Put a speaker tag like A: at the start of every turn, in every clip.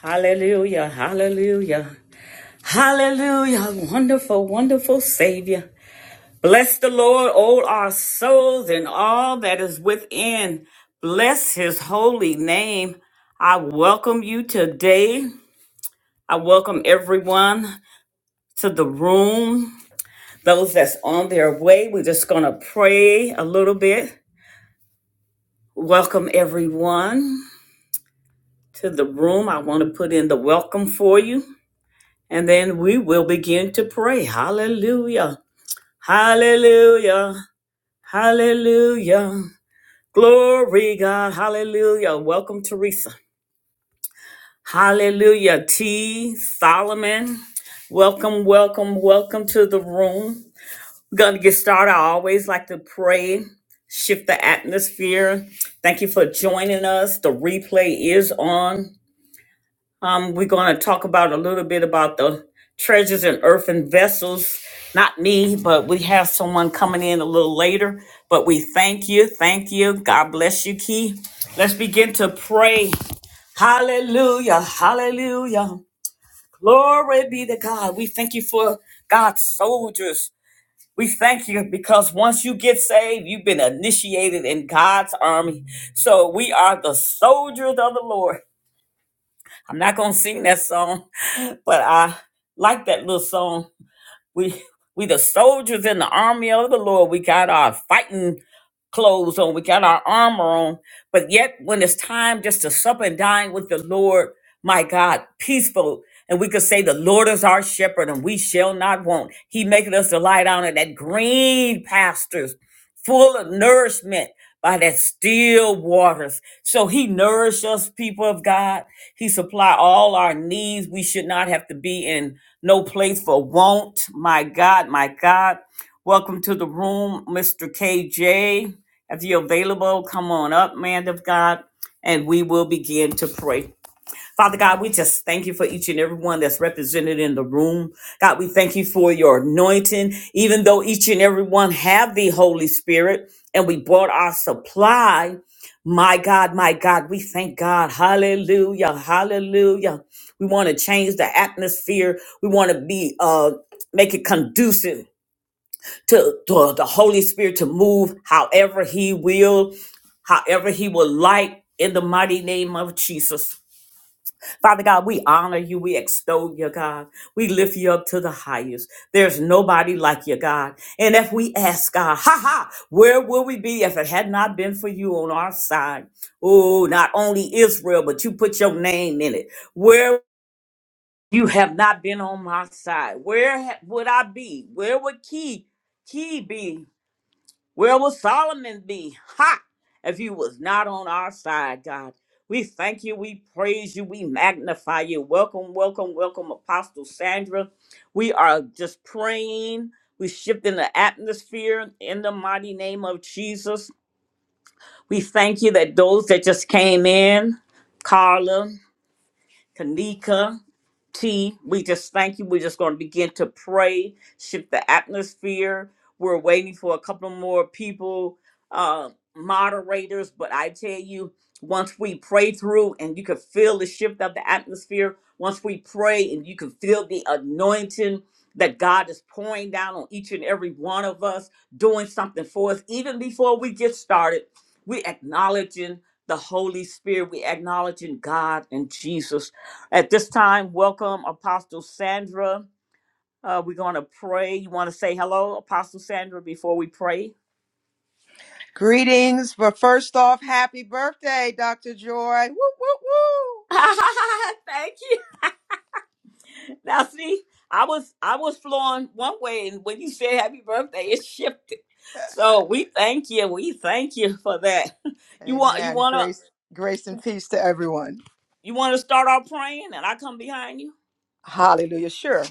A: Hallelujah, hallelujah, hallelujah, wonderful, wonderful Savior. Bless the Lord, all our souls and all that is within. Bless his holy name. I welcome you today. I welcome everyone to the room. Those that's on their way, we're just going to pray a little bit. Welcome everyone to the room. I want to put in the welcome for you. And then we will begin to pray. Hallelujah. Hallelujah. Hallelujah. Glory God. Hallelujah. Welcome, Teresa. Hallelujah. T. Solomon. Welcome, welcome, welcome to the room. We're going to get started. I always like to pray, shift the atmosphere. Thank you for joining us. The replay is on. Um, we're going to talk about a little bit about the treasures in earthen vessels. Not me, but we have someone coming in a little later. But we thank you. Thank you. God bless you, Key. Let's begin to pray. Hallelujah. Hallelujah. Glory be to God. We thank you for God's soldiers. We thank you because once you get saved, you've been initiated in God's army. So we are the soldiers of the Lord. I'm not gonna sing that song, but I like that little song. We we the soldiers in the army of the Lord. We got our fighting clothes on. We got our armor on. But yet, when it's time just to sup and dine with the Lord, my God, peaceful. And we could say, The Lord is our shepherd, and we shall not want. He maketh us to lie down in that green pastures full of nourishment by that still waters. So he nourished us, people of God. He supply all our needs. We should not have to be in no place for want. My God, my God. Welcome to the room, Mr. KJ. If you're available, come on up, man of God, and we will begin to pray. Father God, we just thank you for each and every one that's represented in the room. God, we thank you for your anointing, even though each and every one have the Holy Spirit and we brought our supply. My God, my God, we thank God. Hallelujah. Hallelujah. We want to change the atmosphere. We want to be uh make it conducive to, to the Holy Spirit to move however he will, however he will like in the mighty name of Jesus. Father God, we honor you. We extol you, God. We lift you up to the highest. There's nobody like you, God. And if we ask God, ha ha, where will we be if it had not been for you on our side? Oh, not only Israel, but you put your name in it. Where you have not been on my side, where ha- would I be? Where would Key, Key be? Where will Solomon be? Ha! If you was not on our side, God. We thank you, we praise you, we magnify you. Welcome, welcome, welcome, Apostle Sandra. We are just praying. We shift in the atmosphere in the mighty name of Jesus. We thank you that those that just came in, Carla, Kanika, T. We just thank you. We're just going to begin to pray, shift the atmosphere. We're waiting for a couple more people, uh, moderators. But I tell you, once we pray through and you can feel the shift of the atmosphere, once we pray and you can feel the anointing that God is pouring down on each and every one of us, doing something for us, even before we get started, we acknowledging the Holy Spirit, we acknowledging God and Jesus at this time, welcome Apostle Sandra. Uh, we're going to pray. You want to say hello, Apostle Sandra, before we pray?
B: Greetings, but first off, happy birthday, Dr. Joy. Woo, woo,
A: Thank you. Now, see, I was I was flowing one way, and when you said happy birthday, it shifted. So we thank you. We thank you for that.
B: woo.
A: You want you
B: Amen.
A: want to
B: Grace, grace and peace to everyone.
A: you want to start our praying, and I come behind you.
B: Hallelujah. Sure.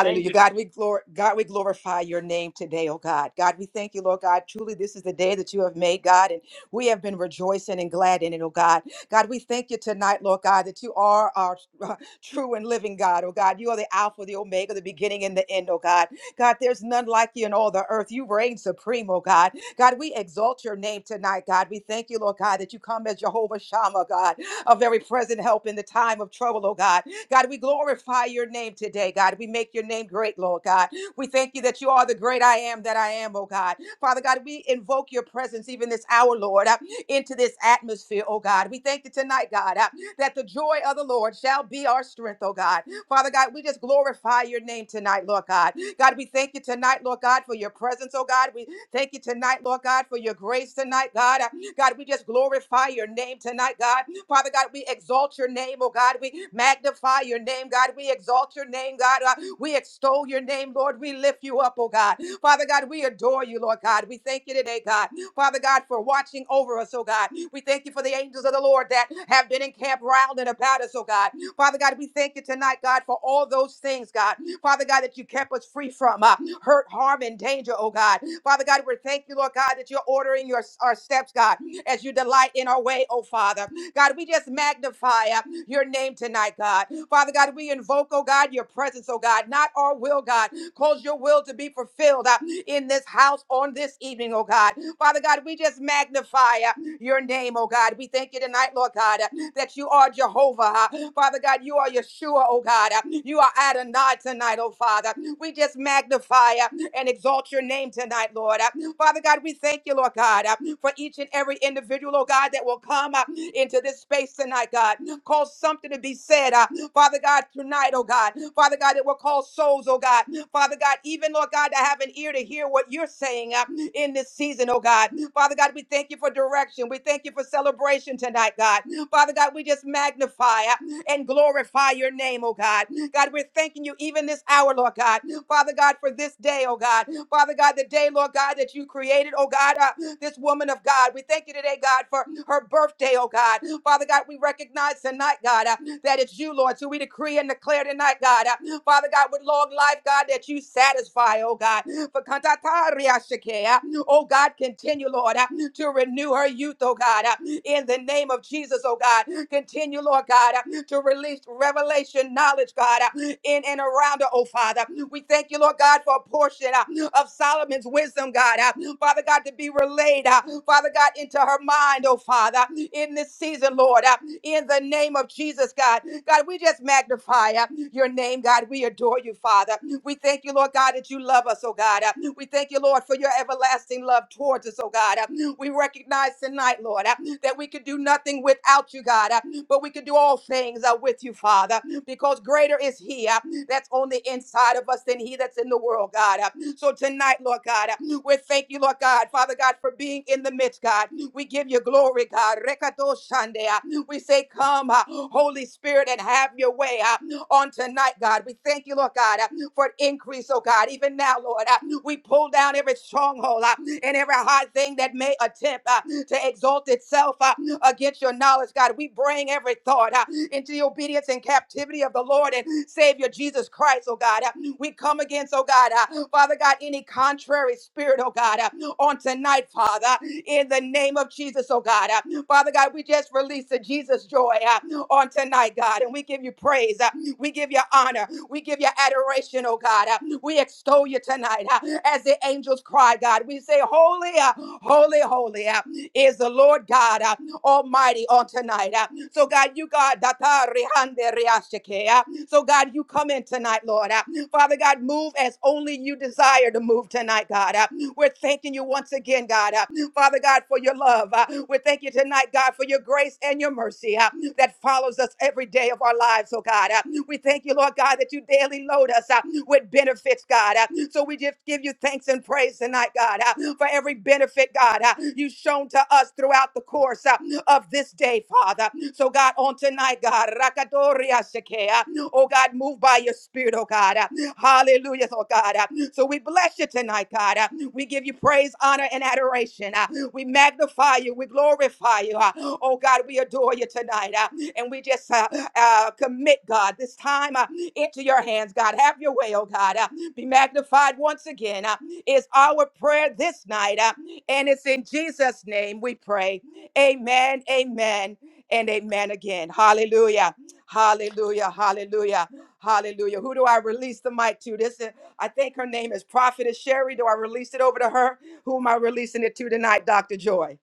A: Thank you.
B: God, we glor- God, we glorify your name today, oh God. God, we thank you, Lord God. Truly, this is the day that you have made, God, and we have been rejoicing and glad in it, oh God. God, we thank you tonight, Lord God, that you are our uh, true and living God, oh God. You are the Alpha, the Omega, the beginning and the end, oh God. God, there's none like you in all the earth. You reign supreme, oh God. God, we exalt your name tonight, God. We thank you, Lord God, that you come as Jehovah Shammah, God, a very present help in the time of trouble, oh God. God, we glorify your name today, God. We make your name great, Lord God. We thank you that you are the great I am that I am, oh God. Father God, we invoke your presence even this hour, Lord, uh, into this atmosphere, oh God. We thank you tonight, God, uh, that the joy of the Lord shall be our strength, oh God. Father God, we just glorify your name tonight, Lord God. God, we thank you tonight, Lord God, for your presence, oh God. We thank you tonight, Lord God, for your grace tonight, God. Uh, God, we just glorify your name tonight, God. Father God, we exalt your name, oh God. We magnify your name, God. We exalt your name, God. Uh, We extol your name, Lord. We lift you up, oh God. Father God, we adore you, Lord God. We thank you today, God. Father God, for watching over us, oh God. We thank you for the angels of the Lord that have been encamped round and about us, oh God. Father God, we thank you tonight, God, for all those things, God. Father God, that you kept us free from uh, hurt, harm, and danger, oh God. Father God, we thank you, Lord God, that you're ordering your, our steps, God, as you delight in our way, oh Father. God, we just magnify uh, your name tonight, God. Father God, we invoke, oh God, your presence, oh God, not our will, God. Cause your will to be fulfilled uh, in this house on this evening, oh God. Father God, we just magnify uh, your name, oh God. We thank you tonight, Lord God, uh, that you are Jehovah. uh, Father God, you are Yeshua, oh God. uh, You are Adonai tonight, oh Father. We just magnify uh, and exalt your name tonight, Lord. Uh, Father God, we thank you, Lord God, uh, for each and every individual, oh God, that will come. uh, into this space tonight, God. Cause something to be said, uh, Father God, tonight, oh God. Father God, it will call souls, oh God. Father God, even, Lord God, to have an ear to hear what you're saying uh, in this season, oh God. Father God, we thank you for direction. We thank you for celebration tonight, God. Father God, we just magnify uh, and glorify your name, oh God. God, we're thanking you even this hour, Lord God. Father God, for this day, oh God. Father God, the day, Lord God, that you created, oh God, uh, this woman of God. We thank you today, God, for her birthday, oh God. Father God, we recognize tonight, God, uh, that it's you, Lord. So we decree and declare tonight, God, uh, Father God, with long life, God, that you satisfy, oh God. For kantatariashake, uh, Oh God, continue, Lord, uh, to renew her youth, oh God. Uh, in the name of Jesus, oh God. Continue, Lord God, uh, to release revelation knowledge, God, uh, in and around her, oh Father. We thank you, Lord God, for a portion uh, of Solomon's wisdom, God. uh, Father God, to be relayed, uh, Father God, into her mind, oh Father, in this season, Lord, uh, in the name of Jesus, God. God, we just magnify uh, your name, God. We adore you, Father. We thank you, Lord God, that you love us, oh God. Uh, We thank you, Lord, for your everlasting love towards us, oh God. Uh, We recognize tonight, Lord. uh, that we could do nothing without you, God, uh, but we could do all things uh, with you, Father, because greater is He uh, that's on the inside of us than He that's in the world, God. uh. So tonight, Lord God, uh, we thank you, Lord God, Father God, for being in the midst, God. We give you glory, God. Rekato shande, uh. We say, Come, uh, Holy Spirit, and have your way uh, on tonight, God. We thank you, Lord God, uh, for an increase, oh God. Even now, Lord, uh, we pull down every stronghold uh, and every hard thing that may attempt. uh, to exalt itself uh, against your knowledge, God. We bring every thought uh, into the obedience and captivity of the Lord and Savior Jesus Christ, oh God. Uh, we come against, oh God, uh, Father God, any contrary spirit, oh God, uh, on tonight, Father, in the name of Jesus, oh God. Uh, Father God, we just release the Jesus joy uh, on tonight, God, and we give you praise. uh, we give you honor. We give you adoration, oh God. Uh, we extol you tonight uh, as the angels cry, God. We say, Holy, uh, holy, holy. uh, is the Lord God uh, Almighty on tonight. uh. So, God, you God, data rehande reashike, uh. so God, you come in tonight, Lord. uh. Father God, move as only you desire to move tonight, God. uh. We're thanking you once again, God. uh, Father God, for your love. uh, We thank you tonight, God, for your grace and your mercy. uh, that follows us every day of our lives, oh God. Uh, We thank you, Lord God, that you daily load us uh, with benefits, God. Uh, So we just give you thanks and praise tonight, God, uh, for every benefit, God, uh, you've shown to us throughout the course uh, of this day, Father. So, God, on tonight, God, Rakadoria Shekea, oh God, move by your spirit, oh God. Uh, Hallelujah, oh God. Uh, So we bless you tonight, God. Uh, We give you praise, honor, and adoration. uh, we magnify you. We glorify you. Uh, Oh God, we adore you tonight. uh, And we just uh, uh, commit, God, this time uh, into your hands, God. Have your way, oh God. Uh, Be magnified once again. uh, Is our prayer this night. uh, And it's in Jesus' name we pray. Amen, amen, and amen again. Hallelujah. Hallelujah. Hallelujah. Hallelujah. Who do I release the mic to? This is, I think her name is Prophetess Sherry. Do I release it over to her? Who am I releasing it to tonight, Dr. Joy?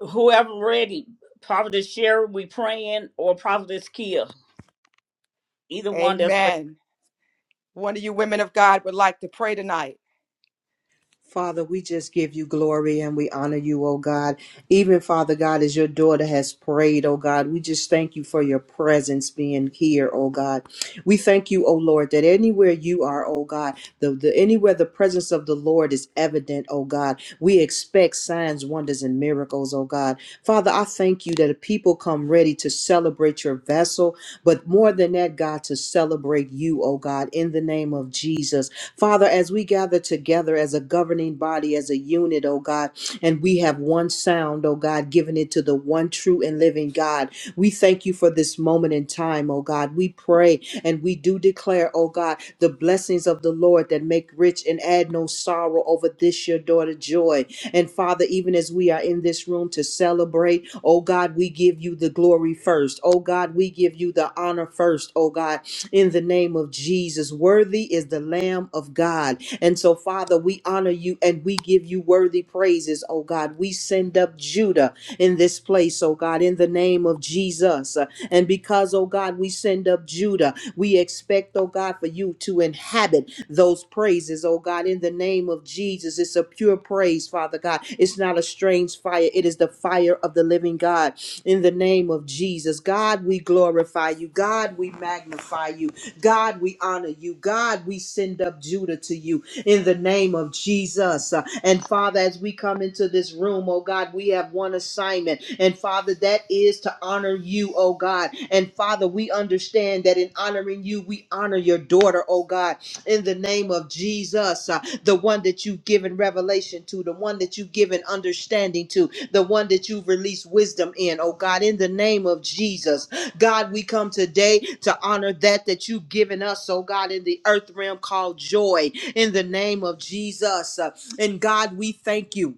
A: Whoever ready, Prophetess Sherry, we praying, or Prophetess Kia, either one that's ready.
B: Amen. One of you women of God would like to pray tonight.
C: Father, we just give you glory and we honor you, oh God. Even Father God, as your daughter has prayed, oh God, we just thank you for your presence being here, oh God. We thank you, oh Lord, that anywhere you are, oh God, the, the anywhere the presence of the Lord is evident, oh God, we expect signs, wonders, and miracles, oh God. Father, I thank you that people come ready to celebrate your vessel, but more than that, God, to celebrate you, oh God, in the name of Jesus. Father, as we gather together as a governing body, as a unit, oh God, and we have one sound, oh God, giving it to the one true and living God. We thank you for this moment in time, oh God. We pray and we do declare, oh God, the blessings of the Lord that make rich and add no sorrow over this your daughter joy. And Father, even as we are in this room to celebrate, oh God, we give you the glory first. Oh God, we give you the honor first, oh God in the name of Jesus. Worthy is the Lamb of God. And so, Father, we honor you and we give you worthy praises, oh God. We send up Judah in this place, oh God, in the name of Jesus. And because, oh God, we send up Judah, we expect, oh God, for you to inhabit those praises, oh God, in the name of Jesus. It's a pure praise, Father God. It's not a strange fire, it is the fire of the living God in the name of Jesus. God, we glorify you. God, we magnify you. God, we honor you. God, we send up Judah to you in the name of Jesus. Uh, And Father, as we come into this room, oh God, we have one assignment. And Father, that is to honor you, oh God. And Father, we understand that in honoring you, we honor your daughter, oh God, in the name of Jesus, uh, the one that you've given revelation to, the one that you've given understanding to, the one that you've released wisdom in, oh God, in the name of Jesus. God, we come today to honor that that you've given us, oh God, in the earth realm called joy, in the name of Jesus. And God, we thank you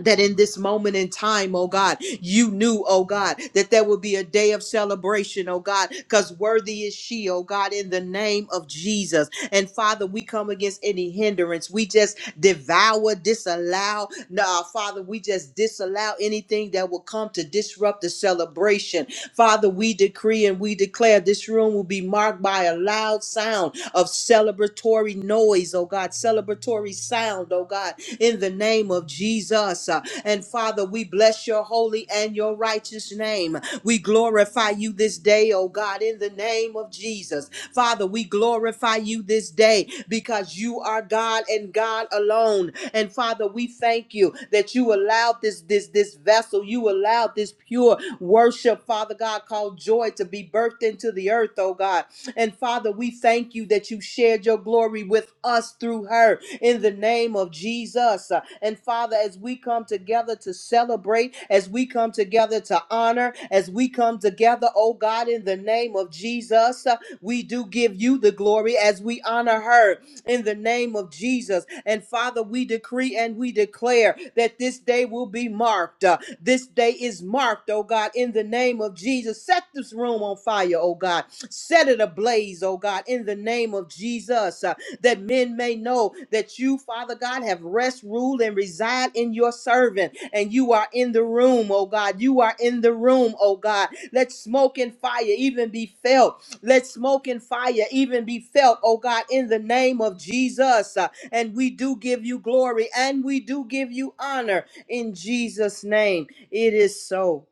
C: that in this moment in time, oh God, you knew, oh God, that there would be a day of celebration, oh God, because worthy is she, oh God, in the name of Jesus. And Father, we come against any hindrance. We just devour, disallow. Nah, Father, we just disallow anything that will come to disrupt the celebration. Father, we decree and we declare this room will be marked by a loud sound of celebratory noise, oh God, celebratory sound, oh God, in the name of Jesus. Uh, And Father, we bless your holy and your righteous name. We glorify you this day, oh God, in the name of Jesus. Father, we glorify you this day because you are God and God alone. And Father, we thank you that you allowed this this this vessel, you allowed this pure worship, Father God, called joy it to be birthed into the earth, oh God. And Father, we thank you that you shared your glory with us through her in the name of Jesus. Uh, And Father, as we come together to celebrate, as we come together to honor, as we come together, oh God, in the name of Jesus, uh, we do give you the glory as we honor her in the name of Jesus. And Father, we decree and we declare that this day will be marked. Uh, this day is marked, oh God, in the name of Jesus. Set this room on fire, oh God. Set it ablaze, oh God, in the name of Jesus. Uh, that men may know that you, Father God, have rest, rule, and reside in your servant. And you are in the room, oh God. You are in the room, oh God. Let smoke and fire even be felt. Let smoke and fire even be felt, oh God, in the name of Jesus. Uh, And we do give you glory and we do give you honor in Jesus' name. It is so.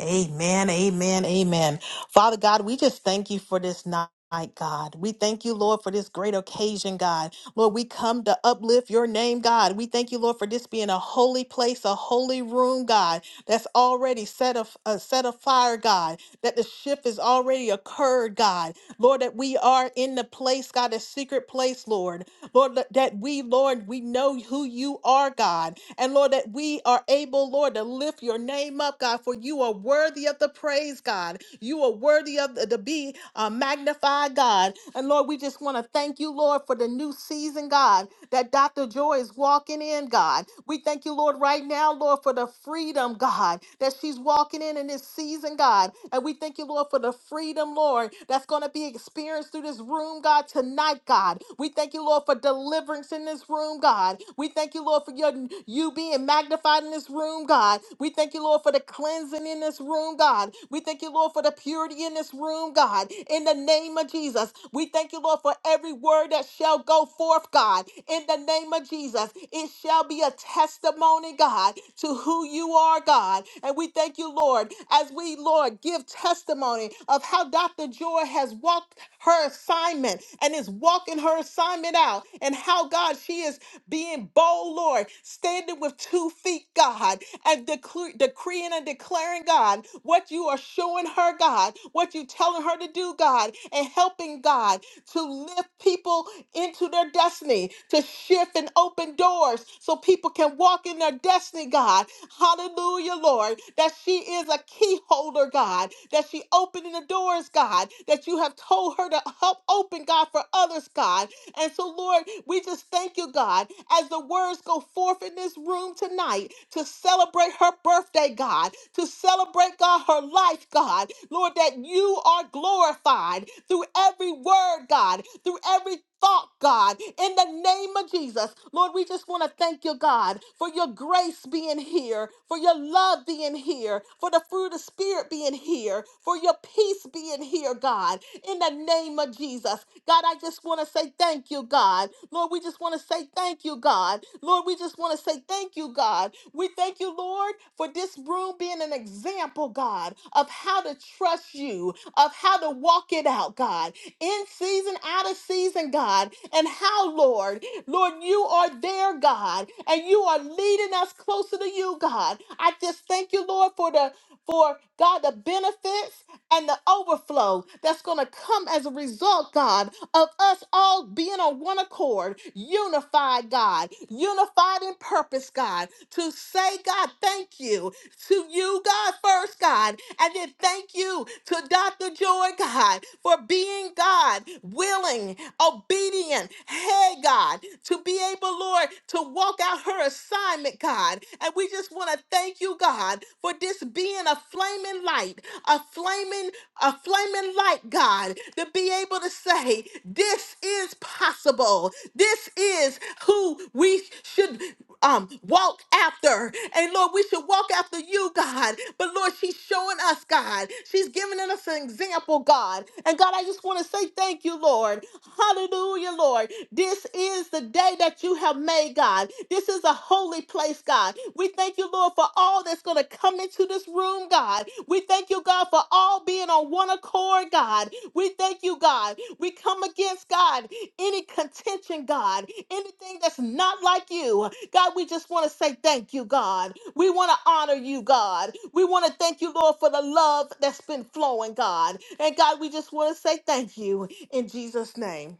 D: Amen, amen, amen. Father God, we just thank you for this night. God, we thank you, Lord, for this great occasion, God. Lord, we come to uplift your name, God. We thank you, Lord, for this being a holy place, a holy room, God, that's already set of uh, set afire, God, that the shift has already occurred, God. Lord, that we are in the place, God, a secret place, Lord. Lord, that that we, Lord, we know who you are, God. And Lord, that we are able, Lord, to lift your name up, God, for you are worthy of the praise, God. You are worthy of the, to be uh, magnified, God. And Lord, we just want to thank you, Lord, for the new season, God, that Dr. Joy is walking in, God. We thank you, Lord, right now, Lord, for the freedom, God, that she's walking in in this season, God. And we thank you, Lord, for the freedom, Lord, that's going to be experienced through this room, God, tonight, God. We thank you, Lord, for deliverance in this room, God. We thank you, Lord, for your you being magnified in this room, God. We thank you, Lord, for the cleansing in this room, God. We thank you, Lord, for the purity in this room, God. In the name of Jesus, we thank you, Lord, for every word that shall go forth, God. In the name of Jesus, it shall be a testimony, God, to who you are, God. And we thank you, Lord, as we, Lord, give testimony of how Dr. Joy has walked her assignment and is walking her assignment out. And how, God, she is being bold, Lord, standing with two feet, God, and decre- decreeing and declaring, God, what you are showing her, God, what you telling her to do, God, and helping, God to lift people into their destiny, to shift and open doors so people can walk in their destiny, God. Hallelujah, Lord, that she is a key holder, God, that she opening the doors, God, that you have told her to help open, God, for others, God. And so, Lord, we just thank you, God, as the words go forth in this room tonight to celebrate her birthday, God, to celebrate, God, her life, God. Lord, that you are glorified through every word, God, through every thought, God, in the name of Jesus. Lord, we just want to thank you, God, for your grace being here, for your love being here, for the fruit of spirit being here, for your peace being here, God in the name of Jesus. God, I just want to say thank you, God. Lord, we just want to say thank you, God. Lord, we just want to say thank you, God. We thank you, Lord, for this room being an example, God, of how to trust you, of how to walk it out, God, in season, out of season, God, and how, Lord, Lord, you are there, God, and you are leading us closer to you, God. I just thank you, Lord, for the for God the benefits and the overflow that's going to come as a result, God, of us all being on one accord, unified, God, unified in purpose, God, to say, God, thank you to you, God, first, God, and then thank you to Dr. Joy, God, for being God, willing, obedient, hey, God, to be able, Lord, to walk out her assignment, God. And we just want to thank you, God, for this being a flaming light, a flaming, a flaming light, God, to be able to say, this is possible. This is who we should um walk after. And Lord, we should walk after you, God. But Lord, she's showing us, God. She's giving us an example, God. And God, I just want to say thank you, Lord. Hallelujah, Lord. This is the day that you have made, God. This is a holy place, God. We thank you, Lord, for all that's going to come into this room, God. We thank you, God, for all being on one accord, God. We thank you, God. We come against, God, any contention, God, anything that's not like you. God, we just want to say thank you, God. We want to honor you, God. We want to thank you, Lord, for the love that's been flowing, God. And God, we just want to say thank you in Jesus' name.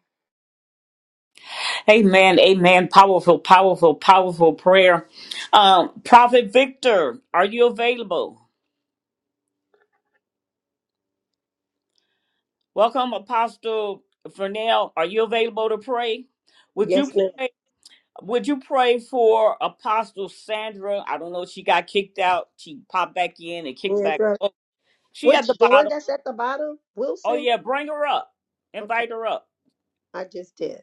A: Amen, amen. Powerful, powerful, powerful prayer. Um, Prophet Victor, are you available? Welcome, Apostle Fernell. Are you available to pray? Would
E: Yes,
A: you
E: ma'am.
A: pray? Would you pray for Apostle Sandra? I don't know. She got kicked out. She popped back in and kicked back.
E: Sandra.
A: Oh, she at
E: Which
A: the
E: the one
A: bottom.
E: that's at the bottom?
A: Oh
E: Wilson?
A: yeah, bring her up.
E: Okay.
A: Invite her up.
E: I just did.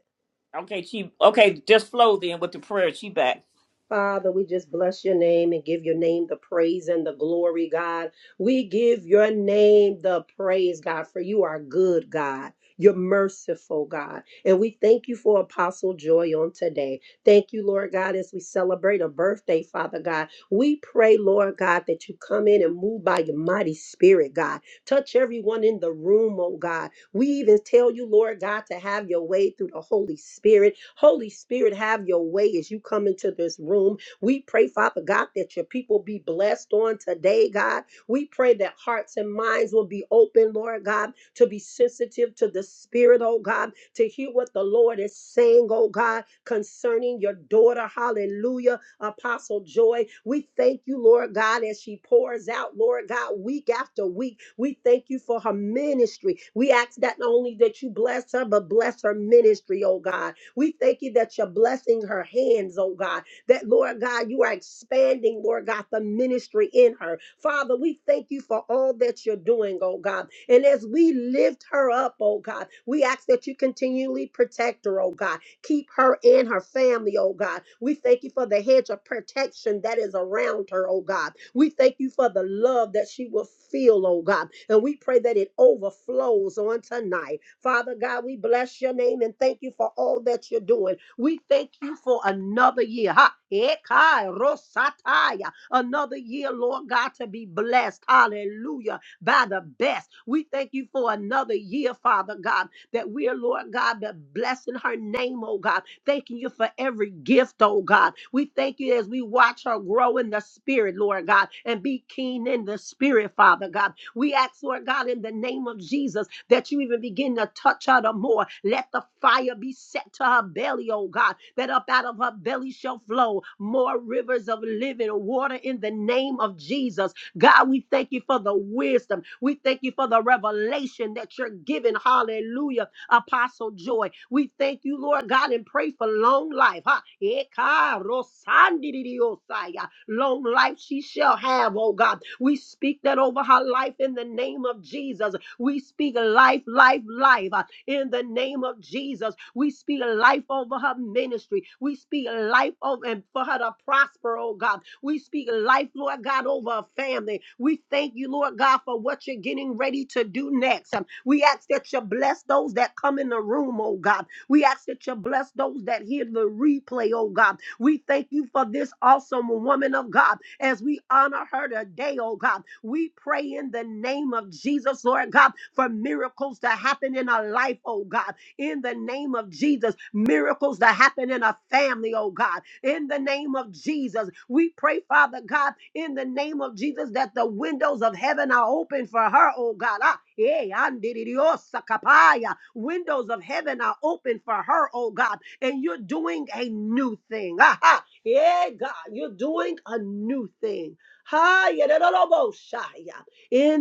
A: Okay, she okay. Just flow then with the prayer. She back.
E: Father, we just bless your name and give your name the praise and the glory, God. We give your name the praise, God, for you are good, God. You're merciful, God. And we thank you for Apostle Joy on today. Thank you, Lord God, as we celebrate a birthday, Father God. We pray, Lord God, that you come in and move by your mighty spirit, God. Touch everyone in the room, oh God. We even tell you, Lord God, to have your way through the Holy Spirit. Holy Spirit, have your way as you come into this room. We pray, Father God, that your people be blessed on today, God. We pray that hearts and minds will be open, Lord God, to be sensitive to the Spirit, oh God, to hear what the Lord is saying, oh God, concerning your daughter. Hallelujah Apostle Joy. We thank you, Lord God, as she pours out, Lord God, week after week. We thank you for her ministry. We ask that not only that you bless her, but bless her ministry, oh God. We thank you that you're blessing her hands, oh God. That, Lord God, you are expanding, Lord God, the ministry in her. Father, we thank you for all that you're doing, oh God. And as we lift her up, oh God, we ask that you continually protect her, oh God Keep her and her family, oh God. We thank you for the hedge of protection that is around her, oh God. We thank you for the love that she will feel, oh God. And we pray that it overflows on tonight. Father God, we bless your name and thank you for all that you're doing. We thank you for another year. Ha. Ekai rosataya. Another year, Lord God, to be blessed. Hallelujah by the best. We thank you for another year, Father God, that we are, Lord God, but blessing her name, oh God. Thanking you for every gift, oh God. We thank you as we watch her grow in the spirit, Lord God, and be keen in the spirit, Father God. We ask, Lord God, in the name of Jesus, that you even begin to touch her the more. Let the fire be set to her belly, oh God, that up out of her belly shall flow more rivers of living water in the name of Jesus. God, we thank you for the wisdom. We thank you for the revelation that you're giving. Hallelujah. Apostle Joy. We thank you, Lord God, and pray for long life. Huh? Eka rosandidiosaya. Long life she shall have, oh God. We speak that over her life in the name of Jesus. We speak life, life, life uh, in the name of Jesus. We speak life over her ministry. We speak life over and for her to prosper, oh God. We speak life, Lord God, over her family. We thank you, Lord God, for what you're getting ready to do next. Um, We ask that you bless those that come in the room, oh God. We ask that you bless those that hear the replay, oh God. We thank you for this awesome woman of God as we honor her today, oh God. We pray in the name of Jesus, Lord God, for miracles to happen in our life, oh God in the name of Jesus. Miracles that happen in a family, oh God, in the name of Jesus. We pray, Father God, in the name of Jesus, that the windows of heaven are open for her, oh God. Ah, eh, andiridiosa kapaya. Windows of heaven are open for her, oh God, and you're doing a new thing. Ah, ah, yeah, God, you're doing a new thing. Hi, in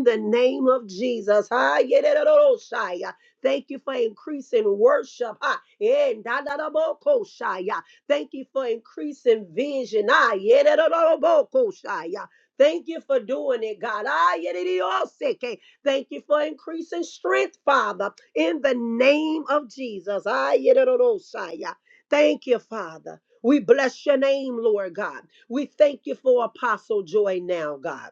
E: the name of Jesus. Hi, Thank you for increasing worship. Ah, eh, da, da, da, bo, ko, sha, ya. Thank you for increasing vision. Ah, yeah, da, da, da, da, bo, ko, sha, ya. Thank you for doing it, God. Ah, yeah, da, da, da, se, ke. Thank you for increasing strength, Father, in the name of Jesus. Ah, yeah, da, da, da, sha, ya. Thank you, Father. We bless your name, Lord God. We thank you for Apostle Joy now, God.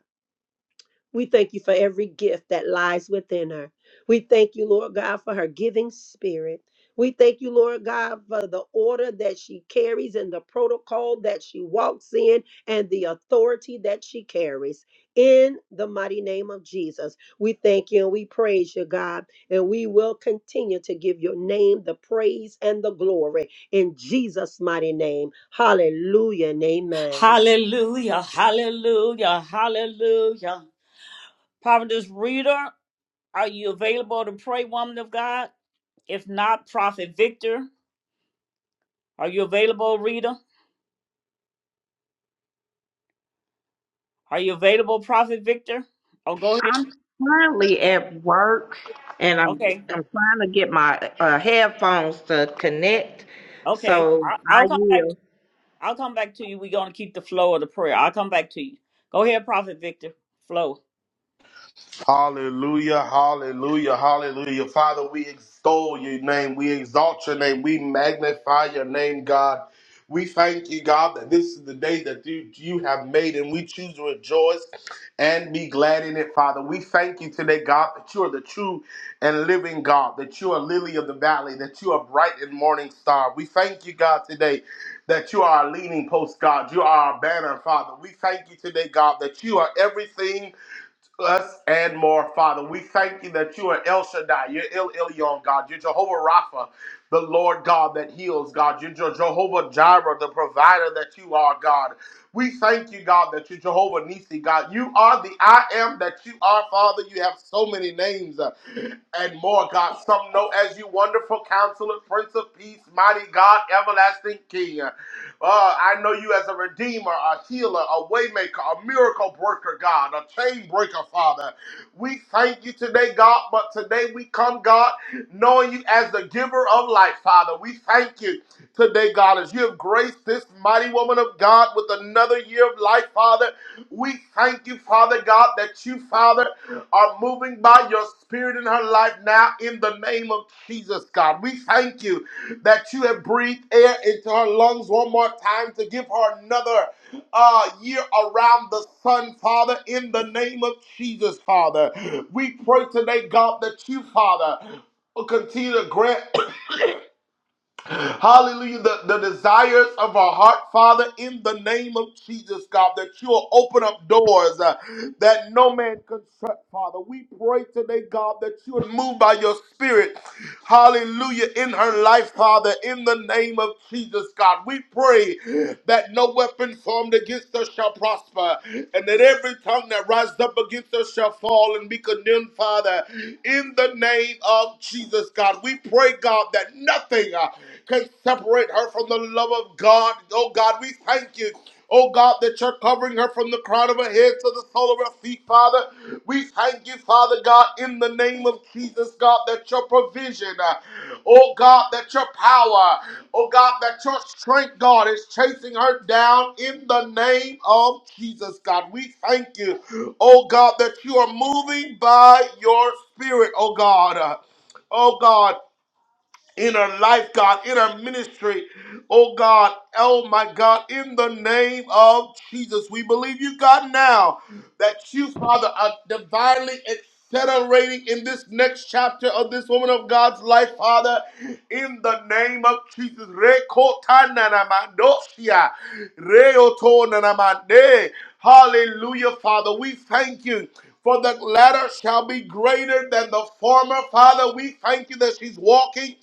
E: We thank you for every gift that lies within her. We thank you, Lord God, for her giving spirit. We thank you, Lord God, for the order that she carries and the protocol that she walks in and the authority that she carries. In the mighty name of Jesus, we thank you and we praise you, God, and we will continue to give your name the praise and the glory in Jesus' mighty name. Hallelujah and amen.
A: Hallelujah, hallelujah, hallelujah. Prophetess Rita, are you available to pray, woman of God? If not, Prophet Victor, are you available, Rita? Are you available, Prophet Victor? Oh, go ahead.
F: I'm currently at work and I'm
A: Okay,
F: I'm trying to get my uh, headphones to connect.
A: okay.
F: So
A: I,
F: I
A: I'll come back.
F: yield.
A: I'll come back to you. We're gonna keep the flow of the prayer. I'll come back to you. Go ahead, Prophet Victor. Flow.
G: Hallelujah, hallelujah, hallelujah. Father, we extol your name. We exalt your name. We magnify your name, God. We thank you, God, that this is the day that you, you have made, and we choose to rejoice and be glad in it, Father. We thank you today, God, that you are the true and living God, that you are lily of the valley, that you are bright and morning star. We thank you, God, today that you are our leaning post, God. You are our banner, Father. We thank you today, God, that you are everything us and more, Father. We thank you that you are El Shaddai, you're El Elyon, God. You're Jehovah Rapha, the Lord God that heals, God. You're Je- Jehovah Jireh, the provider that you are, God. We thank you, God, that you're Jehovah Nisi, God. You are the I am that you are, Father. You have so many names uh, and more, God. Some know as you, wonderful counselor, Prince of Peace, mighty God, everlasting King. Oh, I know you as a redeemer, a healer, a waymaker, a miracle breaker, God, a chain breaker, Father. We thank you today, God, but today we come, God, knowing you as the giver of life, Father. We thank you today, God, as you have graced this mighty woman of God with another year of life, Father. We thank you, Father God, that you, Father, are moving by your spirit in her life now in the name of Jesus, God. We thank you that you have breathed air into her lungs one more time to give her another uh, year around the sun, Father, in the name of Jesus, Father. We pray today, God, that you, Father, will continue to grant Hallelujah. The, the desires of our heart, Father, in the name of Jesus, God, that you'll open up doors uh, that no man can shut, Father. We pray today, God, that you would move by your spirit. Hallelujah. In her life, Father, in the name of Jesus, God. We we pray that no weapon formed against us shall prosper, and that every tongue that rises up against us shall fall and be condemned, Father, in the name of Jesus, God. We pray, God, that nothing uh, can separate her from the love of God. Oh, God, we thank you. Oh God, that you're covering her from the crown of her head to the sole of her feet, Father. We thank you, Father God, in the name of Jesus, God, that your provision, uh, oh God, that your power, oh God, that your strength, God, is chasing her down in the name of Jesus, God. We thank you, oh God, that you are moving by your spirit, oh God. Uh, Oh God, in her life, God, in her ministry. Oh God, oh my God, in the name of Jesus, we believe you, God, now that you, Father, are divinely that are reigning in this next chapter of this woman of God's life, Father, in the name of Jesus. Rekotananamandosia, reotonanamande. Hallelujah, Father. We thank you. For the latter shall be greater than the former. Father, we thank you that she's walking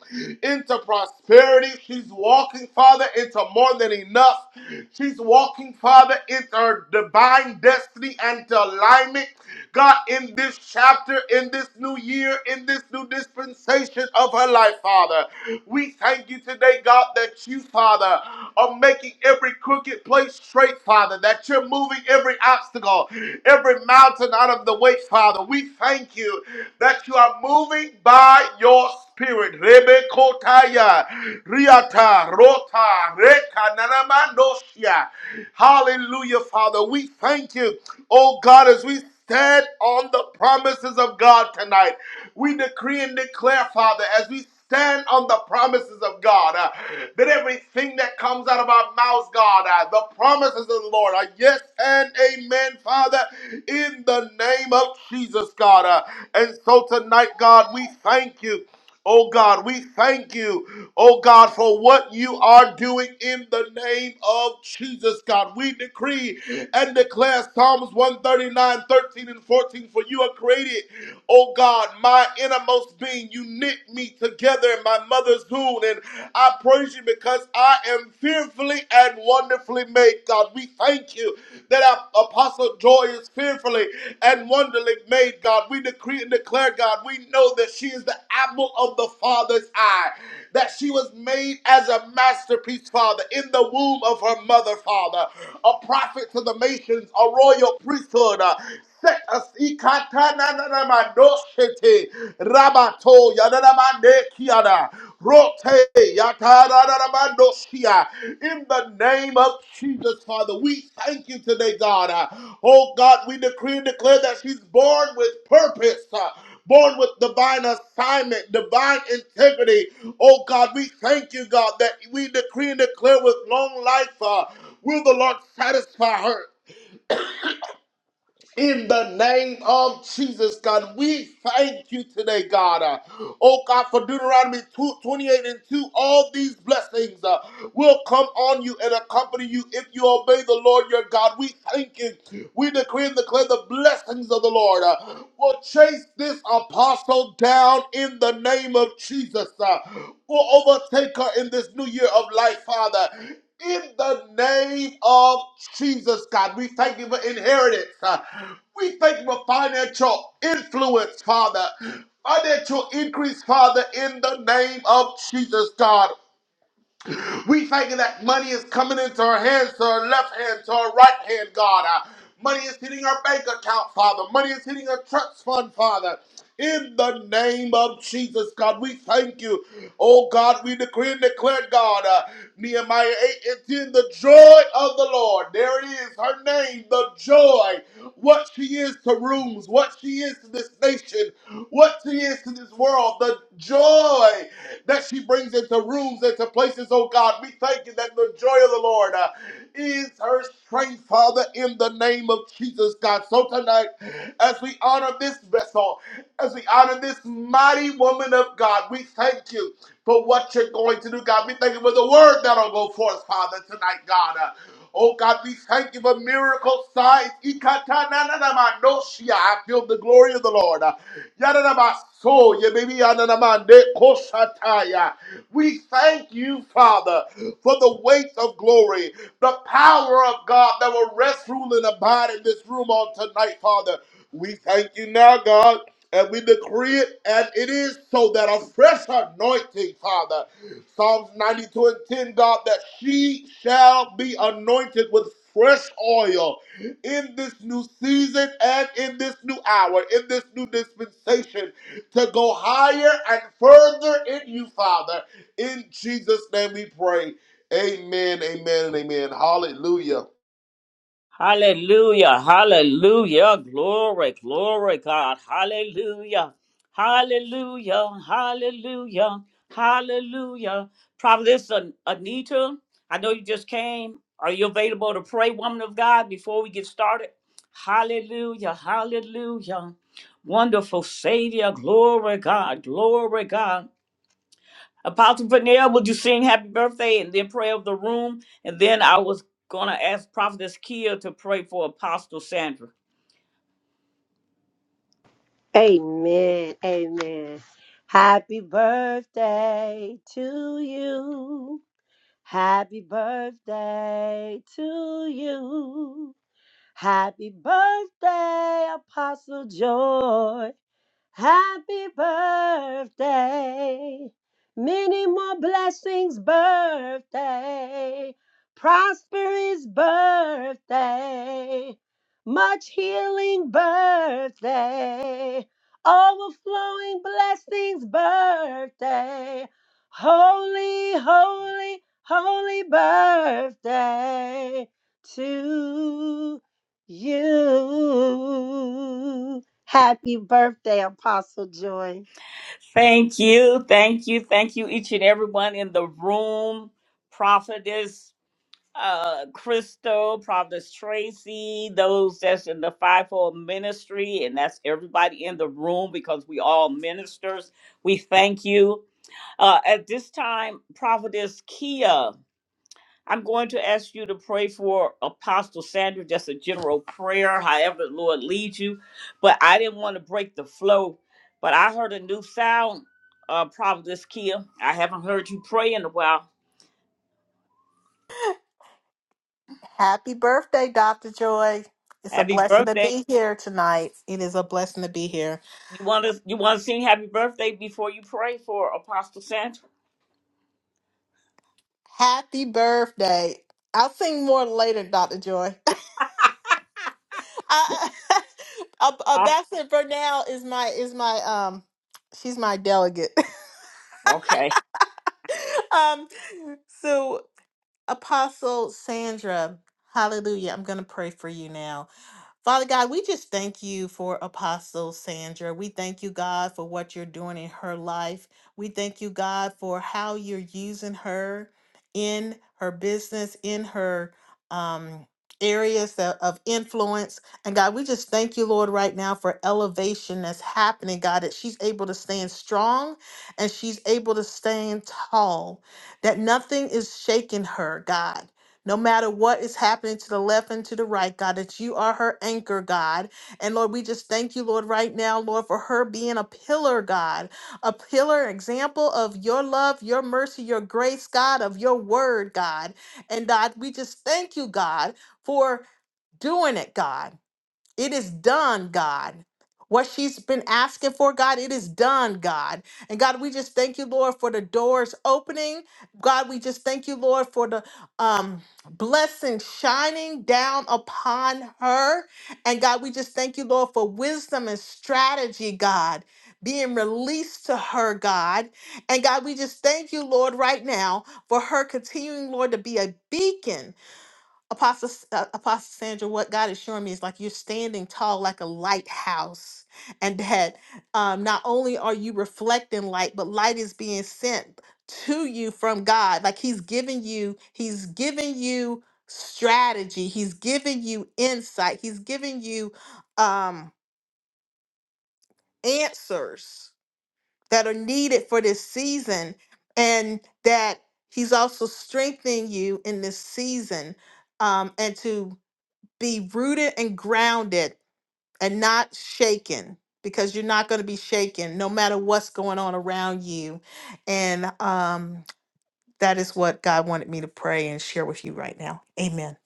G: into prosperity prosperity. She's walking, Father, into more than enough. She's walking, Father, into her divine destiny and to alignment. God, in this chapter, in this new year, in this new dispensation of her life, Father, we thank you today, God, that you, Father, are making every crooked place straight, Father, that you're moving every obstacle, every mountain out of the way, Father. We thank you that you are moving by your spirit. Rebekotaya, Riata, Rota, Reka, Nanamanosia. Hallelujah, Father. We thank you, oh God, as we stand on the promises of God tonight. We decree and declare, Father, as we stand on the promises of God, uh, that everything that comes out of our mouths, God, uh, the promises of the Lord are yes and amen, Father, in the name of Jesus, God. uh. and so tonight, God, we thank you. Oh God, we thank you, oh God, for what you are doing in the name of Jesus, God. We decree and declare Psalms one thirty nine, thirteen and 14, for you are created, oh God, my innermost being. You knit me together in my mother's womb, and I praise you because I am fearfully and wonderfully made, God. We thank you that our behalf, Apostle Joy is fearfully and wonderfully made, God. We decree and declare, God, we know that she is the apple of the Father's eye, that she was made as a masterpiece, Father, in the womb of her mother, Father, a prophet to the nations, a royal priesthood, uh, set us ikata na na na ma do shete rabato ya na na ma ne kiana. Rote yatararabandosia. In the name of Jesus, Father, we thank you today, God. Uh, Oh God, we decree and declare that she's born with purpose. uh, Born with divine assignment, divine integrity. Oh God, we thank you, God, that we decree and declare with long life. Uh, will the Lord satisfy her? in the name of Jesus, God. We thank you today, God. Uh, Oh, God, for Deuteronomy 2 28 and 2, all these blessings uh, will come on you and accompany you if you obey the Lord your God. We thank you. We decree and declare the blessings of the Lord uh, will chase this apostle down in the name of Jesus. Uh, will overtake her in this new year of life, Father in the name of Jesus, God. We thank you for inheritance. uh, We thank you for financial influence, Father. Financial increase, Father, in the name of Jesus, God. We thank you that money is coming into our hands, to our left hand, to our right hand, God. Uh, Money is hitting our bank account, Father. Money is hitting our trust fund, Father. In the name of Jesus, God, we thank you. Oh God, we decree and declare, God, uh, Nehemiah 8 and 10, the joy of the Lord. There it is, her name, the joy. What she is to rooms, what she is to this nation, what she is to this world, the joy that she brings into rooms, into places, oh God. We thank you that the joy of the Lord uh, is her strength, Father, in the name of Jesus, God. So tonight, as we honor this vessel, as we honor this mighty woman of God, we thank you for what you're going to do, God. We thank you for the word that'll go forth, Father, tonight, God. Uh, Oh God, we thank you for miracle signs. Ikatanananamandoshia. I feel the glory of the Lord. Uh, Yadadabaso, yebebi yanadamande kosataya. We thank you, Father, for the weight of glory, the power of God that will rest, rule, and abide in this room on tonight, Father. We thank you now, God, and we decree it, and it is so that a fresh anointing, Father, Psalms 92 and 10, God, that she shall be anointed with fresh oil in this new season and in this new hour, in this new dispensation, to go higher and further in you, Father. In Jesus' name we pray. Amen, amen, and amen. Hallelujah.
A: Hallelujah, hallelujah, glory, glory, God, hallelujah, hallelujah, hallelujah, hallelujah. Providence An- Anita, I know you just came. Are you available to pray, woman of God, before we get started? Hallelujah, hallelujah, wonderful Savior, glory, God, glory, God. Apostle Vanilla, would you sing happy birthday and then pray over the room? And then I was going to ask Prophetess Kia to pray for Apostle Sandra.
E: Amen. Amen. Happy birthday to you. Happy birthday to you. Happy birthday, Apostle Joy. Happy birthday. Many more blessings, birthday. Prosperous birthday. Much healing, birthday. Overflowing blessings, birthday. Holy, holy, holy birthday to you. Happy birthday, Apostle Joy.
A: Thank you, thank you, thank you, each and everyone in the room. Prophetess uh, Crystal, Prophetess Tracy, those that's in the fivefold ministry, and that's everybody in the room because we all ministers. We thank you. Uh, at this time, Prophetess Kia. I'm going to ask you to pray for Apostle Sandra, just a general prayer, however the Lord leads you. But I didn't want to break the flow. But I heard a new sound, uh, Providence Kia. I haven't heard you pray in a while.
D: Happy birthday, Dr. Joy. It's a
A: Happy
D: blessing to
A: birthday.
D: be here tonight. It is a blessing to be here.
A: You want to you want to sing happy birthday before you pray for Apostle Sandra?
D: Happy birthday. I'll sing more later, Dr. Joy. I, Ab-
A: Ah,
D: Ambassador Bernal is my is my um she's my delegate.
A: okay.
D: Um, so. Apostle Sandra, hallelujah. I'm going to pray for you now. Father God, we just thank you for Apostle Sandra. We thank you, God, for what you're doing in her life. We thank you, God, for how you're using her in her business, in her um, areas of, of influence. And God, we just thank you, Lord, right now for elevation that's happening, God, that she's able to stand strong and she's able to stand tall, that nothing is shaking her, God. No matter what is happening to the left and to the right, God, that you are her anchor, God. And Lord, we just thank you, Lord, right now, Lord, for her being a pillar, God, a pillar example of your love, your mercy, your grace, God, of your word, God. And God, we just thank you, God, for doing it, God. It is done, God. What she's been asking for, God, it is done, God. And God, we just thank you, Lord, for the doors opening. God, we just thank you, Lord, for the um, blessing shining down upon her. And God, we just thank you, Lord, for wisdom and strategy, God, being released to her, God. And God, we just thank you, Lord, right now for her continuing, Lord, to be a beacon Apostle, S- uh, Apostle Sandra, what God is showing me is like you're standing tall like a lighthouse, and that um, not only are you reflecting light, but light is being sent to you from God. Like He's giving you, He's giving you strategy, He's giving you insight, He's giving you um, answers that are needed for this season, and that He's also strengthening you in this season um, and to be rooted and grounded and not shaken because you're not going to be shaken no matter what's going on around you and um that is what god wanted me to pray and share with you right now amen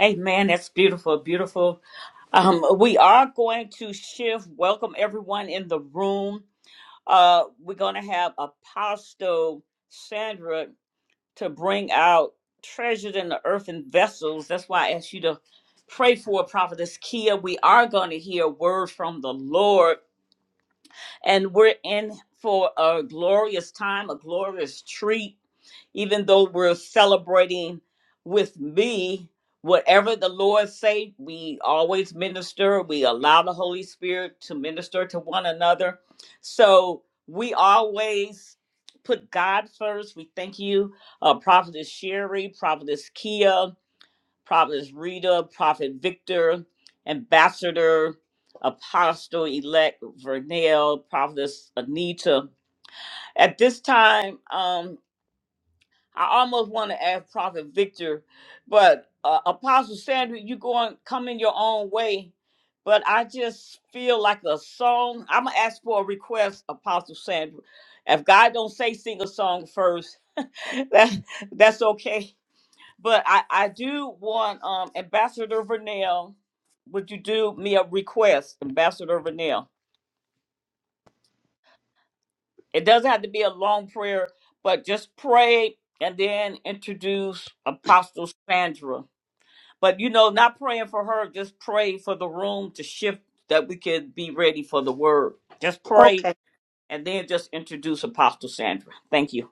A: Amen. That's beautiful, beautiful. Um, we are going to shift. Welcome everyone in the room. Uh, we're going to have Apostle Sandra to bring out treasured in the earthen vessels. That's why I asked you to pray for Prophetess Kia. We are going to hear a word from the Lord, and we're in for a glorious time, a glorious treat even though we're celebrating with me whatever the lord say we always minister we allow the holy spirit to minister to one another so we always put god first we thank you uh, prophetess sherry prophetess kia prophetess rita prophet victor ambassador apostle elect vernell prophetess anita at this time um. I almost want to ask Prophet Victor, but uh, Apostle Sandra, you going coming your own way. But I just feel like a song. I'm gonna ask for a request, Apostle Sandra. If God don't say sing a song first, that that's okay. But I I do want um Ambassador Vernell. Would you do me a request, Ambassador Vernell? It doesn't have to be a long prayer, but just pray and then introduce Apostle Sandra. But you know, not praying for her, just pray for the room to shift that we can be ready for the word. Just pray
E: Okay,
A: and then just introduce Apostle Sandra. Thank you.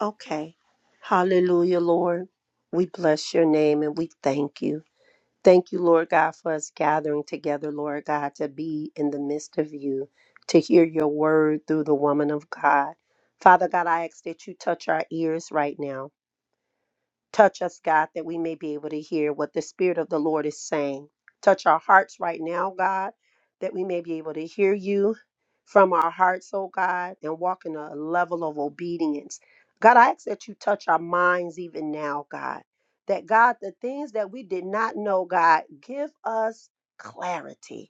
E: okay. Hallelujah, Lord. We bless your name and we thank you. Thank you, Lord God, for us gathering together, Lord God, to be in the midst of you, to hear your word through the woman of God. Father God, I ask that you touch our ears right now. Touch us, God, that we may be able to hear what the Spirit of the Lord is saying. Touch our hearts right now, God, that we may be able to hear you from our hearts, oh God, and walk in a level of obedience. God, I ask that you touch our minds even now, God. That God, the things that we did not know, God, give us clarity.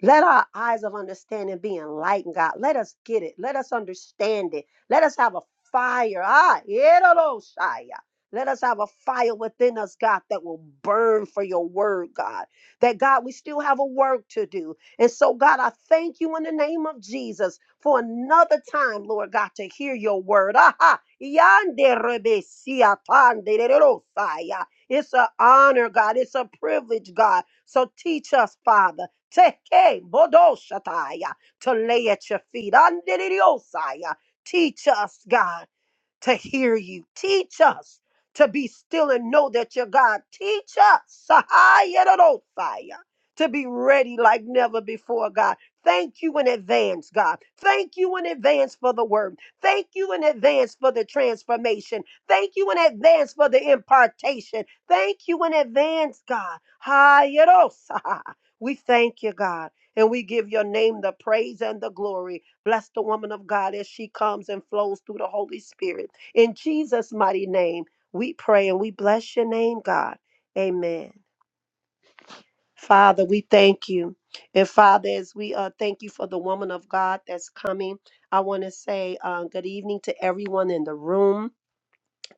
E: Let our eyes of understanding be enlightened, God. Let us get it. Let us understand it. Let us have a fire. Ah, Shaya. Let us have a fire within us, God, that will burn for your word, God. That, God, we still have a work to do. And so, God, I thank you in the name of Jesus for another time, Lord God, to hear your word. Aha. Yande rebe siya pande de ro saya. It's an honor, God. It's a privilege, God. So teach us, Father. Teke bodoshataya to lay at your feet. Andiriosaya. Teach us, God to hear you. Teach us to be still and know that you're God. Teach us Sahayarosaya, to be ready like never before, God. Thank you in advance, God. Thank you in advance for the word. Thank you in advance for the transformation. Thank you in advance for the impartation. Thank you in advance, God. Hayarosa. We thank you, God, and we give your name the praise and the glory. Bless the woman of God as she comes and flows through the Holy Spirit. In Jesus' mighty name, we pray and we bless your name, God. Amen. Father, we thank you. And Father, as we uh, thank you for the woman of God that's coming, I want to say uh, good evening to everyone in the room.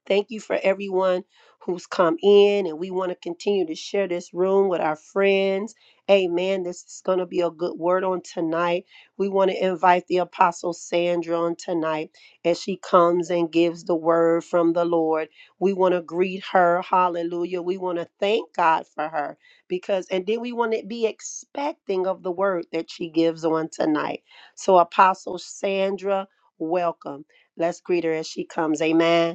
E: Thank you for everyone who's come in, and we want to continue to share this room with our friends. Amen. This is going to be a good word on tonight. We want to invite the Apostle Sandra on tonight as she comes and gives the word from the Lord. We want to greet her. Hallelujah. We want to thank God for her because, and then we want to be expecting of the word that she gives on tonight. So, Apostle Sandra, welcome. Let's greet her as she comes. Amen.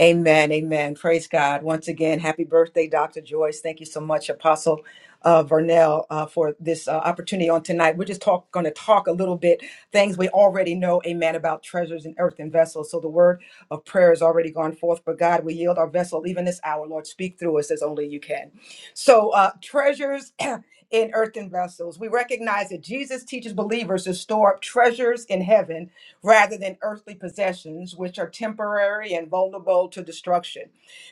B: Amen. Amen. Praise God. Once again, happy birthday, Dr. Joyce. Thank you so much, Apostle uh, Vernell, uh, for this uh, opportunity on tonight. We're just talk, going to talk a little bit things we already know, amen, about treasures in earthen vessels. So the word of prayer has already gone forth, but God, we yield our vessel even this hour. Lord, speak through us as only you can. So, uh, treasures. In earthen vessels, we recognize that Jesus teaches believers to store up treasures in heaven rather than earthly possessions, which are temporary and vulnerable to destruction.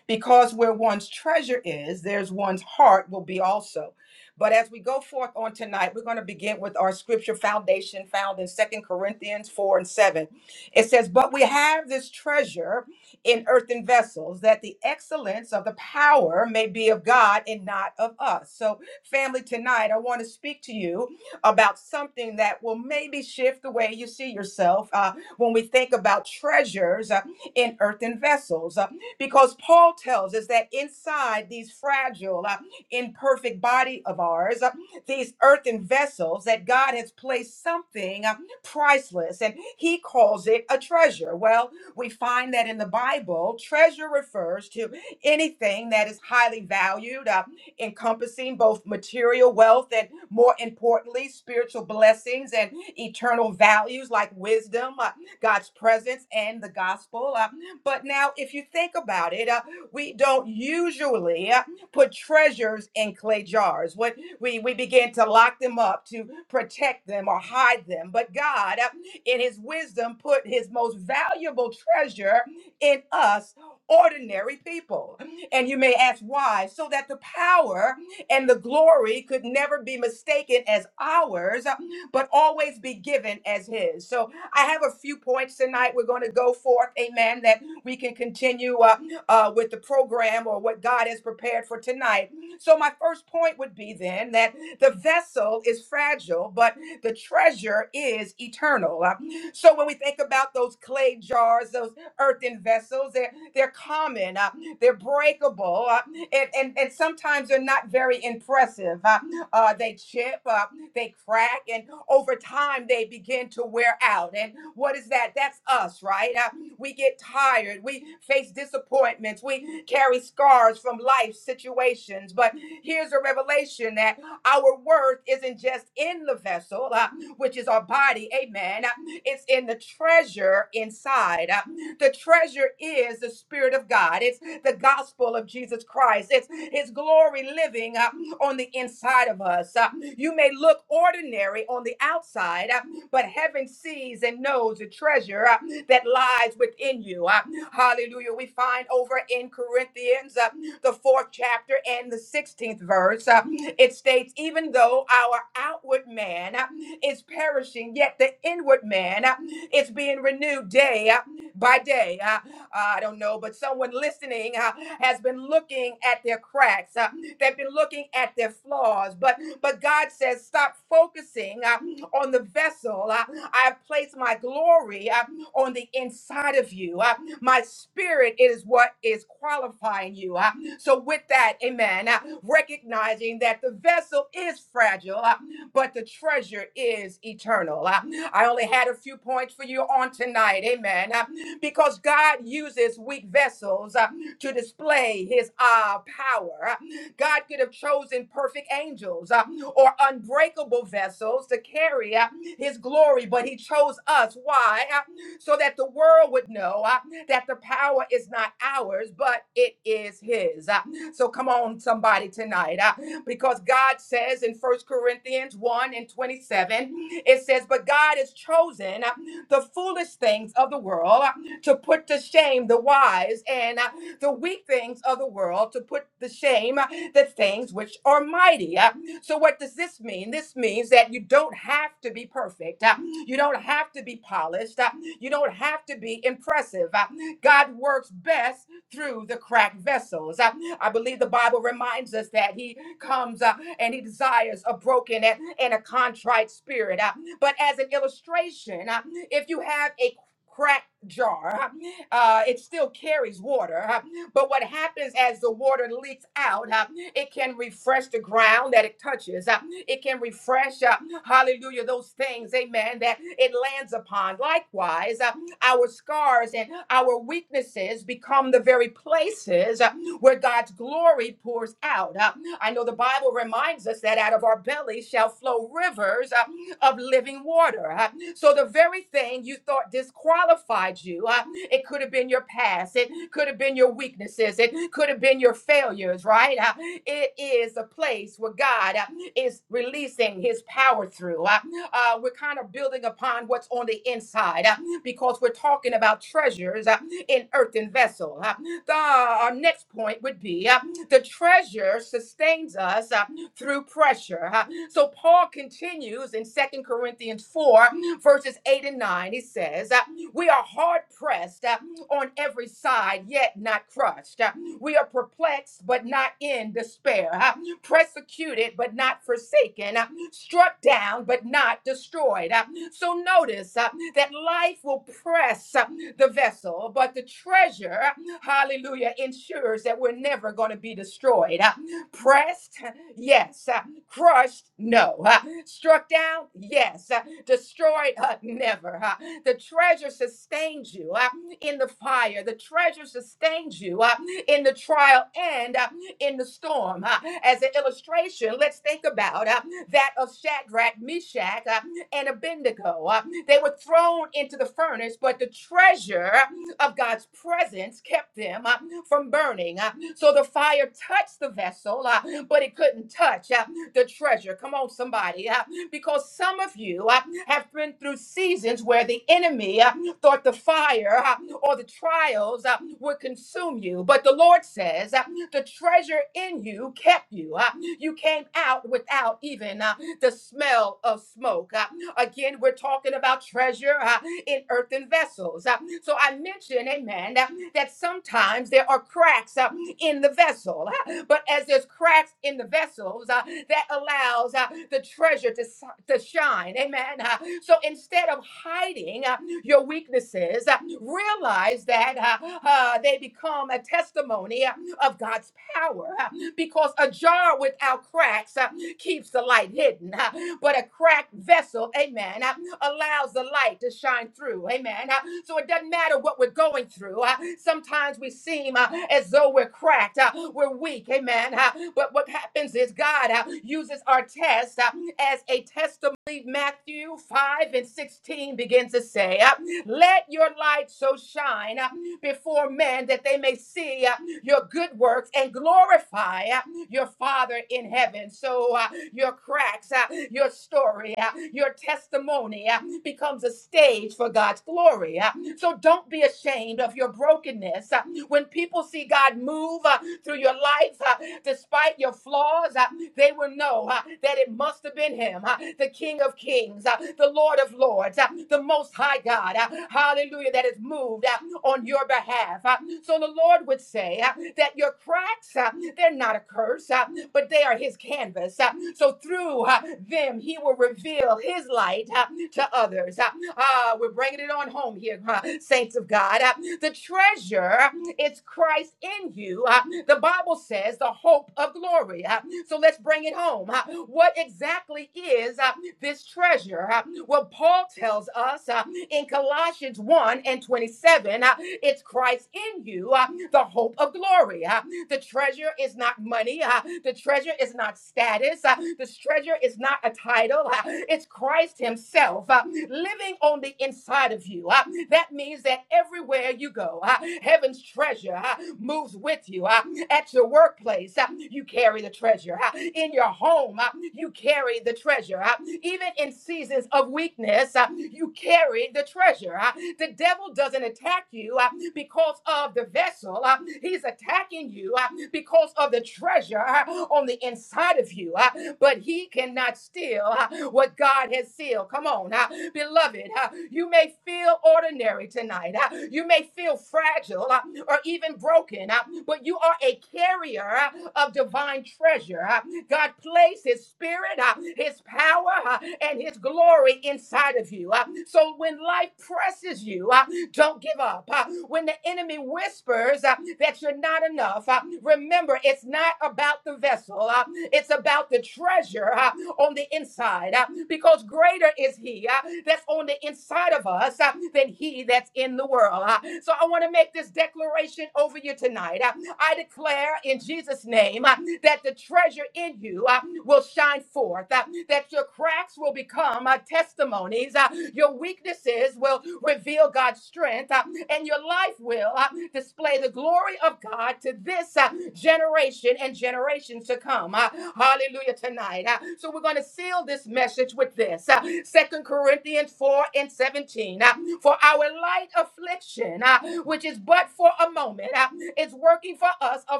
B: Because where one's treasure is, there's one's heart will be also. But as we go forth on tonight, we're going to begin with our scripture foundation found in Second Corinthians 4 and 7. It says, But we have this treasure in earthen vessels, that the excellence of the power may be of God and not of us. So, family, tonight I want to speak to you about something that will maybe shift the way you see yourself uh, when we think about treasures uh, in earthen vessels. uh, because Paul tells us that inside these fragile, uh, imperfect body of ours, uh, these earthen vessels, that God has placed something uh, priceless, and he calls it a treasure. Well, we find that in the Bible, treasure refers to anything that is highly valued, uh, encompassing both material wealth and more importantly, spiritual blessings and eternal values like wisdom, uh, God's presence, and the gospel. Uh, but now, if you think about it, uh, we don't usually uh, put treasures in clay jars. What we, we begin to lock them up to protect them or hide them. But God, uh, in His wisdom, put His most valuable treasure in us, ordinary people. And you may ask why? So that the power and the glory could never be mistaken as ours, but always be given as His. So I have a few points tonight. We're going to go forth, amen, that we can continue uh, uh, with the program or what God has prepared for tonight. So my first point would be then that the vessel is fragile, but the treasure is eternal. Uh, So when we think about those clay jars, those earthen vessels, they're, they're common. Uh, they're breakable, uh, and, and, and sometimes they're not very impressive. Uh, uh, they chip, uh, they crack, and over time they begin to wear out. And what is that? That's us, right? Uh, we get tired, we face disappointments, we carry scars from life situations. But here's a revelation that our worth isn't just in the vessel, uh, which is our body, amen. Uh, It's in the treasure inside. uh, the treasure is the Spirit of God. It's the gospel of Jesus Christ. It's His glory living uh, on the inside of us. Uh, you may look ordinary on the outside, uh, but heaven sees and knows the treasure uh, that lies within you. Uh, hallelujah. We find over in Corinthians, uh, the fourth chapter and the 16th verse, uh, it states, Even though our outward man uh, is perishing, yet the inward man uh, is being renewed day uh, by day. Uh, uh, I don't know, but someone listening uh, has been looking at their cracks. Uh, they've been looking at their flaws. But but God says, stop focusing uh, on the vessel. Uh, I have placed my glory uh, on the inside of you. Uh, my spirit is what is qualifying you. Uh, so with that, Amen. Uh, recognizing that the vessel is fragile, uh, but the treasure is eternal. Uh, I only had a few points for you on tonight. Amen. Uh, because God uses weak vessels uh, to display his uh, power. Uh, God could have chosen perfect angels uh, or unbreakable vessels to carry uh, his glory, but he chose us. Why? Uh, so that the world would know uh, that the power is not ours, but it is his. Uh, so come on, somebody, tonight, uh, because God says in First Corinthians 1 and 27, it says, But God has chosen uh, the foolish things of the world uh, to put to shame the wise and uh, the weak things of the world, to put to shame uh, the things which are mighty. Uh, So, what does this mean? This means that you don't have to be perfect. Uh, You don't have to be polished. Uh, You don't have to be impressive. Uh, God works best through the cracked vessels. Uh, I believe the Bible reminds us that He comes uh, and He desires a broken and, and a contrite spirit. Uh, But as an illustration, uh, if you have a crack jar uh, it still carries water uh, but what happens as the water leaks out uh, it can refresh the ground that it touches uh, it can refresh uh, hallelujah those things amen that it lands upon likewise uh, our scars and our weaknesses become the very places uh, where God's glory pours out. Uh, I know the Bible reminds us that out of our belly shall flow rivers uh, of living water. Uh, so the very thing you thought disqualified you, uh, it could have been your past, it could have been your weaknesses, it could have been your failures, right? Uh, it is a place where God uh, is releasing his power through. Uh, uh, we're kind of building upon what's on the inside uh, because we're talking about treasures uh, in earthen vessel. Uh, the, our next point would be uh, the treasure sustains us uh, through pressure. uh. so Paul continues in Second Corinthians 4 verses 8 and 9, it says, uh, We are hard pressed uh, on every side, yet not crushed. Uh, We are perplexed, but not in despair. Uh, Persecuted, but not forsaken. Uh, Struck down, but not destroyed. Uh, So notice uh, that life will press uh, the vessel, but the treasure, uh, hallelujah, ensures that we're never going to be destroyed. Uh, Pressed, yes. Uh, Crushed? No. Huh? Struck down? Yes. Huh? Destroyed? Huh? Never. Huh? The treasure sustains you huh? in the fire. The treasure sustains you huh? in the trial and uh, in the storm. huh? As an illustration, let's think about uh, that of Shadrach, Meshach, uh, and Abednego. uh, They were thrown into the furnace, but the treasure of God's presence kept them uh, from burning. uh, So the fire touched the vessel, uh, but it couldn't touch. uh, the treasure. Come on, somebody. uh, because some of you uh, have been through seasons where the enemy uh, thought the fire uh, or the trials uh, would consume you. But the Lord says uh, the treasure in you kept you. uh, you came out without even uh, the smell of smoke. Uh, again, we're talking about treasure uh, in earthen vessels. Uh, so I mentioned, amen, uh, that sometimes there are cracks uh, in the vessel. but as there's cracks in the vessels, uh, that allows uh, the treasure to, s- to shine. Amen. Uh, so instead of hiding uh, your weaknesses, uh, realize that uh, uh, they become a testimony uh, of God's power uh, because a jar without cracks uh, keeps the light hidden. uh, but a cracked vessel, amen, uh, allows the light to shine through. Amen. Uh, So it doesn't matter what we're going through. Uh, Sometimes we seem uh, as though we're cracked, uh, we're weak. Amen. Uh, But what happens is God uh, uses our test uh, as a testimony. Matthew 5 and 16 begins to say, uh, Let your light so shine uh, before men that they may see uh, your good works and glorify. uh, your Father in heaven. So uh, your cracks, uh, your story, uh, your testimony uh, becomes a stage for God's glory. uh. so don't be ashamed of your brokenness. uh. when people see God move uh, through your life, uh, despite your flaws, uh, they will know uh, that it must have been Him, uh, the King of Kings, uh, the Lord of Lords, uh, the Most High God. uh, hallelujah, that has moved uh, on your behalf. uh. so the Lord would say uh, that your cracks, uh, uh, they're not a curse, uh, but they are his canvas. Uh, so through uh, them, he will reveal his light uh, to others. Uh, uh, we're bringing it on home here, uh, saints of God. Uh, the treasure is Christ in you. Uh, the Bible says the hope of glory. Uh, so let's bring it home. Uh, what exactly is uh, this treasure? Uh, well, Paul tells us uh, in Colossians 1 and 27 uh, it's Christ in you, uh, the hope of glory. Uh, the treasure is not money. uh, the treasure is not status. uh, the treasure is not a title. uh, it's Christ Himself uh, living on the inside of you. uh, that means that everywhere you go, uh, heaven's treasure uh, moves with you. uh, at your workplace, uh, you carry the treasure. uh, In your home, uh, you carry the treasure. uh, Even in seasons of weakness, uh, you carry the treasure. uh, The devil doesn't attack you uh, because of the vessel, uh, he's attacking you uh, because of the treasure uh, on the inside of you. uh, But he cannot steal uh, what God has sealed. Come on, uh, beloved, uh, you may feel ordinary tonight. uh, You may feel fragile. uh, or even broken, uh, but you are a carrier uh, of divine treasure. uh. God placed His Spirit, uh, His power, uh, and His glory inside of you. uh. So when life presses you, uh, don't give up. uh. When the enemy whispers uh, that you're not enough, uh, remember it's not about the vessel, uh, it's about the treasure uh, on the inside uh, because greater is he uh, that's on the inside of us uh, than he that's in the world. uh. So I want to make this declaration over you tonight. uh, I declare in Jesus' name uh, that the treasure in you uh, will shine forth, uh, that your cracks will become uh, testimonies, uh, your weaknesses will reveal God's strength, uh, and your life will uh, display the glory of God to this uh, generation and generations to come. Uh, hallelujah tonight. Uh, so we're going to seal this message with this. Uh, 2 Corinthians 4 and 17. uh, for our light affliction, uh, which is but for a moment, uh, is working for us a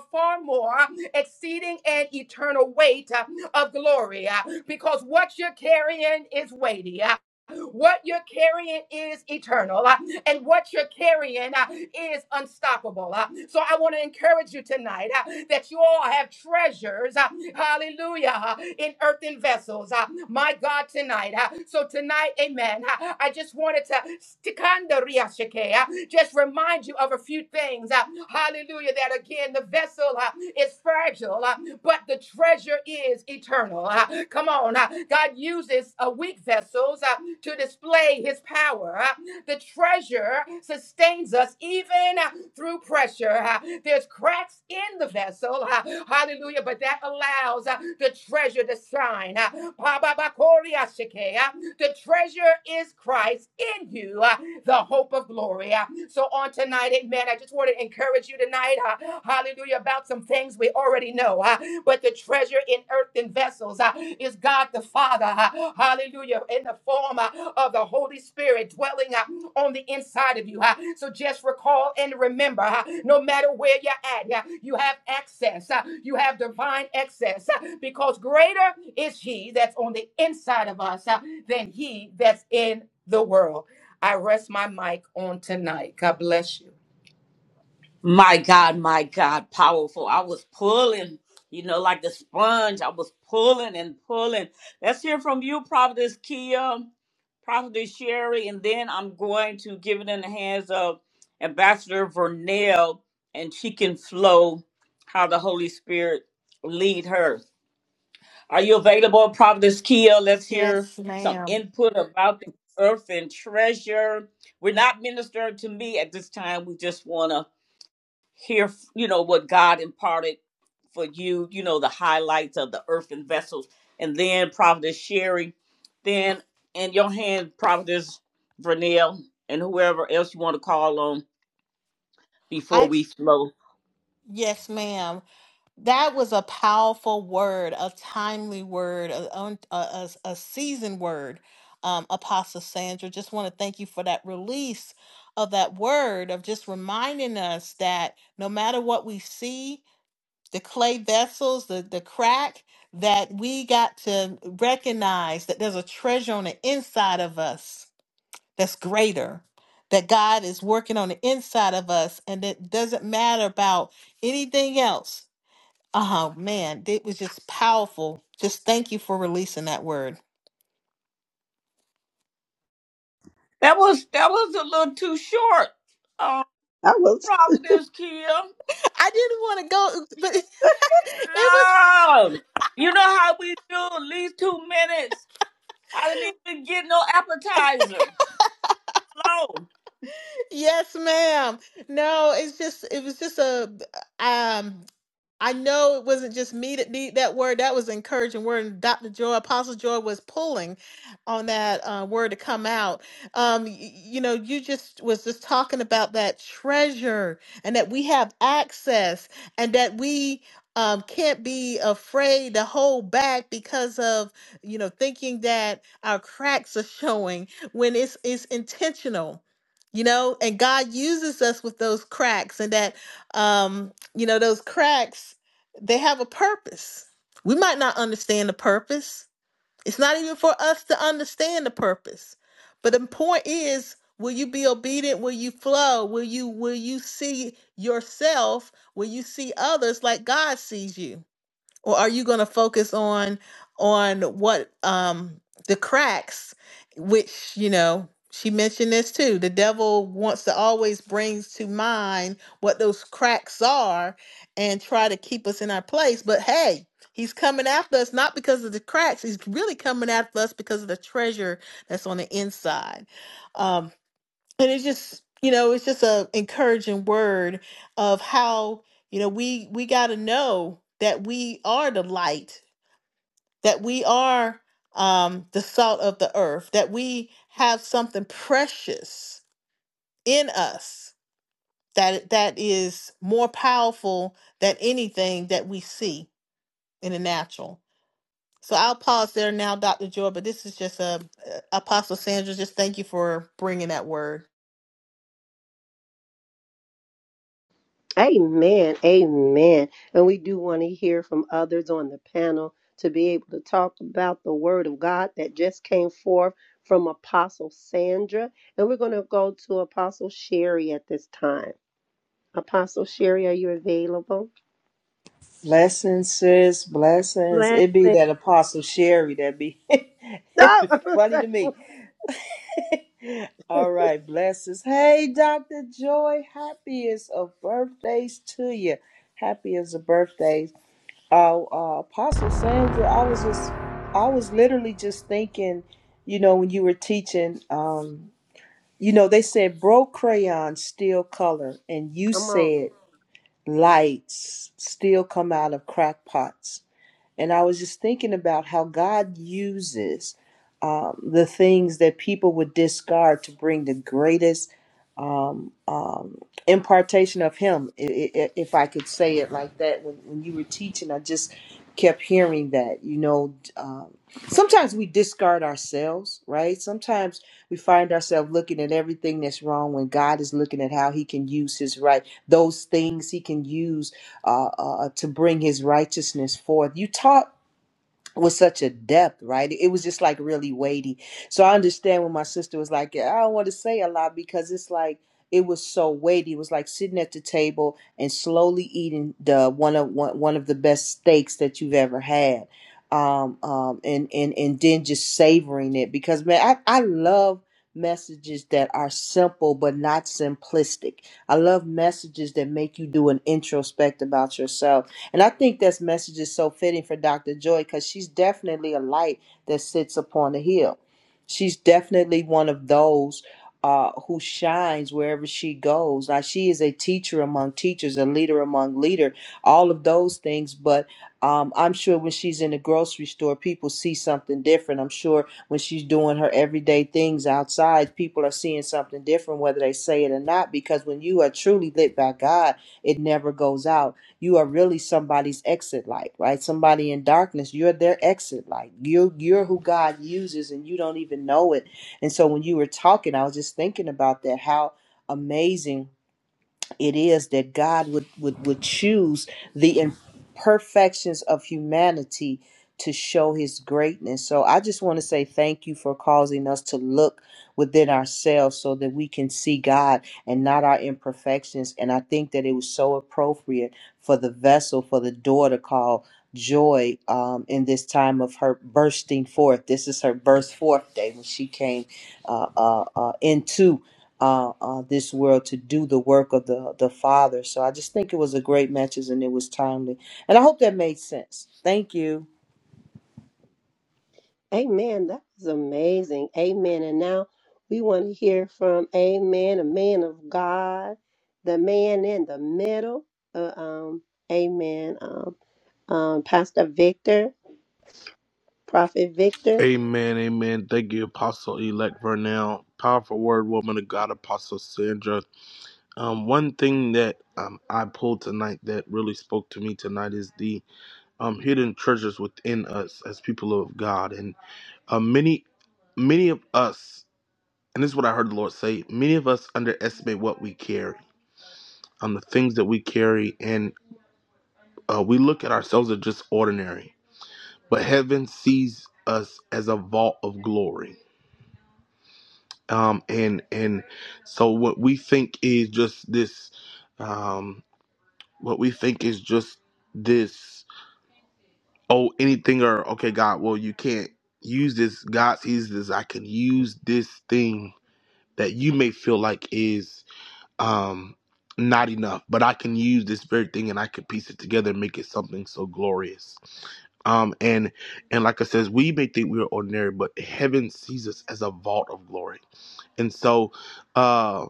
B: far more uh, exceeding and eternal weight uh, of glory uh, because what you're carrying is weighty. Uh, what you're carrying is eternal, uh, and what you're carrying uh, is unstoppable. uh. So I want to encourage you tonight uh, that you all have treasures, uh, hallelujah, uh, in earthen vessels. uh, My God, tonight. uh. So tonight, amen. uh, I just wanted to stikanda riashike, uh, just remind you of a few things. uh, Hallelujah, that again, the vessel uh, is fragile, uh, but the treasure is eternal. Uh, Come on, uh, God uses uh, weak vessels. uh, to display his power. Uh, The treasure sustains us even uh, through pressure. Uh, There's cracks in the vessel. uh, Hallelujah. But that allows uh, the treasure to shine. Uh, Pababakoria shike, uh, the treasure is Christ in you, uh, the hope of glory. Uh, So on tonight, amen. I just want to encourage you tonight, uh, hallelujah, about some things we already know. uh, But the treasure in earthen vessels uh, is God the Father, uh, hallelujah, in the form uh, of the Holy Spirit dwelling uh, on the inside of you. huh? So just recall and remember, huh, no matter where you're at, yeah, you have access. huh? You have divine access huh, because greater is He that's on the inside of us huh, than He that's in the world. I rest my mic on tonight. God bless you.
A: My God, my God, powerful. I was pulling, you know, like the sponge. I was pulling and pulling. Let's hear from you, Prophetess Kia, Prophetess Sherry, and then I'm going to give it in the hands of Ambassador Vernell, and she can flow how the Holy Spirit lead her. Are you available, Prophetess Kia? Let's hear
D: yes
A: some
D: ma'am
A: input about the earth and treasure. We're not ministering to me at this time. We just want to hear you know what god imparted for you you know the highlights of the earthen vessels and then prophetess sherry then in your hand prophetess vernell and whoever else you want to call on before
D: i
A: we flow
D: yes ma'am That was a powerful word, a timely word, a, un- a, a, a seasoned word, um, Apostle Sandra. Just want to thank you for that release of that word, of just reminding us that no matter what we see, the clay vessels, the, the crack, that we got to recognize that there's a treasure on the inside of us that's greater, that God is working on the inside of us, and it doesn't matter about anything else Oh man, it was just powerful. Just thank you for releasing that word.
A: that was that was a little too short uh,
E: I will. T-
A: prophetess kim
D: I didn't want to go, but it was
A: no you know how we do at least two minutes i didn't even get no appetizer Flow.
D: yes, ma'am. No, it's just it was just a um. I know it wasn't just me that need that word. That was an encouraging word. And Dr. Joy, Apostle Joy was pulling on that uh, word to come out. Um, y- you know, you just was just talking about that treasure and that we have access and that we um, can't be afraid to hold back because of, you know, thinking that our cracks are showing when it's, it's intentional. You know, and God uses us with those cracks, and that um, you know, those cracks, they have a purpose. We might not understand the purpose. It's not even for us to understand the purpose. But the point is, will you be obedient? Will you flow? Will you will you see yourself? Will you see others like God sees you? or are you going to focus on on what um the cracks which you know she mentioned this too the devil wants to always brings to mind what those cracks are and try to keep us in our place but hey he's coming after us not because of the cracks he's really coming after us because of the treasure that's on the inside Um, and it's just you know it's just a encouraging word of how you know we we got to know that we are the light that we are um the salt of the earth that we have something precious in us that that is more powerful than anything that we see in the natural so i'll pause there now dr joy but this is just a apostle sandra just thank you for bringing that word
E: amen. Amen. And we do want to hear from others on the panel to be able to talk about the word of God that just came forth from Apostle Sandra. And we're going to go to Apostle Sherry at this time. Apostle Sherry, are you available?
C: Blessings, sis. Blessings.
E: Blessing.
C: It be that Apostle Sherry that be
E: No,
C: Funny to me. All right, blessings. Hey, Dr. Joy, happiest of birthdays to you. Happiest of birthdays. Uh, uh, Apostle Sandra, I was just, I was literally just thinking, you know, when you were teaching, um, you know, they said broke crayons still color, and you
E: come on.
C: said lights still come out of crackpots. And I was just thinking about how God uses um, the things that people would discard to bring the greatest um, um, impartation of Him, i- i- if I could say it like that. When, when you were teaching, I just kept hearing that. You know, um, sometimes we discard ourselves, right? Sometimes we find ourselves looking at everything that's wrong when God is looking at how He can use His right, those things He can use uh, uh, to bring his righteousness forth. You taught with such a depth, right? It was just like really weighty. So I understand when my sister was like, "Yeah, I don't want to say a lot because it's like it was so weighty. It was like sitting at the table and slowly eating the one of one, one of the best steaks that you've ever had. Um, um, and and and then just savoring it because man, I, I love messages that are simple but not simplistic. I love messages that make you do an introspect about yourself and I think this message is so fitting for Dr. Joy because she's definitely a light that sits upon a hill. She's definitely one of those uh, who shines wherever she goes. Now, she is a teacher among teachers, a leader among leader, all of those things. But um, I'm sure when she's in the grocery store, people see something different. I'm sure when she's doing her everyday things outside, people are seeing something different, whether they say it or not, because when you are truly lit by God, it never goes out you are really somebody's exit light, right? Somebody in darkness, you're their exit light. You are you're who God uses and you don't even know it. And so when you were talking, I was just thinking about that how amazing it is that God would, would, would choose the imperfections of humanity to show his greatness. So I just want to say thank you for causing us to look within ourselves so that we can see God and not our imperfections. And I think that it was so appropriate for the vessel, for the door to call joy um, in this time of her bursting forth. This is her birth forth day when she came uh, uh, uh, into uh, uh, this world to do the work of the, the Father. So I just think it was a great message and it was timely. And I hope that made sense. Thank you,
E: Amen. That is amazing. Amen. And now we want to hear from Amen, a man of God, the man in the middle. Uh, um, amen. Um, um, Pastor Victor, Prophet Victor.
G: Hey, God, Apostle Sandra. Um, one thing that um, I pulled tonight that really spoke to me tonight is the um, hidden treasures within us as people of God. And uh, many, many of us, and this is what I heard the Lord say, many of us underestimate what we carry on the things that we carry, and uh, we look at ourselves as just ordinary. But heaven sees us as a vault of glory, um, and and so what we think is just this, um, what we think is just this. Oh, anything or okay, God. Well, you can't use this. God sees this. I can use this thing that you may feel like is um not enough, but I can use this very thing and I can piece it together and make it something so glorious. Um, and and like I says, we may think we are ordinary, but heaven sees us as a vault of glory. And so, uh,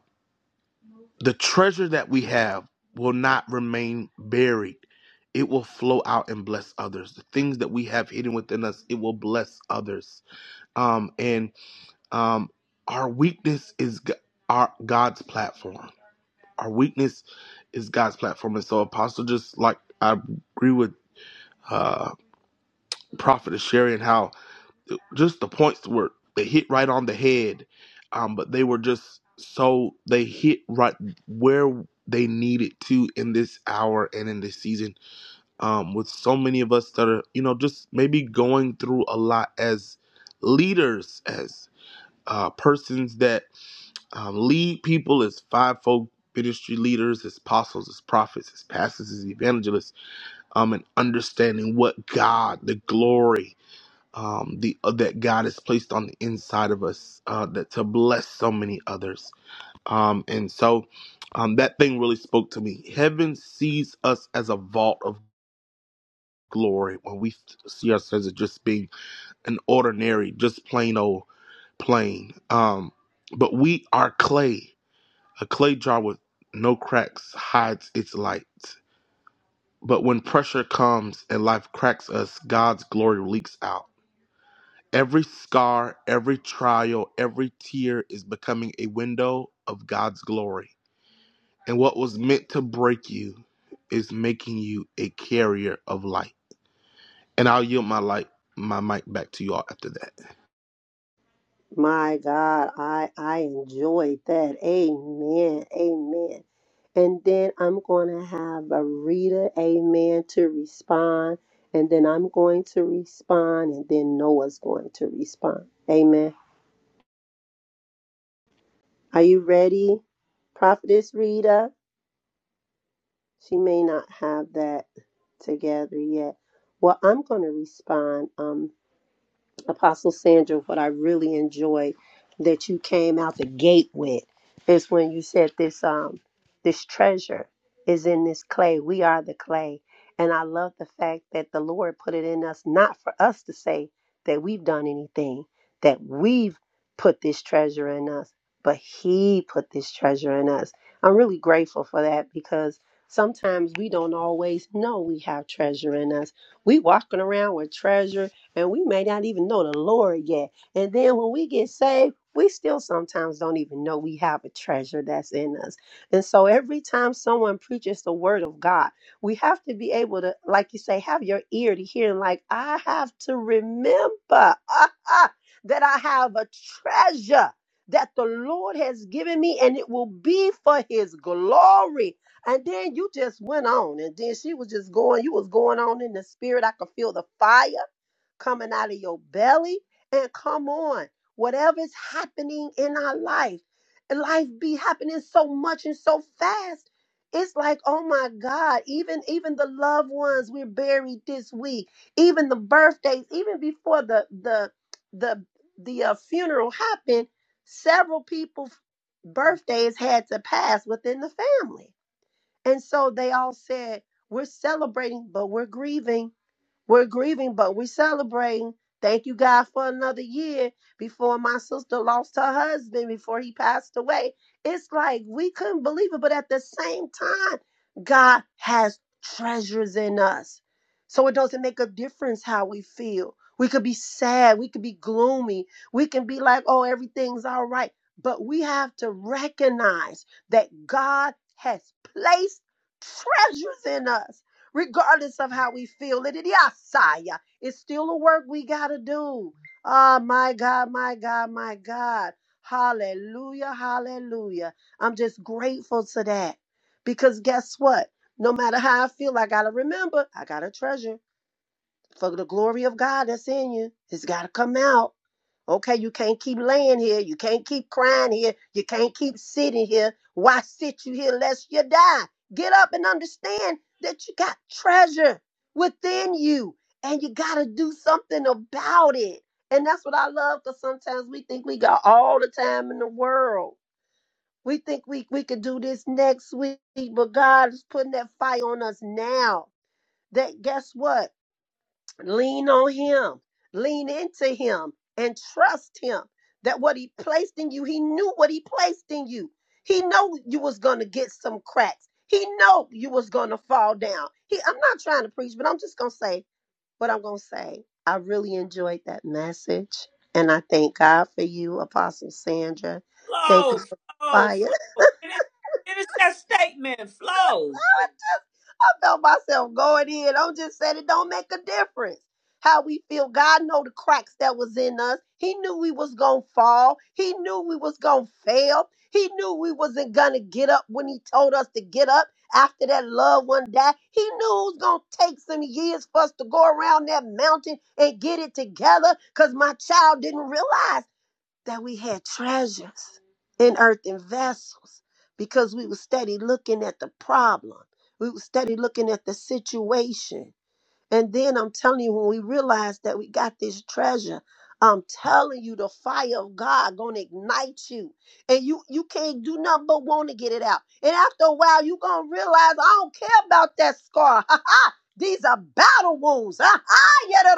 G: the treasure that we have will not remain buried. It will flow out and bless others. The things that we have hidden within us, it will bless others. Um, and um, our weakness is G- our God's platform. Our weakness is God's platform. And so, Apostle, just like I agree with uh, Prophet Sherry and how just the points were they hit right on the head, um, but they were just so they hit right where they needed to in this hour and in this season. Um, with so many of us that are you know just maybe going through a lot as leaders, as uh, persons that um, lead people as fivefold ministry leaders, as apostles, as prophets, as pastors, as evangelists, um, and understanding what God, the glory um, the uh, that God has placed on the inside of us uh, that to bless so many others. Um, and so um, that thing really spoke to me. Heaven sees us as a vault of glory when we see ourselves as just being an ordinary, just plain old plain. Um, but we are clay. A clay jar with no cracks hides its light. But when pressure comes and life cracks us, God's glory leaks out. Every scar, every trial, every tear is becoming a window of God's glory. And what was meant to break you is making you a carrier of light. And I'll yield my light, my mic back to you all after that.
E: My God, I I enjoyed that. Amen. Amen. And then I'm going to have a reader, amen, to respond. And then I'm going to respond. And then Noah's going to respond. Amen. Are you ready, Prophetess Rita? She may not have that together yet. Well, I'm going to respond. Um, Apostle Sandra, what I really enjoyed that you came out the gate with is when you said this um this treasure is in this clay. We are the clay. And I love the fact that the Lord put it in us not for us to say that we've done anything, that we've put this treasure in us, but he put this treasure in us. I'm really grateful for that because sometimes we don't always know we have treasure in us. We walking around with treasure and we may not even know the Lord yet. And then when we get saved, we still sometimes don't even know we have a treasure that's in us. And so every time someone preaches the word of God, we have to be able to, like you say, have your ear to hear. And like, I have to remember ah, ah, that I have a treasure that the Lord has given me and it will be for his glory. And then you just went on. And then she was just going, you was going on in the spirit. I could feel the fire coming out of your belly. And come on, whatever's happening in our life, life be happening so much and so fast. It's like, oh my God, even even the loved ones we're buried this week, even the birthdays, even before the the the the uh, funeral happened, several people's birthdays had to pass within the family. And so they all said, we're celebrating, but we're grieving we're grieving, but we're celebrating. Thank you, God, for another year before my sister lost her husband before he passed away. It's like we couldn't believe it, but at the same time, God has treasures in us. So it doesn't make a difference how we feel. We could be sad, we could be gloomy, we can be like, oh, everything's all right. But we have to recognize that God has placed treasures in us regardless of how we feel it. It yasaya. It's still a work we got to do. Ah, my God, my God, my God. Hallelujah, hallelujah. I'm just grateful to that because guess what? No matter how I feel, I got to remember, I got to treasure for the glory of God that's in you. It's got to come out. Okay, you can't keep laying here. You can't keep crying here. You can't keep sitting here. Why sit you here lest you die? Get up and understand that you got treasure within you and you got to do something about it. And that's what I love because sometimes we think we got all the time in the world. We think we, we could do this next week, but God is putting that fire on us now. That guess what? Lean on Him, lean into Him, and trust Him that what He placed in you, He knew what He placed in you. He know you was gonna get some cracks. He know you was gonna fall down. He, I'm not trying to preach, but I'm just gonna say what I'm gonna say. I really enjoyed that message, and I thank God for you, Apostle Sandra. Thank you,
A: Flow, flow,
E: Fire.
A: flow. It is finish that statement. Flow.
E: I felt myself going in. I'm just saying it don't make a difference how we feel. God know the cracks that was in us. He knew we was gonna fall. He knew we was gonna fail. He knew we wasn't gonna get up when he told us to get up after that loved one died. He knew it was gonna take some years for us to go around that mountain and get it together because my child didn't realize that we had treasures in earthen vessels because we would steady looking at the problem. We would steady looking at the situation and then I'm telling you, when we realize that we got this treasure, I'm telling you, the fire of God gonna ignite you, and you you can't do nothing but want to get it out. And after a while, you gonna realize I don't care about that scar. Ha ha! These are battle wounds. Ha ha!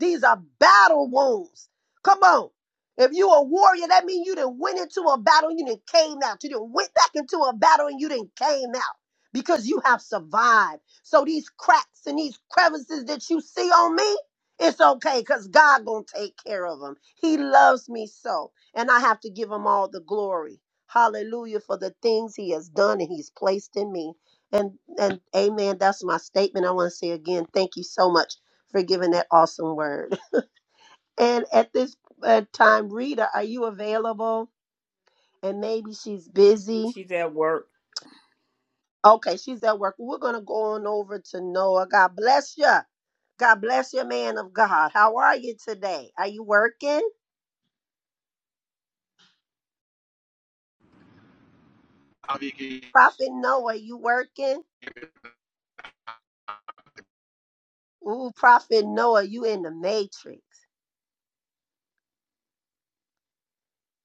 E: These are battle wounds. Come on. If you a warrior, that means you didn't went into a battle and you didn't came out. You didn't went back into a battle and you didn't came out because you have survived. So these cracks and these crevices that you see on me, it's okay because God gonna take care of them. He loves me so, and I have to give him all the glory. Hallelujah for the things he has done and he's placed in me. And and amen. That's my statement. I want to say again, thank you so much for giving that awesome word. And at this uh, time, Rita, are you available? And maybe she's busy.
A: She's at work.
E: Okay, she's at work. We're gonna go on over to Noah. God bless you. God bless your man of God. How are you today? Are you working?
H: I'll be getting
E: Prophet Noah, you working? Ooh, Prophet Noah, you in the matrix.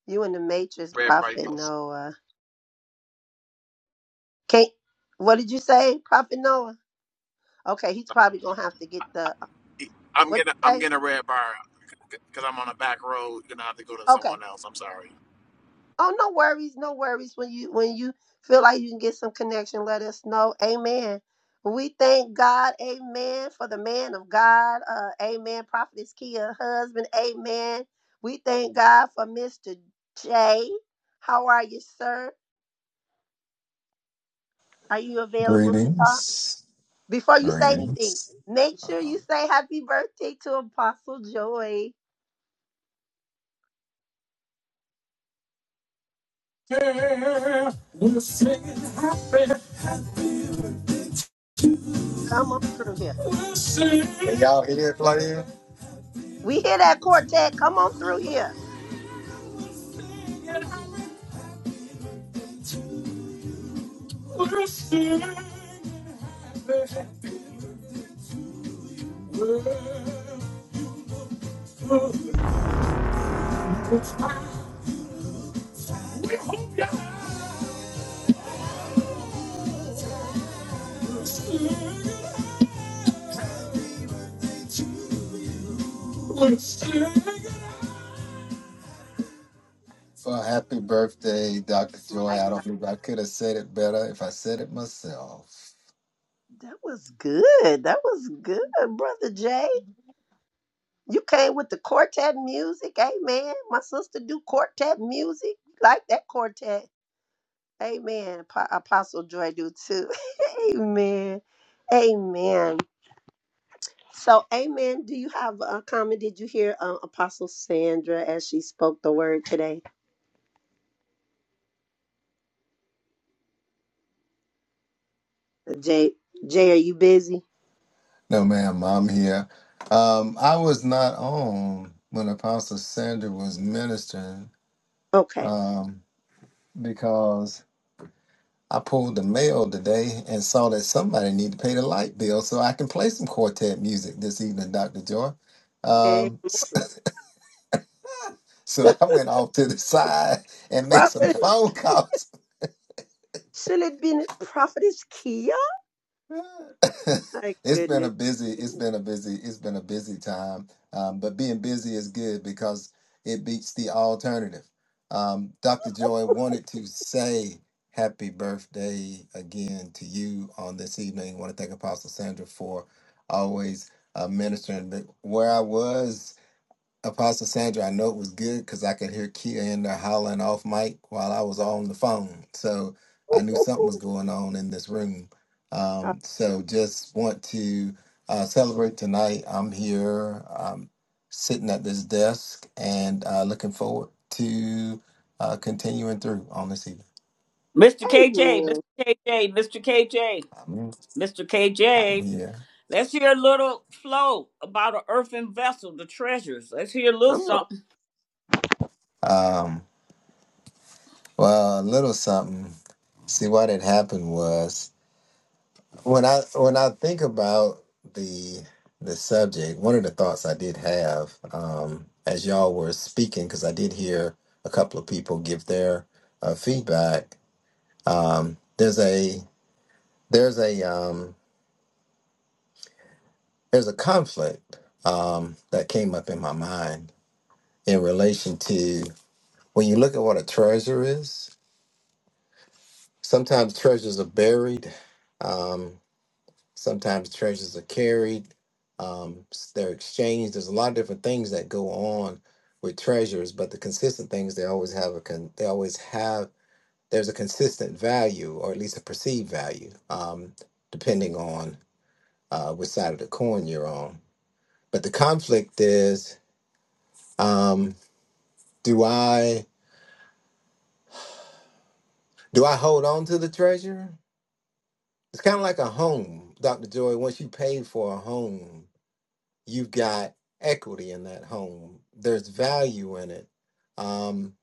E: You in the matrix,
H: red bar.
E: Prophet Noah. Can't what did you say, Prophet Noah? Okay, he's probably gonna have to get the uh,
H: I'm
E: what
H: gonna
E: you
H: I'm
E: say?
H: getting a red bar because I'm on a back road. You're gonna have to go to
E: Okay.
H: someone else. I'm sorry.
E: Oh, no worries, no worries. When you when you feel like you can get some connection, let us know. Amen. We thank God, Amen, for the man of God. Uh, amen. Prophetess Kia, husband, Amen. We thank God for Mr. J. How are you, sir? Are you available to talk?
I: Greetings.
E: Before you say anything,
I: Greetings.
E: make sure you say happy birthday to Apostle Joy. Come on through here.
I: Can y'all hear it playing?
E: We hear that quartet. Come on through here.
I: So happy birthday, Dr. Joy.
E: My
I: I don't think I could have said it better if I said it myself.
E: That was good. That was good, brother Jay. You came with the quartet music. Amen. My sister do quartet music. Like that quartet. Amen. Po- Apostle Joy do too. amen. Amen. So, amen. Do you have a comment? Did you hear uh, Apostle Sandra as she spoke the word today? Uh, Jay, Jay, are you busy?
I: No, ma'am, I'm here. Um, I was not on when Apostle Sandra was ministering
E: Okay.
I: um, because I pulled the mail today and saw that somebody need to pay the light bill so I can play some quartet music this evening, Dr. Joy.
E: Hey,
I: Um, s-
E: glory.
I: so I went off to the side and made some
E: Prophetess,
I: phone calls
E: should it been Prophetess Kia? My
I: it's been a
E: goodness.
I: busy it's been a busy it's been a busy time um, but being busy is good because it beats the alternative um, dr joy wanted to say happy birthday again to you on this evening I want to thank apostle sandra for always uh, ministering but where i was Apostle Sandra, I know it was good because I could hear Kia in there hollering off mic while I was on the phone. So I
E: Amen.
I: knew something was going on in this room. Um, so just want to uh, celebrate tonight. I'm here um, sitting at this desk and uh, looking forward to uh, continuing through on this evening.
A: Mr. KJ, Mr. KJ, Mr. KJ,
I: I'm,
A: Mr.
I: I'm
A: KJ.
I: here.
A: Let's hear a little flow about an earthen vessel, the treasures. Let's hear a little
E: Come on.
A: something.
I: Um, well, a little something. See, what had happened was. when I when I think about the the subject, one of the thoughts I did have um, as y'all were speaking, because I did hear a couple of people give their uh, feedback. Um, there's a there's a um, there's a conflict um, that came up in my mind in relation to when you look at what a treasure is. Sometimes treasures are buried. Um, Sometimes treasures are carried, um, s- they're exchanged. There's a lot of different things that go on with treasures, but the consistent things they always have a con- they always have there's a consistent value or at least a perceived value, um, depending on uh, which side of the coin you're on. But the conflict is, um, do I do I hold on to the treasure? It's kind of like a home, Dr. Joy. Once you pay for a home, you've got equity in that home. There's value in it. Um,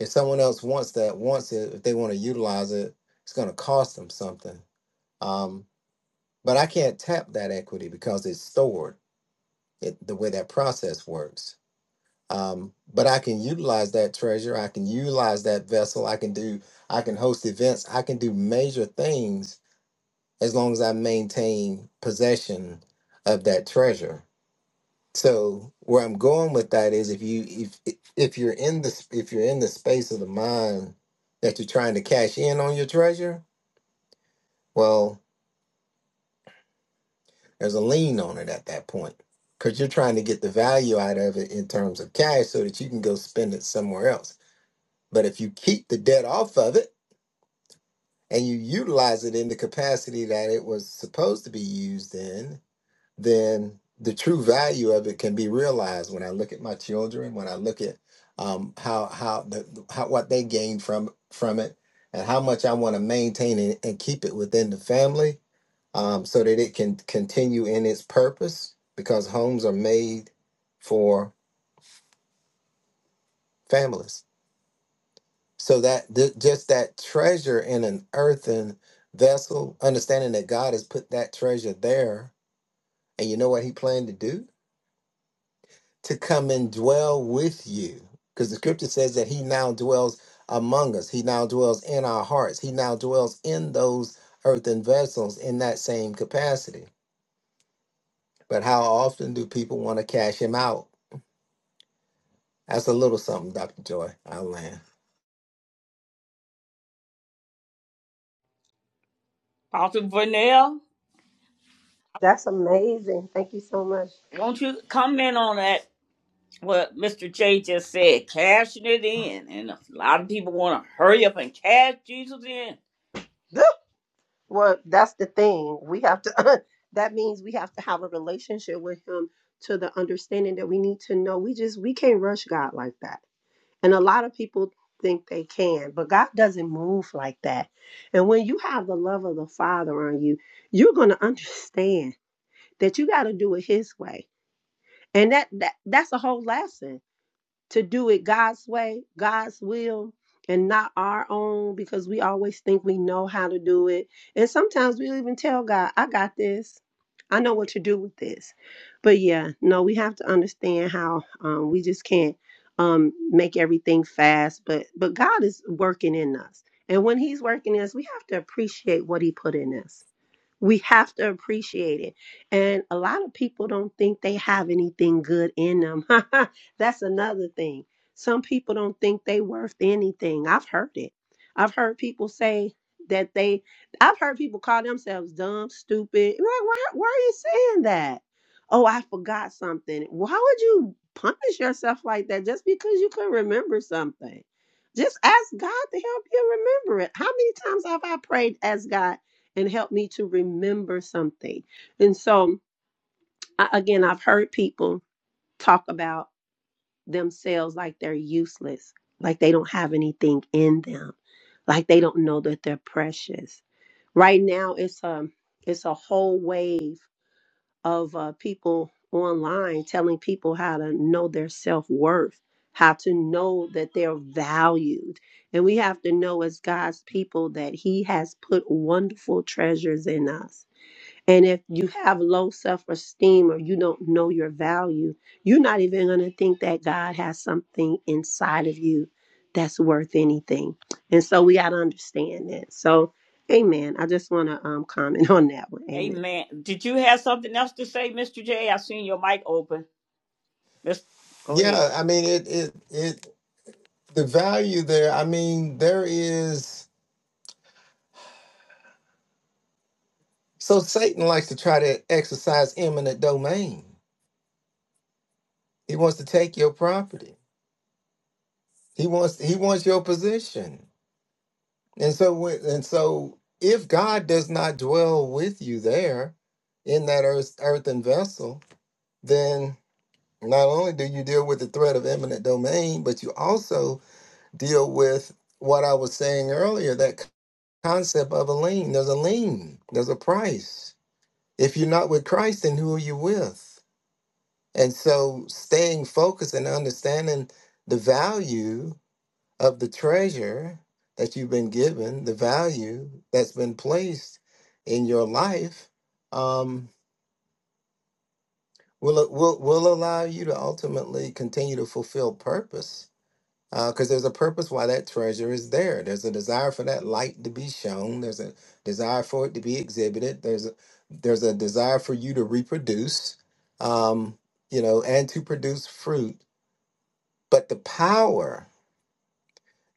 I: if someone else wants that, wants it, if they want to utilize it, it's going to cost them something. Um, but I can't tap that equity because it's stored it, the way that process works. Um, but I can utilize that treasure. I can utilize that vessel. I can do. I can host events. I can do major things as long as I maintain possession of that treasure. So where I'm going with that is if you if if you're in the if you're in the space of the mind that you're trying to cash in on your treasure, well, there's a lien on it at that point because you're trying to get the value out of it in terms of cash so that you can go spend it somewhere else. But if you keep the debt off of it and you utilize it in the capacity that it was supposed to be used in, then the true value of it can be realized when I look at my children, when I look at um, how how the how what they gain from from it, and how much I want to maintain and, and keep it within the family, um, so that it can continue in its purpose. Because homes are made for families, so that th- just that treasure in an earthen vessel, understanding that God has put that treasure there, and you know what He planned to do to come and dwell with you. Because the scripture says that he now dwells among us, he now dwells in our hearts, he now dwells in those earthen vessels in that same capacity. But how often do people want to cash him out? That's a little something, Dr. Joy. I land.
A: Pastor Vernell,
E: That's amazing. Thank you so much.
A: won't you comment on that? What Mr. J just said, cashing it in. And a lot of people want to hurry up and cash Jesus in.
E: Good. Well, that's the thing. We have to, that means we have to have a relationship with Him to the understanding that we need to know. We just, we can't rush God like that. And a lot of people think they can, but God doesn't move like that. And when you have the love of the Father on you, you're going to understand that you got to do it His way. And that, that that's a whole lesson to do it God's way, God's will, and not our own because we always think we know how to do it. And sometimes we'll even tell God, I got this. I know what to do with this. But yeah, no, we have to understand how um, we just can't um, make everything fast. But but God is working in us. And when he's working in us, we have to appreciate what he put in us we have to appreciate it. And a lot of people don't think they have anything good in them. That's another thing. Some people don't think they worth anything. I've heard it. I've heard people say that they I've heard people call themselves dumb, stupid. I'm Like, why why are you saying that? Oh, I forgot something. Why would you punish yourself like that just because you couldn't remember something? Just ask God to help you remember it. How many times have I prayed, ask God? and help me to remember something. And so, I, again, I've heard people talk about themselves like they're useless, like they don't have anything in them, like they don't know that they're precious. Right now, it's a it's a whole wave of uh, people online telling people how to know their self worth, how to know that they're valued, and we have to know as God's people that He has put wonderful treasures in us and if you have low self esteem or you don't know your value, you're not even going to think that God has something inside of you that's worth anything. And so we got to understand that. So, amen. I just want to um, comment on that one. Amen.
A: Amen. Did you have something else to say, Mr. J? I seen your mic open. Let's go ahead.
I: Yeah, I mean it it it the value there, I mean, there is so Satan likes to try to exercise eminent domain. He wants to take your property. He wants he wants your position. And so, when- and so, if God does not dwell with you there in that earth, earthen vessel, then not only do you deal with the threat of eminent domain, but you also deal with what I was saying earlier that c- concept of a lien. There's a lien, there's a price. If you're not with Christ, then who are you with? And so, staying focused and understanding the value of the treasure that you've been given, the value that's been placed in your life, um, will will will allow you to ultimately continue to fulfill purpose. Because there's a purpose why that treasure is there. There's a desire for that light to be shown. There's a desire for it to be exhibited. There's a there's a desire for you to reproduce, um, you know, and to produce fruit. But the power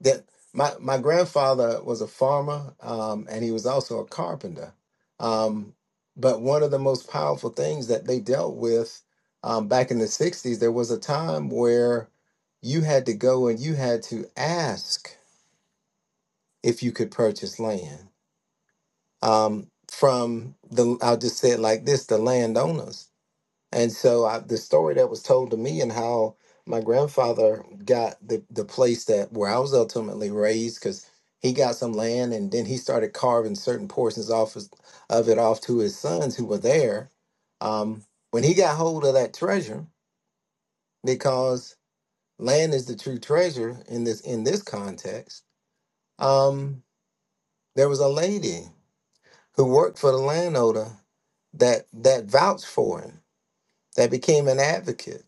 I: that my my grandfather was a farmer um, and he was also a carpenter. Um, but one of the most powerful things that they dealt with um, back in the '60s, there was a time where you had to go and you had to ask if you could purchase land um, from the. I'll just say it like this: the landowners and so I, the story that was told to me and how my grandfather got the, the place that where I was ultimately raised because he got some land and then he started carving certain portions off his, of it off to his sons who were there. Um, when he got hold of that treasure, because land is the true treasure in this in this context, um, there was a lady who worked for the landowner that that vouched for him, that became an advocate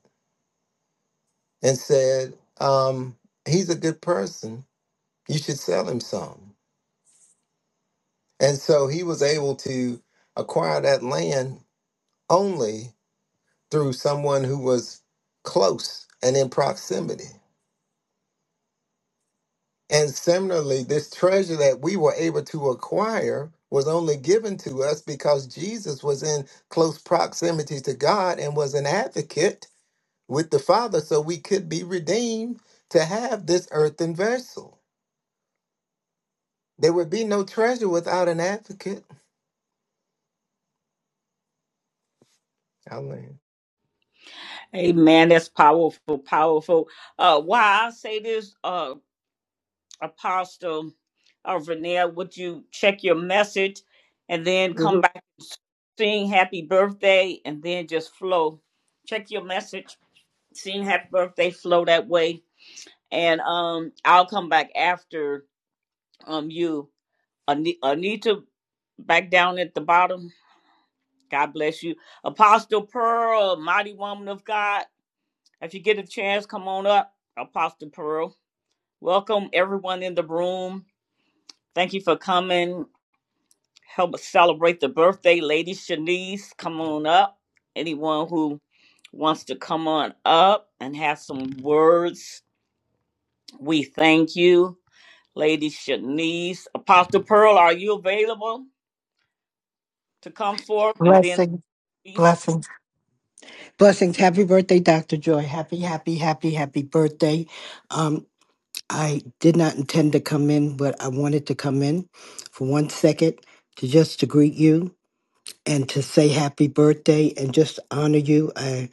I: and said, um, He's a good person. You should sell him some. And so he was able to acquire that land only through someone who was close and in proximity. And similarly, this treasure that we were able to acquire was only given to us because Jesus was in close proximity to God and was an advocate with the Father, so we could be redeemed to have this earthen vessel. There would be no treasure without an advocate. I learned.
A: Amen. That's powerful, powerful. Uh, why I say this, uh, Apostle uh, Vernell, would you check your message and then come
E: Mhm.
A: back, sing happy birthday, and then just flow? Check your message, sing happy birthday, flow that way. And um, I'll come back after um, you. Ani- Anita, back down at the bottom. God bless you. Apostle Pearl, mighty woman of God. If you get a chance, come on up, Apostle Pearl. Welcome everyone in the room. Thank you for coming. Help us celebrate the birthday, Lady Shanice. Come on up. Anyone who wants to come on up and have some words, we thank you, Lady Shanice. Apostle Pearl, are you available to come forth and then
J: Blessing,
A: peace,
J: blessings, blessings. Happy birthday, Dr. Joy. Happy, happy, happy, happy birthday. Um, I did not intend to come in, but I wanted to come in for one second to just to greet you and to say happy birthday and just honor you. I,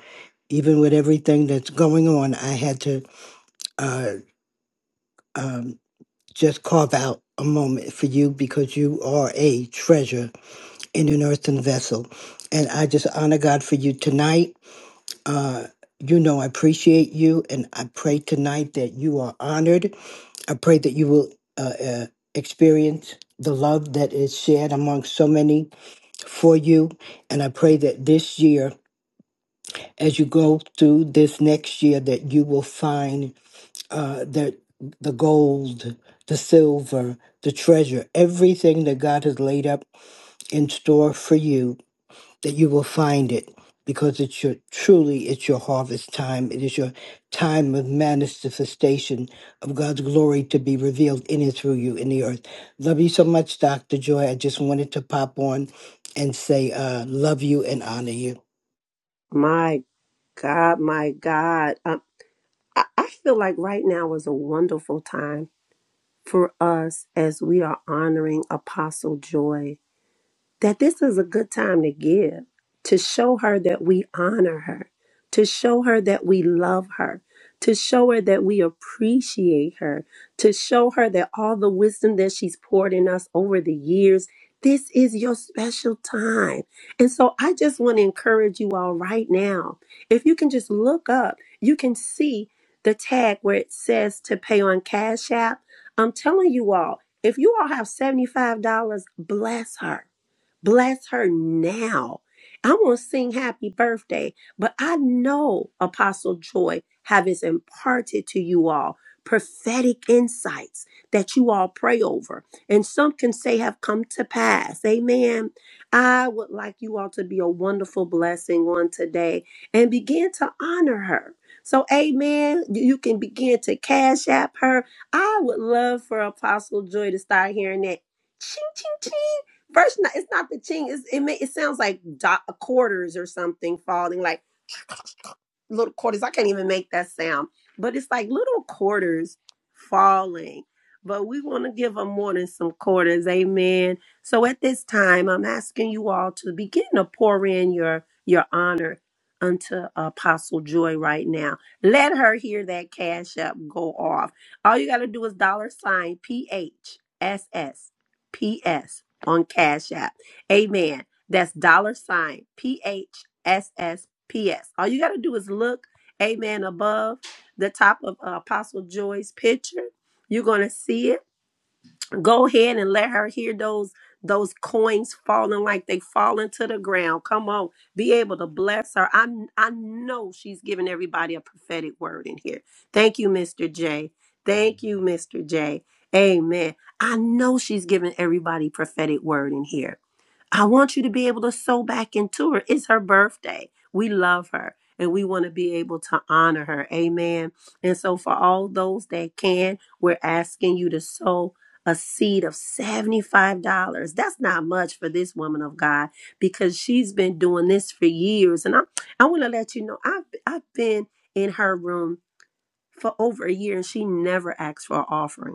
J: even with everything that's going on, I had to uh, um, just carve out a moment for you because you are a treasure in an earthen vessel. And I just honor God for you tonight Uh, you know, I appreciate you, and I pray tonight that you are honored. I pray that you will uh, uh, experience the love that is shared among so many for you. And I pray that this year, as you go through this next year, that you will find uh, that the gold, the silver, the treasure, everything that God has laid up in store for you that you will find it because it's your truly it's your harvest time it is your time of manifestation of god's glory to be revealed in and through you in the earth love you so much dr joy i just wanted to pop on and say uh, love you and honor you
E: My God, my God. Um, I, I feel like right now is a wonderful time for us as we are honoring Apostle Joy that this is a good time to give, to show her that we honor her, to show her that we love her, to show her that we appreciate her, to show her that all the wisdom that she's poured in us over the years, this is your special time. And so I just want to encourage you all right now. If you can just look up, you can see the tag where it says to pay on Cash App. I'm telling you all, if you all have $75, bless her Bless her now. I want to sing happy birthday, but I know Apostle Joy has imparted to you all prophetic insights that you all pray over. And some can say have come to pass. Amen. I would like you all to be a wonderful blessing on today and begin to honor her. So, amen. You can begin to cash app her. I would love for Apostle Joy to start hearing that. ching, ching, First, it's not the ching. It's, it may, it sounds like do- quarters or something falling. Like little quarters. I can't even make that sound, but it's like little quarters falling. But we want to give them more than some quarters. Amen. So at this time, I'm asking you all to begin to pour in your your honor unto Apostle Joy right now. Let her hear that cash up go off. All you got to do is dollar sign PHSSPS on Cash App. Amen. That's dollar sign P H S S. P.S. All you got to do is look, amen, above the top of uh, Apostle Joy's picture. You're going to see it. Go ahead and let her hear those those coins falling like they falling to the ground. Come on. Be able to bless her. I I know she's giving everybody a prophetic word in here. Thank you, Mr. J. Thank you, Mr. J. Amen. I know she's giving everybody prophetic word in here. I want you to be able to sew back into her. It's her birthday. We love her and we want to be able to honor her. Amen. And so, for all those that can, we're asking you to sow a seed of $75. That's not much for this woman of God because she's been doing this for years. And I, I want to let you know, I've, I've been in her room for over a year and she never asked for an offering.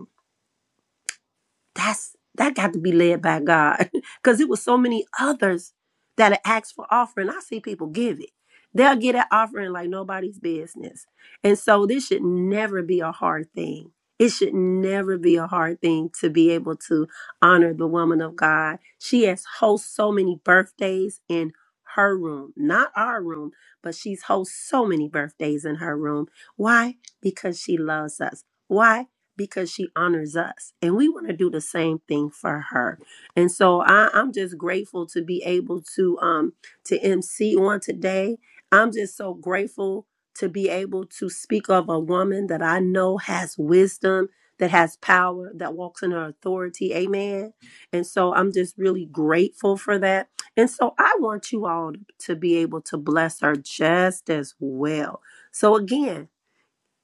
E: That's that got to be led by God. Cause it was so many others that had asked for offering. I see people give it. They'll get an offering like nobody's business. And so this should never be a hard thing. It should never be a hard thing to be able to honor the woman of God. She has host so many birthdays in her room, not our room, but she's host so many birthdays in her room. Why? Because she loves us. Why? because she honors us and we want to do the same thing for her and so I, i'm just grateful to be able to um to mc on today i'm just so grateful to be able to speak of a woman that i know has wisdom that has power that walks in her authority amen and so i'm just really grateful for that and so i want you all to be able to bless her just as well so again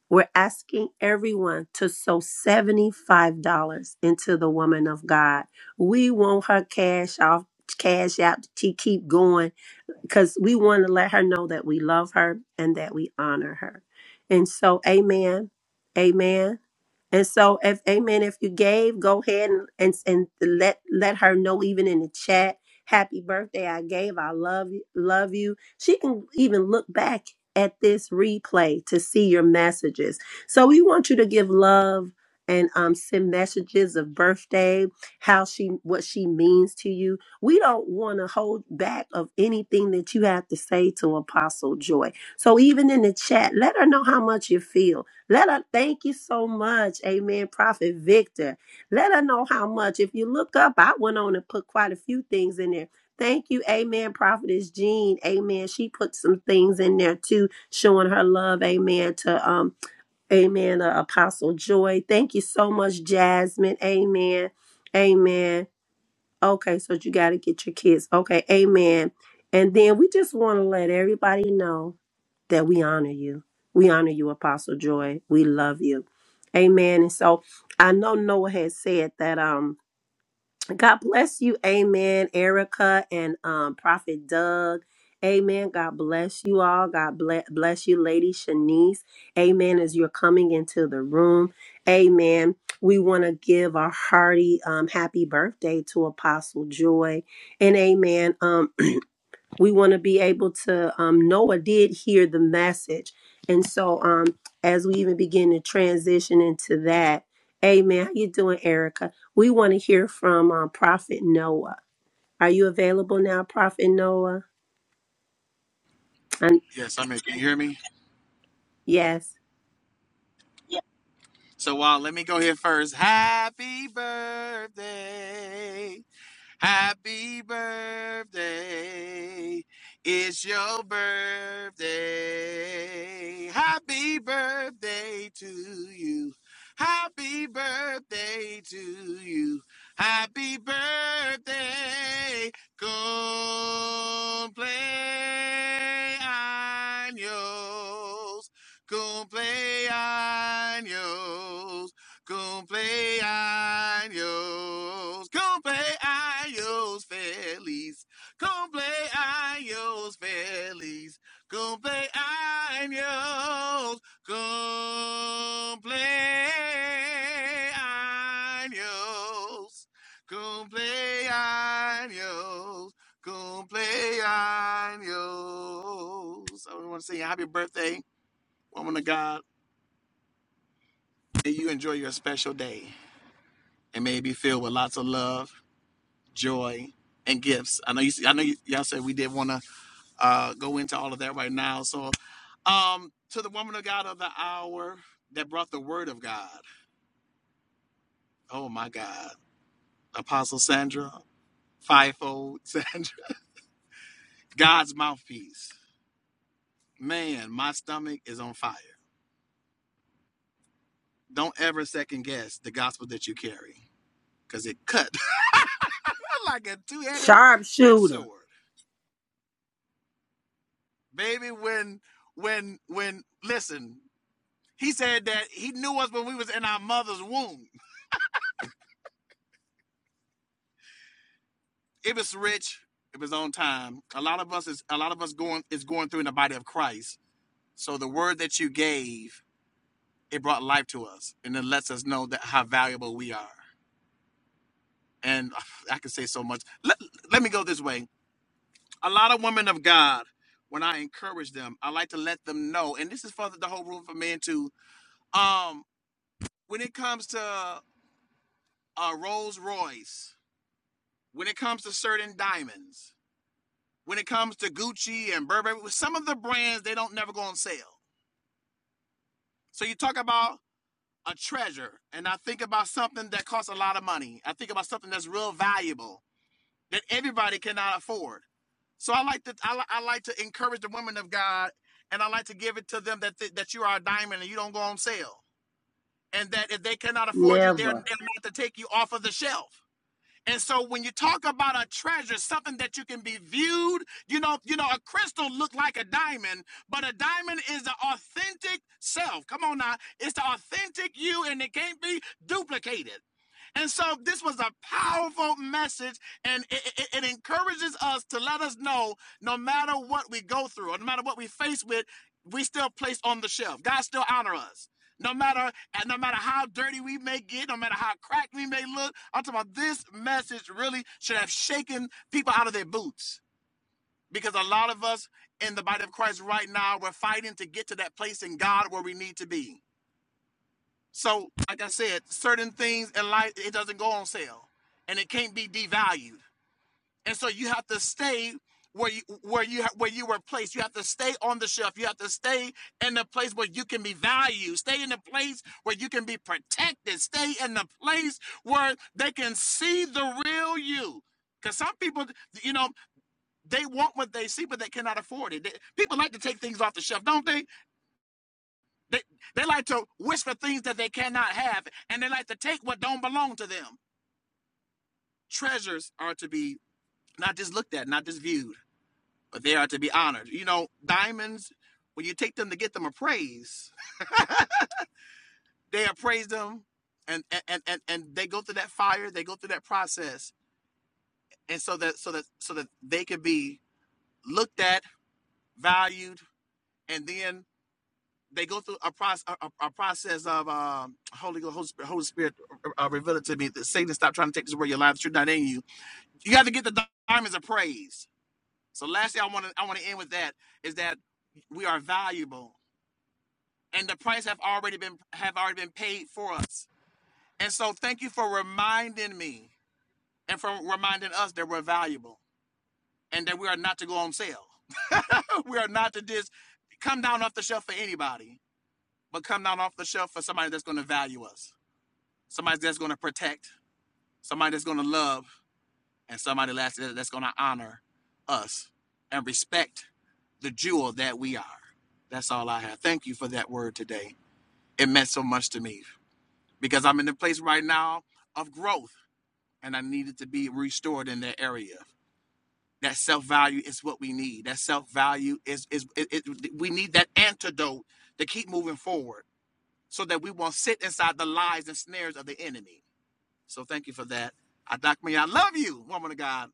E: we're asking everyone to sow $75 into the woman of God. We want her cash off, cash out to keep going because we want to let her know that we love her and that we honor her. And so, amen. Amen. And so, if Amen, if you gave, go ahead and and, and let let her know even in the chat. Happy birthday! I gave. I love you. Love you. She can even look back at this replay to see your messages. So we want you to give love and um, send messages of birthday, how she what she means to you. We don't want to hold back of anything that you have to say to Apostle Joy. So even in the chat, let her know how much you feel let her thank you so much, Amen, Prophet Victor. Let her know how much. If you look up, I went on and put quite a few things in there. Thank you, Amen, Prophetess Jean. Amen. She put some things in there too, showing her love, Amen, to um, Amen, uh, Apostle Joy. Thank you so much, Jasmine. Amen. Amen. Okay, so you got to get your kids. Okay, Amen. And then we just want to let everybody know that we honor you. We honor you, Apostle Joy. We love you. Amen. And so I know Noah has said that um God bless you, Amen, Erica and um Prophet Doug. Amen. God bless you all. God bless bless you, Lady Shanice. Amen. As you're coming into the room. Amen. We want to give a hearty um happy birthday to Apostle Joy. And amen. Um we want to be able to um, noah did hear the message and so um, as we even begin to transition into that amen how you doing erica we want to hear from um, prophet noah are you available now prophet noah and
H: Yes, I'm here. Can you hear me?
E: yes
H: So, uh, let me go here first. Happy birthday. Happy birthday. It's your birthday. Happy birthday to you. Happy birthday to you. Happy birthday. Cumpleaños. Cumpleaños. Cumpleaños, cumpleaños feliz, cumpleaños feliz, cumpleaños, cumpleaños, cumpleaños, cumpleaños. I want to say happy birthday, woman of God. May you enjoy your special day. and may it be filled with lots of love, joy, and gifts. I know you. I know you, y'all said we didn't want to uh, go into all of that right now. So, um, to the woman of God of the hour that brought the word of God. Oh my God, Apostle Sandra, fivefold Sandra, God's mouthpiece. Man, my stomach is on fire. Don't ever second guess the gospel that you carry, cause it cut like a two-headed edged
E: sharpshooter
H: sword. baby when when when listen he said that he knew us when we was in our mother's womb it was rich it was on time a lot of us is a lot of us going is going through in the body of christ so the word that you gave it brought life to us and it lets us know that how valuable we are and uh, i can say so much let, let me go this way a lot of women of god when i encourage them i like to let them know and this is for the whole room for men too um when it comes to a Rolls Royce, when it comes to certain diamonds, when it comes to Gucci and Burberry, with some of the brands, they don't never go on sale. So you talk about a treasure, and I think about something that costs a lot of money. I think about something that's real valuable that everybody cannot afford. So I like to I, I like to encourage the women of God, and I like to give it to them that th- that you are a diamond and you don't go on sale, and that if they cannot afford you, they're, they're
E: never
H: not to take you off of the shelf. And so when you talk about a treasure, something that you can be viewed, you know, you know, a crystal look like a diamond, but a diamond is the authentic self. Come on now. It's the authentic you and it can't be duplicated. And so this was a powerful message, and it, it- it encourages us to let us know no matter what we go through, or no matter what we face with, we still place on the shelf. God still honor us. No matter and no matter how dirty we may get, no matter how cracked we may look, I'm talking about this message really should have shaken people out of their boots. Because a lot of us in the body of Christ right now, we're fighting to get to that place in God where we need to be so, like I said, certain things in life it doesn't go on sale, and it can't be devalued. And so you have to stay where you where you ha- where you were placed. You have to stay on the shelf. You have to stay in the place where you can be valued. Stay in the place where you can be protected. Stay in the place where they can see the real you. Because some people, you know, they want what they see, but they cannot afford it. They- people like to take things off the shelf, don't they? They, they like to wish for things that they cannot have, and they like to take what don't belong to them. Treasures are to be not just looked at, not just viewed, but they are to be honored. You know, diamonds, when you take them to get them appraised, they appraise them and and, and, and they go through that fire, they go through that process. And so that so that so that they can be looked at, valued, and then they go through a process a, a- process of um, Holy Ghost, Holy Spirit, Holy uh, revealed it to me that Satan stop trying to take this away your life. The truth not in you. You have to get the diamonds of praise. So lastly, I want to I want to end with that is that we are valuable and the price have already been have already been paid for us. And so thank you for reminding me and for reminding us that we're valuable and that we are not to go on sale. we are not to just come down off the shelf for anybody, but come down off the shelf for somebody that's going to value us. somebody that's going to protect, somebody that's going to love, and somebody that's, that's going to honor us and respect the jewel that we are. That's all I have. Thank you for that word today. It meant so much to me because I'm in a place right now of growth and I needed to be restored in that area. That self value is what we need. That self value is, is it, it, we need that antidote to keep moving forward so that we won't sit inside the lies and snares of the enemy. So thank you for that. Adak I love you, woman of God.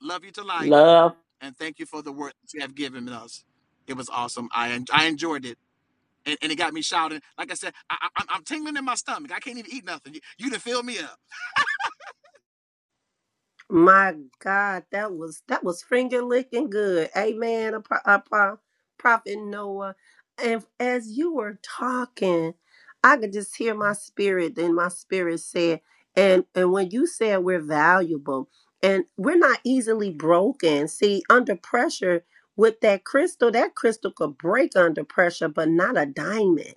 H: Love you to life.
A: love?
H: And thank you for the work that you have given us. It was awesome. I I enjoyed it. And, and it got me shouting. Like I said, I, I, I'm I'm tingling in my stomach. I can't even eat nothing. You, you done filled me up.
E: My God, that was that was finger licking good. Amen. A, pro, a pro- prophet Noah, and as you were talking, I could just hear my spirit. Then my spirit said, and and when you said we're valuable and we're not easily broken. See, under pressure with that crystal, that crystal could break under pressure, but not a diamond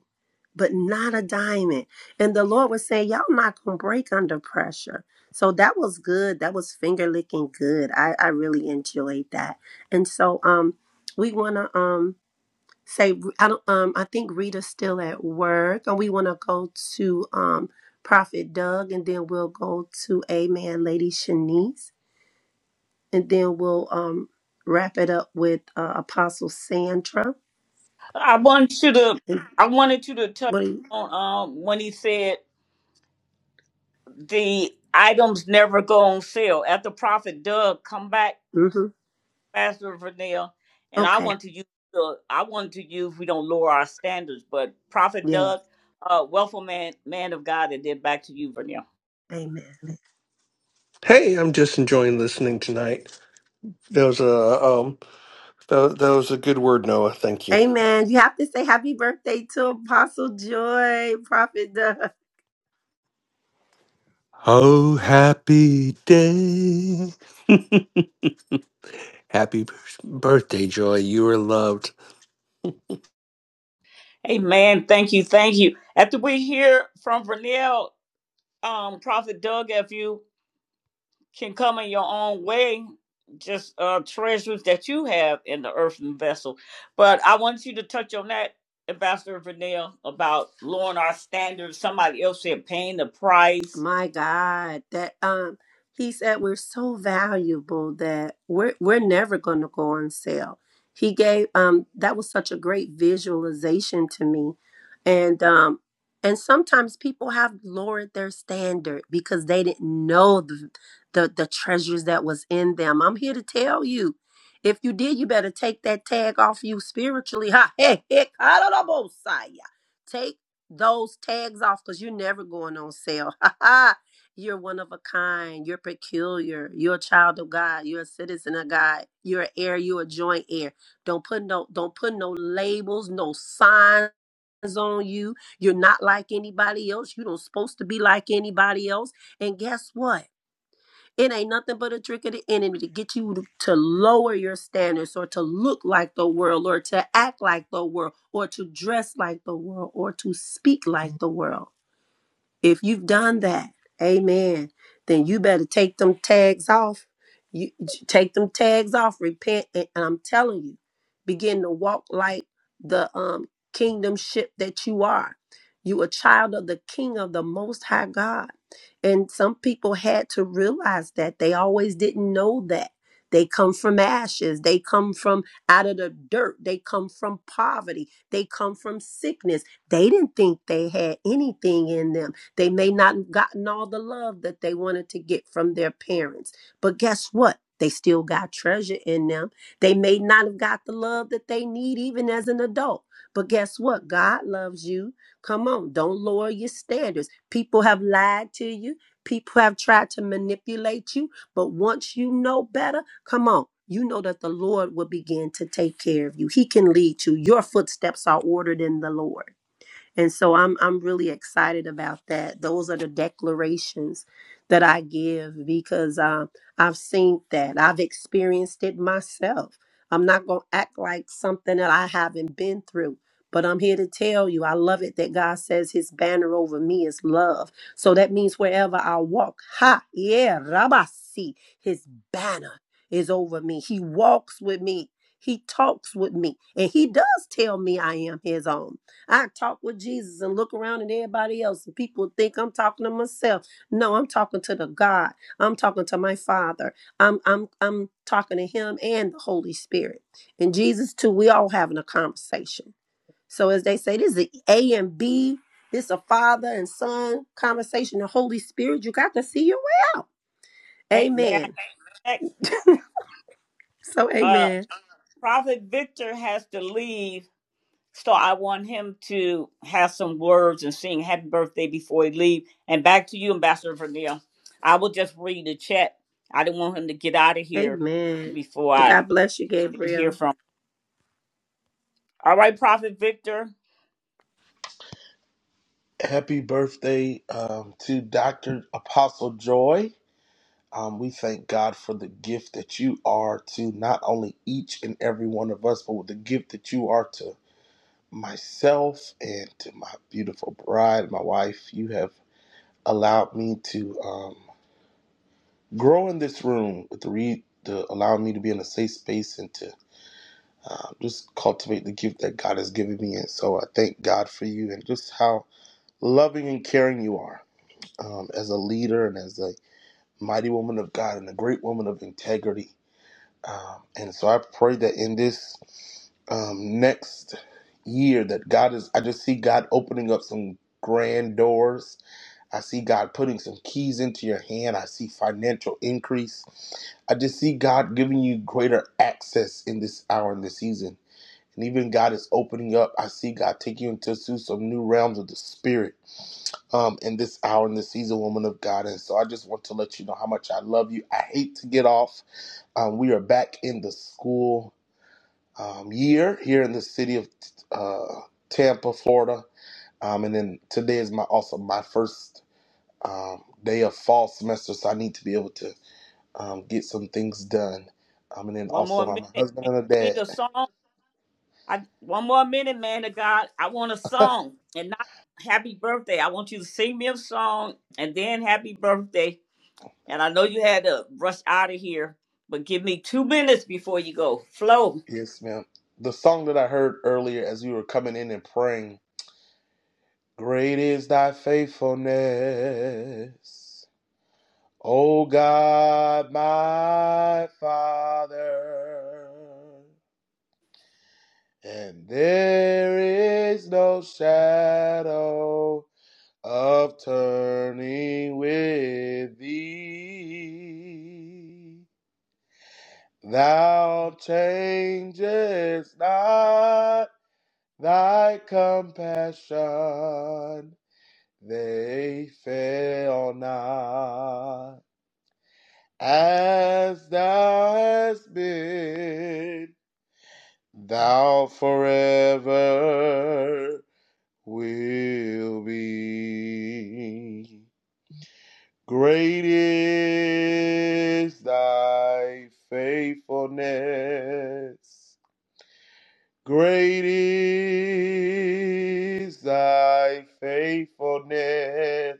E: but not a diamond. And the Lord was saying, Y'all not gonna break under pressure. So that was good. That was finger licking good. I, I really enjoyed that. And so um we wanna um say I don't um I think Rita's still at work and we wanna go to um Prophet Doug and then we'll go to Amen Lady Shanice and then we'll um wrap it up with uh, Apostle Sandra.
A: I want you to.
E: And
A: I wanted you to touch
E: what do you
A: on um, when he said the items never go on sale. After Prophet Doug, come back,
E: mm-hmm.
A: Pastor Vernell, and I
E: okay.
A: want to use the I want to use we don't lower our standards, but Prophet
E: Yes.
A: Doug, uh wealthful man man of God, and then back to you, Vernell.
E: Amen.
K: Hey, I'm just enjoying listening tonight. That was a um, that, that was a good word, Noah. Thank you.
E: Amen. You have to say happy birthday to Apostle Joy, Prophet Doug.
K: Oh, happy day! Happy b- birthday, Joy. You are loved.
A: Amen. Thank you, thank you. After we hear from Vernell, um, Prophet Doug, if you can come in your own way, just uh, treasures that you have in the earthen vessel. But I want you to touch on that, Ambassador Vanille, about lowering our standards. Somebody else said paying the price.
E: My God, that um, he said we're so valuable that we're we're never going to go on sale. He gave um, that was such a great visualization to me, and um, and sometimes people have lowered their standard because they didn't know the the, the treasures that was in them. I'm here to tell you. If you did, you better take that tag off you spiritually. Ha, hey, hey, Take those tags off because you're never going on sale. you're one of a kind. You're peculiar. You're a child of God. You're a citizen of God. You're an heir. You're a joint heir. Don't put no don't put no labels, no signs on you. You're not like anybody else. You don't supposed to be like anybody else. And guess what? It ain't nothing but a trick of the enemy to get you to to lower your standards or to look like the world or to act like the world or to dress like the world or to speak like the world. If you've done that, amen, then you better take them tags off. You take them tags off, repent, and, and I'm telling you, begin to walk like the um kingdom ship that you are. You a child of the king of the most high God. And some people had to realize that. They always didn't know that. They come from ashes. They come from out of the dirt. They come from poverty. They come from sickness. They didn't think they had anything in them they may not have gotten all the love that they wanted to get from their parents. But guess what? They still got treasure in them. They may not have got the love that they need even as an adult. But guess what? God loves you. Come on, don't lower your standards. People have lied to you. People have tried to manipulate you. But once you know better, come on. You know that the Lord will begin to take care of you. He can lead you. Your footsteps are ordered in the Lord. And so I'm I'm really excited about that. Those are the declarations that I give because um, I've seen that. I've experienced it myself. I'm not going to act like something that I haven't been through. But I'm here to tell you, I love it that God says his banner over me is love. So that means wherever I walk, ha, yeah, Rabasi, his banner is over me. He walks with me, he talks with me, and he does tell me I am his own. I talk with Jesus and look around at everybody else, and people think I'm talking to myself. No, I'm talking to the God. I'm talking to my Father. I'm I'm I'm talking to Him and the Holy Spirit. And Jesus too. We all having a conversation. So as they say, this is a A and B. This is a father and son conversation. The Holy Spirit. You got to see your way out.
A: Hey, may
E: Amen.
A: I
E: So
A: uh,
E: amen.
A: Prophet Victor has to leave, so I want him to have some words and sing happy birthday before he leave. And back to you, Ambassador Vanille. I will just read the chat. I didn't want him to get out of here
E: Amen.
A: before I
E: God bless you,
A: didn't hear
E: Gabriel.
A: from All right, Prophet Victor,
G: Happy birthday um, to Dr. Apostle Joy. Um, we thank God for the gift that you are to not only each and every one of us, but with the gift that you are to myself and to my beautiful bride, my wife. You have allowed me to um, grow in this room to read to allow me to be in a safe space and to uh, just cultivate the gift that God has given me. And so I thank God for you and just how loving and caring you are um, as a leader and as a mighty woman of God and a great woman of integrity. Um, and so I pray that in this um, next year that God is, I just see God opening up some grand doors I see God putting some keys into your hand. I see financial increase. I just see God giving you greater access in this hour in this season. And even God is opening up. I see God taking you into some new realms of the spirit um, in this hour in this season, woman of God. And so I just want to let you know how much I love you. I hate to get off. Um, we are back in the school um, year here in the city of uh, Tampa, Florida. Um, and then today is my also my first um, day of fall semester, so I need to be able to um, get some things done. Um, and then
A: one
G: also,
A: more
G: I'm
A: minute.
G: a
A: Can
G: husband
A: you
G: and a
A: sing
G: dad.
A: a song? I, one more minute, man of God. I want a song and not happy birthday. I want you to sing me a song and then happy birthday. And I know you had to rush out of here, but give me two minutes before you go. Flow.
G: Yes, ma'am. The song that I heard earlier as we were coming in and praying, Great is thy faithfulness, O God, my Father. And there is no shadow of turning with thee. Thou changest not thy compassion, they fail not. As thou hast been, thou forever will be. Great is thy faithfulness. Great is thy faithfulness.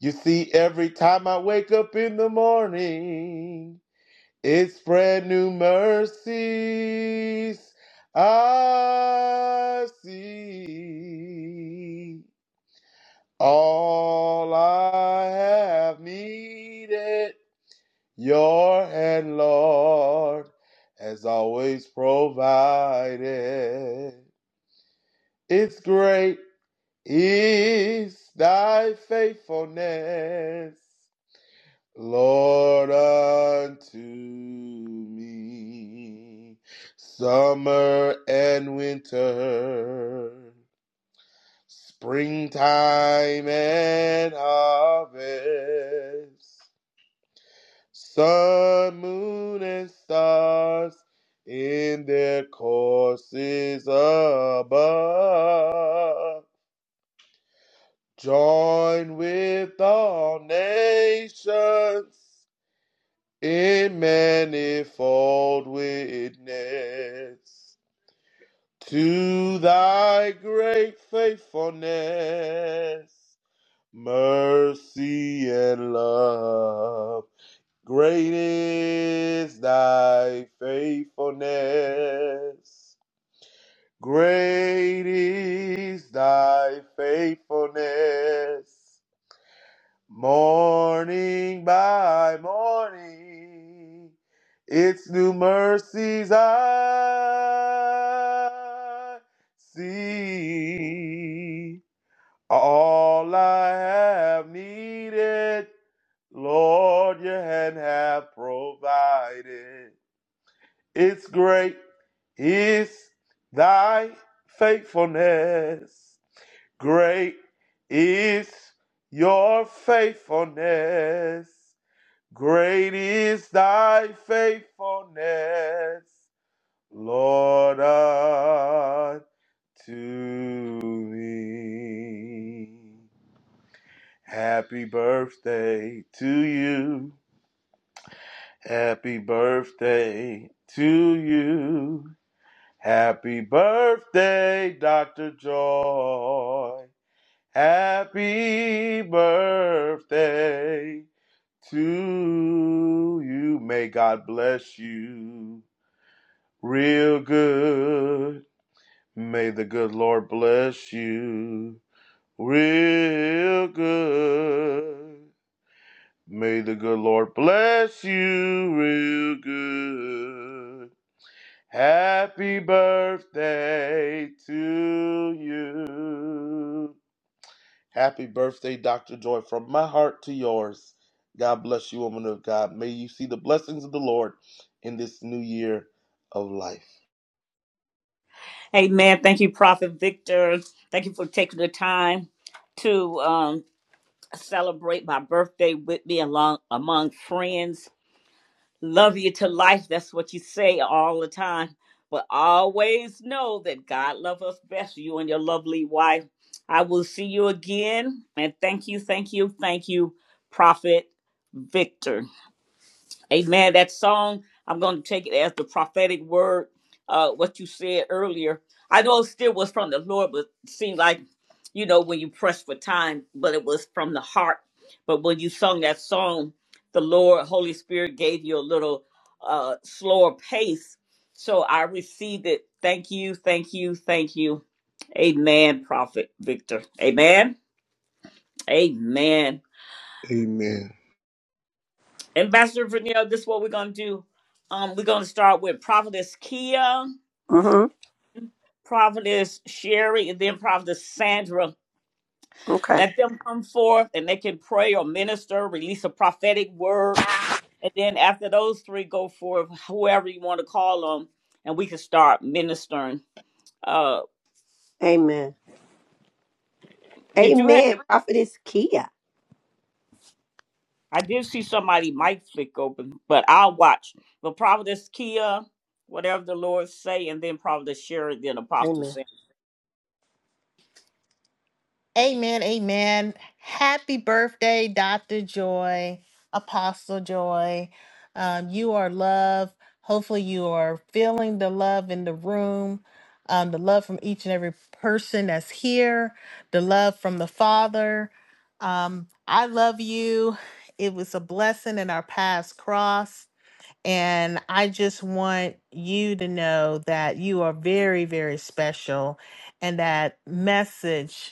G: You see, every time I wake up in the morning, it's brand new mercies I see. All I have needed Your hand, Lord, has always provided. It's great is thy faithfulness, Lord, unto me. Summer and winter, springtime and harvest. Sun, moon, and stars in their courses above. Join with all nations in manifold witness to thy great faithfulness, mercy, and love. Great is thy faithfulness. Great is thy faithfulness. Morning by morning, it's new mercies I see. All I have needed, Lord, your hand have provided. It's great is thy faithfulness. Great is your faithfulness. Great is thy faithfulness, Lord, unto me. Happy birthday to you. Happy birthday to you. Happy birthday, Dr. Joy. Happy birthday to you. May God bless you real good. May the good Lord bless you real good. May the good Lord bless you real good. Happy birthday to you. Happy birthday, Dr. Joy, from my heart to yours. God bless you, woman of God. May you see the blessings of the Lord in this new year of life.
A: Hey, man, thank you, Prophet Victor. Thank you for taking the time to um, celebrate my birthday with me along among friends love you to life. That's what you say all the time. But always know that God loves us best, you and your lovely wife. I will see you again. And thank you, thank you, thank you, Prophet Victor. Amen. That song, I'm going to take it as the prophetic word, uh, what you said earlier. I know it still was from the Lord, but it seemed like, you know, when you press for time, but it was from the heart. But when you sung that song, the Lord, Holy Spirit gave you a little uh, slower pace. So I received it. Thank you, thank you, thank you. Amen, Prophet Victor. Amen. Amen.
G: Amen.
A: Ambassador Vernell, this is what we're gonna do. Um, we're gonna start with Prophetess Kia,
E: Mm-hmm.
A: Prophetess Sherry, and then Prophetess Sandra.
E: Okay.
A: Let them come forth and they can pray or minister, release a prophetic word, and then after those three go forth, whoever you want to call them, and we can start ministering. Uh,
E: Amen.
A: did you have?
E: Amen. Prophetess Kia.
A: I did see somebody mic flick open, but I'll watch. But Prophetess Kia, whatever the Lord say, and then Prophetess Sherry, then Apostle
E: Amen.
A: Sam.
D: Amen, amen. Happy birthday, Dr. Joy, Apostle Joy. Um, you are love. Hopefully, you are feeling the love in the room, um, the love from each and every person that's here, the love from the Father. Um, I love you. It was a blessing in our paths cross. And I just want you to know that you are very, very special and that message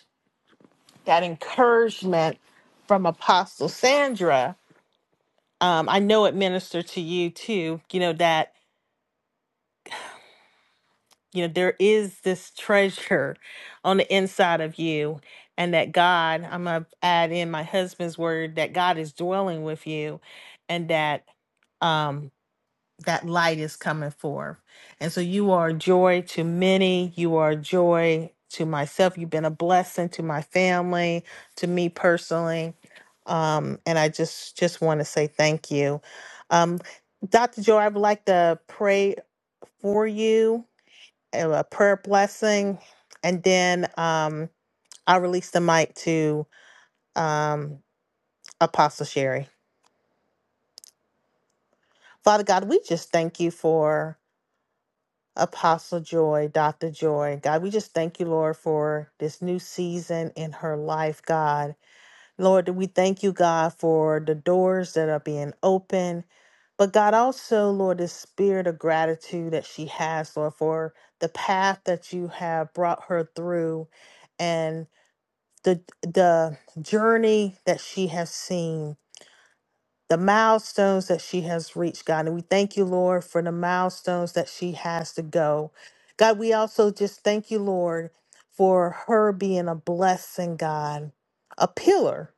D: that encouragement from Apostle Sandra. Um, I know it ministered to you too, you know, that, you know, there is this treasure on the inside of you, and that God, I'm going to add in my husband's word, that God is dwelling with you, and that. Um, that light is coming forth. And so you are a joy to many. You are a joy to myself. You've been a blessing to my family, to me personally. Um, and I just just want to say thank you. Um, Dr. Joy, I would like to pray for you, uh, a prayer blessing, and then um, I'll release the mic to um, Apostle Sherry. Father God, we just thank you for Apostle Joy, Dr. Joy. God, we just thank you, Lord, for this new season in her life, God. Lord, we thank you, God, for the doors that are being opened. But God, also, Lord, this spirit of gratitude that she has, Lord, for the path that you have brought her through and the the journey that she has seen the milestones that she has reached, God. And we thank you, Lord, for the milestones that she has to go. God, we also just thank you, Lord, for her being a blessing, God, a pillar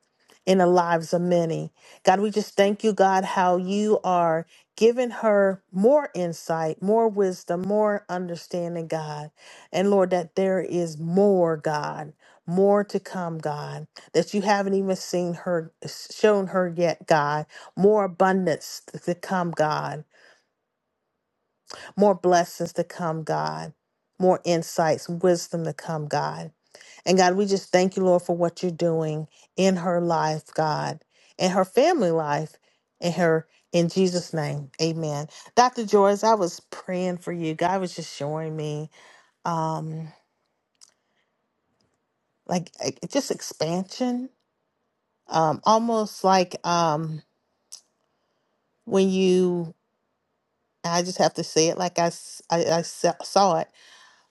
D: in the lives of many. God, we just thank you, God, how you are giving her more insight, more wisdom, more understanding, God. And Lord, that there is more, God, more to come, God, that you haven't even seen her, shown her yet, God more abundance to come, God, more blessings to come, God, more insights, wisdom to come, God. And God, we just thank you, Lord, for what you're doing in her life, God, and her family life, and her in Jesus' name. Amen. Dr. Joyce, I was praying for you. God was just showing me um like eh, just expansion. Um, almost like um when you I just have to say it like I, s- I I se- saw it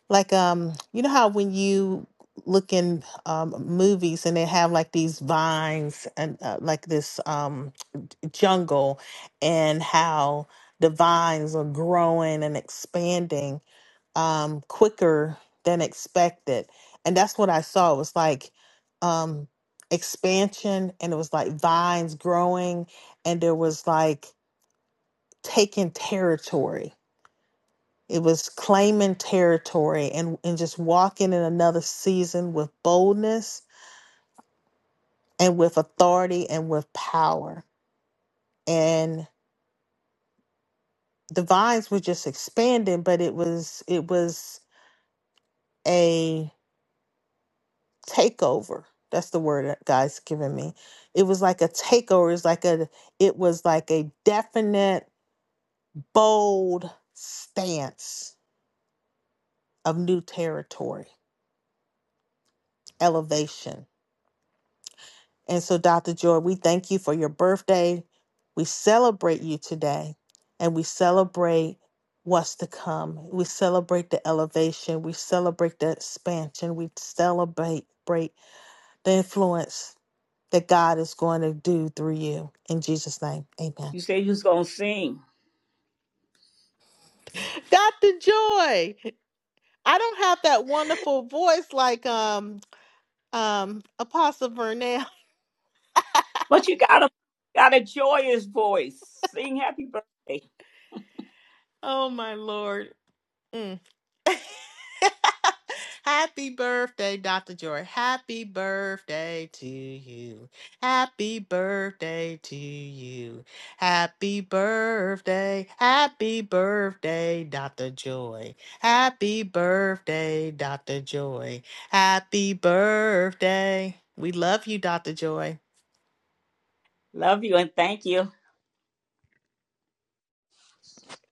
D: like um you know how when you look in um movies and they have like these vines and uh, like this um jungle and how the vines are growing and expanding um quicker than expected and that's what i saw it was like um expansion and it was like vines growing and there was like taking territory it was claiming territory and, and just walking in another season with boldness and with authority and with power. And the vines were just expanding, but it was it was a takeover. That's the word that God's given me. It was like a takeover. It's like a it was like a definite, bold stance of new territory, elevation And so, Dr. Joy, we thank you for your birthday. We celebrate you today and we celebrate what's to come. We celebrate the elevation. We celebrate the expansion. We celebrate break the influence that God is going to do through you. In Jesus' name, amen.
A: You said you was gonna sing.
D: Dr. Joy, I don't have that wonderful voice like um, um, Apostle Vernell.
A: But you got a got a joyous voice. Sing happy birthday.
D: Oh, my Lord. Happy birthday, Dr. Joy. Happy birthday to you. Happy birthday to you. Happy birthday. Happy birthday, Dr. Joy. Happy birthday, Dr. Joy. Happy birthday. We love you, Dr. Joy.
A: Love you and thank you.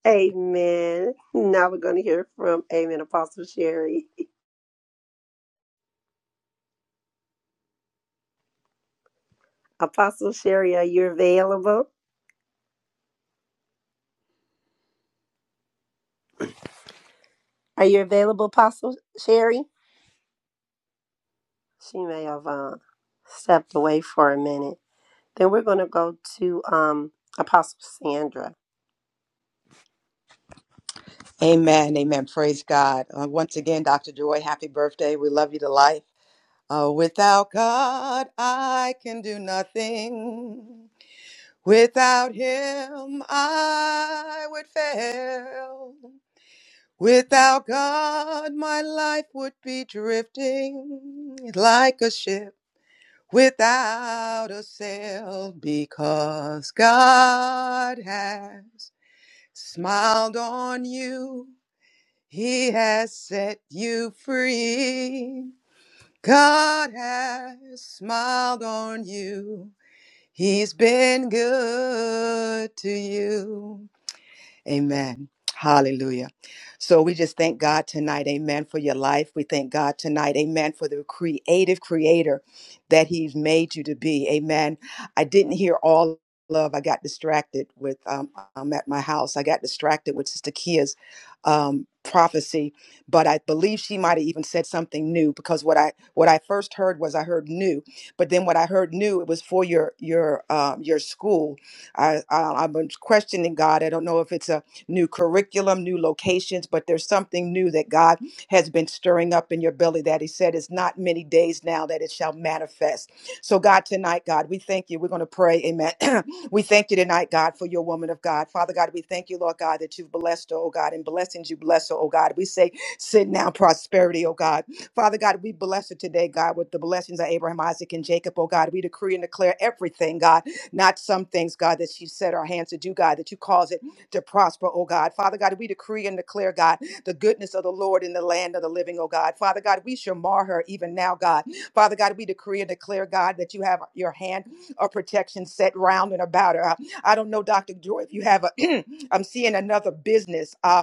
E: Amen. Now we're going to hear from Amen Apostle Sherry. Apostle Sherry, are you available? Are you available, Apostle Sherry? She may have uh, stepped away for a minute. Then we're going to go to um, Apostle Sandra.
B: Amen. Amen. Praise God. Uh, once again, Dr. Joy, happy birthday. We love you to life. Uh, without God, I can do nothing. Without him, I would fail. Without God, my life would be drifting like a ship without a sail because God has smiled on you. He has set you free. God has smiled on you. He's been good to you. Amen. Hallelujah. So we just thank God tonight, amen, for your life. We thank God tonight, amen, for the creative creator that he's made you to be. Amen. I didn't hear all love. I got distracted with, um, I'm at my house. I got distracted with Sister Kia's um, prophecy, but I believe she might have even said something new because what I, what I first heard was I heard new, but then what I heard new, it was for your, your, um, your school I, I, I've been questioning God. I don't know if it's a new curriculum, new locations, but there's something new that God has been stirring up in your belly that He said is not many days now that it shall manifest. So, God, tonight, God, we thank you. We're going to pray. Amen. we thank you tonight, God, for your woman of God. Father God, we thank you, Lord God, that you've blessed her, oh God, and blessings you bless her, oh God. We say, sit now, prosperity, oh God. Father God, we bless her today, God, with the blessings of Abraham, Isaac, and Jacob, oh God. We decree and declare everything, God not some things, God, that she set our hands to do, God, that you cause it to prosper, oh God. Father God, we decree and declare, God, the goodness of the Lord in the land of the living, oh God. Father God, we shall mar her even now, God. Father God, we decree and declare, God, that you have your hand of protection set round and about her. I don't know, Dr. Joy, if you have a, I'm seeing another business. uh,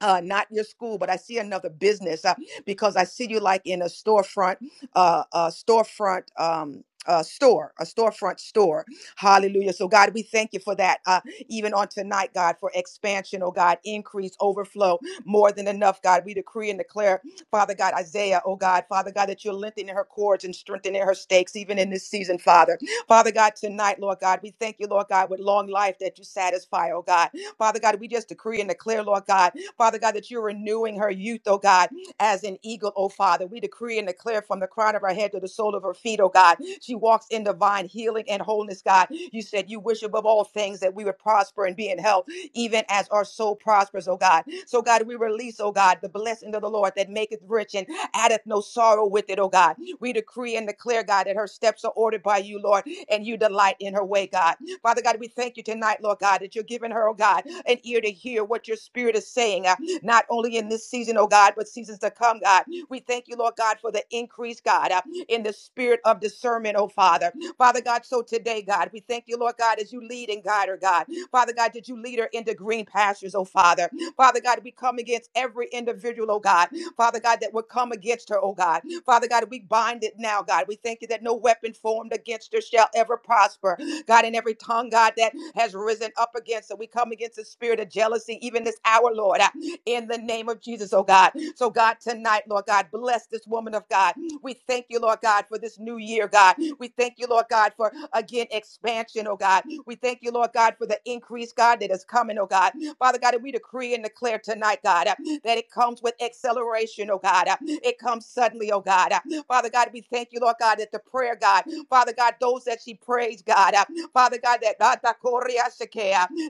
B: uh, not your school, but I see another business uh, because I see you like in a storefront, uh, a storefront. Um, a store, a storefront store. Hallelujah. So, God, we thank you for that. Uh, even on tonight, God, for expansion, oh God, increase, overflow, more than enough, God. We decree and declare, Father God, Isaiah, oh God, Father God, that you're lengthening her cords and strengthening her stakes, even in this season, Father. Father God, tonight, Lord God, we thank you, Lord God, with long life that you satisfy, oh God. Father God, we just decree and declare, Lord God, Father God, that you're renewing her youth, oh God, as an eagle, oh Father. We decree and declare from the crown of her head to the sole of her feet, oh God. She walks in divine healing and wholeness, God. You said you wish above all things that we would prosper and be in health, even as our soul prospers, oh God. So, God, we release, oh God, the blessing of the Lord that maketh rich and addeth no sorrow with it, oh God. We decree and declare, God, that her steps are ordered by you, Lord, and you delight in her way, God. Father God, we thank you tonight, Lord God, that you're giving her, oh God, an ear to hear what your spirit is saying, uh, not only in this season, oh God, but seasons to come, God. We thank you, Lord God, for the increase, God, uh, in the spirit of discernment, oh Father. Father God, so today, God, we thank you, Lord God, as you lead and guide her, God. Father God, did you lead her into green pastures, oh Father? Father God, we come against every individual, oh God. Father God, that would come against her, oh God. Father God, we bind it now, God. We thank you that no weapon formed against her shall ever prosper. God, in every tongue, God, that has risen up against. So we come against the spirit of jealousy, even this hour, Lord, uh, in the name of Jesus, oh God. So, God, tonight, Lord God, bless this woman of God. We thank you, Lord God, for this new year, God. We thank you, Lord God, for again expansion, oh God. We thank you, Lord God, for the increase, God, that is coming, oh God. Father God, we decree and declare tonight, God, uh, that it comes with acceleration, oh God. Uh, It comes suddenly, oh God. Uh, Father God, we thank you, Lord God, that the prayer, God, Father God, those that she prays, God. uh, Father God, that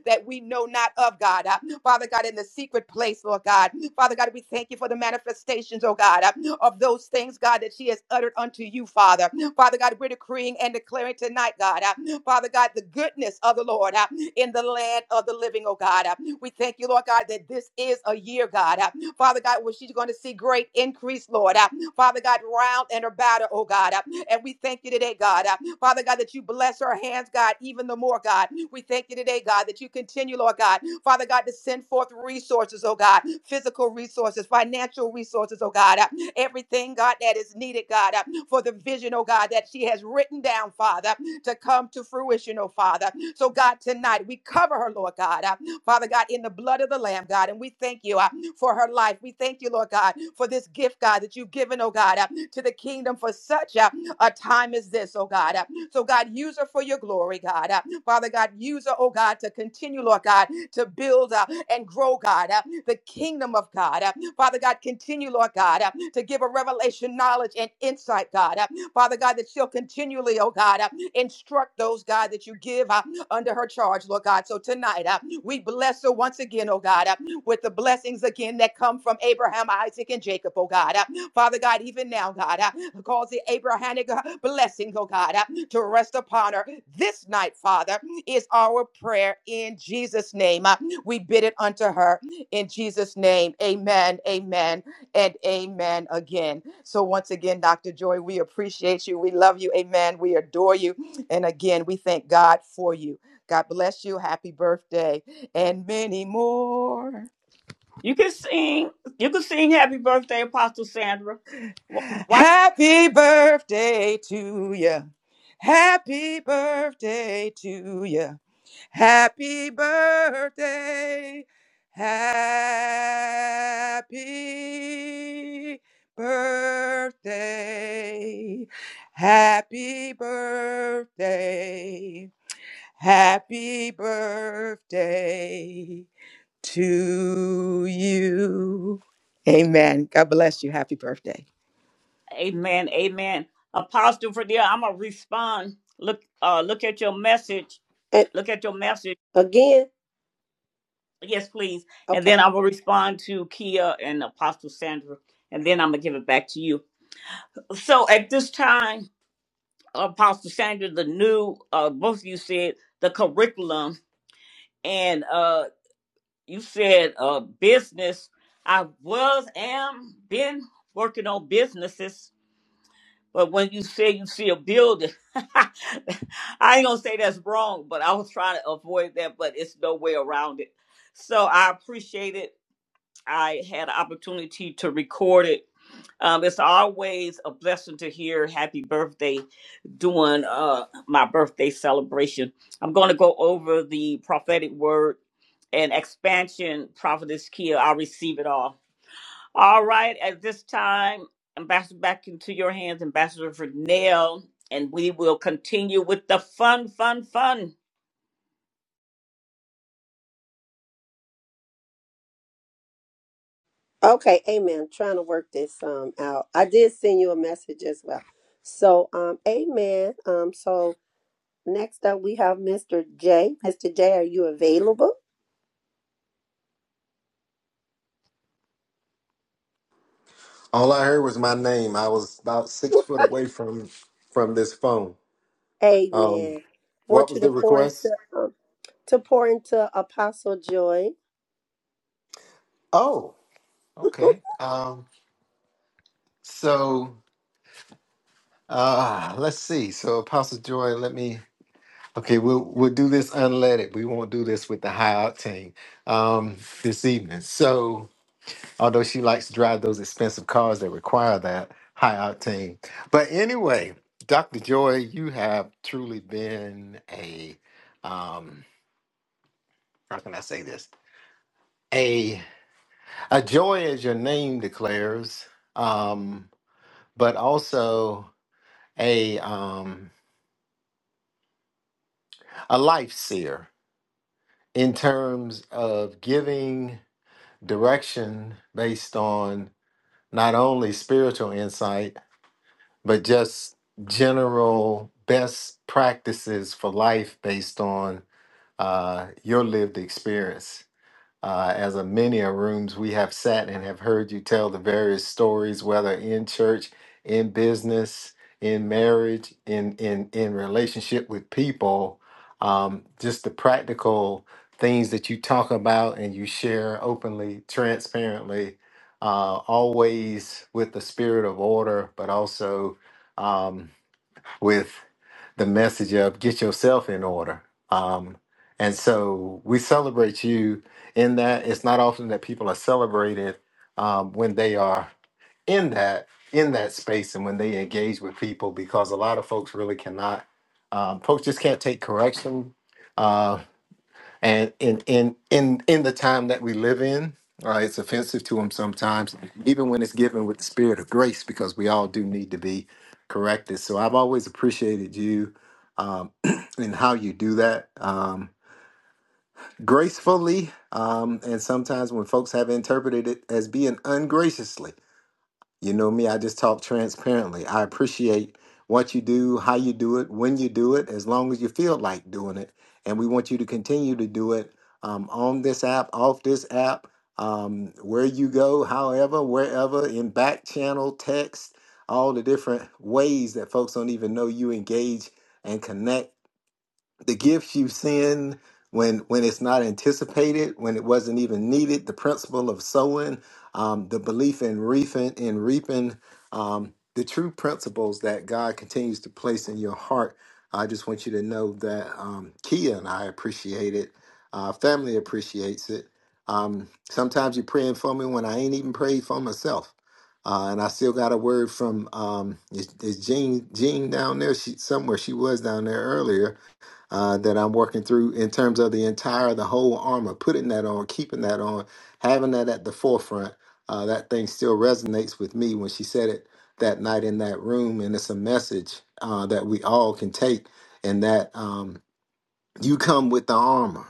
B: that we know not of God. Uh, Father God, in the secret place, Lord God. Father God, we thank you for the manifestations, oh God, uh, of those things, God, that she has uttered unto you, Father. Father God, we're decreeing and declaring tonight, God, uh, Father God, the goodness of the Lord uh, in the land of the living, oh God. Uh, We thank you, Lord God, that this is a year, God. Uh, Father God, where she's going to see great increase, Lord. Uh, Father God, round and about her, oh God. Uh, And we thank you today, God. Father God, that you bless her hands, God, even the more, God. We thank you today, God, that you continue, Lord God, Father God, to send forth resources, oh God, physical resources, financial resources, oh God, Uh, everything, God, that is needed, God, uh, for the vision, oh God, that she has written down, Father, to come to fruition, oh Father. So, God, tonight we cover her, Lord God, uh, Father God, in the blood of the Lamb, God, and we thank you uh, for her life. We thank you, Lord God, for this gift, God, that you've given, oh God, uh, to the kingdom for such a, a time as this, oh God. Uh, so, God, use her for your glory, God. Uh, Father God, use her, oh God, to continue, Lord God, to build uh, and grow, God, uh, the kingdom of God. Uh, Father God, continue, Lord God, uh, to give a revelation, knowledge, and insight, God. Uh, Father God, that she'll continually, oh God, uh, instruct those, God, that you give uh, under her charge, Lord God. So tonight, uh, we bless her once again, oh God, uh, with the blessings again that come from Abraham, Isaac, and Jacob, oh God. Uh, Father God, even now, God, uh, cause the Abrahamic blessing, blessings, oh God, uh, to rest upon her this night, Father, is our prayer in Jesus' name. Uh, We bid it unto her in Jesus' name. Amen, amen, and amen again. So, once again, Dr. Joy, we appreciate you. We love you. Amen. We adore you. And again, we thank God for you. God bless you. Happy birthday and many more.
A: You can sing. You can sing happy birthday, Apostle Sandra. What?
B: Happy birthday to you. Happy birthday to you. Happy birthday. Happy birthday. Happy birthday. Happy birthday to you. Amen. God bless you. Happy birthday.
A: Amen. Amen. Apostle Fredia, I'm gonna respond. Look, uh, look at your message.
E: And
A: Look at your message.
E: again,
A: Yes, please. And
E: okay.
A: then I will respond to Kia and Apostle Sandra, and then I'm gonna give it back to you. So at this time, Apostle Sandra, the new uh, both of you said the curriculum, and uh you said uh business i was am been working on businesses but when you say you see a building i ain't gonna say that's wrong but i was trying to avoid that but it's no way around it so i appreciate it I had an opportunity to record it. Um, it's always a blessing to hear happy birthday during uh, my birthday celebration. I'm going to go over the prophetic word and expansion, prophetess Kia. I'll receive it all. All right, at this time, Ambassador, back into your hands, Ambassador Vernell, and we will continue with the fun, fun, fun.
E: Okay, amen. Trying to work this um out. I did send you a message as well. So, um amen. Um so next up we have Mr. J. Mr. J, are you available?
I: All I heard was my name. I was about six foot away from from this phone. Um,
E: Amen.
I: what
E: Want
I: was
E: you to
I: the
E: pour into
I: request?
E: um, to pour into Apostle Joy.
I: Oh, okay. Um, so uh let's see. So Apostle Joy, let me okay, we'll we'll do this unleaded. We won't do this with the high octane um this evening. So. although she likes to drive those expensive cars that require that high octane. But anyway, Dr. Joy, you have truly been a um, how can I say this? A a joy as your name declares, um, but also a um, a life seer in terms of giving direction based on not only spiritual insight but just general best practices for life based on uh, your lived experience uh, as a many a rooms we have sat and have heard you tell the various stories, whether in church, in business, in marriage, in in in relationship with people, um, just the practical things that you talk about and you share openly, transparently, uh, always with the spirit of order, but also. Um, with the message of get yourself in order. Um, and so we celebrate you in that. It's not often that people are celebrated um, when they are in that in that space and when they engage with people because a lot of folks really cannot. Um, folks just can't take correction. Uh, and in in in in the time that we live in uh, it's offensive to him sometimes even when it's given with the spirit of grace because we all do need to be corrected so i've always appreciated you um, and how you do that um, gracefully um, and sometimes when folks have interpreted it as being ungraciously you know me, I just talk transparently. I appreciate what you do, how you do it, when you do it, as long as you feel like doing it. And we want you to continue to do it um, on this app, off this app, um, where you go, however, wherever, in back channel, text, all the different ways that folks don't even know you engage and connect the gifts you send when when it's not anticipated, when it wasn't even needed, the principle of sowing, um, the belief in reaping, in reaping, um, the true principles that God continues to place in your heart. I just want you to know that um, Kia and I appreciate it. Our family appreciates it. Um, sometimes you're praying for me when I ain't even prayed for myself. Uh, and I still got a word from um, is, is Jean Jean down there? She somewhere she was down there earlier uh, that I'm working through in terms of the entire, the whole armor, putting that on, keeping that on, having that at the forefront. Uh, that thing still resonates with me when she said it that night in that room. And it's a message uh, that we all can take, and that um, you come with the armor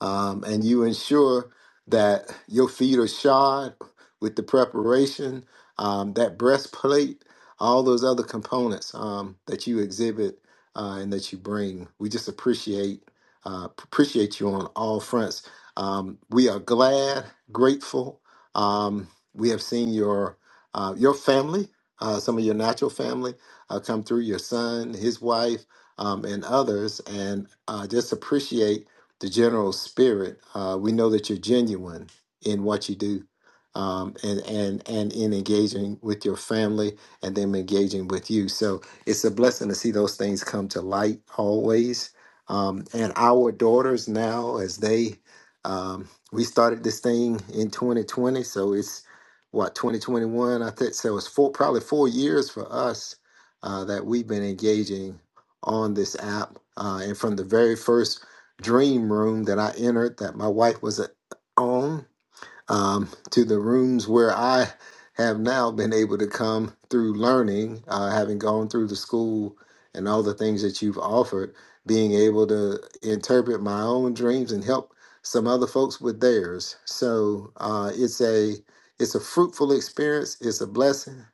I: um, and you ensure that your feet are shod with the preparation, um, that breastplate, all those other components um, that you exhibit uh, and that you bring. We just appreciate uh, appreciate you on all fronts. Um, we are glad, grateful. Um, we have seen your uh, your family, uh, some of your natural family, uh, come through. Your son, his wife, um, and others, and uh, just appreciate the general spirit. Uh, we know that you're genuine in what you do, um, and and and in engaging with your family, and them engaging with you. So it's a blessing to see those things come to light always. Um, and our daughters now, as they, um, we started this thing in 2020, so it's what 2021. I think so. It's four, probably four years for us uh, that we've been engaging on this app. Uh, and from the very first dream room that I entered that my wife was a- on um, to the rooms where I have now been able to come through learning, uh, having gone through the school and all the things that you've offered, being able to interpret my own dreams and help some other folks with theirs. So uh, it's a it's a fruitful experience. It's a blessing.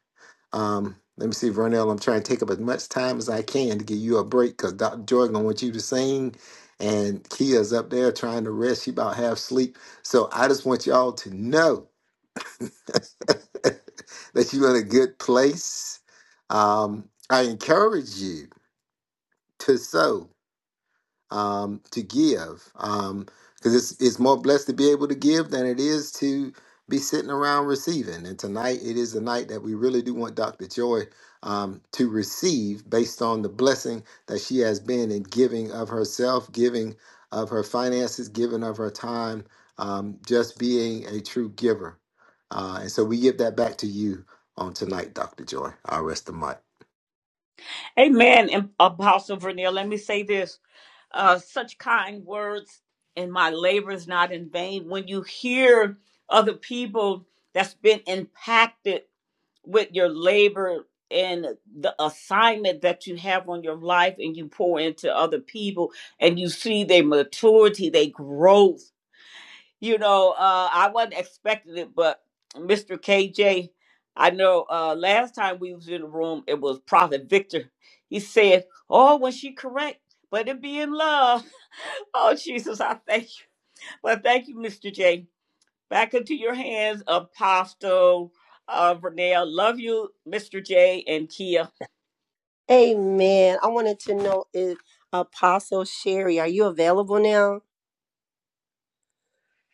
I: Um, let me see, Vernell, I'm trying to take up as much time as I can to give you a break because Dr. Joy gonna want you to sing, and Kia's up there trying to rest. She about half sleep. So I just want y'all to know that you're in a good place. Um, I encourage you to sow um, to give um, because it's, it's more blessed to be able to give than it is to be sitting around receiving. And tonight, it is the night that we really do want Dr. Joy um, to receive based on the blessing that she has been in giving of herself, giving of her finances, giving of her time, um, just being a true giver. Uh, and so we give that back to you on tonight, Dr. Joy. i rest the mic.
A: Amen, Apostle Vernell. Let me say this. uh, such kind words and my labor is not in vain when you hear other people that's been impacted with your labor and the assignment that you have on your life and you pour into other people and you see their maturity their growth you know, uh, I wasn't expecting it, but Mr. KJ, I know uh, last time we was in the room, it was Prophet Victor. He said, "Oh, was she correct? But it be in love." oh, Jesus, I thank you. But thank you, Mr. J. Back into your hands, Apostle uh, Vernell. Love you, Mr. J. and Kia.
E: Amen. I wanted to know if Apostle Sherry, are you available now?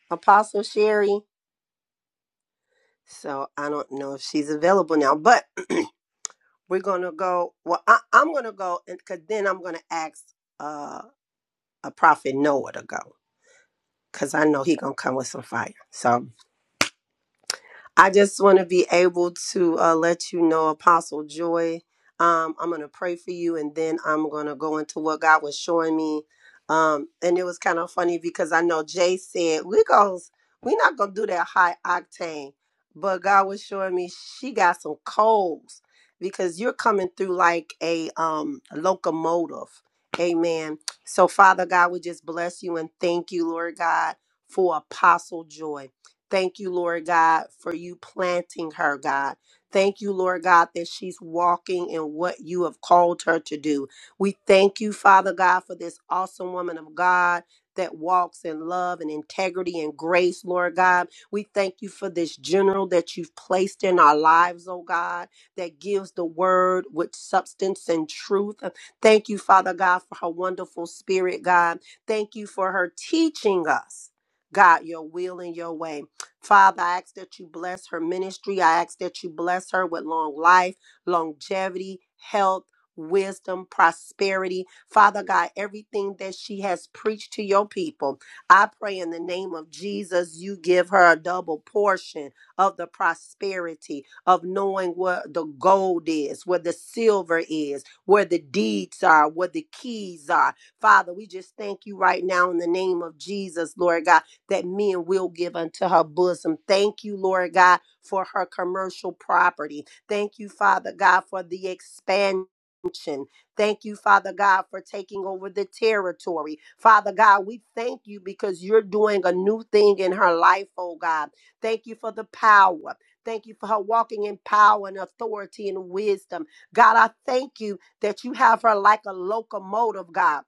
E: Apostle Sherry. So I don't know if she's available now, but we're gonna go. Well, I, I'm gonna go, and cause then I'm gonna ask uh, a prophet Noah to go, cause I know he gonna come with some fire. So I just want to be able to uh, let you know, Apostle Joy. Um, I'm going to pray for you, and then I'm going to go into what God was showing me. Um, and it was kind of funny because I know Jay said we goes we're not going to do that high octane, but God was showing me she got some coals because you're coming through like a um, locomotive. Amen. So, Father God, we just bless you and thank you, Lord God, for Apostle Joy. Thank you, Lord God, for you planting her, God. Thank you, Lord God, that she's walking in what you have called her to do. We thank you, Father God, for this awesome woman of God that walks in love and integrity and grace, Lord God. We thank you for this general that you've placed in our lives, oh God, that gives the word with substance and truth. Thank you, Father God, for her wonderful spirit, God. Thank you for her teaching us. God, your will and your way. Father, I ask that you bless her ministry. I ask that you bless her with long life, longevity, health. Wisdom, prosperity, Father God, everything that she has preached to your people. I pray in the name of Jesus, you give her a double portion of the prosperity of knowing what the gold is, where the silver is, where the deeds are, where the keys are. Father, we just thank you right now in the name of Jesus, Lord God that men will give unto her bosom. Thank you, Lord God, for her commercial property. Thank you, Father God, for the expansion. Thank you, Father God, for taking over the territory. Father God, we thank you because you're doing a new thing in her life, oh God. Thank you for the power. Thank you for her walking in power and authority and wisdom. God, I thank you that you have her like a locomotive, God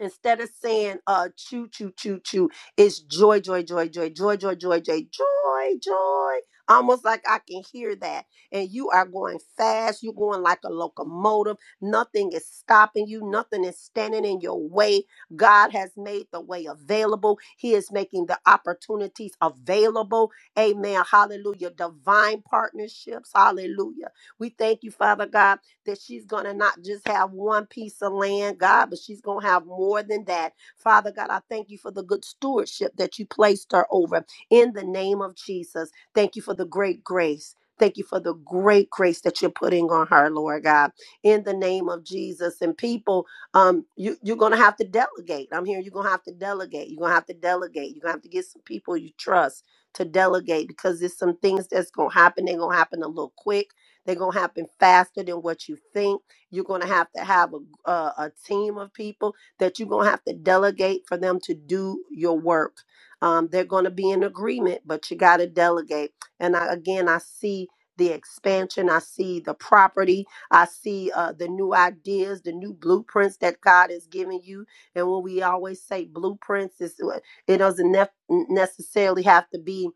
E: instead of saying uh choo choo choo choo it's joy joy joy joy joy joy joy joy joy joy almost like i can hear that and you are going fast you're going like a locomotive nothing is stopping you nothing is standing in your way god has made the way available he is making the opportunities available amen hallelujah divine partnerships hallelujah we thank you father god that she's going to not just have one piece of land, God, but she's going to have more than that. Father God, I thank you for the good stewardship that you placed her over in the name of Jesus. Thank you for the great grace. Thank you for the great grace that you're putting on her, Lord God, in the name of Jesus. And people, um, you, you're going to have to delegate. I'm here. You're going to have to delegate. You're going to have to delegate. You're going to have to get some people you trust to delegate because there's some things that's going to happen. They're going to happen a little quick they're going to happen faster than what you think. You're going to have to have a, a, a team of people that you're going to have to delegate for them to do your work. Um, they're going to be in agreement, but you got to delegate. And I, again, I see the expansion, I see the property, I see uh, the new ideas, the new blueprints that God is giving you. And when we always say blueprints, it's, uh, it doesn't nef- necessarily have to be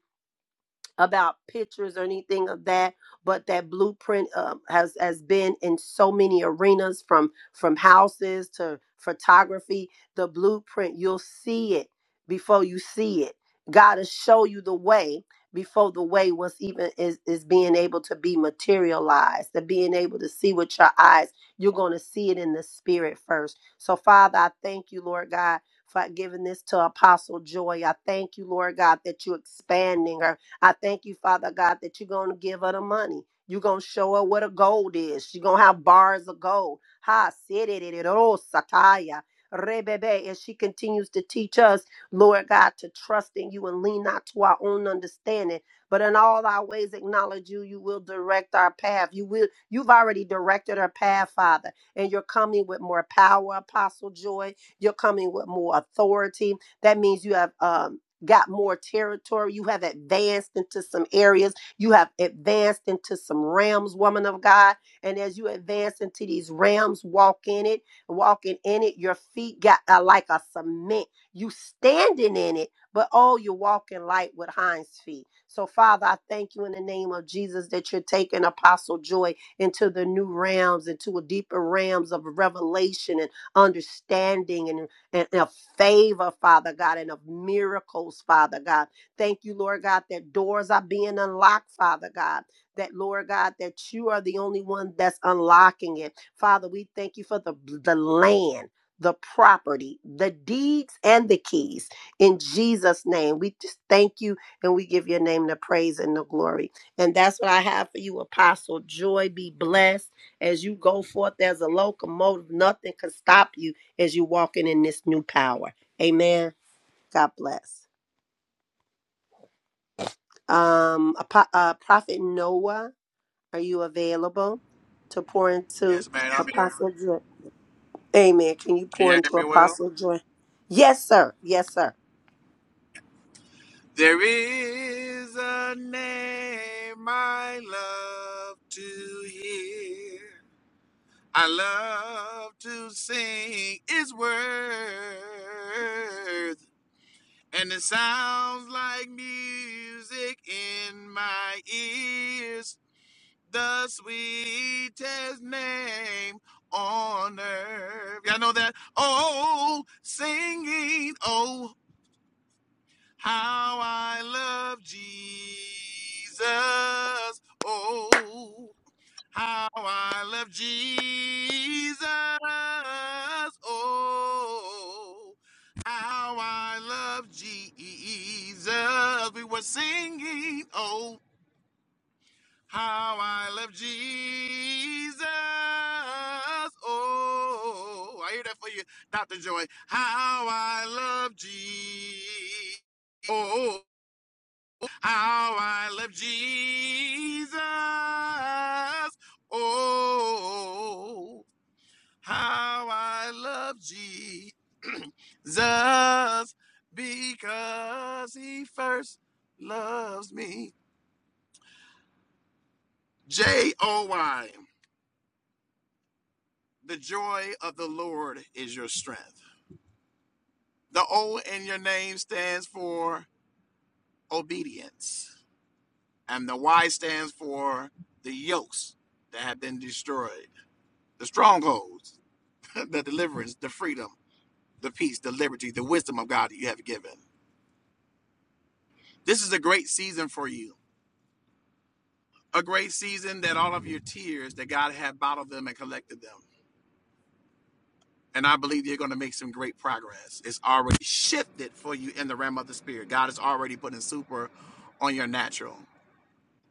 E: about pictures or anything of that but that blueprint um, has has been in so many arenas from from houses to photography the blueprint you'll see it before you see it god will show you the way before the way was even is, is being able to be materialized to being able to see with your eyes you're going to see it in the spirit first so father i thank you lord god for giving this to apostle joy i thank you lord god that you're expanding her I thank you, Father God, that you're going to give her the money. You're going to show her what a gold is. She's going to have bars of gold. Ha, siriririo, sataya, rebebe. As she continues to teach us, Lord God, to trust in you and lean not to our own understanding, but in all our ways acknowledge you. You will direct our path. You will. You've already directed our path, Father, and you're coming with more power, Apostle Joy. You're coming with more authority. That means you have um got more territory. You have advanced into some areas. You have advanced into some realms, woman of God. And as you advance into these realms, walk in it, walking in it, your feet got uh, like a cement. You standing in it, but oh, you're walking light with hinds feet. So, Father, I thank you in the name of Jesus that you're taking Apostle Joy into the new realms, into a deeper realms of revelation and understanding and and of favor, Father God, and of miracles, Father God. Thank you, Lord God, that doors are being unlocked, Father God. That, Lord God, that you are the only one that's unlocking it. Father, we thank you for the, the land, the property, the deeds, and the keys. In Jesus' name, we just thank you and we give your name the praise and the glory. And that's what I have for you, Apostle. Joy be blessed as you go forth as a locomotive. Nothing can stop you as you're walking in this new power. Amen. God bless. Um, uh, Prophet Noah, are you available to pour into
H: Yes, man, I'm here.
E: Apostle Joy? Amen. Can you
H: Can you
E: pour
H: hear
E: into
H: me well?
E: Apostle Joy? Yes, sir. Yes, sir.
H: There is a name I love to hear. I love to sing. It's worth. And it sounds like music in my ears, the sweetest name on earth. Y'all know that? Oh, singing, oh, how I love Jesus. Oh, how I love Jesus. Oh, how I love Jesus. We were singing. Oh, how I love Jesus. Oh, I hear that for you, Dr. Joy. How I love Jesus. oh! How I love Jesus. Oh, how I love Jesus because he first loves me. J O Y. The joy of the Lord is your strength. The O in your name stands for obedience, and the Y stands for the yokes that have been destroyed, the strongholds the deliverance, the freedom, the peace, the liberty, the wisdom of God that you have given. This is a great season for you. A great season that all of your tears that God had bottled them and collected them. And I believe you're going to make some great progress. It's already shifted for you in the realm of the spirit. God is already putting super on your natural.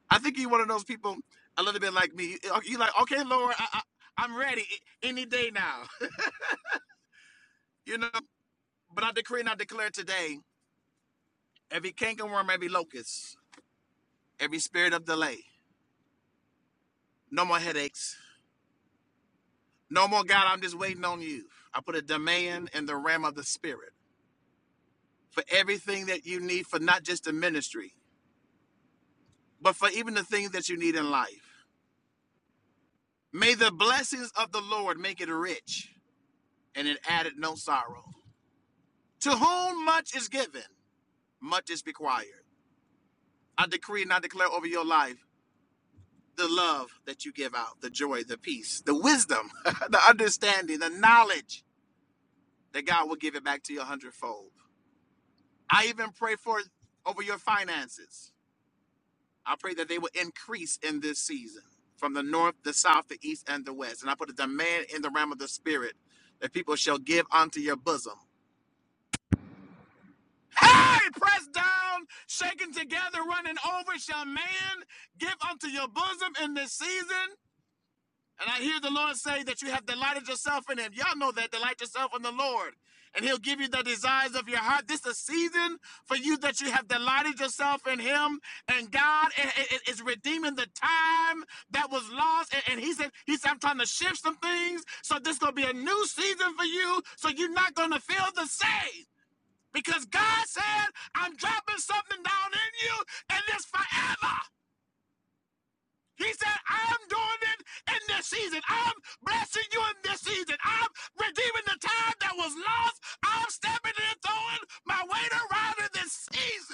H: I think you're one of those people a little bit like me. You're like, okay, Lord, I, I, I'm ready any day now. You know, but I decree and I declare today every cankerworm, every locust, every spirit of delay. No more headaches. No more, God, I'm just waiting on you. I put a demand in the realm of the spirit for everything that you need for not just the ministry, but for even the things that you need in life. May the blessings of the Lord make it rich and it added no sorrow. To whom much is given, much is required. I decree and I declare over your life the love that you give out, the joy, the peace, the wisdom, the understanding, the knowledge that God will give it back to you a hundredfold. I even pray for over your finances. I pray that they will increase in this season from the north, the south, the east, and the west. And I put a demand in the realm of the spirit that people shall give unto your bosom. Hey, pressed down, shaken together, running over, shall man give unto your bosom in this season. And I hear the Lord say that you have delighted yourself in Him. Y'all know that. Delight yourself in the Lord, and He'll give you the desires of your heart. This is a season for you that you have delighted yourself in Him, and God is redeeming the time that was lost. And, and He said, He said, I'm trying to shift some things. So this gonna be a new season for you. So you're not gonna feel the same because God said, I'm dropping something down in you, and it's forever. He said, I'm doing it in this season. I'm blessing you in this season. I'm redeeming the time that was lost. I'm stepping in and throwing my weight around in this season.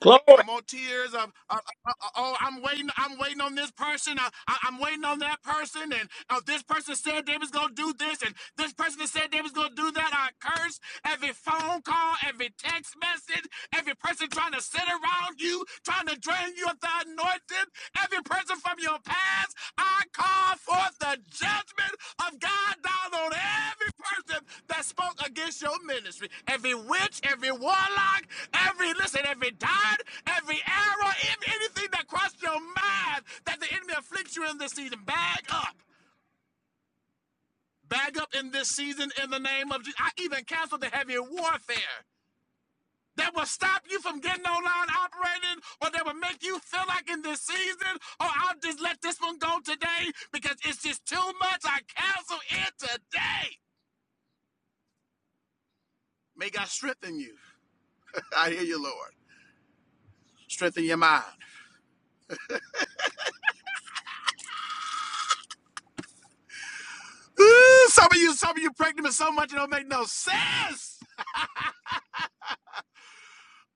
A: Glory.
H: No more tears of, of, of- oh, I'm waiting. I'm waiting on this person. I, I, am waiting on that person, and oh, this person said they was gonna do this, and this person that said they was gonna do that. I curse every phone call, every text message, every person trying to sit around you, trying to drain you of the anointing, every person from your past. I call forth the judgment of God down on every person that spoke against your ministry. Every witch, every warlock, every, listen, every dart, every arrow, if anything that crossed your mind that the enemy afflicts you in this season, bag up. Bag up in this season in the name of Jesus. I even cancel the heavy warfare that will stop you from getting online operating or that will make you feel like in this season, oh, I'll just let this one go today because it's just too much. I cancel it today. May God strengthen you. I hear you, Lord. Strengthen your mind. Ooh, some of you, some of you pregnant with so much it don't make no sense.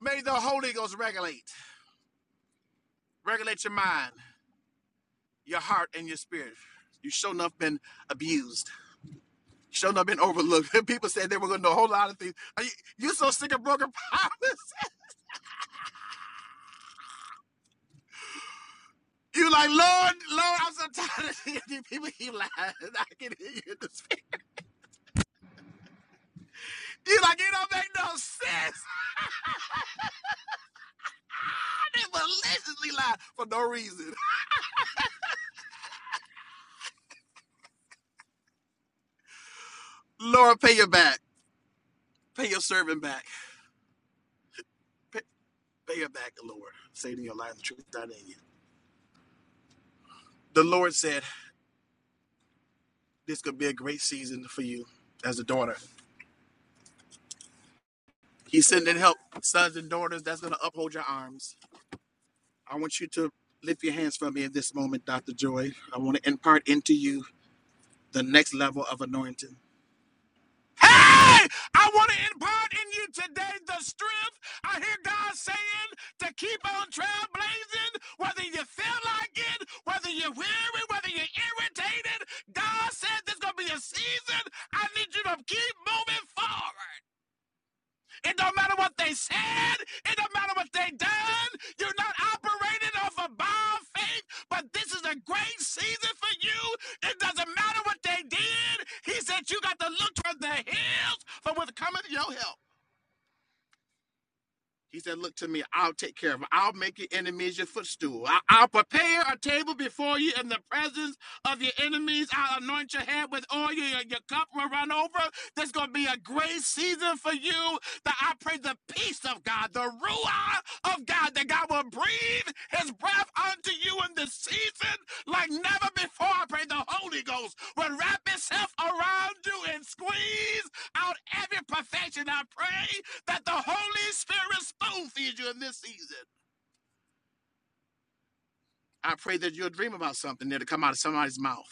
H: May the Holy Ghost regulate. Regulate your mind, your heart, and your spirit. You sure enough been abused. You Sure enough been overlooked. People said they were gonna do a whole lot of things. Are you, you so sick of broken promises. You like, Lord, Lord, I'm so tired of seeing these people keep lying. I can hear you in the spirit. You like, it don't make no sense. They maliciously lie for no reason. Lord, pay your back. Pay your servant back. Pay, Pay it back, the Lord, saving your life, the truth not in you. The Lord said, This could be a great season for you as a daughter. He's sending help, sons and daughters, that's going to uphold your arms. I want you to lift your hands for me in this moment, Dr. Joy. I want to impart into you the next level of anointing. Hey, I want to impart in you today the strength I hear God saying to keep on trailblazing, whether you feel like it, whether you're weary, whether you're irritated. God said there's going to be a season. I need you to keep moving forward. It don't matter what they said. It don't matter what they done. You're not operating off of by faith, but this is a great season for you. It doesn't matter what they did. He said you got to look toward the hills for what's coming to your help. He said, Look to me, I'll take care of it. I'll make your enemies your footstool. I- I'll prepare a table before you in the presence of your enemies. I'll anoint your head with oil. Your, your cup will run over. There's going to be a great season for you that I pray the peace of God, the Ruah of God, that God will breathe his breath unto you in this season like never before. I pray the Holy Ghost will wrap itself around you and squeeze out every perfection. I pray that the Holy Spirit spoon feeds you in this season. I pray that you'll dream about something that'll come out of somebody's mouth.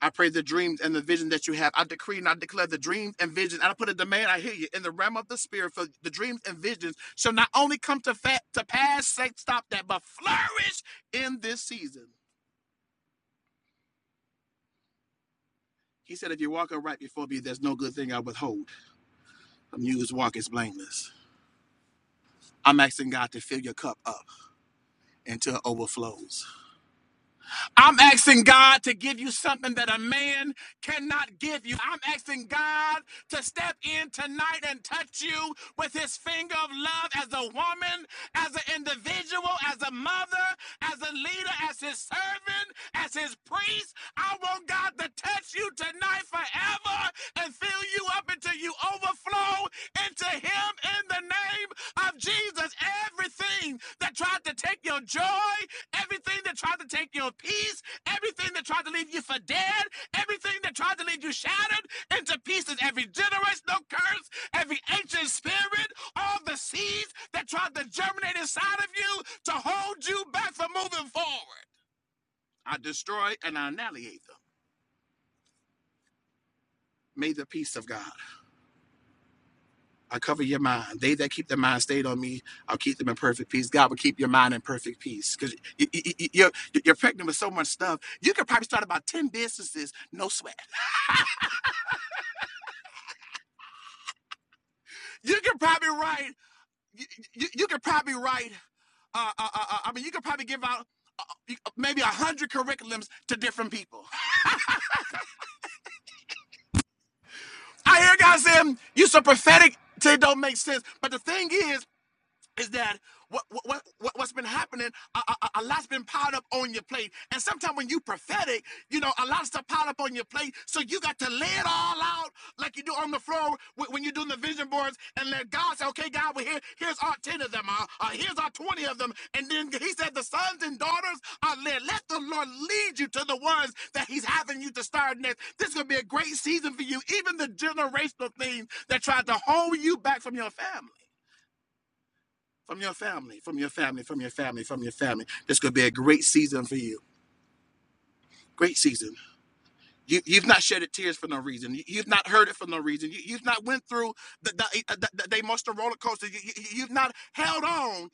H: I pray the dreams and the vision that you have. I decree and I declare the dreams and visions. And I put a demand, I hear you, in the realm of the spirit for the dreams and visions shall not only come to fat to pass, say, stop that, but flourish in this season. He said, if you walk upright before me, there's no good thing I withhold. I'm used walk is blameless. I'm asking God to fill your cup up until it overflows. I'm asking God to give you something that a man cannot give you. I'm asking God to step in tonight and touch you with his finger of love as a woman, as an individual, as a mother, as a leader, as his servant, as his priest. I want God to touch you tonight forever and fill you up until you overflow into him in the name of Jesus. Everything that tried to take your joy, everything that tried to take your peace, everything that tried to leave you for dead, everything that tried to leave you shattered into pieces, every generous, no curse, every ancient spirit, all the seeds that tried to germinate inside of you to hold you back from moving forward. I destroy and I annihilate them. May the peace of God I cover your mind. They that keep their mind stayed on me, I'll keep them in perfect peace. God will keep your mind in perfect peace because you, you, you're, you're pregnant with so much stuff. You could probably start about 10 businesses, no sweat. You could probably write, you, you, you could probably write, uh, uh, uh, uh, I mean, you could probably give out maybe a 100 curriculums to different people. I hear God saying, you're so prophetic, it don't make sense. But the thing is, is that what, what, what, what's been happening, a, a, a- lot's been piled up on your plate. And sometimes when you prophetic, you know, a lot of stuff piled up on your plate. So you got to lay it all out like you do on the floor when you're doing the vision boards and let God say, okay, God, well, here, here's our 10 of them. Uh, uh, here's our 20 of them. And then he said, the sons and daughters are led. Let the Lord lead you to the ones that he's having you to start next. This is going to be a great season for you. Even the generational things that tried to hold you back from your family from your family, from your family, from your family, from your family. This could be a great season for you. Great season. You, you've not shedded tears for no reason. You, you've not heard it for no reason. You, you've not went through the, the, the, the, the emotional roller coaster. You, you, you've not held on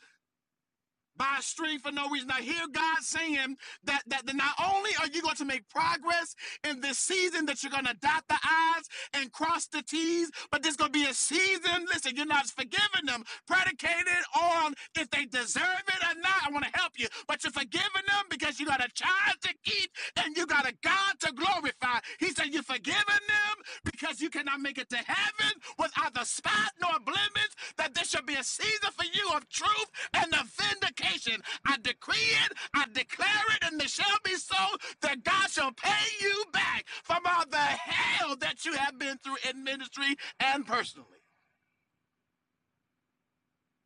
H: by a stream for no reason. I hear God saying that, that that not only are you going to make progress in this season, that you're going to dot the I's and cross the T's, but there's going to be a season, listen, you're not forgiving them, predicated on if they deserve it or not. I want to help you, but you're forgiving them because you got a child to keep and you got the God to glorify. He said, You've forgiven them because you cannot make it to heaven without the spot nor blemish, that there should be a season for you of truth and of vindication. I decree it, I declare it, and it shall be so that God shall pay you back from all the hell that you have been through in ministry and personally.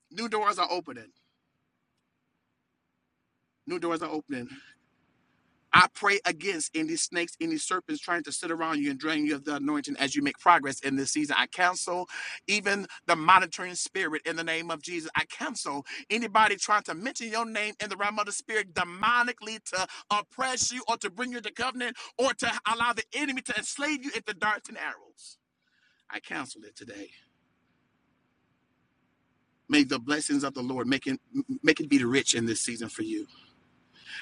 H: New doors are opening. New doors are opening. I pray against any snakes, any serpents trying to sit around you and drain you of the anointing as you make progress in this season. I cancel even the monitoring spirit in the name of Jesus. I cancel anybody trying to mention your name in the realm of the spirit demonically to oppress you or to bring you to covenant or to allow the enemy to enslave you at the darts and arrows. I cancel it today. May the blessings of the Lord make it, make it be rich in this season for you.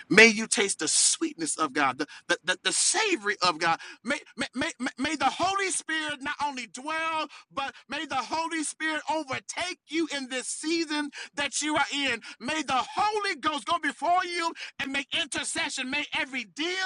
H: May you taste the sweetness of God, the, the, the, the savory of God. May, may, may, may may the Holy Spirit not only dwell, but may the Holy Spirit overtake you in this season that you are in. May the Holy Ghost go before you and make intercession. May every deal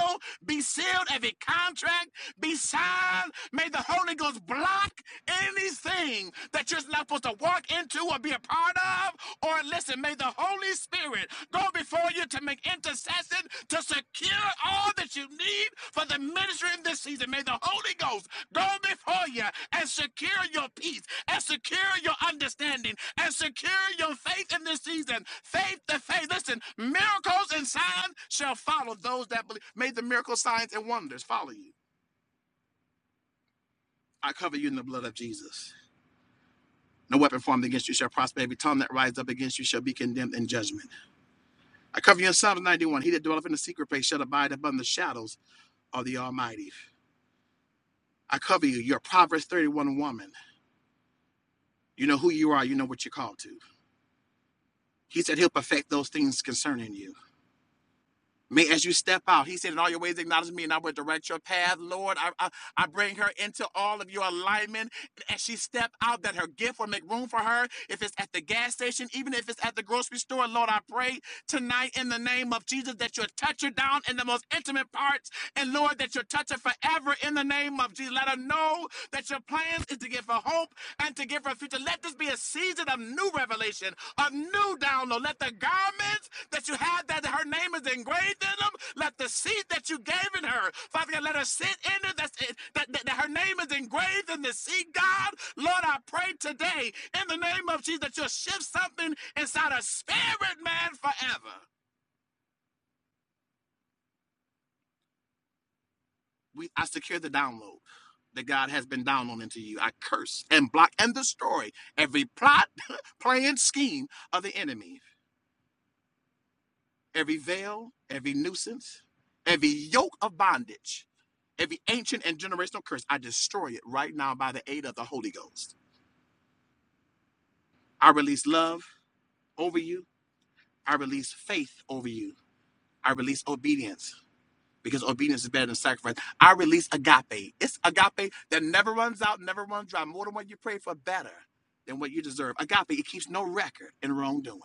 H: be sealed, every contract be signed. May the Holy Ghost block anything that you're not supposed to walk into or be a part of. Or listen, may the Holy Spirit go before you to make intercession intercession to secure all that you need for the ministry in this season. May the Holy Ghost go before you and secure your peace and secure your understanding and secure your faith in this season. Faith to faith. Listen, miracles and signs shall follow those that believe. May the miracle signs and wonders follow you. I cover you in the blood of Jesus. No weapon formed against you shall prosper. Every tongue that rises up against you shall be condemned in judgment. I cover you in Psalms 91. He that dwelleth in the secret place shall abide above the shadows of the Almighty. I cover you. You're a Proverbs 31 woman. You know who you are. You know what you're called to. He said he'll perfect those things concerning you. May as you step out, he said, in all your ways acknowledge me and I will direct your path. Lord, I, I, I bring her into all of your alignment. As she step out, that her gift will make room for her. If it's at the gas station, even if it's at the grocery store, Lord, I pray tonight in the name of Jesus that you'll touch her down in the most intimate parts. And Lord, that you'll touch her forever in the name of Jesus. Let her know that your plans is to give her hope and to give her future. Let this be a season of new revelation, of new download. Let the garments that you have that her name is engraved in them, let the seed that you gave in her, Father God, let her sit in it. That's it that, that, that her name is engraved in the seed, God. Lord, I pray today in the name of Jesus that you'll shift something inside her spirit, man, forever. we I secure the download that God has been downloading to you. I curse and block and destroy every plot, plan, scheme of the enemy, every veil, every nuisance, every yoke of bondage, every ancient and generational curse. I destroy it right now by the aid of the Holy Ghost. I release love over you. I release faith over you. I release obedience because obedience is better than sacrifice. I release agape. It's agape that never runs out, never runs dry. More than what you pray for, better than what you deserve. Agape, it keeps no record in wrongdoing.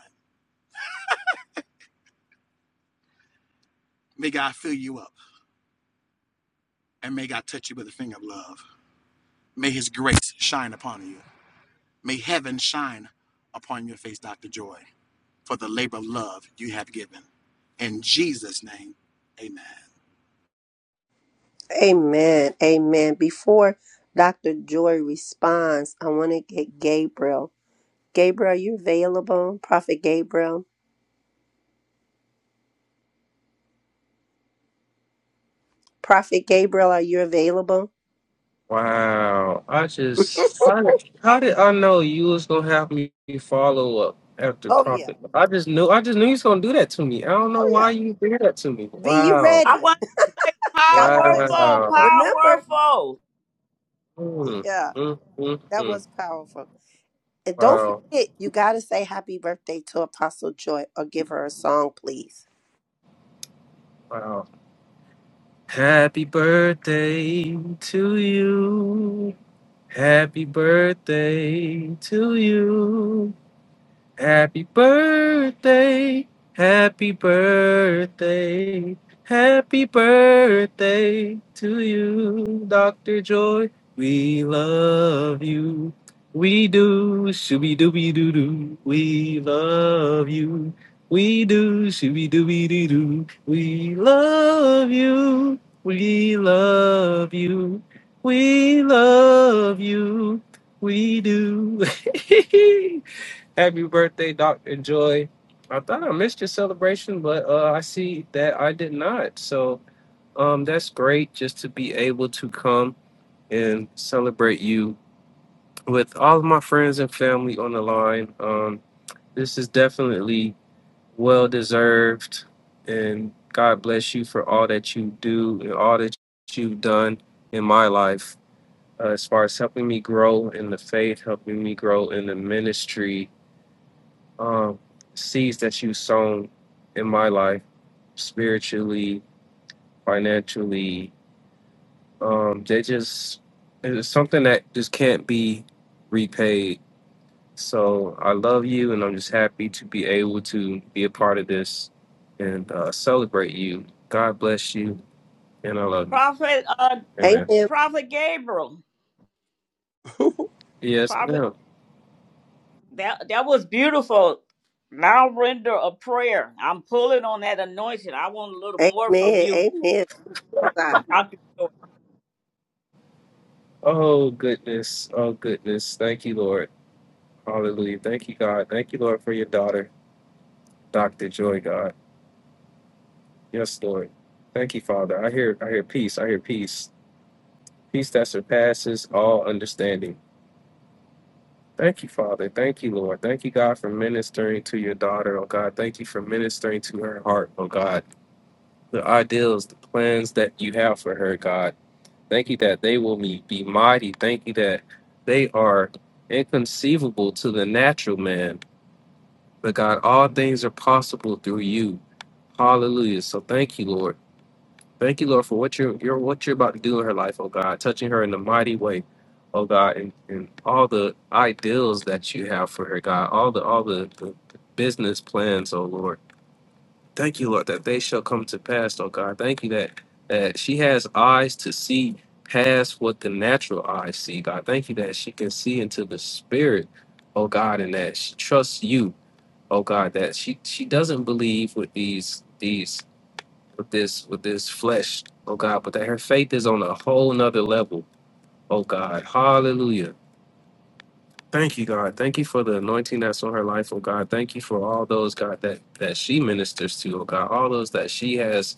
H: May God fill you up and may God touch you with a finger of love. May his grace shine upon you. May heaven shine upon your face, Dr. Joy, for the labor of love you have given. In Jesus' name, amen.
E: Amen. Amen. Before Dr. Joy responds, I want to get Gabriel. Gabriel, are you available? Prophet Gabriel. Prophet Gabriel, are you available?
L: Wow. I just how did, how did I know you was gonna have me follow up after
E: Oh, yeah.
L: Prophet? I just knew I just knew you was gonna do that to me. I don't know
E: Oh,
L: why
E: yeah.
L: you did that to me.
E: Be you
L: Wow.
A: I
E: ready?
A: was
E: God bless you.
A: powerful,
L: Wow.
E: Remember,
A: powerful.
L: Mm,
E: yeah,
L: mm, mm,
E: that
L: mm.
E: was powerful. And don't
L: Wow.
E: forget, you got to say happy birthday to Apostle Joy or give her a song, please.
L: Wow. Happy birthday to you. Happy birthday to you. Happy birthday, happy birthday, happy birthday to you, Dr. Joy. We love you. We do, shooby dooby doo doo. We love you. We do, shooby dooby doo doo. We love you. We love you. We love you. We do. Happy birthday, Dr. Joy. I thought I missed your celebration, but uh, I see that I did not. So um, that's great just to be able to come and celebrate you with all of my friends and family on the line. Um, this is definitely well deserved, and God bless you for all that you do and all that you've done in my life uh, as far as helping me grow in the faith, helping me grow in the ministry um, seeds that you've sown in my life, spiritually, financially, um, they just, it's something that just can't be repaid. So I love you, and I'm just happy to be able to be a part of this and uh, celebrate you. God bless you, and I love you.
A: Prophet, uh,
L: Amen.
E: Amen.
A: Prophet Gabriel.
L: Yes,
A: Prophet.
L: ma'am.
A: That that was beautiful. Now render a prayer. I'm pulling on that anointing. I want a little more from
E: Amen.
A: you.
E: Amen.
A: Pray, Dr. Joy.
L: Oh, goodness. Oh, goodness. Thank you, Lord. Hallelujah. Thank you, God. Thank you, Lord, for your daughter, Dr. Joy, God. Yes, Lord. Thank you, Father. I hear I hear peace. I hear peace. Peace that surpasses all understanding. Thank you, Father. Thank you, Lord. Thank you, God, for ministering to your daughter, oh God. Thank you for ministering to her heart, oh God. The ideals, the plans that you have for her, God. Thank you that they will be, be mighty. Thank you that they are inconceivable to the natural man. But God, all things are possible through you. Hallelujah. So thank you, Lord. Thank you, Lord, for what you're, you're what you're about to do in her life, oh God, touching her in a mighty way, oh God, and, and all the ideals that you have for her, God, all the all the, the the business plans, oh Lord. Thank you, Lord, that they shall come to pass, oh God. Thank you that that she has eyes to see past what the natural eyes see, God. Thank you that she can see into the spirit, oh God, and that she trusts you, oh God, that she she doesn't believe with these these with this with this flesh, oh God, but that her faith is on a whole nother level, oh God. Hallelujah. Thank you, God. Thank you for the anointing that's on her life, oh God. Thank you for all those, God, that that she ministers to, oh God. All those that she has,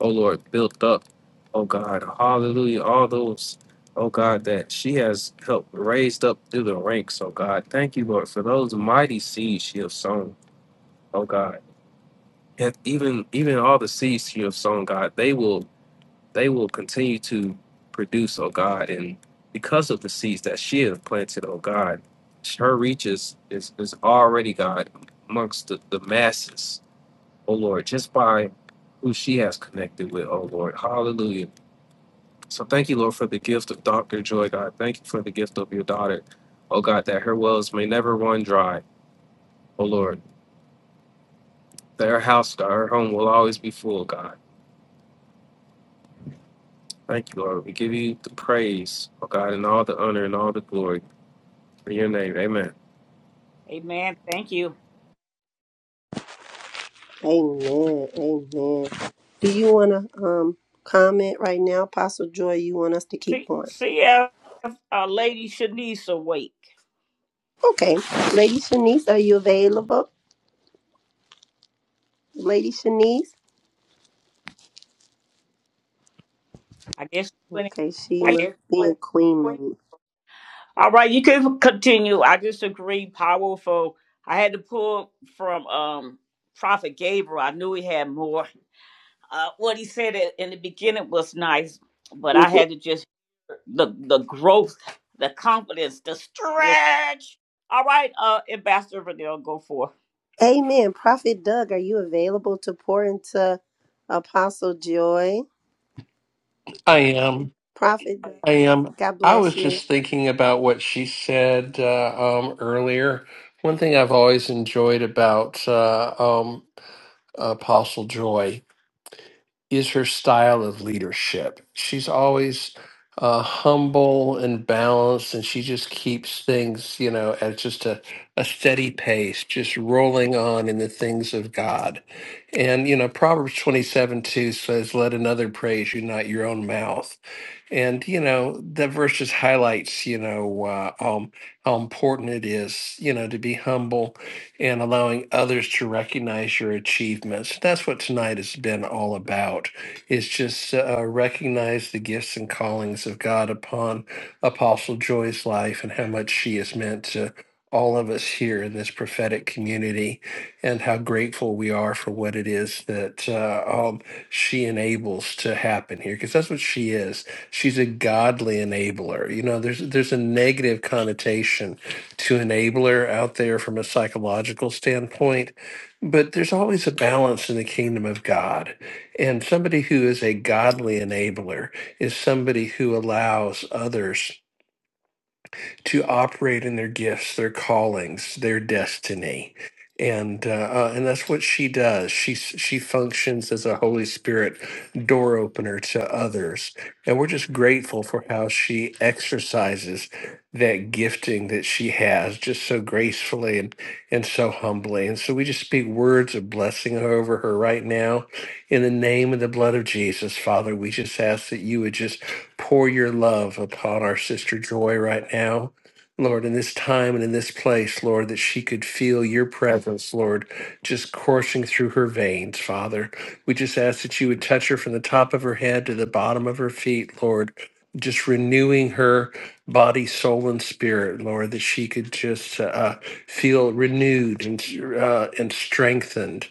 L: oh Lord, built up, oh God. Hallelujah. All those, oh God, that she has helped raised up through the ranks, oh God. Thank you, Lord, for those mighty seeds she has sown, oh God. And even even all the seeds she has sown, God, they will they will continue to produce, oh God, and because of the seeds that she has planted, oh God, her reach is is, is already God amongst the, the masses, oh Lord, just by who she has connected with, oh Lord. Hallelujah. So thank you, Lord, for the gift of Dr. Joy, God. Thank you for the gift of your daughter, oh God, that her wells may never run dry, oh Lord. That her house, God, her home will always be full, God. Thank you, Lord. We give you the praise, oh God, and all the honor and all the glory. In your name, amen.
A: Amen. Thank you.
E: Amen. Amen. Do you want to um comment right now, Apostle Joy? You want us to keep
A: See,
E: going?
A: see if uh, Lady Shanice awake.
E: Okay. Lady Shanice, are you available? Lady Shanice?
A: I guess when
E: Okay, she must
A: Queen.
E: be in Queen
A: All right, you can continue. I just agree. Powerful. I had to pull from um Prophet Gabriel. I knew he had more. Uh, what he said in the beginning was nice, but
E: mode.
A: I had to just the the growth, the confidence, the
E: Yeah.
A: stretch. All right, uh, Ambassador Vanille, go for.
E: Amen. Prophet Doug, are you available to pour into Apostle Joy?
K: I am.
E: Prophet, Doug,
K: I am.
E: God
K: I
E: bless
K: was
E: you.
K: just thinking about what she said uh, um, earlier. One thing I've always enjoyed about uh, um, Apostle Joy is her style of leadership. She's always uh, humble and balanced, and she just keeps things, you know, at just a, a steady pace, just rolling on in the things of God. And, you know, Proverbs 27 2 says, Let another praise you, not your own mouth and you know that verse just highlights you know uh, um, how important it is you know to be humble and allowing others to recognize your achievements that's what tonight has been all about is just uh, recognize the gifts and callings of god upon apostle joy's life and how much she has meant to all of us here in this prophetic community and how grateful we are for what it is that uh, um, she enables to happen here because that's what she is she's a godly enabler. You know, there's there's a negative connotation to enabler out there from a psychological standpoint, but there's always a balance in the kingdom of God. And somebody who is a godly enabler is somebody who allows others to operate in their gifts, their callings, their destiny. And uh, uh, and that's what she does. She she functions as a Holy Spirit door opener to others, and we're just grateful for how she exercises that gifting that she has, just so gracefully and and so humbly. And so we just speak words of blessing over her right now, in the name and the blood of Jesus, Father. We just ask that you would just pour your love upon our sister Joy right now Lord, in this time and in this place, Lord, that she could feel your presence, Lord, just coursing through her veins, Father. We just ask that you would touch her from the top of her head to the bottom of her feet, Lord, just renewing her body, soul, and spirit, Lord, that she could just uh, feel renewed and, uh, and strengthened.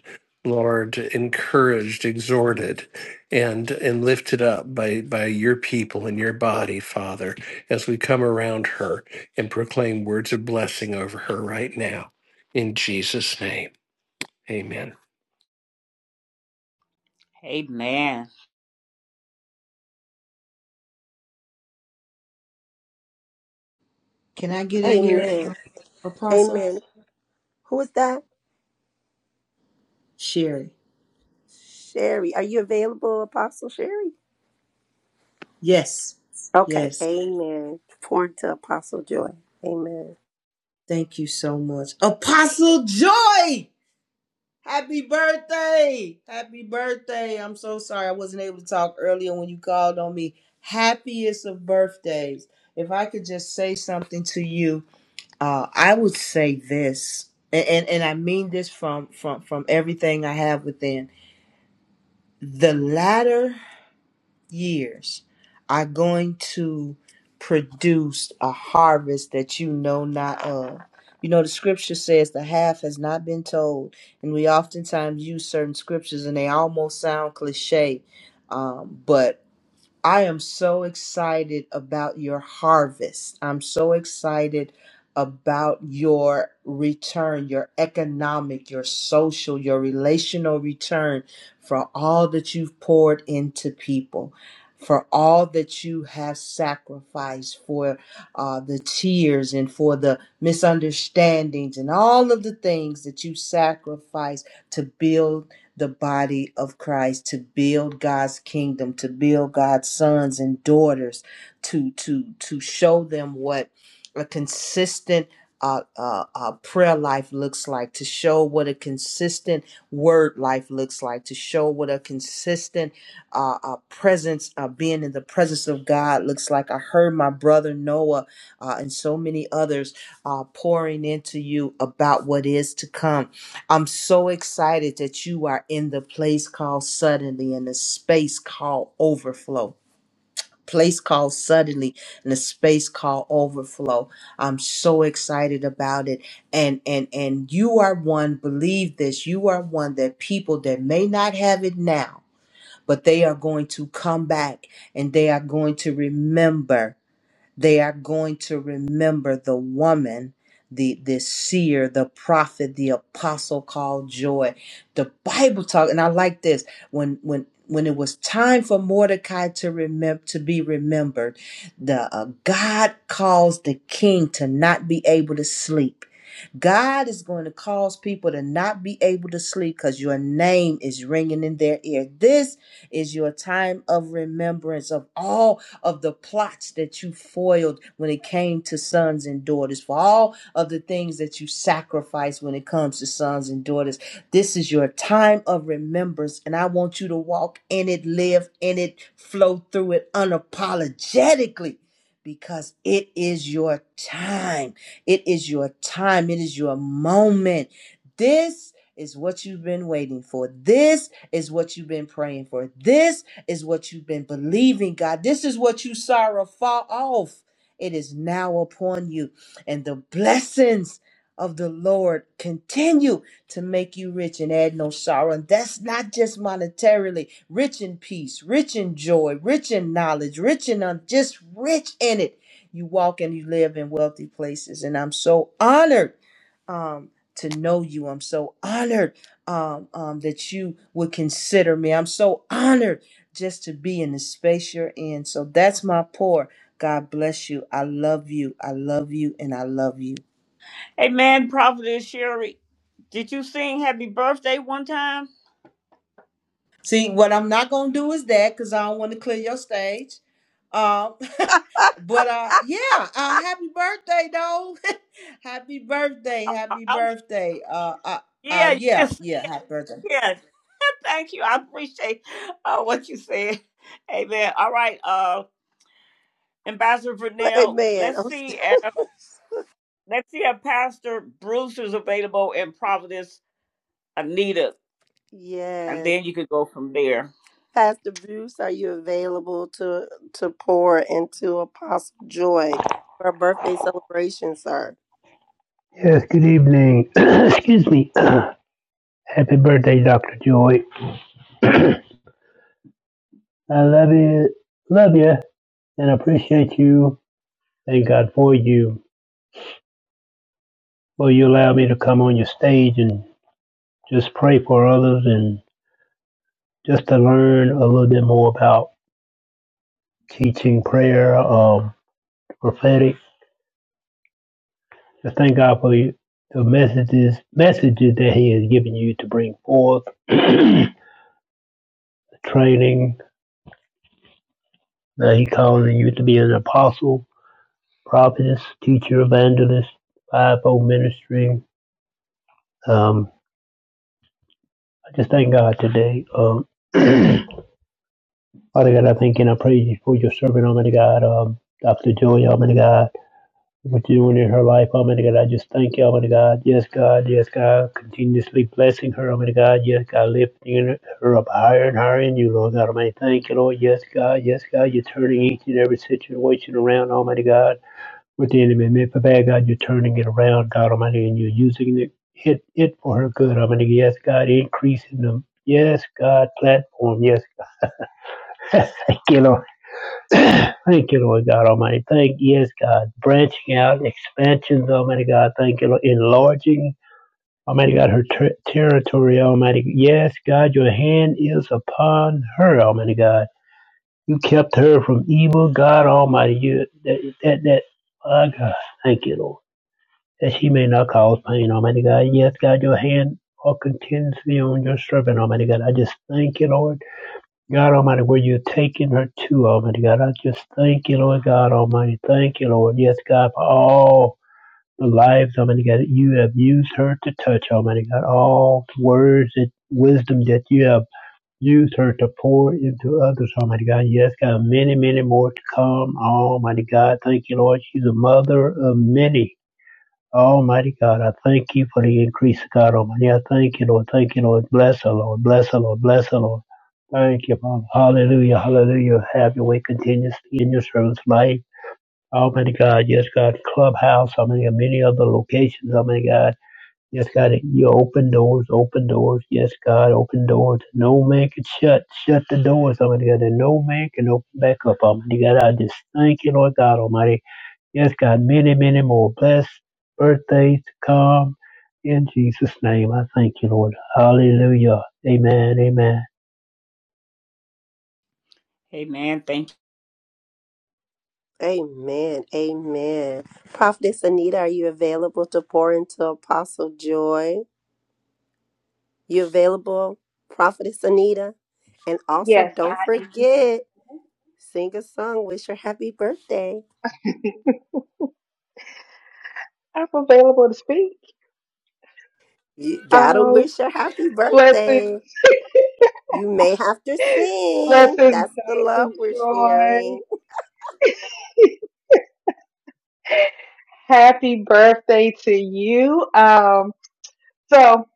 K: Lord, encouraged, exhorted, and and lifted up by by your people and your body, Father, as we come around her and proclaim words of blessing over her right now. In Jesus' name, amen.
A: Amen.
C: Can I get in here,
E: Amen.
C: uh, Apostle?
E: Amen. Who is that?
C: Sherry.
E: Sherry. Are you available, Apostle Sherry?
C: Yes,
E: Okay.
C: yes.
E: Amen. Pour into Apostle Joy. Amen.
C: Thank you so much. Apostle Joy! Happy birthday! Happy birthday. I'm so sorry I wasn't able to talk earlier when you called on me. Happiest of birthdays. If I could just say something to you, Uh, I would say this, and, and and I mean this from from from everything I have within. The latter years are going to produce a harvest that you know not of. You know, the scripture says the half has not been told, and we oftentimes use certain scriptures, and they almost sound cliche. Um, but I am so excited about your harvest. I'm so excited about your return, your economic, your social, your relational return for all that you've poured into people, for all that you have sacrificed, for uh, the tears and for the misunderstandings and all of the things that you sacrificed to build the body of Christ to build God's kingdom, to build God's sons and daughters, to to to show them what a consistent uh, uh, uh, prayer life looks like, to show what a consistent word life looks like, to show what a consistent uh, uh, presence, uh, being in the presence of God looks like. I heard my brother Noah uh, and so many others uh, pouring into you about what is to come I'm so excited that you are in the place called suddenly in the space called overflow. Place called suddenly in the space called overflow. I'm so excited about it. And and and you are one, believe this, you are one that people that may not have it now, but they are going to come back and they are going to remember they are going to remember the woman, the, the seer, the prophet, the apostle called joy. The Bible talk, and I like this. When when when it was time for Mordecai to remember to be remembered, the uh, God caused the king to not be able to sleep God is going to cause people to not be able to sleep because your name is ringing in their ear. This is your time of remembrance of all of the plots that you foiled when it came to sons and daughters, for all of the things that you sacrificed when it comes to sons and daughters. This is your time of remembrance, and I want you to walk in it, live in it, flow through it unapologetically because it is your time. It is your time. It is your moment. This is what you've been waiting for. This is what you've been praying for. This is what you've been believing, God. This is what you saw fall off. It is now upon you. And the blessings of the Lord continue to make you rich and add no sorrow. And that's not just monetarily rich in peace, rich in joy, rich in knowledge, rich in un- just rich in it you walk and you live in wealthy places. And I'm so honored um, to know you. I'm so honored um, um, that you would consider me. I'm so honored just to be in the space you're in. So that's my pour. God bless you. I love you. I love you. And I love you.
A: Amen, Prophetess Sherry. Did you sing Happy Birthday one time?
C: See, what I'm not going to do is that because I don't want to clear your stage. Um, but uh, yeah, uh, happy birthday, though. happy birthday,
A: I,
C: happy
A: I,
C: birthday. Uh, uh, uh,
A: yeah, you
C: yeah,
A: can sing
C: yeah, happy birthday.
A: it. Thank you. I appreciate uh, what you said. Amen. All right, uh, Ambassador
E: Well,
A: Vernell,
E: Amen.
A: let's
E: I'm st-
A: see if let's see if Pastor Bruce is available in Providence Anita, and
E: yes.
A: then you could go from there.
E: Pastor Bruce, are you available to to pour into Apostle Joy for a birthday celebration, sir?
M: Yes, good evening. Excuse me. Happy birthday, Dr. Joy. I love you, love you, and appreciate you. Thank God for you. Will you allow me to come on your stage and just pray for others and just to learn a little bit more about teaching prayer, um, prophetic. Just thank God for you, the messages, messages that He has given you to bring forth, the training that He calling you to be an apostle prophetess, teacher, evangelist, fivefold ministry. Um, I just thank God today. Um, Father God, I thank and I praise you for your servant, Almighty God, um, Dr. Joy, Almighty God, what you're doing in her life, Almighty God. I just thank you, Almighty God. Yes, God, yes, God, continuously blessing her, Almighty God. Yes, God, lifting her up higher and higher in you, Lord God Almighty. Thank you, Lord. Yes, God, yes, God, you're turning each and every situation around, Almighty God. with the enemy man, for bad. God, you're turning it around, God Almighty, and you're using it, it, it for her good, Almighty. Yes, God, increase in them. Yes, God, platform. Yes, thank you, Lord. thank you, Lord God Almighty. Thank yes, God, branching out, expansions, Almighty God. Thank you, Lord, enlarging. Almighty God, her ter- territory, Almighty. Yes, God, your hand is upon her, Almighty God. You kept her from evil, God Almighty. You that that, that oh God, thank you, Lord. that he may not cause pain, Almighty God. Yes, God, your hand all continuously on your servant, Almighty God. I just thank you, Lord. God Almighty, where you're taking her to, Almighty God. I just thank you, Lord God Almighty. Thank you, Lord. Yes, God, for all the lives, Almighty God, that you have used her to touch, Almighty God. All the words and wisdom that you have used her to pour into others, Almighty God. Yes, God, many, many more to come, Almighty God. Thank you, Lord. She's a mother of many. Almighty God, I thank you for the increase, God Almighty. I thank you, Lord. Thank you, Lord. Bless her, Lord. Bless her, Lord. Bless her, Lord. Thank you, Father. Hallelujah. Hallelujah. Have your way continuously in your servant's life. Almighty God, yes, God, clubhouse, I mean, many other locations, I mean, God, yes, God, you open doors, open doors, yes, God, open doors. No man can shut, shut the doors, I mean, God, and no man can open back up, Almighty God, I just thank you, Lord God Almighty. Yes, God, many, many more blessed birthdays to come. In Jesus' name, I thank you, Lord. Hallelujah. Amen. Amen.
A: Amen. Thank
E: Amen. Amen. Prophetess Anita, are you available to pour into Apostle Joy? You available, Prophetess Anita? And also,
N: Yes, I
E: don't
N: am.
E: forget, sing a song, wish her happy birthday.
N: I'm available to speak.
E: You gotta
N: Um,
E: wish her happy
N: blessings,
E: birthday. You may have to sing.
N: blessings,
E: That's the
N: Zach
E: love
N: and
E: we're sharing.
N: Joy. Happy birthday to you. Um, so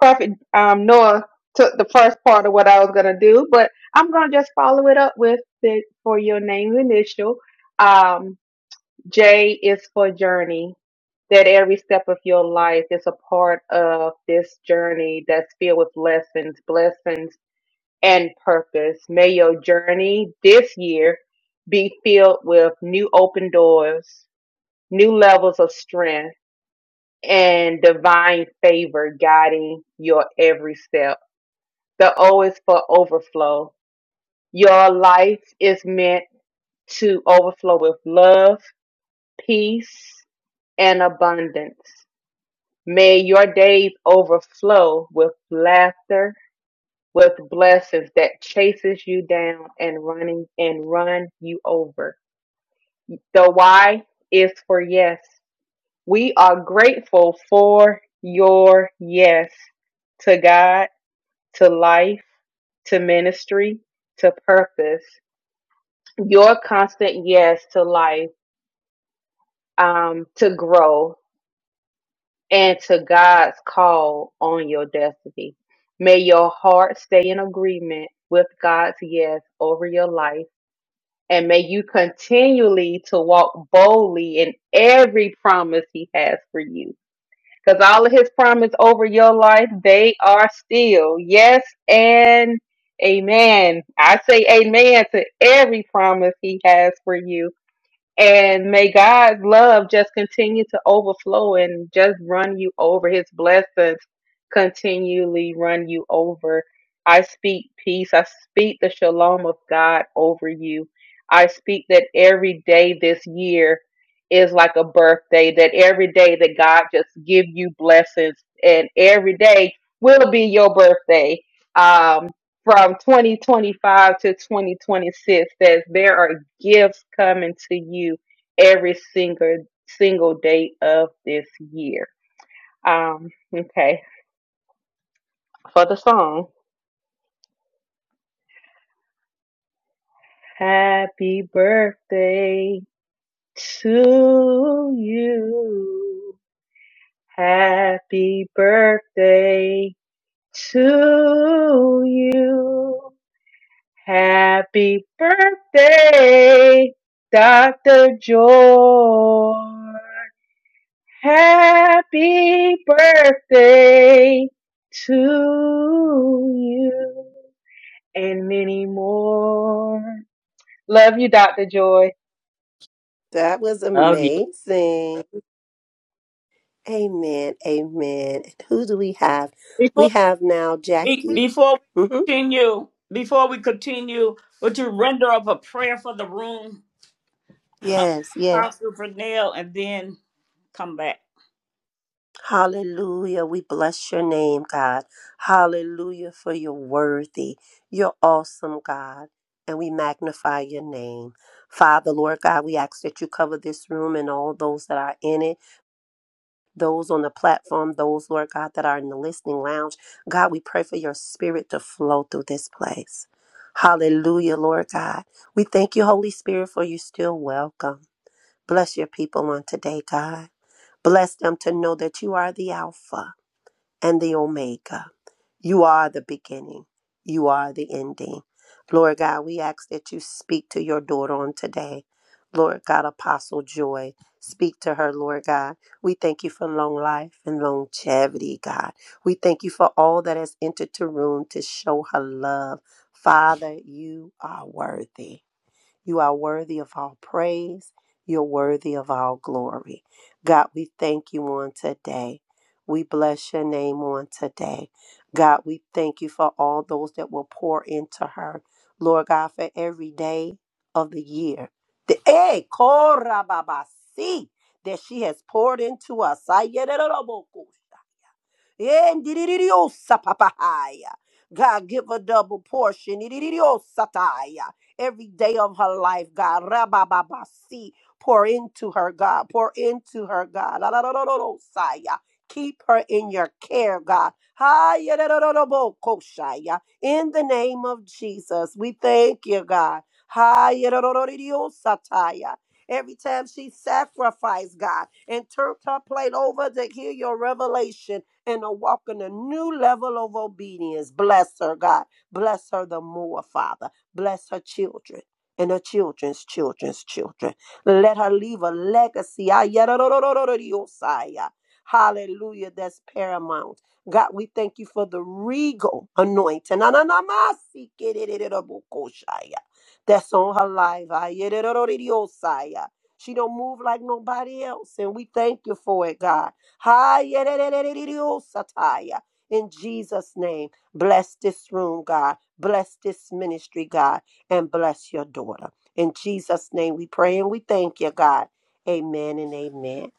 N: Prophet um, Noah took the first part of what I was gonna do, but I'm gonna just follow it up with it for your name initial. Um, J is for journey. That every step of your life is a part of this journey that's filled with lessons, blessings and purpose. May your journey this year be filled with new open doors, new levels of strength, and divine favor guiding your every step. The O is for overflow. Your life is meant to overflow with love, peace, and abundance. May your days overflow with laughter, with blessings that chases you down and running and run you over. The why is for yes. We are grateful for your yes to God, to life, to ministry, to purpose. Your constant yes to life, um, to grow, and to God's call on your destiny. May your heart stay in agreement with God's yes over your life and may you continually to walk boldly in every promise he has for you because all of his promise over your life they are still yes and amen i say amen to every promise he has for you and may God's love just continue to overflow and just run you over. His blessings continually run you over. I speak peace. I speak the shalom of God over you. I speak that every day this year is like a birthday, that every day that God just give you blessings and every day will be your birthday. Um, from 2025 to 2026 says there are gifts coming to you every single single day of this year. Um, okay, for the song, Happy Birthday to you. Happy birthday to you. Happy birthday, Dr. Joy. Happy birthday to you and many more. Love you, Dr. Joy.
E: That was
A: you. Love you.
E: amazing. Amen. Amen. And who do we have? We
A: Before
E: have now
A: we
E: Jackie.
A: before
E: hmm
A: we continue, before we continue, would you render up a prayer for the room, uh,
E: Yes, yes.
A: Apostle Vernell, and then come back?
E: Hallelujah. We bless your name, God. Hallelujah for your worthy. You're awesome, God. And we magnify your name. Father, Lord God, we ask that you cover this room and all those that are in it. those on the platform, those, Lord God, that are in the listening lounge. God, we pray for your spirit to flow through this place. Hallelujah, Lord God. We thank you, Holy Spirit, for you still welcome. Bless your people on today, God. Bless them to know that you are the Alpha and the Omega. You are the beginning. You are the ending. Lord God, we ask that you speak to your daughter on today. Lord God, Apostle Joy, speak to her, Lord God. We thank you for long life and longevity, God. We thank you for all that has entered the room to show her love. Father, you are worthy. You are worthy of all praise. You're worthy of all glory. God, we thank you on today. We bless your name on today. God, we thank you for all those that will pour into her. Lord God, for every day of the year. The eh, korababasi, that she has poured into us. Ayererobokosha. Endiririyosapapahaya. God, give a double portion. Iriririyosataya every day of her life, God. Rabababasi. Pour into her, God. Pour into her, God. La, la, la, la, la, la, Saya. Keep her in your care, God. Haya, da, da, da, da, bo, koshaya. In the name of Jesus, we thank you, God. Haya, da, da, da, da, dio, sataya. Every time she sacrificed, God, and turned her plate over to hear your revelation and to walk in a new level of obedience, bless her, God. Bless her the more, Father. Bless her children and her children's children's children. Let her leave a legacy. Hallelujah. That's paramount. God, we thank you for the regal anointing. That's on her life. She don't move like nobody else, and we thank you for it, God. In Jesus' name, bless this room, God. Bless this ministry, God, and bless your daughter. In Jesus' name we pray and we thank you, God. Amen and amen.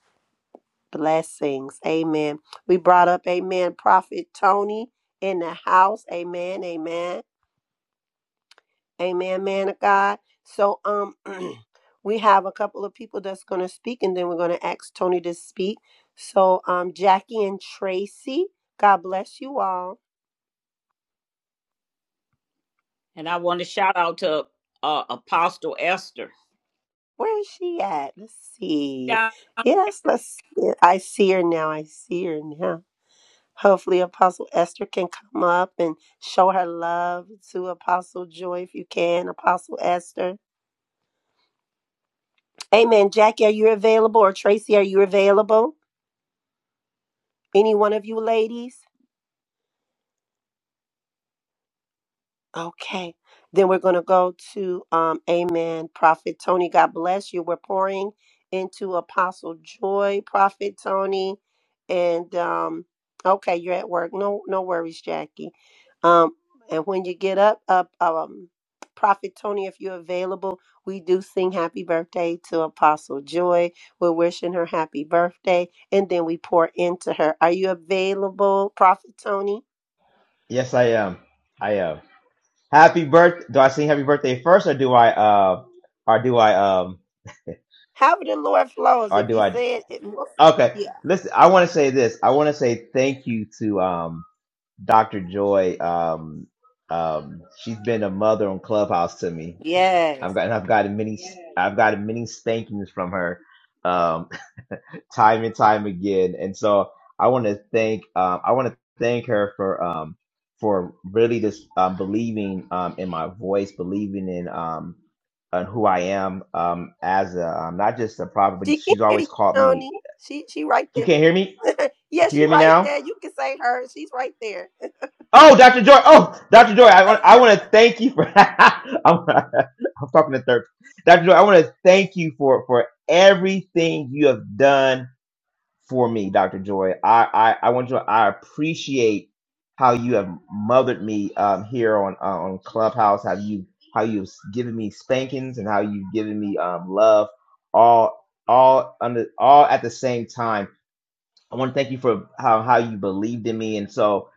E: Blessings. Amen. We brought up, amen, Prophet Tony in the house. Amen. Amen. Amen, man of God. So, um, we have a couple of people that's going to speak and then we're going to ask Tony to speak. So, um, Jackie and Tracy, God bless you all.
A: And I want to shout out to uh, Apostle Esther.
E: Where is she at? Let's see.
A: Yeah.
E: Yes, let's. I see her now. I see her now. Hopefully, Apostle Esther can come up and show her love to Apostle Joy if you can, Apostle Esther. Amen. Jackie, are you available? Or Tracy, are you available? Any one of you ladies? Okay. Then we're going to go to um, Amen. Prophet Tony, God bless you. We're pouring into Apostle Joy, Prophet Tony. And um, okay, you're at work. No, no worries, Jackie. Um, and when you get up, up, um, Prophet Tony, if you're available, we do sing happy birthday to Apostle Joy. We're wishing her happy birthday, and then we pour into her. Are you available, Prophet Tony?
O: Yes, I am. I am. Happy birth. Do I sing happy birthday first, or do I, uh, or do I, um,
E: However the Lord flows.
O: or
E: If
O: do
E: you
O: I?
E: say it, it will.
O: Okay.
E: Yeah.
O: Listen, I want to say this. I want to say thank you to um, Dr. Joy. Um, um, she's been a mother on Clubhouse to me.
E: Yes.
O: I've gotten, I've gotten many, I've gotten many spankings from her. Um, time and time again. And so I want to thank um, I want to thank her for um, for really just um, believing um, in my voice, believing in um, on who I am um, as a um, not just a prophet, but
E: She can
O: she's
E: hear you,
O: always called me.
E: Tony. She she right
O: You
E: there.
O: can't hear me.
E: yeah,
O: Can you
E: she
O: hear me
E: right
O: now?
E: there. You can say her. She's right there.
O: Oh, Dr. Joy. Oh, Dr. Joy. I want. I want to thank you for. I'm, I'm talking to third. Dr. Joy. I want to thank you for for everything you have done for me, Dr. Joy. I, I, I want you. I appreciate how you have mothered me um, here on uh, on Clubhouse. How you how you've given me spankings and how you've given me um, love, all all under all at the same time I want to thank you for how how you believed in me, and so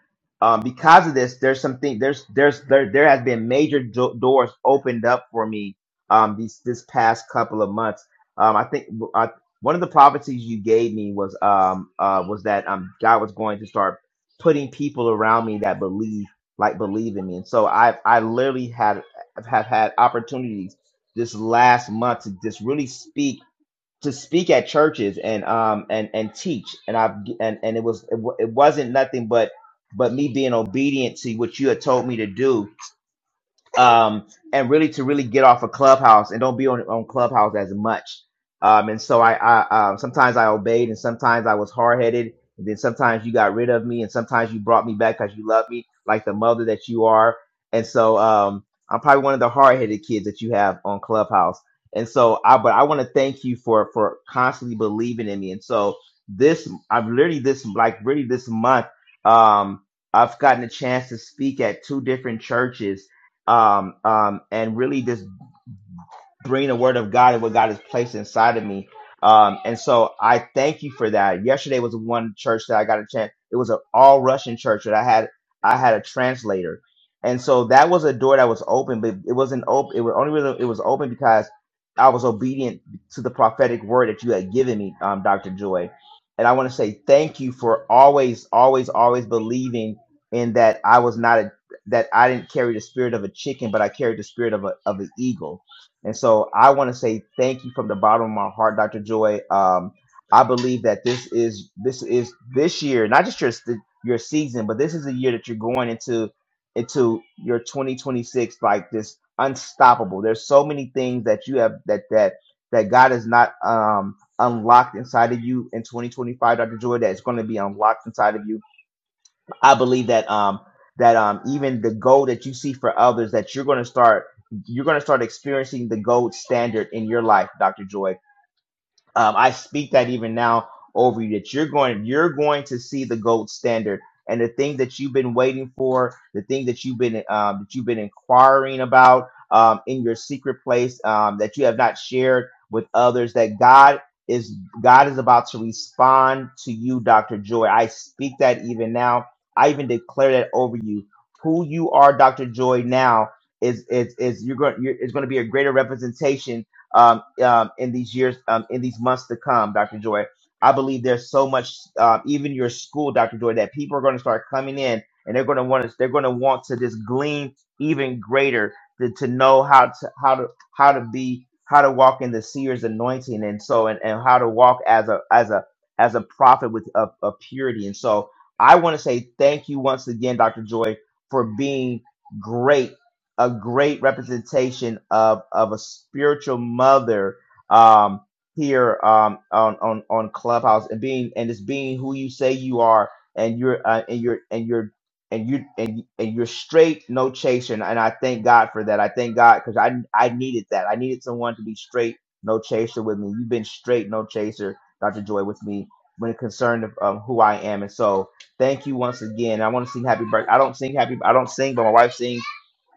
O: um, because of this, there's something there's there's there there has been major do- doors opened up for me um, these this past couple of months. Um, I think uh, one of the prophecies you gave me was um uh, was that um God was going to start putting people around me that believe like believe in me, and so I I literally had have had opportunities this last month to just really speak to speak at churches and um and and teach and I and and it was it, wa- it wasn't nothing but but me being obedient to what you had told me to do um, and really to really get off of Clubhouse and don't be on on Clubhouse as much. Um, and so I, I uh, sometimes I obeyed, and sometimes I was hard headed, and then sometimes you got rid of me, and sometimes you brought me back because you love me like the mother that you are. And so um, I'm probably one of the hard headed kids that you have on Clubhouse. And so I, but I want to thank you for for constantly believing in me. And so this, I've literally this like really this month, um, I've gotten a chance to speak at two different churches um, um, and really just bring the word of God and what God has placed inside of me. Um, and so I thank you for that. Yesterday was one church that I got a chance. It was an all Russian church that I had. I had a translator, and so that was a door that was open, but it wasn't open. It was only reason it was open because I was obedient to the prophetic word that you had given me, um, Doctor Joy. And I want to say thank you for always, always, always believing in that I was not a that I didn't carry the spirit of a chicken, but I carried the spirit of a of an eagle and so I want to say thank you from the bottom of my heart, Dr. Joy. Um, I believe that this is this is this year, not just your se- your season, but this is a year that you're going into into your 2026 like this unstoppable. There's so many things that you have that that that God has not um unlocked inside of you in 2025, Dr. Joy, that is going to be unlocked inside of you I believe that um that um even the goal that you see for others that you're going to start you're going to start experiencing the gold standard in your life, Dr. Joy um, I speak that even now over you that you're going you're going to see the gold standard and the thing that you've been waiting for, the thing that you've been um, that you've been inquiring about um, in your secret place um, that you have not shared with others. That God is God is about to respond to you, Doctor Joy. I speak that even now. I even declare that over you. Who you are, Doctor Joy, now is is is you're going you're, is going to be a greater representation um, um, in these years, um, in these months to come, Dr. Joy. I believe there's so much, um, even your school, Dr. Joy, that people are going to start coming in and they're going to want to, they're going to want to just glean even greater to, to know how to, how to, how to be, how to walk in the seer's anointing. And so, and, and how to walk as a, as a, as a prophet with a, a purity. And so I want to say thank you once again, Dr. Joy, for being great a great representation of of a spiritual mother um, here um, on on on Clubhouse and being and it's being who you say you are and you're uh, and you're and you're and you and and you're straight, no chasing, and I thank God for that. I thank God because I I needed that. I needed someone to be straight, no chaser with me. You've been straight, no chaser, Dr. Joy, with me when it concerned of um, who I am, and so thank you once again. I want to sing happy birthday. I don't sing happy. I don't sing, but my wife sings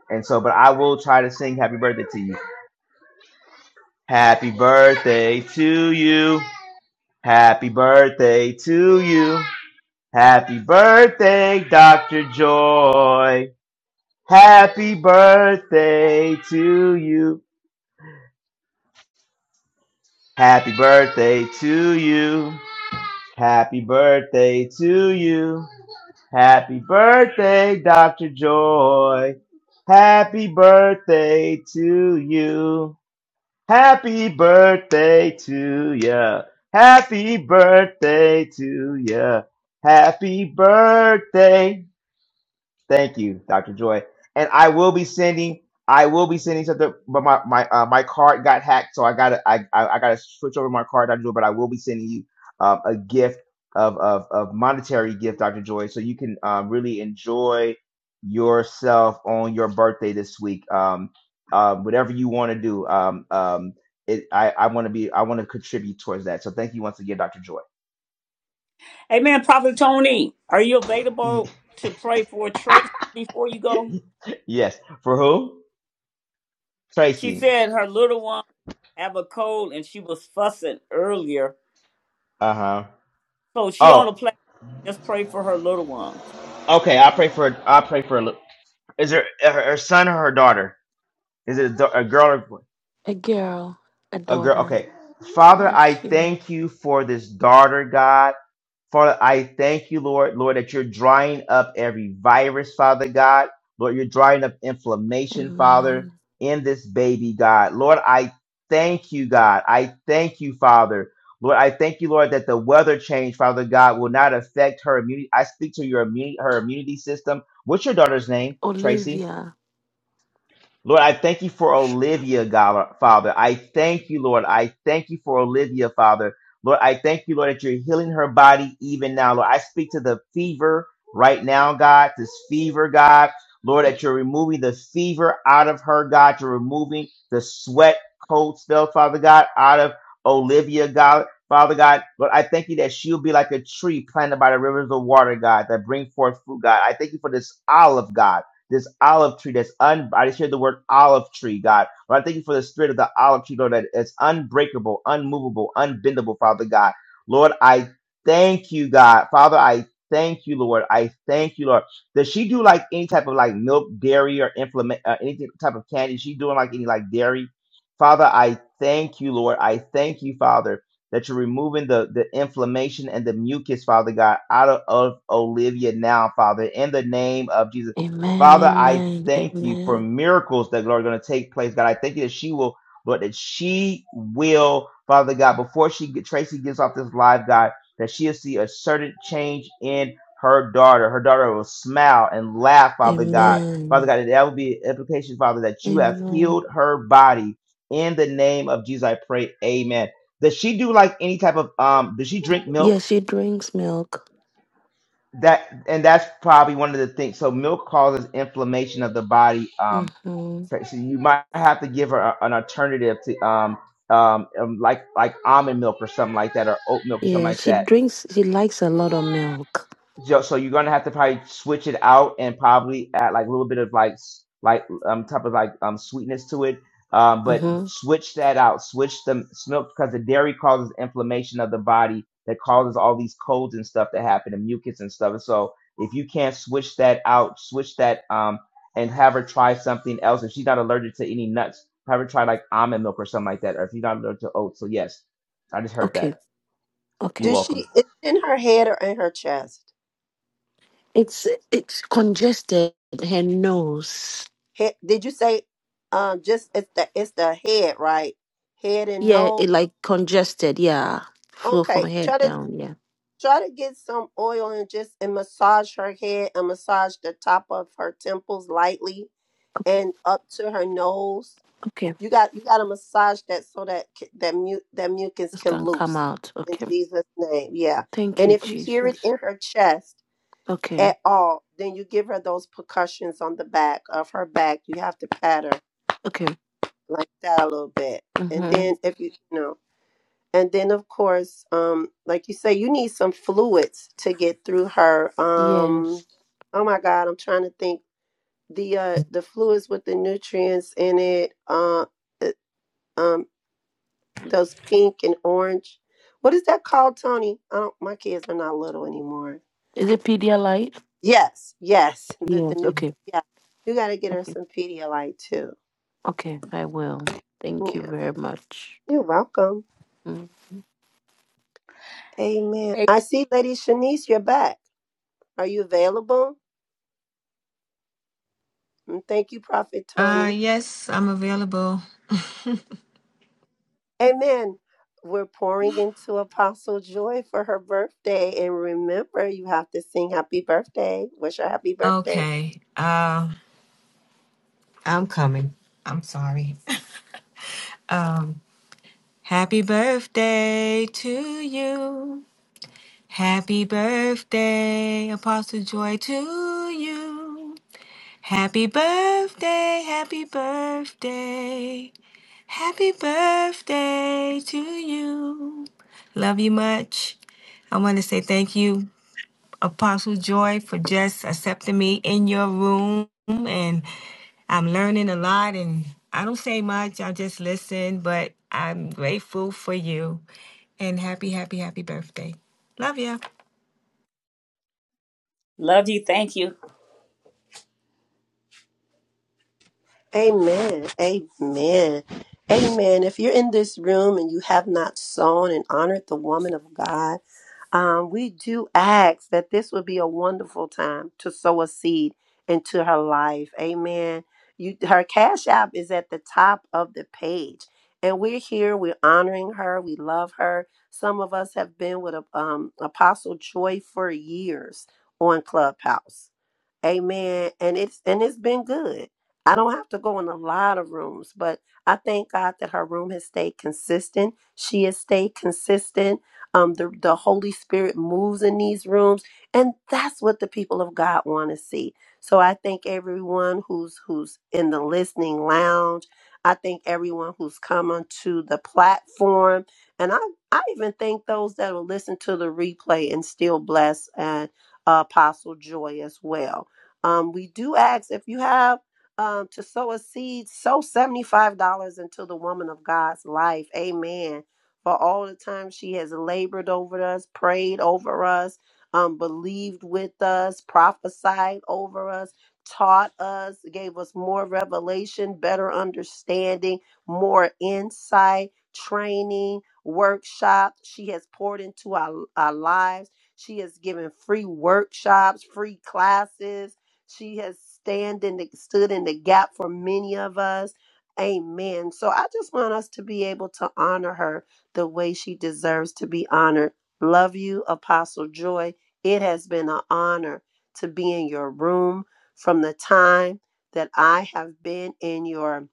O: and so, but I will try to sing happy birthday to you. Happy birthday to you. Happy birthday to you. Happy birthday, Dr. Joy. Happy birthday to you. Happy birthday to you. Happy birthday to you. Happy birthday, Dr. Joy. Happy birthday to you. Happy birthday to ya. Happy birthday to ya. Happy birthday Thank you, Dr. Joy. And I will be sending. I will be sending something, but my my uh, my card got hacked, so I gotta I, I I gotta switch over my card, Dr. Joy. But I will be sending you um, a gift of, of of monetary gift, Dr. Joy, so you can um, really enjoy yourself on your birthday this week. Um, uh, whatever you want to do, um, um, it, I I want to be I want to contribute towards that. So thank you once again, Dr. Joy.
A: Amen. Prophet Tony, are you available to pray for Tracy before you go?
O: yes, for who?
A: She
O: Tracy.
A: said her little one have a cold and she was fussing earlier,
O: Uh huh.
A: so she on
O: Oh,
A: a Just pray for her little ones.
O: Okay, I pray for I pray for a little. Is there her, her son or her daughter? Is it a, da- a girl or boy?
P: A girl, a
O: a girl?
P: daughter.
O: Okay, Father, I
P: Thank you.
O: thank you for this daughter, God. Father, I thank you, Lord, Lord, that you're drying up every virus, Father God. Lord, you're drying up inflammation, Father,
P: Amen.
O: in this baby, God. Lord, I thank you, God. I thank you, Father. Lord, I thank you, Lord, that the weather change, Father God, will not affect her immunity. I speak to your immunity, her immunity system. What's your daughter's name, Tracy?
P: Olivia.
O: Lord, I thank you
P: Oh,
O: for
P: shut up.
O: Olivia, God, Father. I thank you, Lord. I thank you for Olivia, Father. Lord, I thank you, Lord, that you're healing her body even now. Lord, I speak to the fever right now, God, this fever, God. Lord, that you're removing the fever out of her, God. You're removing the sweat, cold spell, Father God, out of Olivia, God. Father God, Lord, I thank you that she'll be like a tree planted by the rivers of water, God, that bring forth fruit, God. I thank you for this olive, God this olive tree that's un I just hear the word olive tree, God. But I thank you for the spirit of the olive tree, Lord, that it's unbreakable, unmovable, unbendable, Father God. Lord, I thank you, God. Father, I thank you, Lord. I thank you, Lord. Does she do like any type of like milk, dairy, or implement uh, any type of candy? Is She doing like any like dairy? Father, I thank you, Lord. I thank you, Father that you're removing the, the inflammation and the mucus, Father God, out of, of Olivia now, Father, in the name of Jesus.
P: Amen.
O: Father, I
P: Amen.
O: thank you for
P: Amen.
O: miracles that Lord are going to take place. God, I thank you that she will, Lord, that she will, Father God, before she Tracy gets off this live, God, that she'll see a certain change in her daughter. Her daughter will smile and laugh, Father God. Father
P: Amen.
O: God, that that will be an implication, Father, that you have
P: Amen.
O: healed her body. In the name of Jesus, I pray. Amen. Does she do like any type of um? Does she drink milk?
P: Yeah, she drinks milk.
O: That and that's probably one of the things. So milk causes inflammation of the body. Um,
P: Mm-hmm.
O: so so you might have to give her a- an alternative to um, um um, like like almond milk or something like that or oat milk or something
P: Yeah,
O: like
P: she
O: that
P: drinks. She likes a lot of milk.
O: Yo, so you're gonna have to probably switch it out and probably add like a little bit of like s- like um type of like um sweetness to it. Um, but
P: Mm-hmm.
O: switch that out. Switch the milk because the dairy causes inflammation of the body that causes all these colds and stuff that happen and mucus and stuff. So if you can't switch that out, switch that um and have her try something else. If she's not allergic to any nuts, have her try like almond milk or something like that. Or if you're not allergic to oats, so yes, I just heard
P: Okay.
O: that. You're
P: Okay.
E: Does
O: welcome.
E: she it's in her head or in her chest?
P: It's it's congested. Her nose.
E: Head, did you say um just it's the it's the head, right? Head and
P: Yeah,
E: nose.
P: it like congested. Yeah, flow from
E: Okay. Try
P: head
E: to
P: down. Yeah.
E: try to get some oil and just and massage her head and massage the top of her temples lightly
P: Okay.
E: and up to her nose
P: Okay.
E: You got you got to massage that so that c- that mu that mucus
P: This
E: can
P: can come
E: loose
P: out.
E: in
P: Okay.
E: Jesus' name. Yeah,
P: Thank
E: and
P: you,
E: if you hear it
P: Jesus.
E: in her chest
P: Okay.
E: at all, then you give her those percussions on the back of her back. You have to pat her
P: Okay.
E: like that a little bit, and
P: Mm-hmm.
E: then if you you know, and then of course, um, like you say, you need some fluids to get through her. Um,
P: Yes.
E: oh my God, I'm trying to think the uh the fluids with the nutrients in it. Uh, um those pink and orange. What is that called, Tony? I don't, my kids are not little anymore.
P: Is it Pedialyte?
E: Yes, yes, the the
P: Yes.
E: new
P: Okay.
E: yeah. You got to get her
P: Okay.
E: some Pedialyte too.
P: Okay. I will. Thank you
E: Yeah,
P: very much.
E: you're welcome.
P: Mm.
E: Amen. I see, Lady Shanice, you're back. Are you available? And thank you, Prophet
Q: Uh,
E: Tony.
Q: yes, I'm available.
E: Amen. We're pouring into Apostle Joy for her birthday, and remember, you have to sing Happy Birthday. Wish her Happy Birthday.
Q: Okay. Uh, I'm coming. I'm sorry. Um, happy birthday to you. Happy birthday, Apostle Joy, to you. Happy birthday, happy birthday, happy birthday to you. Love you much. I want to say thank you Apostle Joy, for just accepting me in your room. And I'm learning a lot, and I don't say much, I just listen, but I'm grateful for you. And happy, happy, happy birthday. Love ya.
A: Love you. Thank you.
E: Amen. Amen. Amen. If you're in this room and you have not sown and honored the woman of God, um, we do ask that this would be a wonderful time to sow a seed into her life. Amen. You, her cash app is at the top of the page. And we're here. We're honoring her. We love her. Some of us have been with um, Apostle Joy for years on Clubhouse. Amen. And it's and it's been good. I don't have to go in a lot of rooms, but I thank God that her room has stayed consistent. She has stayed consistent. Um, the, the Holy Spirit moves in these rooms, and that's what the people of God want to see. So I thank everyone who's who's in the listening lounge. I thank everyone who's come onto the platform, and I I even thank those that will listen to the replay and still bless and uh, Apostle Joy as well. Um, we do ask if you have um, to sow a seed, sow $75 into the woman of God's life. Amen. For all the time she has labored over us, prayed over us, um, believed with us, prophesied over us, taught us, gave us more revelation, better understanding, more insight, training, workshops. She has poured into our, our lives. She has given free workshops, free classes she has stand in the, stood in the gap for many of us. Amen. So I just want us to be able to honor her the way she deserves to be honored. Love you, Apostle Joy. It has been an honor to be in your room from the time that I have been in your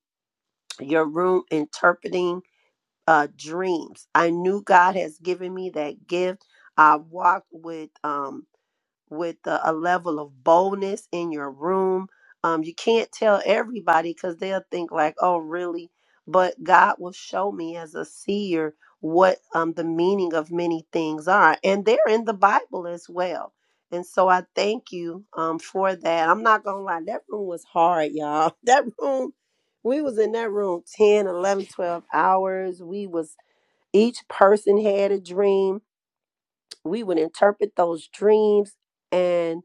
E: your room interpreting uh, dreams. I knew God has given me that gift. I walked with um, with a, a level of boldness in your room. Um, you can't tell everybody because they'll think like, "Oh, really?" But God will show me as a seer what um, the meaning of many things are, and they're in the Bible as well. And so I thank you um, for that. I'm not gonna lie, that room was hard, y'all. That room, we was in that room 10, 11, 12 hours. We was each person had a dream. We would interpret those dreams and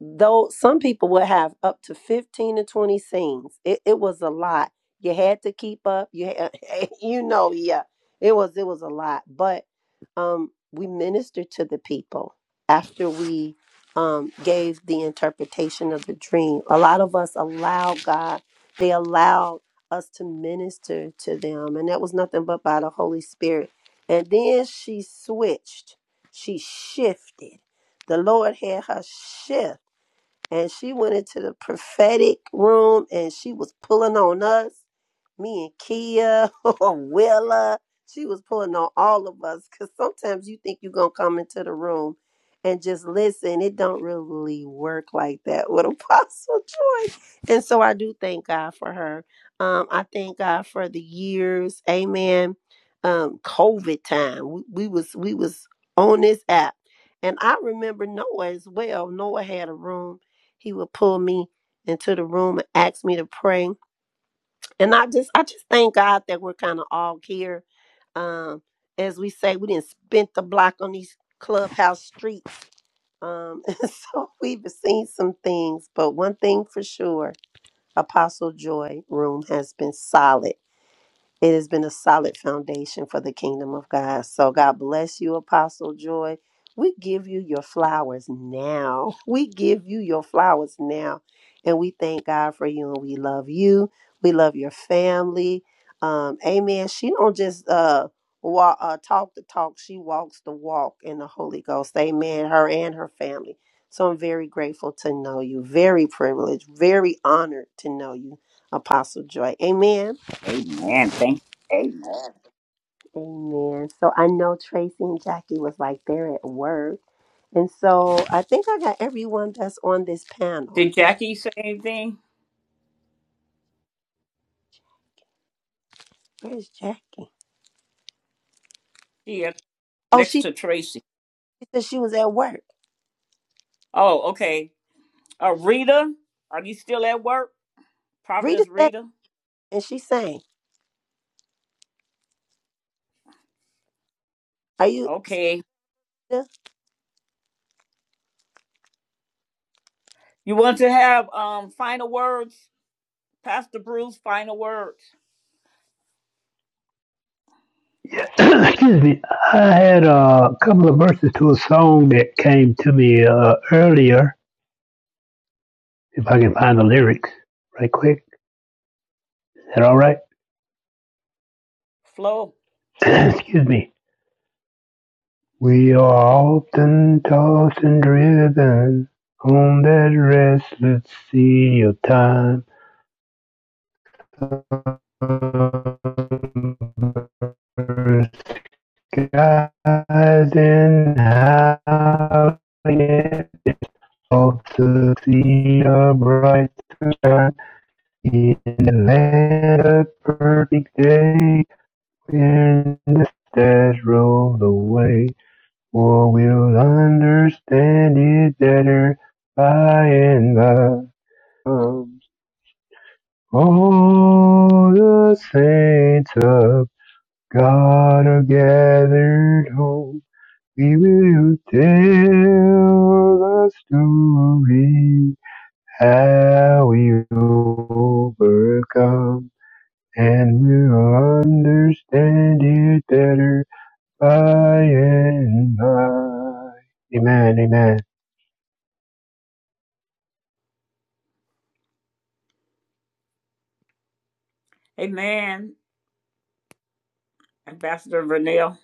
E: though some people would have up to 15 to 20 scenes it, it was a lot you had to keep up you had, you know yeah it was it was a lot but um we ministered to the people after we um gave the interpretation of the dream a lot of us allowed god they allowed us to minister to them and that was nothing but by the holy spirit and then she switched she shifted the lord had her shift and she went into the prophetic room and she was pulling on us, me and Kia or Willa. She was pulling on all of us because sometimes you think you're gonna come into the room and just listen. It don't really work like that with Apostle Joy. And so I do thank God for her. Um, I thank God for the years, amen. Um, COVID time. We, we was we was on this app. And I remember Noah as well. Noah had a room he would pull me into the room and ask me to pray. And I just I just thank God that we're kind of all here. Um, as we say, we didn't spend the block on these clubhouse streets. Um, and so we've seen some things, but one thing for sure, Apostle Joy Room has been solid. It has been a solid foundation for the kingdom of God. So God bless you, Apostle Joy. We give you your flowers now. We give you your flowers now. And we thank God for you and we love you. We love your family. Um, amen. She don't just uh, walk, uh, talk the talk. She walks the walk in the Holy Ghost. Amen. Her and her family. So I'm very grateful to know you. Very privileged. Very honored to know you, Apostle Joy. Amen.
A: Amen. Thank you.
E: Amen. Amen. So I know Tracy and Jackie was like they're at work. And so I think I got everyone that's on this panel.
A: Did Jackie say anything?
E: Where's Jackie?
A: She is
E: Oh,
A: next
E: she
A: to Tracy.
E: said she was at work.
A: Oh, okay. Uh, Rita, are you still at work?
E: Rita
A: Providence
E: said
A: Rita?
E: and she sang. Are you still
A: Okay.
E: there?
A: You want to have um final words, Pastor Bruce? Final words,
M: Excuse me. I had uh, a couple of verses to a song that came to me uh, earlier. If I can find the lyrics right quick. Is that all right?
A: Flo.
M: Excuse me. We are often tossed and driven on that restless sea of time garden how it ought to see a bright sun in the land of perfect day when the stars roll away. For we'll understand it better by and by. All the saints of God are gathered home. We will tell the story how we overcome, and we'll understand it better by and by. Amen. Amen.
A: Amen, Ambassador Vernell.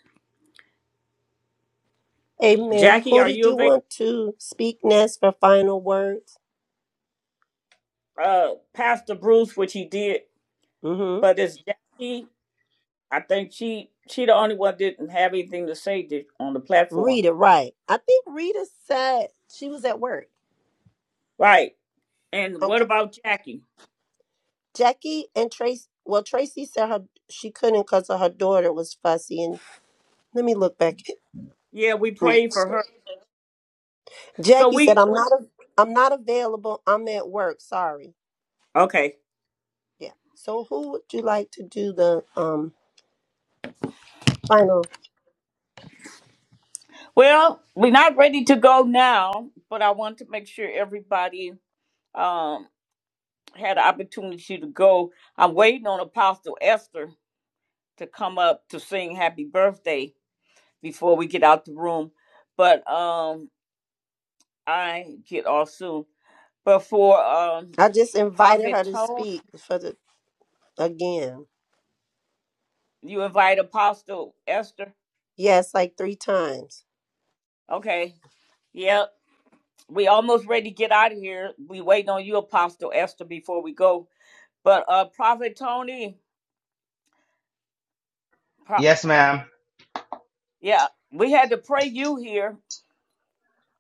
E: Amen.
A: Jackie,
E: Who
A: are
E: did
A: you
E: you
A: available?
E: want to speak next for final words?
A: Uh, Pastor Bruce, which he did,
E: Mm-hmm.
A: but it's Jackie. I think she she the only one didn't have anything to say did, on the platform,
E: Rita, right. I think Rita said she was at work.
A: right? And what
E: Okay.
A: about Jackie?
E: Jackie and Tracy well, Tracy said her she couldn't because her daughter was fussy and let me look back.
A: Yeah, we
E: Mm.
A: prayed for her. So
E: Jackie said,
A: we
E: "I'm not. A, I'm not available. I'm at work. Sorry."
A: okay.
E: Yeah. So, who would you like to do the um final?
A: Well, we're not ready to go now, but I want to make sure everybody. um. had the opportunity to go. I'm waiting on Apostle Esther to come up to sing happy birthday before we get out the room. But um I get off soon. But for um
E: I just invited her
A: Prophet
E: to
A: Tone,
E: speak for the again.
A: you invite Apostle Esther.
E: Yes, like three times.
A: Okay. Yeah, We almost ready to get out of here. We waiting on you, Apostle Esther, before we go. But uh Prophet Tony, Pro-
O: Yes, ma'am.
A: yeah, we had to pray you here.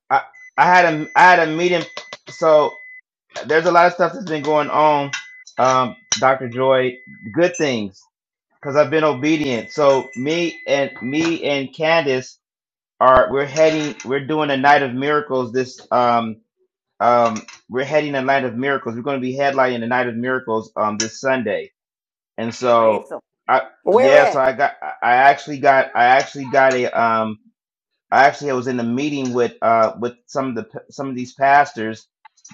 O: I, I had a I had a meeting. So there's a lot of stuff that's been going on, um, Doctor Joy. Good things because I've been obedient. So me and me and Candace are we're heading. We're doing a night of miracles. This um um we're heading a night of miracles. We're going to be headlining the night of miracles um this Sunday. And
A: Praise 'em.
O: so I
E: Where
O: yeah. So
E: at?
O: I got I I actually got I actually got a um. I actually was in a meeting with uh with some of the some of these pastors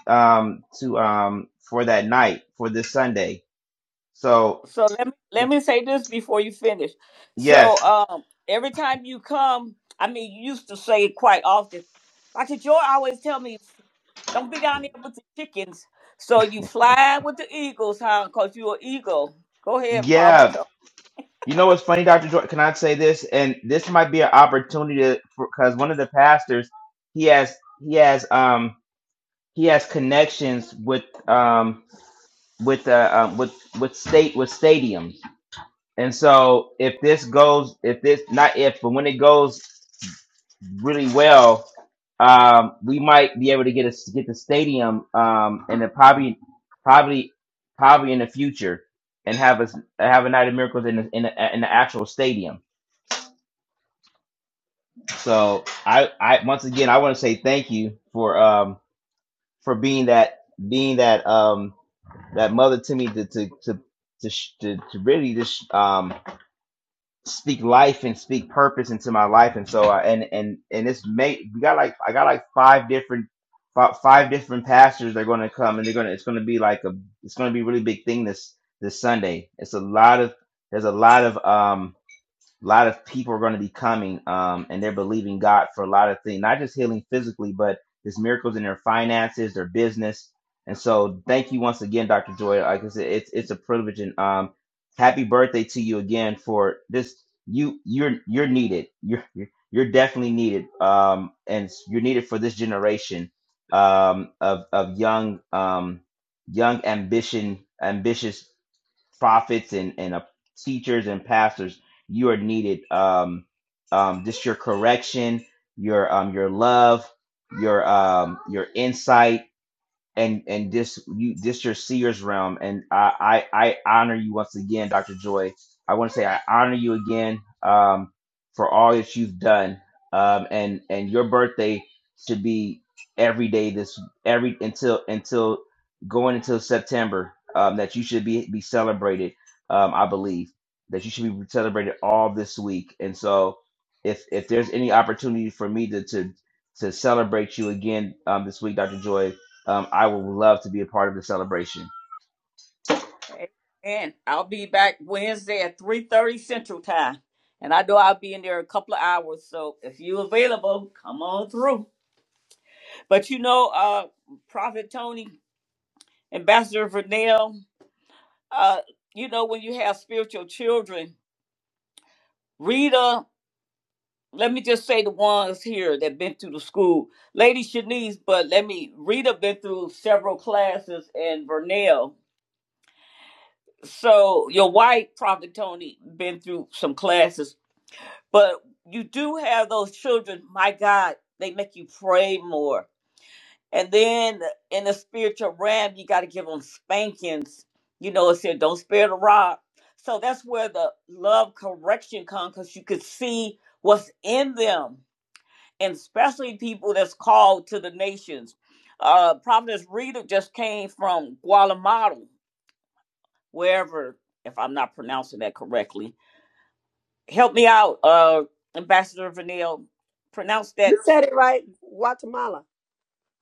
O: um to um for that night for this Sunday. So
A: so let me let
O: be-
A: me say this before you finish. So
O: yes,
A: um every time you come, I mean you used to say it quite often. Dr. Joy always tell me don't be down there with the chickens. So you fly with the eagles, huh? Cause you're an eagle. Go ahead, Prophet.
O: yeah. You know what's funny, Doctor Jordan? Can I say this? And this might be an opportunity because one of the pastors he has he has um he has connections with um with uh um, with with state with stadiums. And so if this goes if this not if but when it goes really well, um, we might be able to get us get the stadium, um, and then probably, probably, probably in the future, and have us have a night of miracles in the in the, in the actual stadium. So I, I once again I want to say thank you for um for being that being that um that mother to me to to to to, to, to really just um. speak life and speak purpose into my life and so I, and and and it's made we got like i got like five different fi- five different pastors that are going to come and they're going to it's going to be like a it's going to be a really big thing this this sunday it's a lot of there's a lot of um a lot of people are going to be coming um, and they're believing God for a lot of things, not just healing physically, but there's miracles in their finances, their business. And so thank you once again, Dr. Joy. Like I said, it's, it's a privilege and um, happy birthday to you again for this. You, you're, you're needed. You're, you're you're definitely needed. Um, and you're needed for this generation um, of, of young, um, young ambition, ambitious prophets and and uh, teachers and pastors you are needed um um just your correction your um your love your um your insight and and this you this your seer's realm and I, I i honor you once again dr joy i want to say i honor you again um for all that you've done um and and your birthday should be every day this every until until going until september um that you should be be celebrated um i believe that you should be celebrated all this week and so if if there's any opportunity for me to to to celebrate you again um this week dr joy um, I would love to be a part of the celebration.
A: Tony. Amen. I'll be back Wednesday at three thirty Central Time, and I know I'll be in there a couple of hours. So if you're available, come on through. But you know, uh, Prophet Tony, Ambassador Vernell, Uh, you know, when you have spiritual children, Rita, let me just say the ones here that been through the school. Lady Shanice, but let me, Rita been through several classes and Vernell. So your wife, Prophet Tony, been through some classes, but you do have those children. My God, they make you pray more And then in the spiritual realm, you got to give them spankings. You know, it said, don't spare the rod. So that's where the love correction comes because you could see what's in them, and especially people that's called to the nations. Uh, Providence Rita just came from Guatemala, wherever, if I'm not pronouncing that correctly. Help me out, uh, Ambassador Vanille. Pronounce
E: You
A: that
E: said it right, Guatemala.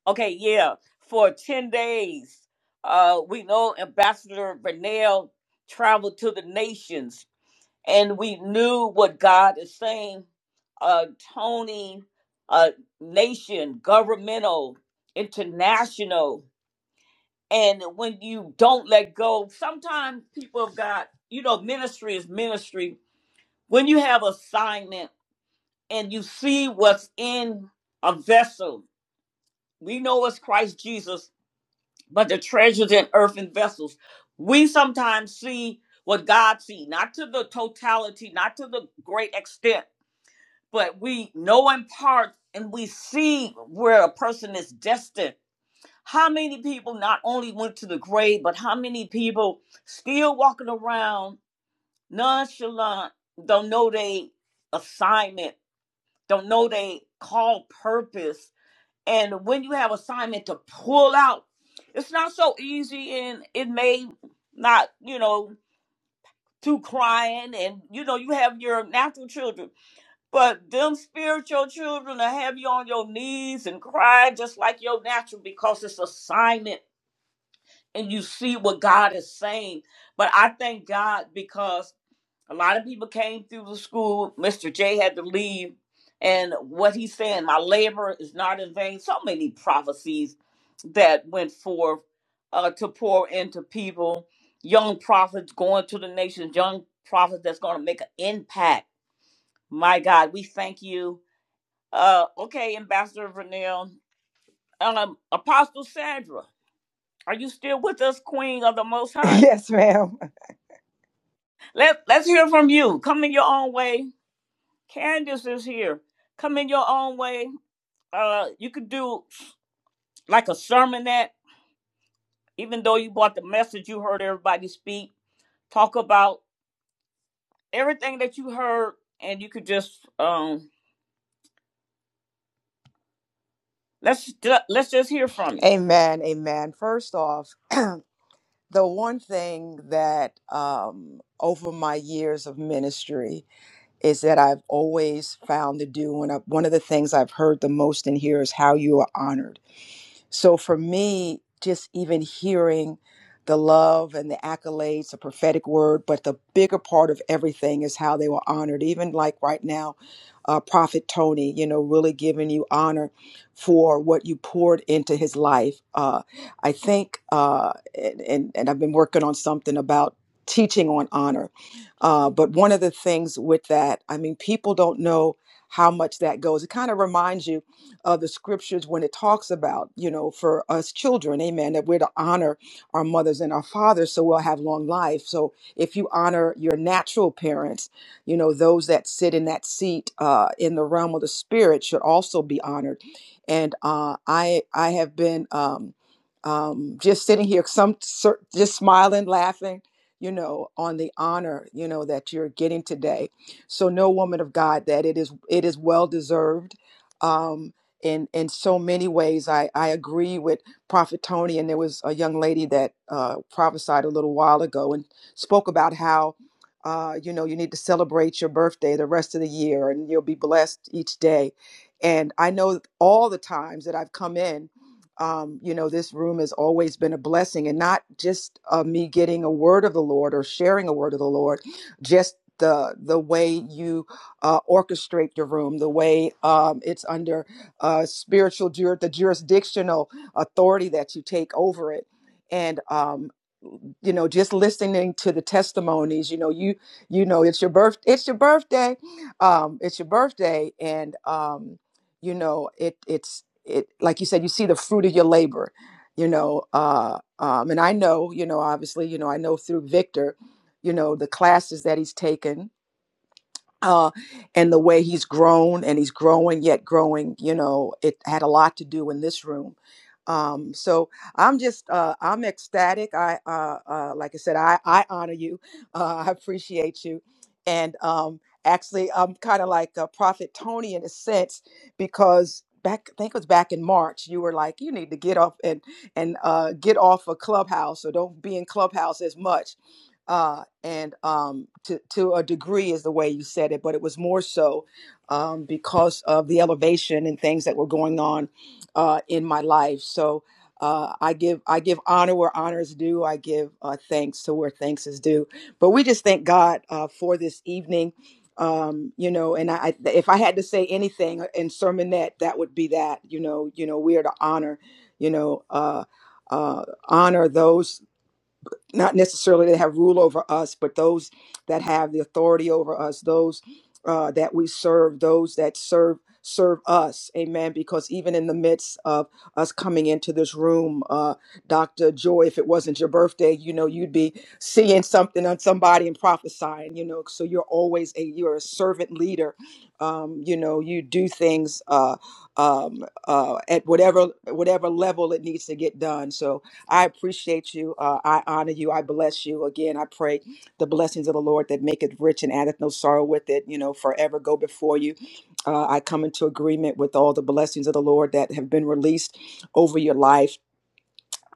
A: Okay, yeah, for 10 days. Uh, we know Ambassador Vernell traveled to the nations, and we knew what God is saying. Uh, Tony, uh, nation, governmental, international. And when you don't let go, sometimes people have got, you know, ministry is ministry. When you have assignment and you see what's in a vessel, we know it's Christ Jesus but the treasures in earthen vessels. We sometimes see what God sees not to the totality, not to the great extent, but we know in part and we see where a person is destined. How many people not only went to the grave, but how many people still walking around nonchalant, don't know they assignment, don't know they call purpose, and when you have assignment to pull out it's not so easy and it may not you know through crying and you know you have your natural children but them spiritual children to have you on your knees and cry just like your natural because it's assignment and you see what god is saying but i thank god because a lot of people came through the school. Mr. J had to leave. And what he's saying, my labor is not in vain. So many prophecies that went forth uh, to pour into people, young prophets going to the nations, young prophets that's going to make an impact. My God, we thank you. Uh, okay, Ambassador Vernell. Um, Apostle Sandra, are you still with us, Queen of the Most High?
B: Yes, ma'am.
A: Let, let's hear from you. Come in your own way Candace is here. Come in your own way. Uh, you could do like a sermonette, even though you bought the message, you heard everybody speak, talk about everything that you heard, and you could just um let's let's just hear from you.
B: Amen. Amen. First off, the one thing that um, over my years of ministry is that I've always found to do, and I- one of the things I've heard the most in here is how you are honored so for me, just even hearing the love and the accolades, the prophetic word, but the bigger part of everything is how they were honored. Even like right now, uh, Prophet Tony, you know, really giving you honor for what you poured into his life. Uh, I think, uh, and, and and I've been working on something about teaching on honor. Uh, but one of the things with that, I mean, people don't know how much that goes. It kind of reminds you uh, the scriptures when it talks about, you know, for us children, amen, that we're to honor our mothers and our fathers so we'll have long life. So if you honor your natural parents, you know, those that sit in that seat uh, in the realm of the spirit should also be honored. And uh, I, I have been um, um, just sitting here, some cer- just smiling, laughing, you know, on the honor, you know, that you're getting today. So no woman of God that it is, it is well deserved. Um, in in so many ways i i agree with prophet tony and there was a young lady that uh prophesied a little while ago and spoke about how uh you know you need to celebrate your birthday the rest of the year and you'll be blessed each day and i know all the times that i've come in um, you know, this room has always been a blessing, and not just uh, me getting a word of the Lord or sharing a word of the Lord, just the the way you uh, orchestrate your room, the way um, it's under uh, spiritual jur- the jurisdictional authority that you take over it and um, you know just listening to the testimonies you know you you know it's your birth it's your birthday um it's your birthday and um you know it it's it like you said you see the fruit of your labor you know uh um and i know you know obviously you know i know through victor you know the classes that he's taken uh, and the way he's grown and he's growing yet growing you know it had a lot to do in this room um, so i'm just uh, i'm ecstatic i uh, uh, like i said i, I honor you uh, i appreciate you and um, actually i'm kind of like a prophet tony in a sense because back i think it was back in march you were like you need to get off and and uh, get off of clubhouse or don't be in clubhouse as much uh, and um, to to a degree is the way you said it, but it was more so um, because of the elevation and things that were going on uh, in my life. So uh, I give I give honor where honor is due. I give uh, thanks to where thanks is due. But we just thank God uh, for this evening. Um, you know, and I, if I had to say anything in sermonette, that would be that. You know, you know, we are to honor. You know, uh, uh, honor those not necessarily that have rule over us, but those that have the authority over us, those uh, that we serve, those that serve serve us. Amen. Because even in the midst of us coming into this room, uh, Dr. Joy, if it wasn't your birthday, you know, you'd be seeing something on somebody and prophesying, you know, so you're always a, you're a servant leader. Um, you know, you do things, uh, um, uh, at whatever, whatever level it needs to get done. So, I appreciate you. Uh, I honor you. I bless you. Again, I pray the blessings of the Lord that make it rich and addeth no sorrow with it, you know, forever go before you. Uh, I come into agreement with all the blessings of the Lord that have been released over your life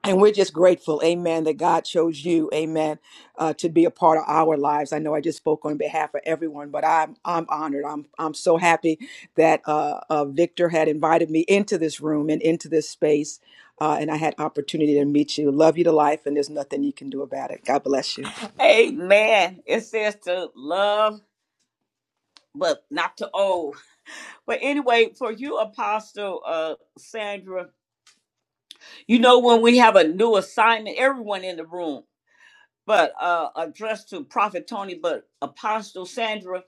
B: and we're just grateful, amen, that God chose you, amen, uh, to be a part of our lives. I know I just spoke on behalf of everyone, but I'm I'm honored. I'm I'm so happy that uh, uh, Victor had invited me into this room and into this space, uh, and I had opportunity to meet you. Love you to life, and there's nothing you can do about it. God bless you.
A: Amen. It says to love, but not to owe. But anyway, for you, Apostle uh, Sandra, you know when we have a new assignment, everyone in the room. but uh, addressed to Prophet Tony, but Apostle Sandra,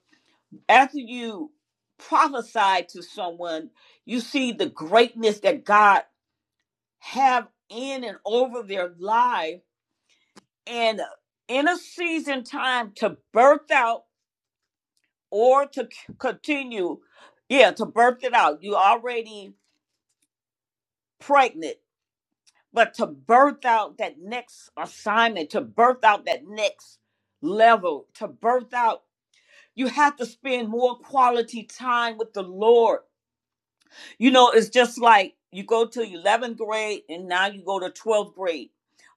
A: after you prophesy to someone, you see the greatness that God have in and over their life, and in a season time to birth out or to c- continue, yeah, to birth it out. You already pregnant, but to birth out that next assignment, to birth out that next level, to birth out. You have to spend more quality time with the Lord. You know, it's just like you go to 11th grade and now you go to 12th grade.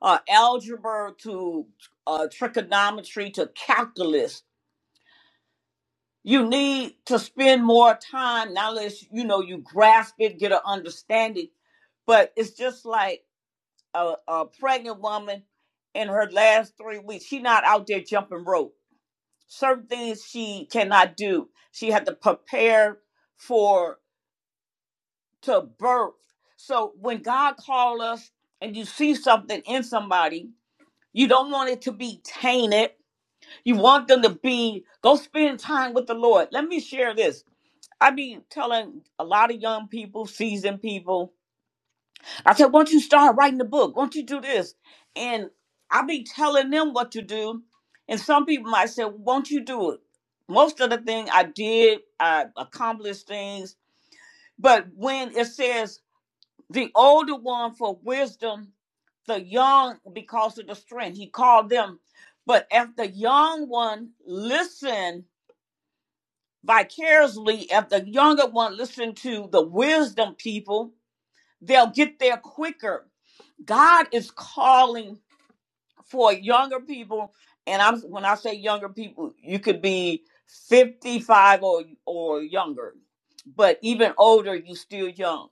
A: Uh, algebra to uh, trigonometry to calculus. You need to spend more time, not unless you know you grasp it, get an understanding. But it's just like a, a pregnant woman in her last three weeks. She not out there jumping rope. certain things she cannot do. She had to prepare for to birth. So when God calls us and you see something in somebody, you don't want it to be tainted. You want them to be go spend time with the Lord. Let me share this. I be telling a lot of young people, seasoned people, I said, "Won't you start writing the book? Won't you do this?" And I be telling them what to do, and some people might say, "Won't you do it?" Most of the thing I did, I accomplished things, but when it says the older one for wisdom, the young because of the strength, he called them. But if the young one listen vicariously, if the younger one listen to the wisdom people, they'll get there quicker God is calling for younger people, and I'm when I say younger people, you could be 55 or or younger, but even older, you still young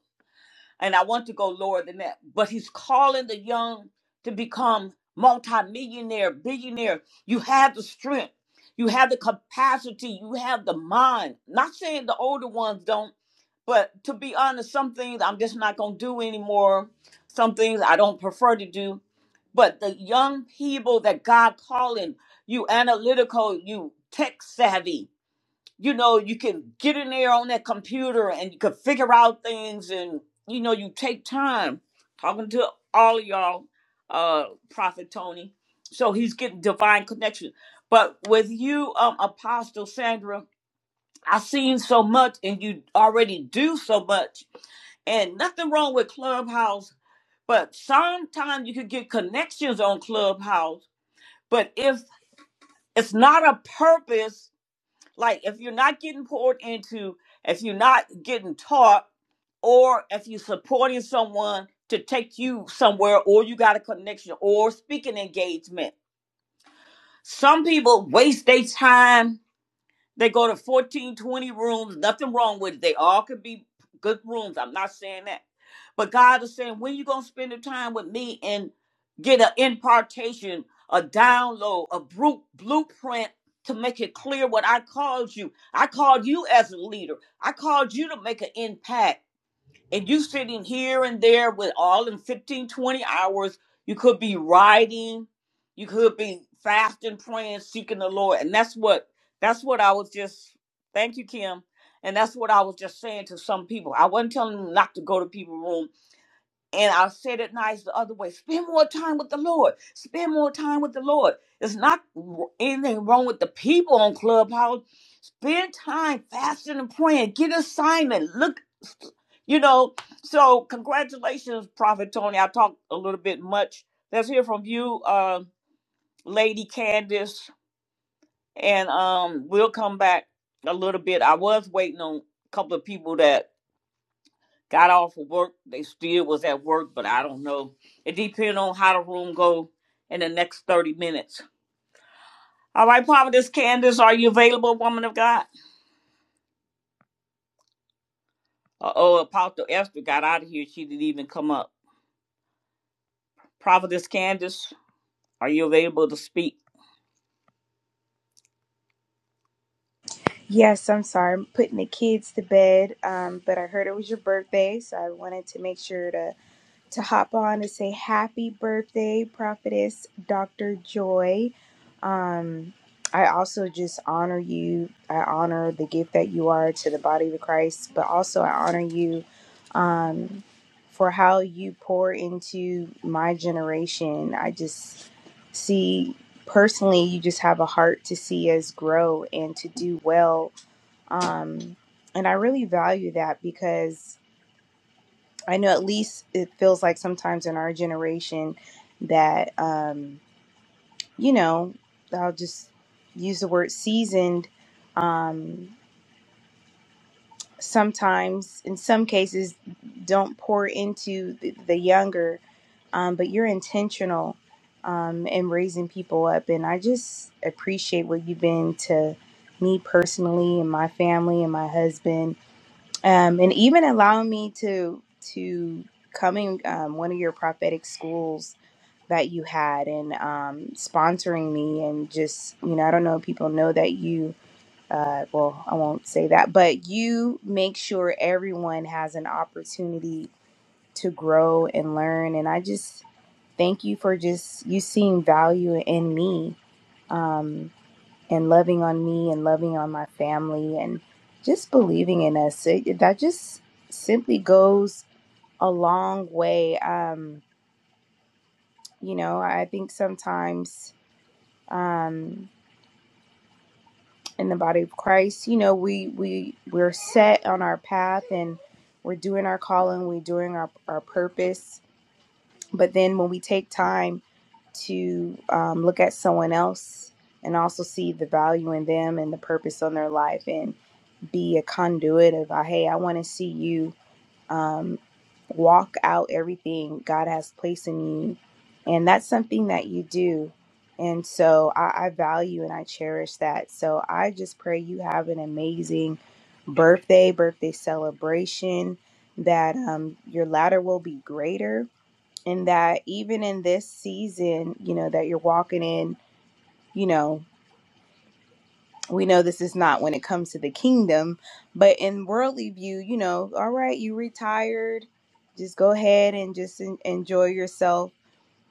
A: and I want to go lower than that. But he's calling the young to become multimillionaire, billionaire. You have the strength, you have the capacity, you have the mind. Not saying the older ones don't, but to be honest, some things I'm just not gonna do anymore. Some things I don't prefer to do. But the young people that God calling, you analytical, you tech savvy, you know, you can get in there on that computer and you can figure out things and, you know, you take time talking to all of y'all, uh, Prophet Tony. So he's getting divine connection. But with you, um, Apostle Sandra, I've seen so much and you already do so much. And nothing wrong with Clubhouse, but sometimes you can get connections on Clubhouse. But if it's not a purpose, like if you're not getting poured into, if you're not getting taught, or if you're supporting someone to take you somewhere, or you got a connection, or speaking engagement. Some people waste their time they go to 14 20 rooms, nothing wrong with it. They all could be good rooms. I'm not saying that. But God is saying, when you going to spend the time with me and get an impartation, a download, a bru- blueprint to make it clear what I called you? I called you as a leader, I called you to make an impact and you sitting here and there with all in 15 20 hours you could be riding you could be fasting praying seeking the lord and that's what that's what i was just thank you kim and that's what i was just saying to some people i wasn't telling them not to go to people's room and I said it nice the other way. Spend more time with the Lord. Spend more time with the Lord. It's not w- anything wrong with the people on Clubhouse. Spend time fasting and praying. Get assignment. Look, you know. So congratulations, Prophet Tony. I talked a little bit much. Let's hear from you, uh, Lady Candace, and um, we'll come back a little bit. I was waiting on a couple of people that Got off of work. They still was at work, but I don't know. It depends on how the room go in the next 30 minutes. All right, Prophetess Candace, are you available, woman of God? Uh-oh, Apostle Esther got out of here. She didn't even come up. Prophetess Candace, are you available to speak?
R: Yes, I'm sorry. I'm putting the kids to bed, um, but I heard it was your birthday, so I wanted to make sure to to hop on to say happy birthday, Prophetess Dr. Joy. Um, I also just honor you. I honor the gift that you are to the body of Christ, but also I honor you um, for how you pour into my generation. I just see personally you just have a heart to see us grow and to do well um, and i really value that because i know at least it feels like sometimes in our generation that um, you know i'll just use the word seasoned um, sometimes in some cases don't pour into the, the younger um, but you're intentional um, in raising people up. And I just appreciate what you've been to me personally and my family and my husband, um, and even allowing me to to come in um, one of your prophetic schools that you had and um, sponsoring me and just you know I don't know if people know that you. Uh, well, I won't say that, but you make sure everyone has an opportunity to grow and learn. And I just Thank you for just you seeing value in me um, and loving on me and loving on my family and just believing in us. It, that just simply goes a long way. Um, you know, I think sometimes um, in the body of Christ, you know, we we we're set on our path and we're doing our calling, we're doing our our purpose, But then when we take time to um, look at someone else and also see the value in them and the purpose on their life and be a conduit of, uh, hey, I want to see you um, walk out everything God has placed in you. And that's something that you do. And so I, I value and I cherish that. So I just pray you have an amazing birthday, birthday celebration, that um, your ladder will be greater and that even in this season, you know, that you're walking in, you know, we know this is not when it comes to the kingdom, but in worldly view, you know, all right, you retired, just go ahead and just en- enjoy yourself.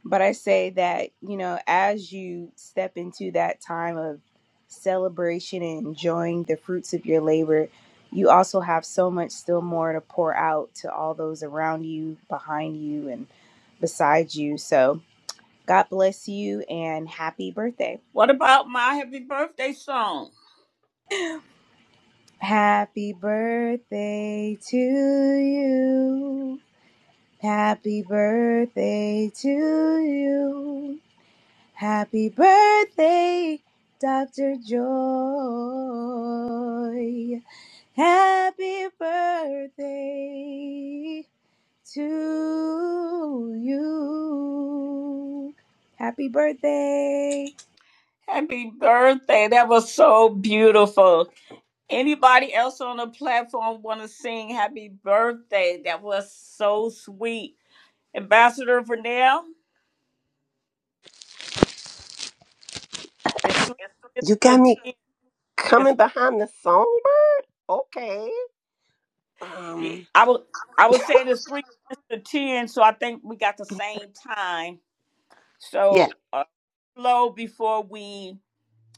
R: But I say that, you know, as you step into that time of celebration and enjoying the fruits of your labor, you also have so much still more to pour out to all those around you, behind you, and beside you. So, God bless you and happy birthday.
A: What about my happy birthday song?
R: Happy birthday to you. Happy birthday to you. Happy birthday, Dr. Joy. Happy birthday to you. Happy birthday.
A: Happy birthday. That was so beautiful. Anybody else on the platform want to sing happy birthday? That was so sweet. Ambassador Vernell? It's three
E: You got
A: minutes
E: me
A: to ten. It's
E: coming behind the phone. Okay.
A: three,
E: Um.
A: I was I was saying it's three minutes to ten, so I think we got the same time.
E: Yeah.
A: So uh, slow before we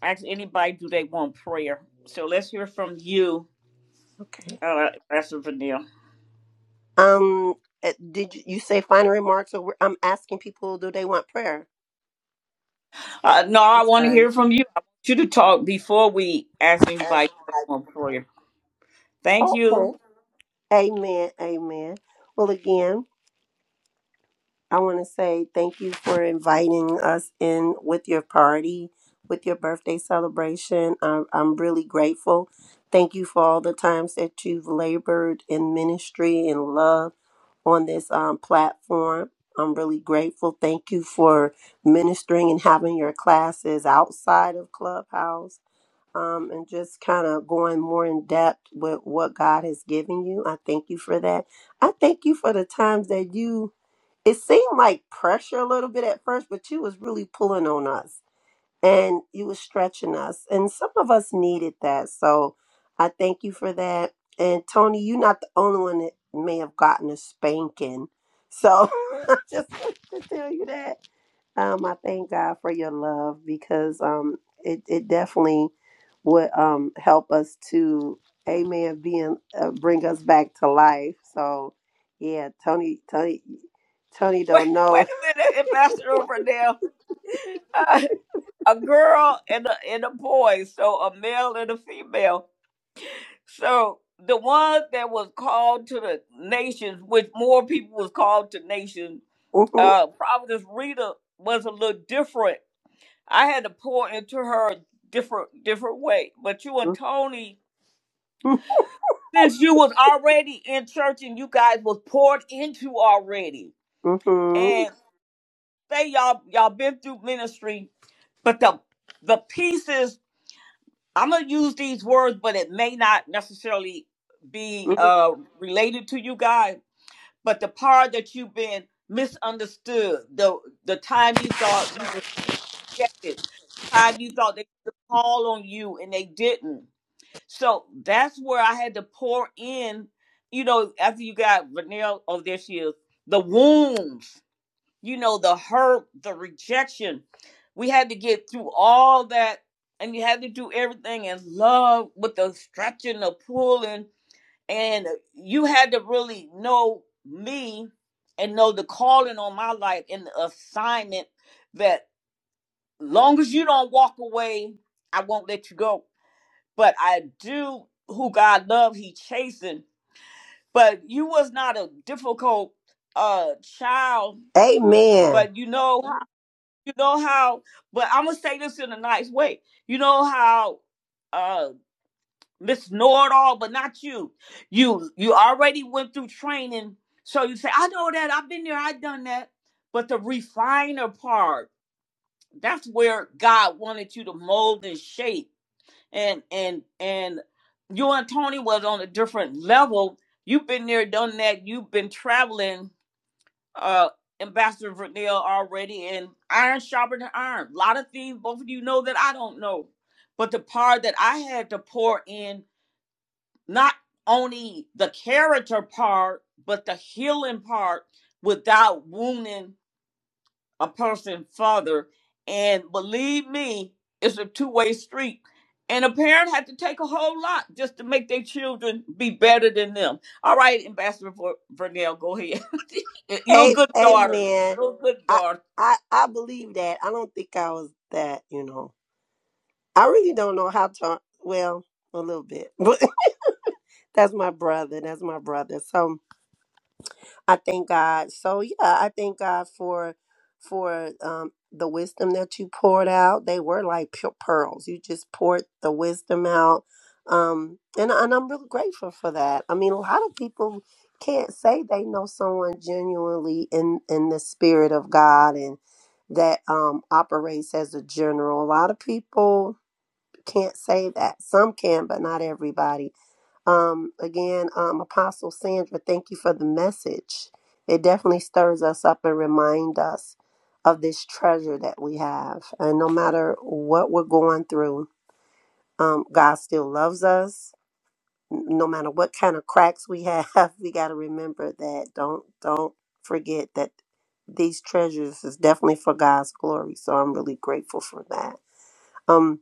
A: ask anybody do they want prayer. So let's hear from you,
E: Okay.
A: uh, Pastor Vanille.
E: Um. uh, Did you, you say final remarks? Or we're- I'm asking people, do they want prayer?
A: Uh, no, I want to hear from you. I want you to talk before we ask anybody do they want prayer. Thank
E: Okay.
A: you.
E: Amen. Amen. Well, again, I want to say thank you for inviting us in with your party, with your birthday celebration. I'm, I'm really grateful. Thank you for all the times that you've labored in ministry and love on this um, platform. I'm really grateful. Thank you for ministering and having your classes outside of Clubhouse um, and just kind of going more in depth with what God has given you. I thank you for that. I thank you for the times that you. It seemed like pressure a little bit at first, but you was really pulling on us and you was stretching us, and some of us needed that. So I thank you for that. And Tony, you're not the only one that may have gotten a spanking. So I just want to tell you that. Um, I thank God for your love because um, it it definitely would um help us to, Amen, being uh, bring us back to life. So, yeah, Tony, Tony, Tony,
A: Wait,
E: don't
A: wait
E: know.
A: a minute, Ambassador Vanille. Uh, a girl and a, and a boy, so a male and a female. So the one that was called to the nations, which more people was called to nations,
E: Mhm,
A: uh, Providence Rita was a little different. I had to pour into her a different different way. But you and Tony,
E: mhm,
A: since you was already in church and you guys was poured into already,
E: mhm,
A: and say y'all y'all been through ministry, but the the pieces I'm gonna use these words, but it may not necessarily be
E: mhm.
A: uh related to you guys But the part that you've been misunderstood, the the time you thought you were rejected, the time you thought they could call on you and they didn't. So that's where I had to pour in, you know, after you got Vanille, oh, there she is, the wounds, you know, the hurt, the rejection. We had to get through all that and you had to do everything in love with the stretching, the pulling, and you had to really know me and know the calling on my life and the assignment that long as you don't walk away i won't let you go but i do who god love he chasing but you was not a difficult uh child
E: Amen.
A: but you know you know how but i'm gonna say this in a nice way you know how uh, Miss Know It All, but not you. You you already went through training, so you say, "I know that. I've been there. I've done that." But the refiner part, that's where God wanted you to mold and shape. And and and you and Tony was on a different level. You've been there, done that. You've been traveling, uh, Ambassador Vernell already, and iron sharpened iron. A lot of things both of you know that I don't know. But the part that I had to pour in not only the character part, but the healing part without wounding a person further. And believe me, it's a two way street. And a parent had to take a whole lot just to make their children be better than them. All right, Ambassador Vernell, go ahead. You're a
E: A-
A: good daughter.
E: amen.
A: You're a good
E: I
A: daughter.
E: I I believe that. I don't think I was that. You know. I really don't know how to. Well, a little bit, but that's my brother. That's my brother. So I thank God. So yeah, I thank God for for um, the wisdom that you poured out. They were like pure pearls. You just poured the wisdom out, um, and and I'm really grateful for that. I mean, a lot of people can't say they know someone genuinely in in the spirit of God and that um operates as a general. A lot of people can't say that. Some can, but not everybody. Um, again, um, Apostle Sandra, thank you for the message. It definitely stirs us up and remind us of this treasure that we have. And no matter what we're going through, um, God still loves us. No matter what kind of cracks we have, we got to remember that. Don't don't forget that these treasures is definitely for God's glory. So I'm really grateful for that. Um,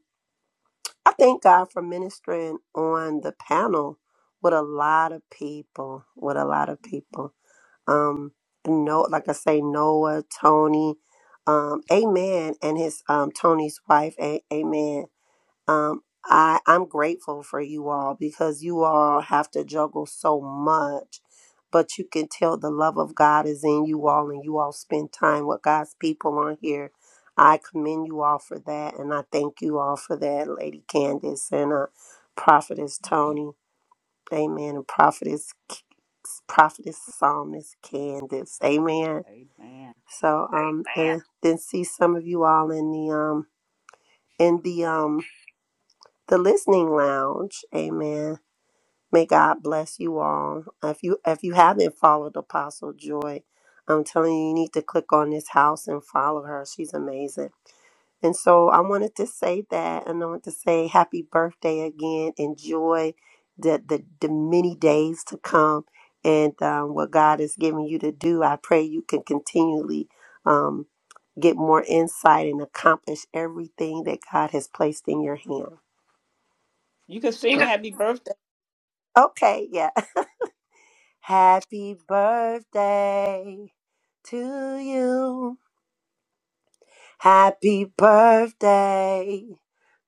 E: I thank God for ministering on the panel with a lot of people, with a lot of people. Um, no, like I say, Noah, Tony, um, Amen, and his um Tony's wife, a- Amen. Um, I I'm grateful for you all because you all have to juggle so much, but you can tell the love of God is in you all, and you all spend time with God's people on here. I commend you all for that, and I thank you all for that, Lady Candace and uh, Prophetess Tony, Amen, and Prophetess prophetess psalmist Candace. Amen.
A: Amen.
E: So um and then see some of you all in the um in the um the listening lounge. Amen. May God bless you all. If you if you haven't followed Apostle Joy, I'm telling you, you need to click on this house and follow her. She's amazing. And so I wanted to say that, and I want to say happy birthday again. Enjoy the the, the many days to come and um, what God is giving you to do. I pray you can continually um, get more insight and accomplish everything that God has placed in your hand.
A: You can sing
E: You
A: happy birthday.
E: Okay, yeah. Happy birthday to you. Happy birthday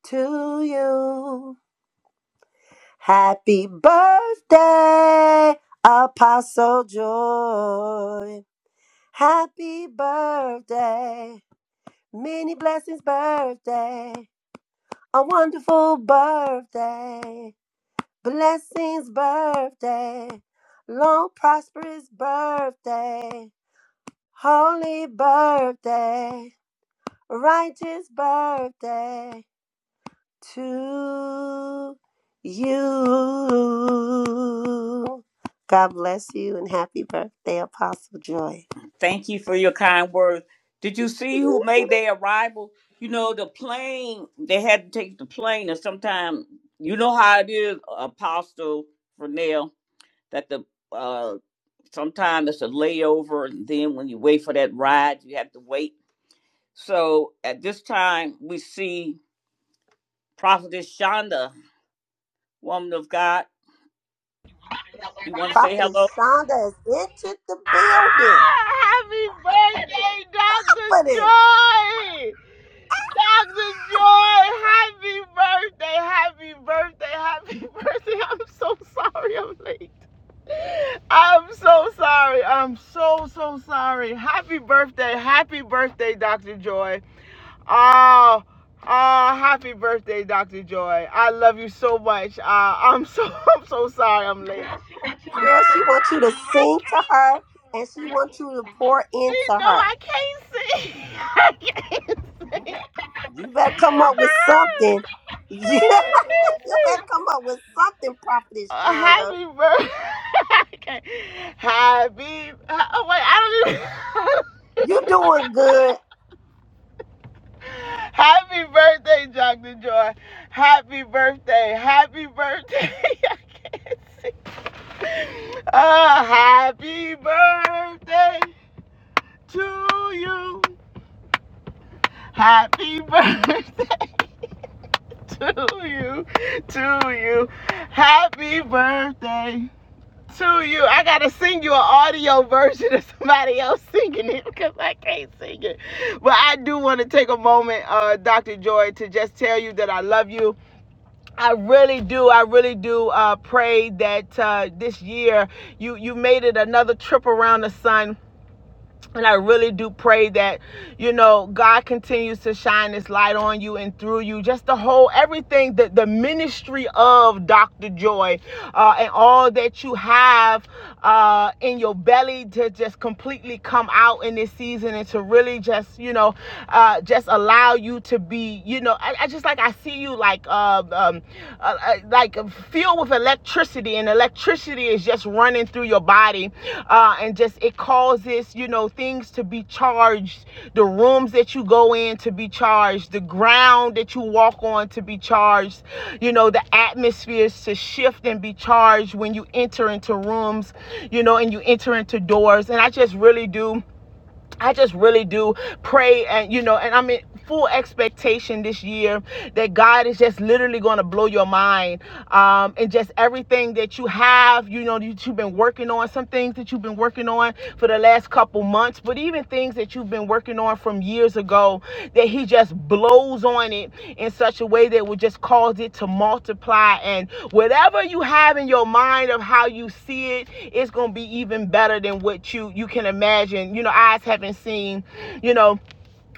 E: to you. Happy birthday, Apostle Joy. Happy birthday. Many blessings, birthday. A wonderful birthday. Blessings, birthday. Long, prosperous birthday. Holy birthday, righteous birthday to you. God bless you and happy birthday, Apostle Joy.
A: Thank you for your kind words. Did you see who made their arrival? You know, the plane, they had to take the plane, and sometimes, you know how it is, Apostle Fernell, that the uh sometimes it's a layover, and then when you wait for that ride, you have to wait. So at this time, we see Prophetess Shonda, woman of God. You want to say hello?
E: Prophetess Shonda has entered the building.
S: Happy birthday, Dr.
E: Prophetess,
S: Joy! Dr. Joy, happy birthday, happy birthday, happy birthday. I'm so sorry I'm late. I'm so sorry. I'm so, so sorry. Happy birthday, happy birthday, Dr. Joy. Oh, oh, happy birthday, Dr. Joy. I love you so much. Uh, I'm so, I'm so sorry I'm late.
E: girl, she wants you to sing to her and she wants you to pour
S: She
E: into
S: know
E: her.
S: I can't see. I can't see.
E: You better come up with something. you
S: I can't see.
E: better come up with something, Prophetess
S: Uh,
E: Shonda.
S: happy birthday. I can't. Happy. Oh wait, I don't
E: You
S: even.
E: doing good?
S: happy birthday, Dr. Joy. Happy birthday. Happy birthday. I can't see. Uh, happy birthday to you. Happy birthday. to you, to you. Happy birthday to you. I gotta sing you an audio version of somebody else singing it because I can't sing it. But I do want to take a moment, uh, Dr. Joy, to just tell you that I love you. I really do. I really do uh, pray that uh, this year you you made it another trip around the sun and I really do pray that, you know, God continues to shine this light on you and through you. Just the whole everything, the, the ministry of Dr. Joy uh, and all that you have uh, in your belly to just completely come out in this season and to really just, you know, uh, just allow you to be, you know, I, I just like I see you like uh, um, uh, uh, like uh, filled with electricity, and electricity is just running through your body, uh, and just it causes you know things to be charged, the rooms that you go in to be charged, the ground that you walk on to be charged, you know the atmospheres to shift and be charged when you enter into rooms, you know, and you enter into doors, and I just really do I just really do pray and you know, and I'm in full expectation this year that God is just literally going to blow your mind um, and just everything that you have, you know, that you've been working on, some things that you've been working on for the last couple months, but even things that you've been been working on from years ago that he just blows on it in such a way that would just cause it to multiply and whatever you have in your mind of how you see it it's going to be even better than what you you can imagine you know eyes haven't seen you know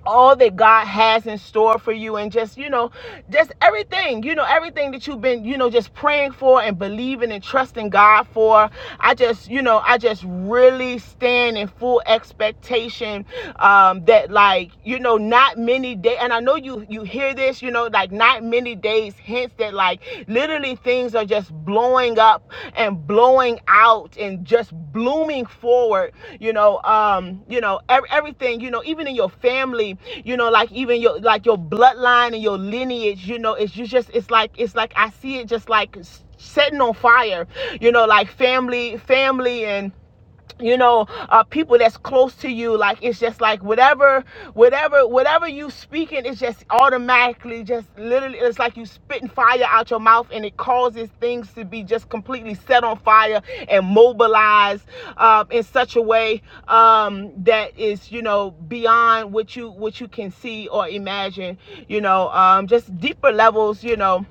S: all that God has in store for you and just, you know, just everything, you know, everything that you've been, you know, just praying for and believing and trusting God for. I just, you know, I just really stand in full expectation um that like, you know, not many days and I know you you hear this, you know, like not many days hence that like like literally things are just blowing up and blowing out and just blooming forward, you know, um, you know, ev- everything, you know, even in your family, you know, like even your like your bloodline and your lineage, you know, it's you just- it's like it's like I see it just like s- setting on fire, you know, like family, family and you know uh people that's close to you like it's just like whatever whatever whatever you speaking it's just automatically just literally it's like you spitting fire out your mouth and it causes things to be just completely set on fire and mobilized uh, in such a way um that is you know beyond what you what you can see or imagine you know um just deeper levels you know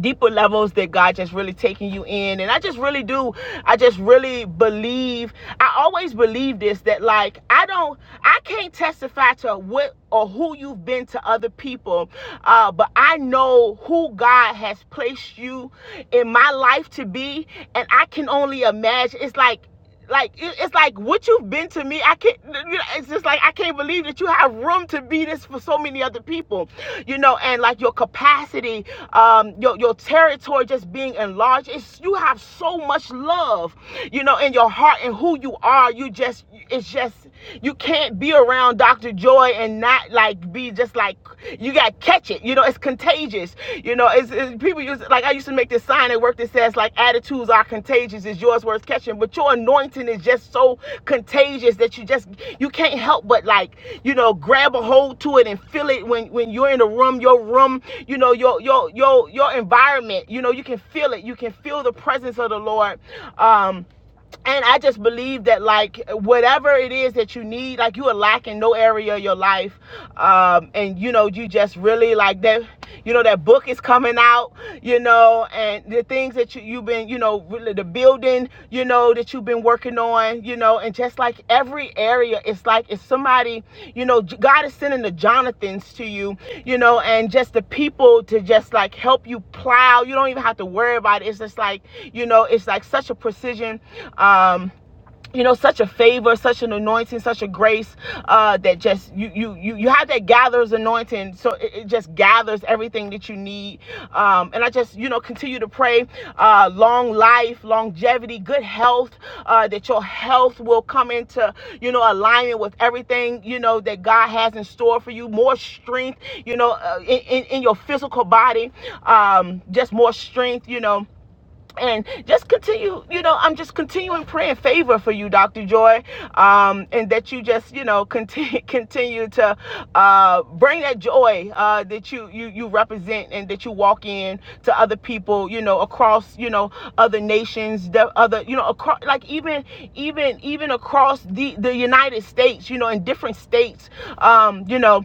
S: deeper levels that God just really taking you in. And I just really do, I just really believe, I always believe this that like I don't, I can't testify to what or who you've been to other people, uh, but I know who God has placed you in my life to be. And I can only imagine, it's like, like it, it's like what you've been to me i can't you know, it's just like i can't believe that you have room to be this for so many other people you know and like your capacity um your, your territory just being enlarged it's you have so much love you know in your heart and who you are you just it's just you can't be around Dr. Joy and not like be just like you got to catch it. You know, it's contagious. You know, it's, it's people use like I used to make this sign at work that says like attitudes are contagious. Is yours worth catching? But your anointing is just so contagious that you just you can't help but like you know grab a hold to it and feel it when when you're in a room. Your room, you know, your your your your environment. You know, you can feel it. You can feel the presence of the Lord. Um, and I just believe that like whatever it is that you need, like you are lacking no area of your life, um, and you know you just really like that. You know that book is coming out, you know, and the things that you you've been, you know, really the building, you know, that you've been been working on, you know, and just like every area, it's like it's somebody, you know, God is sending the Jonathans to you, you know, and just the people to just like help you plow. You don't even have to worry about it. It's just like, you know, it's like such a precision um you know such a favor such an anointing such a grace uh that just you you you, you have that gathers anointing so it, it just gathers everything that you need um and i just you know continue to pray uh long life longevity good health uh that your health will come into you know alignment with everything you know that god has in store for you more strength you know uh, in, in in your physical body um just more strength you know and just continue you know i'm just continuing praying favor for you dr joy um and that you just you know continue continue to uh bring that joy uh that you you you represent and that you walk in to other people you know across you know other nations the other you know across like even even even across the the united states you know in different states um you know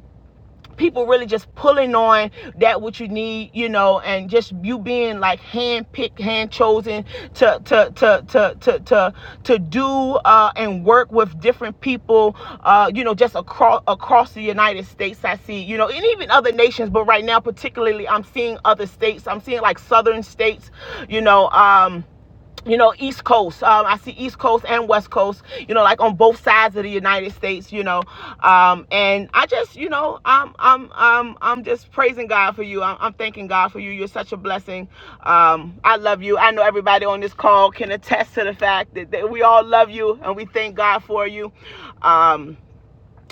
S: people really just pulling on that what you need, you know, and just you being like hand picked, hand chosen to to to to to to, to do uh, and work with different people, uh, you know, just across across the United States. I see, you know, and even other nations, but right now particularly, I'm seeing other states. I'm seeing like southern states, you know. Um, you know, East Coast. Um, I see East Coast and West Coast, you know, like on both sides of the United States, you know. Um, and I just, you know, I'm, I'm, I'm, I'm just praising God for you. I'm, I'm thanking God for you. You're such a blessing. Um, I love you. I know everybody on this call can attest to the fact that, that we all love you and we thank God for you. Um,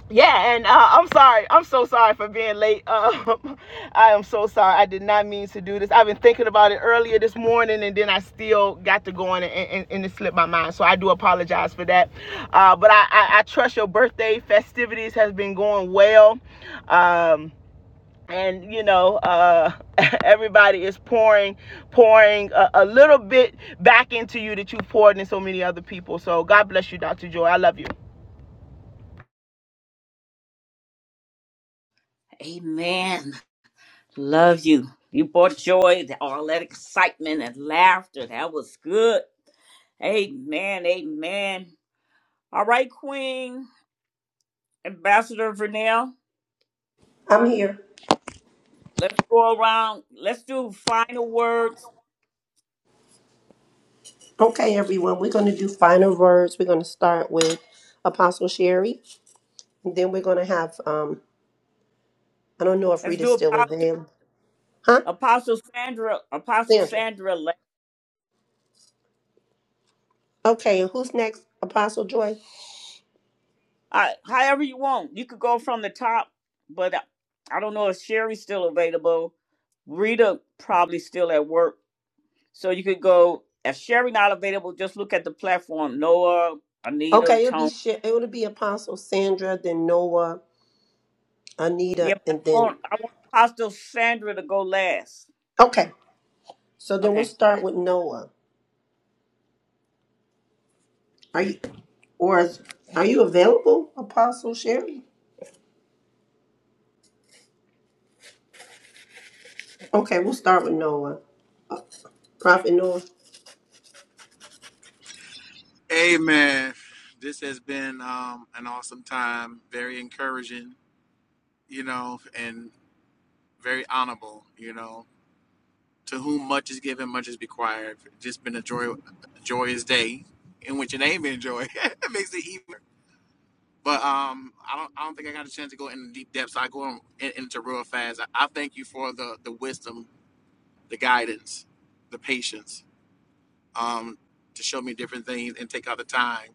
S: yeah and uh, i'm sorry i'm so sorry for being late um, i am so sorry i did not mean to do this i've been thinking about it earlier this morning and then i still got to going and, and, and it slipped my mind so i do apologize for that uh, but I, I, I trust your birthday festivities has been going well um, and you know uh, everybody is pouring pouring a, a little bit back into you that you poured in so many other people so god bless you dr joy i love you
A: Amen. Love you. You brought joy, all that excitement and laughter. That was good. Amen. Amen. All right, Queen Ambassador Vernell.
E: I'm here.
A: Let's go around. Let's do final words.
E: Okay, everyone, we're going to do final words. We're going to start with Apostle Sherry, and then we're going to have, um, I don't know if
A: Let's
E: Rita's
A: do
E: still or
A: Apostle
E: them. Huh?
A: Apostle Sandra. Apostle
E: Sandra.
A: Sandra. la-
E: Okay, and who's next? Apostle Joy?
A: Uh, however you want. You could go from the top, but I, I don't know if Sherry's still available. Rita probably still at work, so you could go. If Sherry not available, just look at the platform. Noah, Anita,
E: Okay, it'll be,
A: Tone.
E: Sher- it'll be Apostle Sandra, then Noah, Anita,
A: Yeah, but
E: and
A: I
E: then,
A: want I want Apostle Sandra to go last.
E: okay. So then we'll
A: Okay.
E: start with Noah. Are you, or is- are you available, Apostle Sherry? Okay, we'll start with Noah. Uh, Prophet Noah.
H: Amen. This has been um, an awesome time, very encouraging, you know. and. very honorable, you know. To whom much is given, much is required. Just been a joy, a joyous day in which it ain't enjoy it makes it even. But um, I don't, I don't think I got a chance to go into deep depths. I go in, into real fast. I, I thank you for the the wisdom, the guidance, the patience, um, to show me different things and take out the time.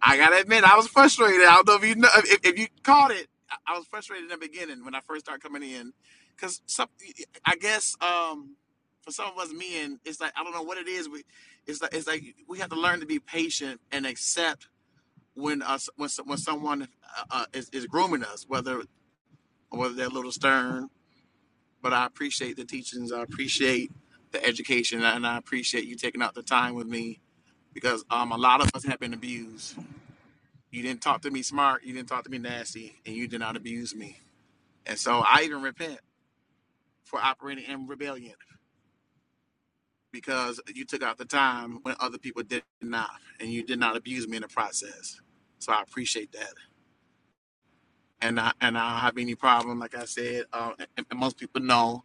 H: I gotta admit, I was frustrated. I don't know if you know if, if you caught it. I was frustrated in the beginning when I first started coming in, because some, I guess um, for some of us men, it's like I don't know what it is. We, it's like it's like we have to learn to be patient and accept when us when so- when someone uh, uh, is, is grooming us, whether whether they're a little stern. But I appreciate the teachings. I appreciate the education, and I appreciate you taking out the time with me because um, a lot of us have been abused you didn't talk to me smart. You didn't talk to me nasty, and you did not abuse me. And so I even repent for operating in rebellion because you took out the time when other people did not, and you did not abuse me in the process. So I appreciate that, and I and I don't have any problem. Like I said, uh, and, and most people know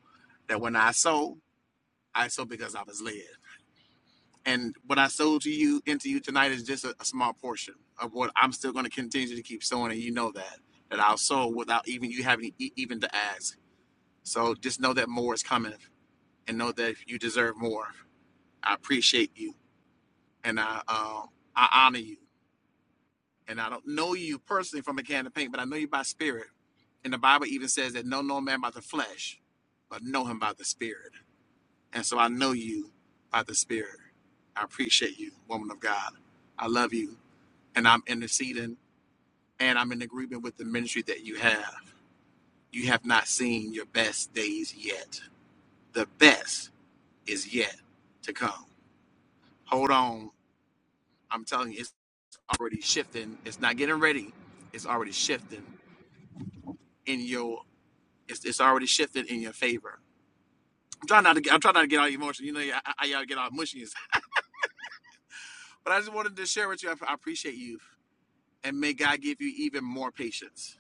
H: that when I sow, I sow because I was led. And what I sold to you into you tonight is just a, a small portion of what I'm still going to continue to keep sowing, and you know that that I'll sow without even you having e- even to ask So just know that more is coming, and know that you deserve more. I appreciate you, and I uh, I honor you, and I don't know you personally from a can of paint, but I know you by spirit. And the Bible even says that know no man by the flesh, but know him by the spirit. And so I know you by the spirit. I appreciate you, woman of God. I love you, and I'm interceding, and I'm in agreement with the ministry that you have. You have not seen your best days yet. The best is yet to come. Hold on. I'm telling you, it's already shifting. It's not getting ready. It's already shifting in your. It's, it's already shifting in your favor. I'm trying not to. Get, I'm trying not to get all emotional. You know, I, I, I gotta get all mushy, and stuff. but I just wanted to share with you. I, I appreciate you, and may God give you even more patience,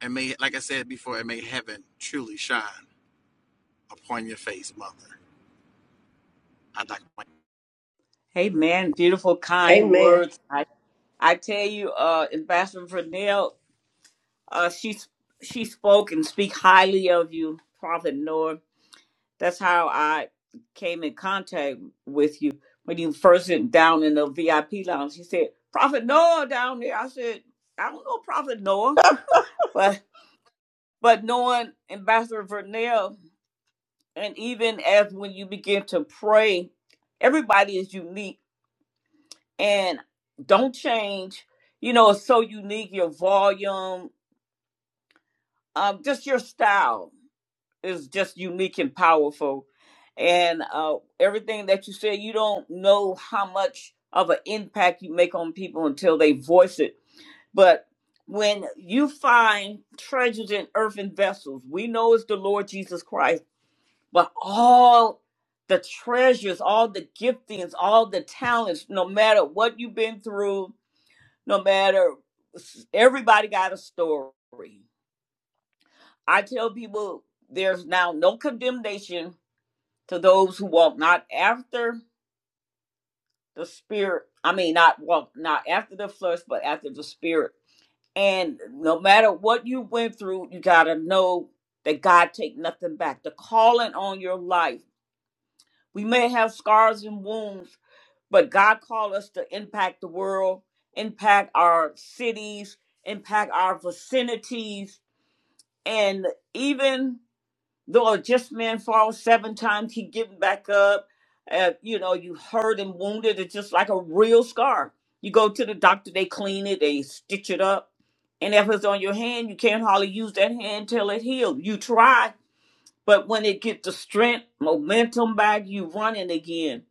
H: and may, like I said before, and may heaven truly shine upon your face, mother. I like.
A: Hey man, beautiful, kind
E: Amen.
A: words. I, I tell you, uh, Ambassador Vernell, uh, she she spoke and speak highly of you, Prophet Noah. That's how I came in contact with you when you first went down in the VIP lounge. She said, "Prophet Noah down there." I said, "I don't know Prophet Noah," but but knowing Ambassador Vernell, and even as when you begin to pray, everybody is unique and don't change. You know, it's so unique. Your volume, um, just your style is just unique and powerful. And uh, everything that you said, you don't know how much of an impact you make on people until they voice it. But when you find treasures in earthen vessels, we know it's the Lord Jesus Christ, but all the treasures, all the giftings, all the talents, no matter what you've been through, no matter everybody got a story i tell people there's now no condemnation to those who walk not after the spirit i mean not walk not after the flesh but after the spirit and no matter what you went through you got to know that god take nothing back the calling on your life we may have scars and wounds but god called us to impact the world impact our cities impact our vicinities And even though a just man falls seven times, he getting back up. Uh, you know, you hurt and wounded. It's just like a real scar. You go to the doctor, they clean it, they stitch it up. And if it's on your hand, you can't hardly use that hand till it heals. You try, but when it gets the strength, momentum back, you running again.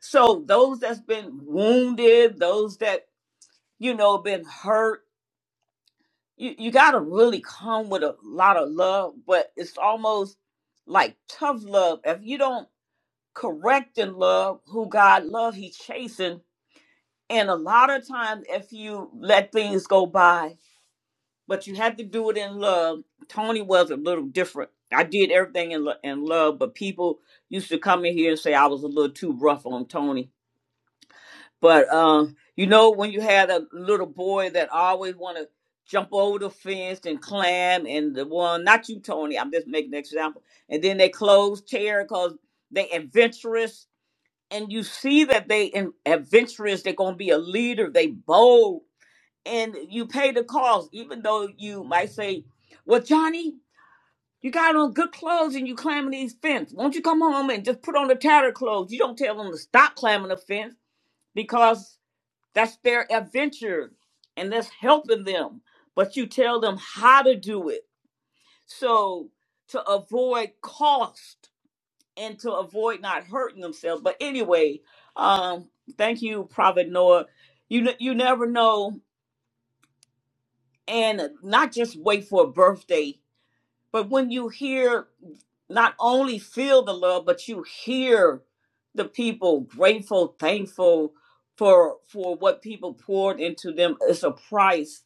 A: So those that's been wounded, those that, you know, been hurt, you you gotta really come with a lot of love, but it's almost like tough love. If you don't correct in love who God love, He chasing. And a lot of times, if you let things go by, but you have to do it in love. Tony was a little different. I did everything in lo- in love, but people used to come in here and say I was a little too rough on Tony but um, you know, when you had a little boy that always want to jump over the fence and climb, and the one, not you, Tony, I'm just making an example. And then they close chair because they adventurous, and you see that they in, adventurous. They're gonna be a leader. They bold, and you pay the cost, even though you might say, "Well, Johnny." You got on good clothes and you climbing these fence. Won't you come home and just put on the tattered clothes? You don't tell them to stop climbing the fence because that's their adventure and that's helping them. But you tell them how to do it. So to avoid cost and to avoid not hurting themselves. But anyway, um, thank you, Prophet Noah. You ne- you never know, and not just wait for a birthday, but when you hear, not only feel the love, but you hear the people grateful, thankful for for what people poured into them. It's a price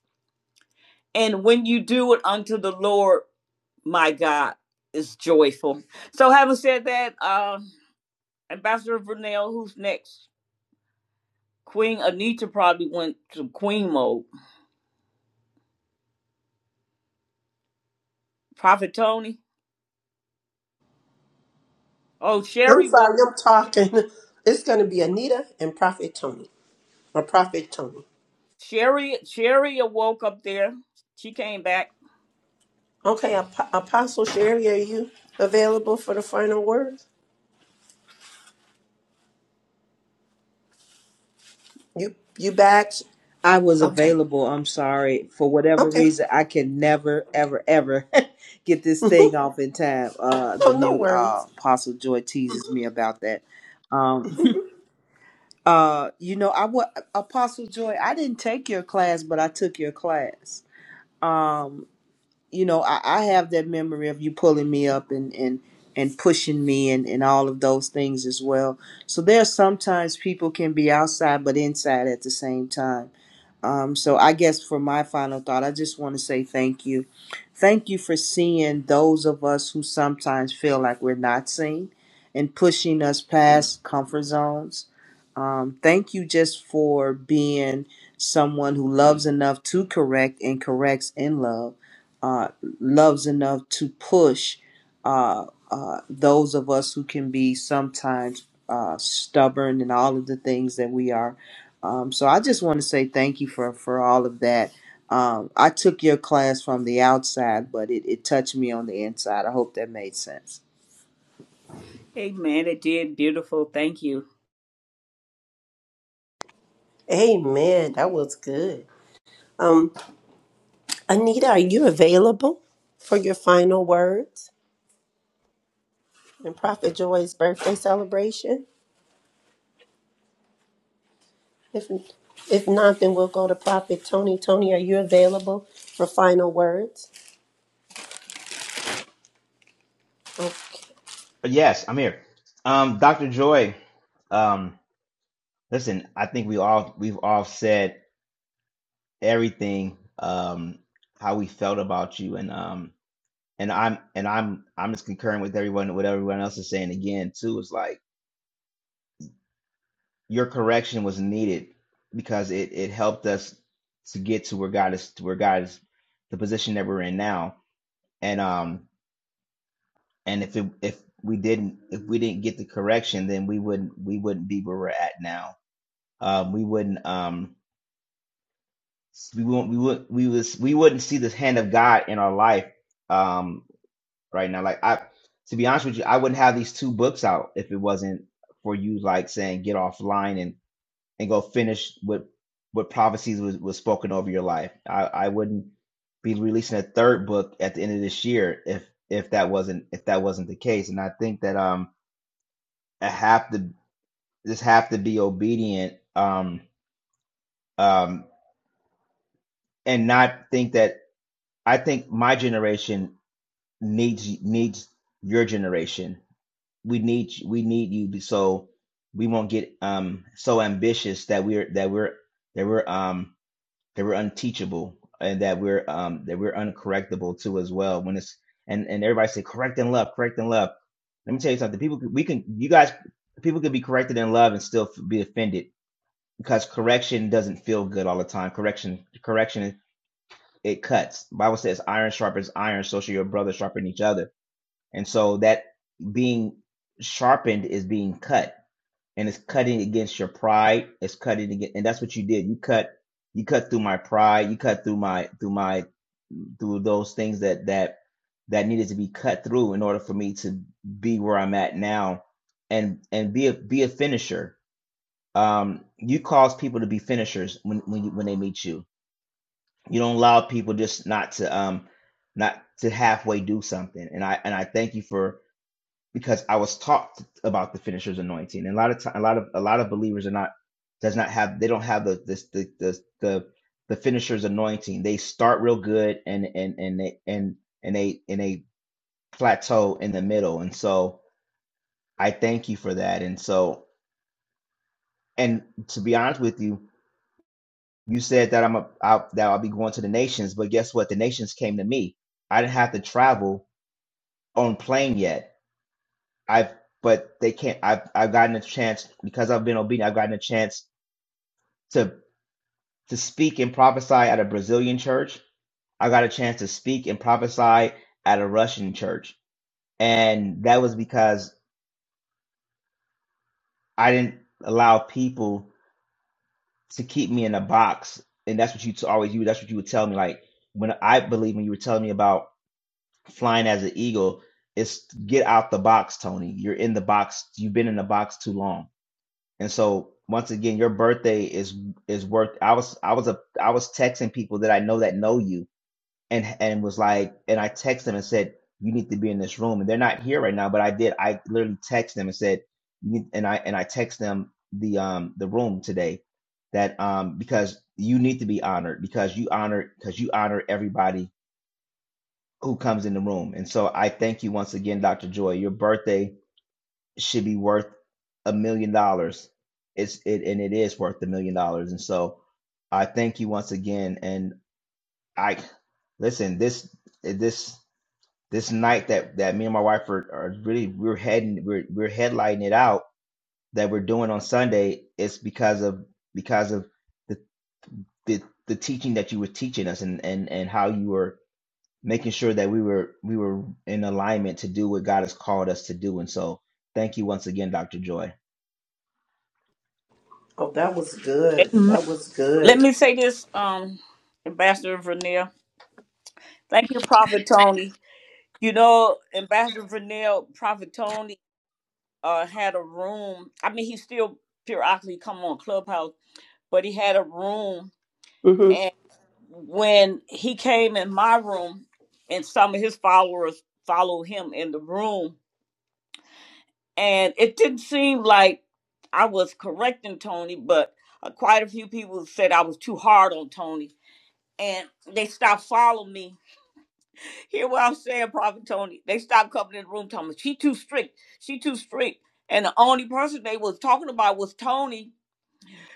A: And when you do it unto the Lord, my God, is joyful. So having said that, uh, Ambassador Vernell, who's next? Queen Anita probably went to Queen mode. Prophet Tony. Oh,
E: I'm
A: Sherry woke
E: sorry, I'm talking. It's going to be Anita and Prophet Tony, or Prophet Tony.
A: Sherry Sherry awoke up there. She came back.
E: Okay, Ap- Apostle Sherry, are you available for the final word? You you back?
C: I was
E: Okay,
C: available. I'm sorry for whatever
E: okay.
C: reason. I can never, ever, ever get this thing
E: oh,
C: off in time. Uh, the
E: no
C: mute. Uh,
E: worries.
C: Apostle Joy teases me about that. Um, uh, you know, I was Apostle Joy. I didn't take your class, but I took your class. Um, you know, I, I have that memory of you pulling me up and and and pushing me and and all of those things as well. So there are sometimes people can be outside but inside at the same time um, so I guess for my final thought, I just want to say thank you. Thank you for seeing those of us who sometimes feel like we're not seen and pushing us past comfort zones. Um, thank you just for being someone who loves enough to correct and corrects in love, uh, loves enough to push uh, uh, those of us who can be sometimes uh, stubborn and all of the things that we are. Um, so I just want to say thank you for, for all of that. Um, I took your class from the outside, but it, it touched me on the inside. I hope that made sense.
A: Amen. It did beautiful. Thank you.
E: Amen. That was good. Um, Anita, are you available for your final words and Prophet Joy's birthday celebration? If if not, then we'll go to Prophet Tony. Tony, are you available for final words? Okay.
O: yes, I'm here. Um, Dr. Joy, um, listen, I think we all we've all said everything um, how we felt about you, and um, and I'm and I'm I'm just concurring with everyone what everyone else is saying again too. It's like. your correction was needed because it it helped us to get to where God is to where God is the position that we're in now. And um and if it, if we didn't if we didn't get the correction, then we wouldn't we wouldn't be where we're at now. Um, we wouldn't um we wouldn't we would we was we wouldn't see the hand of God in our life um right now. Like I to be honest with you, I wouldn't have these two books out if it wasn't for you like saying get offline and. and go finish what what prophecies was, was spoken over your life. I, I wouldn't be releasing a third book at the end of this year if if that wasn't if that wasn't the case. And I think that um I have to just have to be obedient um um and not think that I think my generation needs needs your generation. We need we need you so we won't get um so ambitious that we're that we're that we're um that we're unteachable and that we're um that we're uncorrectable too as well when it's and and everybody say correct in love correct in love let me tell you something people we can you guys people can be corrected in love and still be offended because correction doesn't feel good all the time correction correction it cuts The bible says iron sharpens iron so shall your brother sharpen each other and so that being sharpened is being cut and it's cutting against your pride. It's cutting against, and that's what you did. You cut, you cut through my pride. You cut through my, through my, through those things that that that needed to be cut through in order for me to be where I'm at now, and and be a be a finisher. Um, you cause people to be finishers when when you, when they meet you. You don't allow people just not to um not to halfway do something. And I and I thank you for because I was taught about the finisher's anointing. And a lot of time, a lot of a lot of believers are not does not have they don't have the this the the the, the finisher's anointing. They start real good and and and they and and they and they plateau in the middle. And so I thank you for that. And so and to be honest with you, you said that I'm a I, that I'll be going to the nations, but guess what? The nations came to me. I didn't have to travel on plane yet I've but they can't. I've I've gotten a chance because I've been obedient. I've gotten a chance to to speak and prophesy at a Brazilian church. I got a chance to speak and prophesy at a Russian church, and that was because I didn't allow people to keep me in a box. And that's what you t- always you. That's what you would tell me. Like when I believe when you were telling me about flying as an eagle, it's get out the box, Tony. You're in the box. You've been in the box too long And so once again, your birthday is is worth. I was I was a I was texting people that I know that know you, and and was like, and I text them and said you need to be in this room, and they're not here right now. But I did. I literally text them and said, you, and I and I text them the um the room today, that um because you need to be honored because you honor because you honor everybody who comes in the room. And so I thank you once again, Dr. Joy. Your birthday should be worth a million dollars. It's it and it is worth a million dollars. And so I thank you once again. And I listen this this this night that that me and my wife are, are really we're heading we're we're headlighting it out that we're doing on Sunday. is because of because of the the, the teaching that you were teaching us and and and how you were making sure that we were we were in alignment to do what God has called us to do. And so thank you once again, Dr. Joy.
E: Oh, that was good.
A: Amen.
E: That was
A: Let
E: good.
A: me say this, um, Ambassador Vernell. Thank you, Prophet Tony. You know, Ambassador Vernell, Prophet Tony uh had a room. I mean, he still periodically come on Clubhouse, but he had a room.
E: hmm
A: And when he came in my room, and some of his followers followed him in the room, and it didn't seem like I was correcting Tony, but uh, quite a few people said I was too hard on Tony. And they stopped following me. Hear what I'm saying, Prophet Tony? They stopped coming in the room, telling me she too strict. She too strict. And the only person they was talking about was Tony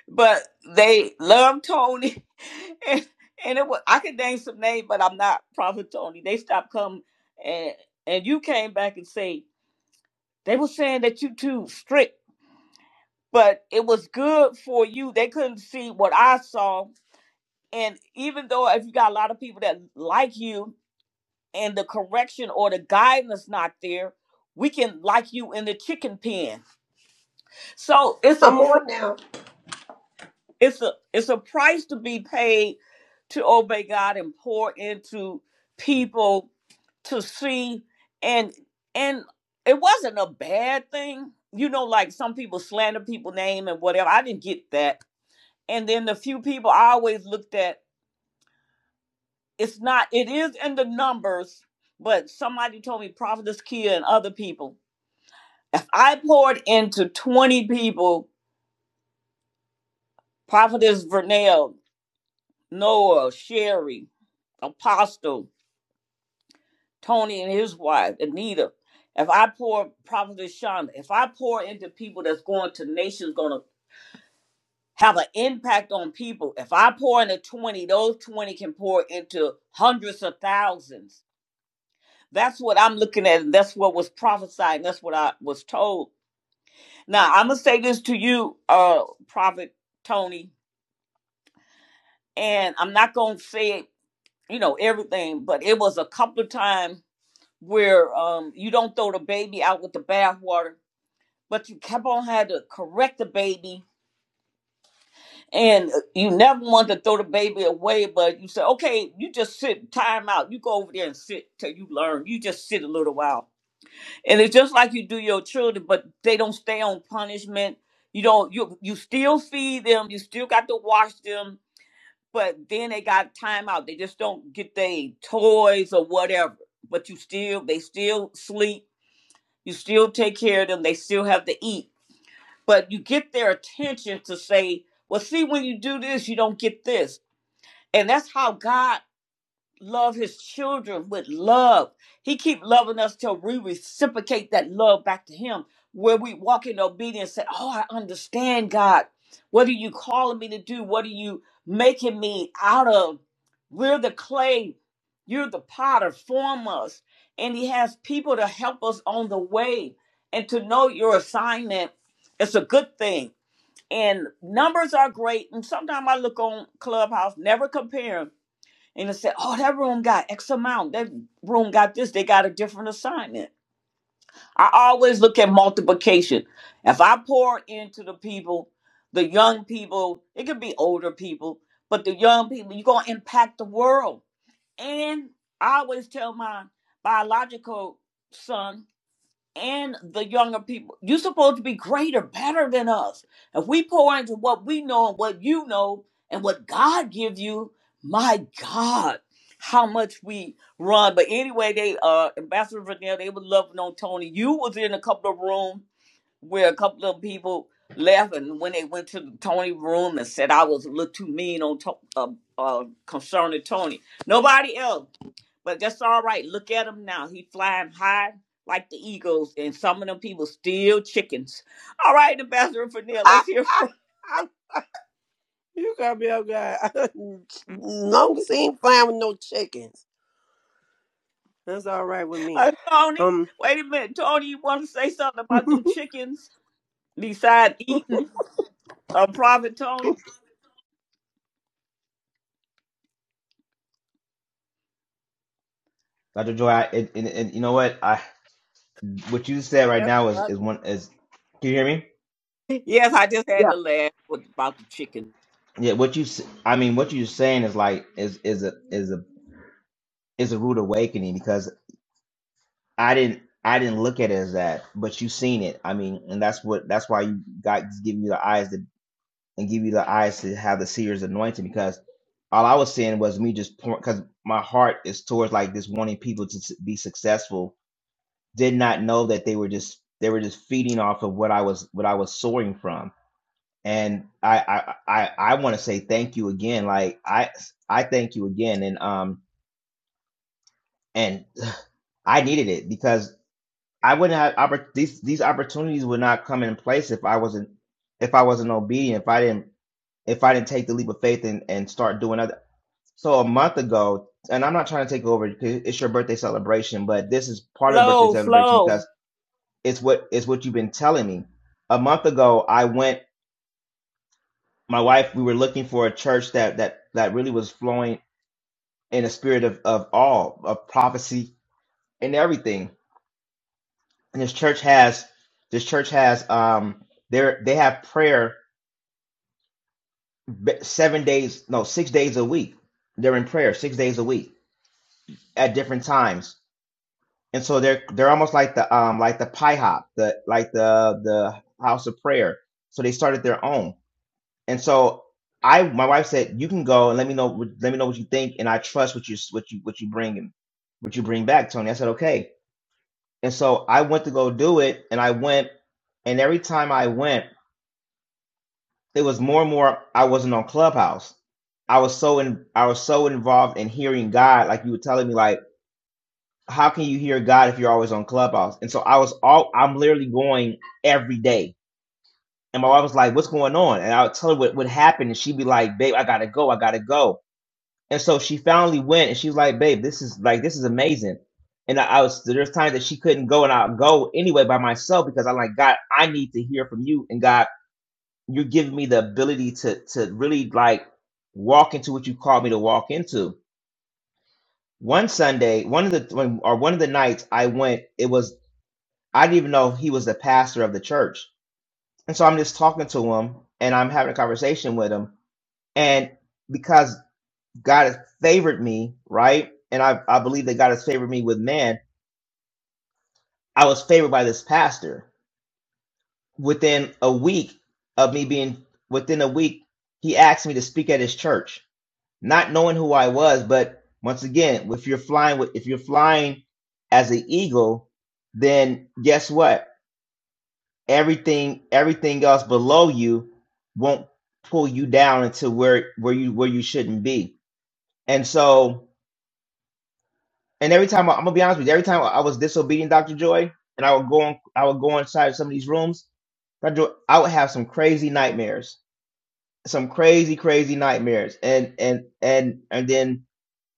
A: but they love Tony, and and it was I could name some names, but I'm not Prophet Tony. They stopped coming, and and you came back and say they were saying that you too strict, but it was good for you. They couldn't see what I saw, and even though if you got a lot of people that like you, and the correction or the guidance not there. We can like you in the chicken pen. So it's
E: I'm
A: a
E: on now.
A: It's a it's a price to be paid to obey God and pour into people to see and and it wasn't a bad thing. You know, like some people slander people name and whatever. I didn't get that. And then the few people I always looked at, it's not it is in the numbers, but somebody told me Prophetess Kia and other people. If I poured into 20 people, Prophetess Vernell, Noah, Sherry, Apostle. Tony and his wife, Anita, if I pour Prophet Shonda, if I pour into people that's going to nations, going to have an impact on people. If I pour into 20, those 20 can pour into hundreds of thousands. That's what I'm looking at, and that's what was prophesied, and that's what I was told. Now, I'm going to say this to you, uh, Prophet Tony, and I'm not going to say, you know, everything, but it was a couple of times where um, you don't throw the baby out with the bathwater but you kept on had to correct the baby and uh, you never wanted to throw the baby away but you said okay you just sit time out you go over there and sit till you learn you just sit a little while and it's just like you do your children but they don't stay on punishment you don't you you still feed them you still got to wash them but then they got time out they just don't get their toys or whatever but you still they still sleep you still take care of them they still have to eat but you get their attention to say, well, see, when you do this, you don't get this. And that's how God love his children with love. He keep loving us till we reciprocate that love back to him, where we walk in obedience and say, oh, I understand, God. What are you calling me to do? What are you making me out of? We're the clay. You're the potter. Form us. And he has people to help us on the way. And to know your assignment, it's a good thing and numbers are great. And sometimes I look on Clubhouse, never compare 'em, and I say, oh, that room got X amount. That room got this. They got a different assignment. I always look at multiplication. If I pour into the people, the young people, it could be older people, but the young people, you're going to impact the world. And I always tell my biological son, and the younger people. You're supposed to be greater, better than us. If we pour into what we know and what you know and what God gives you, my God, how much we run. But anyway, they uh Ambassador Vernell, they were loving on Tony. You was in a couple of rooms where a couple of people left and when they went to the Tony room and said I was a little too mean on to- uh, uh, concerning Tony. Nobody else but that's all right. Look at him now. He flying high like the eagles, and some of them people still chickens. All right, Ambassador Fennell, let's hear from
E: you got me up, guy. Long as he ain't flying with no chickens, that's all right with me.
A: uh, Tony.
E: Um,
A: Wait a minute, Tony, you want to say something about them chickens besides eating? Uh, Prophet Tony,
O: Dr. Joy, I, and, and, and you know what? I what you said right
A: that's
O: now is
A: fun.
O: is one is. Can you hear me?
A: Yes, I just had to
E: yeah,
A: laugh with- about the chicken.
O: Yeah, what you s- I mean, what you're saying is like is is a is a is a rude awakening because I didn't I didn't look at it as that, but you seen it. I mean, and that's what that's why you God's giving you the eyes to and give you the eyes to have the seer's anointing because all I was seeing was me just because my heart is towards like this wanting people to s- be successful did not know that they were just they were just feeding off of what I was what I was soaring from. And I I I, I want to say thank you again. Like I I thank you again. And um and I needed it because I wouldn't have oppor- these these opportunities would not come in place if I wasn't if I wasn't obedient if I didn't if I didn't take the leap of faith and and start doing other. So a month ago, and I'm not trying to take over because it's your birthday celebration, but this is part of the birthday
A: Flow,
O: celebration
A: flow,
O: because It's what it's what you've been telling me. A month ago, I went. My wife, we were looking for a church that that that really was flowing in a spirit of of all of prophecy and everything. And this church has this church has um they they have prayer b- seven days no six days a week. They're in prayer six days a week at different times. And so they're they're almost like the um like the pi hop the like the the house of prayer. So they started their own And so I, my wife said, "You can go and let me know. Let me know what you think, and I trust what you what you what you bring him, what you bring back, Tony." I said, "Okay." And so I went to go do it, and I went, and every time I went, it was more and more. I wasn't on Clubhouse. I was so in, I was so involved in hearing God, like you were telling me, like how can you hear God if you're always on Clubhouse? And so I was all, I'm literally going every day. And my wife was like, "What's going on?" And I would tell her what what happened, and she'd be like, "Babe, I gotta go, I gotta go." And so she finally went and she was like, babe, this is like this is amazing. And I, I was there's times that she couldn't go and I'll go anyway by myself because I'm like, God, I need to hear from you. And God, you're giving me the ability to to really like walk into what you called me to walk into. One Sunday, one of the when, or one of the nights I went, it was I didn't even know he was the pastor of the church. And so I'm just talking to him and I'm having a conversation with him. And because God has favored me, right? And I, I believe that God has favored me with man. I was favored by this pastor. Within a week of me being, within a week, he asked me to speak at his church, not knowing who I was. But once again, if you're flying, with, if you're flying as an eagle, then guess what? Everything, everything else below you won't pull you down into where where you where you shouldn't be. And so And every time I, I'm gonna be honest with you, every time I was disobedient, Dr. Joy, and I would go on, I would go inside some of these rooms, Dr. Joy, I would have some crazy nightmares, some crazy, crazy nightmares, and and and and then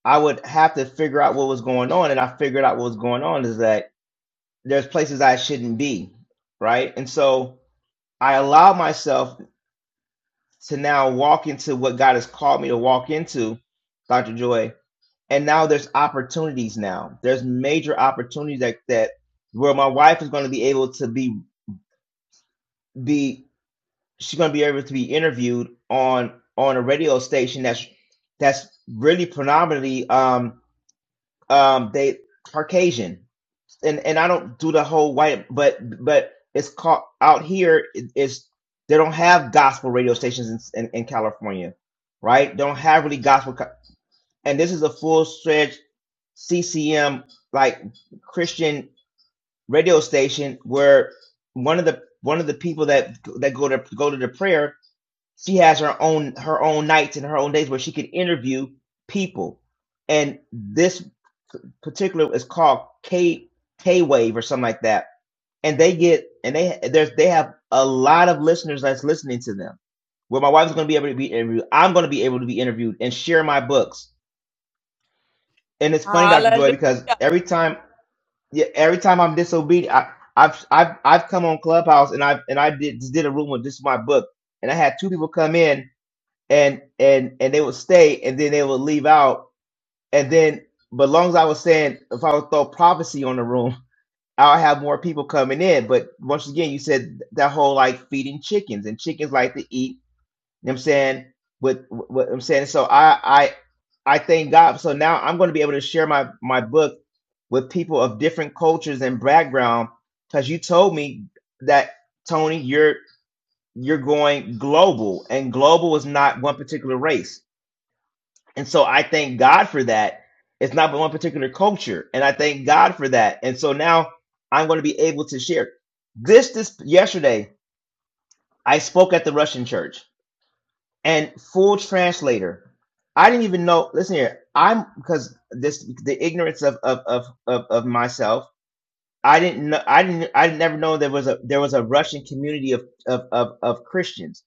O: I would have to figure out what was going on, and I figured out what was going on is that there's places I shouldn't be, right? And so I allow myself to now walk into what God has called me to walk into, Dr. Joy, and now there's opportunities now there's major opportunities that that where my wife is going to be able to be be she's going to be able to be interviewed on on a radio station that's that's really predominantly um um they caucasian and and i don't do the whole white but but it's called out here it- it's they don't have gospel radio stations in, in, in california right don't have really gospel co- and this is a full stretch CCM like Christian radio station where one of the one of the people that that go to go to the prayer, she has her own her own nights and her own days where she can interview people. And this particular is called K K Wave or something like that. And they get and they there's they have a lot of listeners that's listening to them. Where my wife's going to be able to be interviewed, I'm going to be able to be interviewed and share my books. And it's funny, Dr. Joy,
A: hallelujah.
O: because every time yeah, every time I'm disobedient, I, I've I've I've come on Clubhouse and I and I did just did a room with this is my book, and I had two people come in and and and they would stay and then they would leave out and then but long as I was saying if I would throw prophecy on the room, I'll have more people coming in. But once again, you said that whole like feeding chickens and chickens like to eat. You know what I'm saying with what I'm saying. So I I I thank God. So now I'm going to be able to share my my book with people of different cultures and background because you told me that tony you're you're going global and global is not one particular race and so i thank god for that it's not one particular culture and i thank god for that and so now i'm going to be able to share this this yesterday i spoke at the russian church and full translator i didn't even know listen here i'm because this the ignorance of of of, of, of myself I didn't know. I didn't. I never know there was a there was a Russian community of of of, of Christians,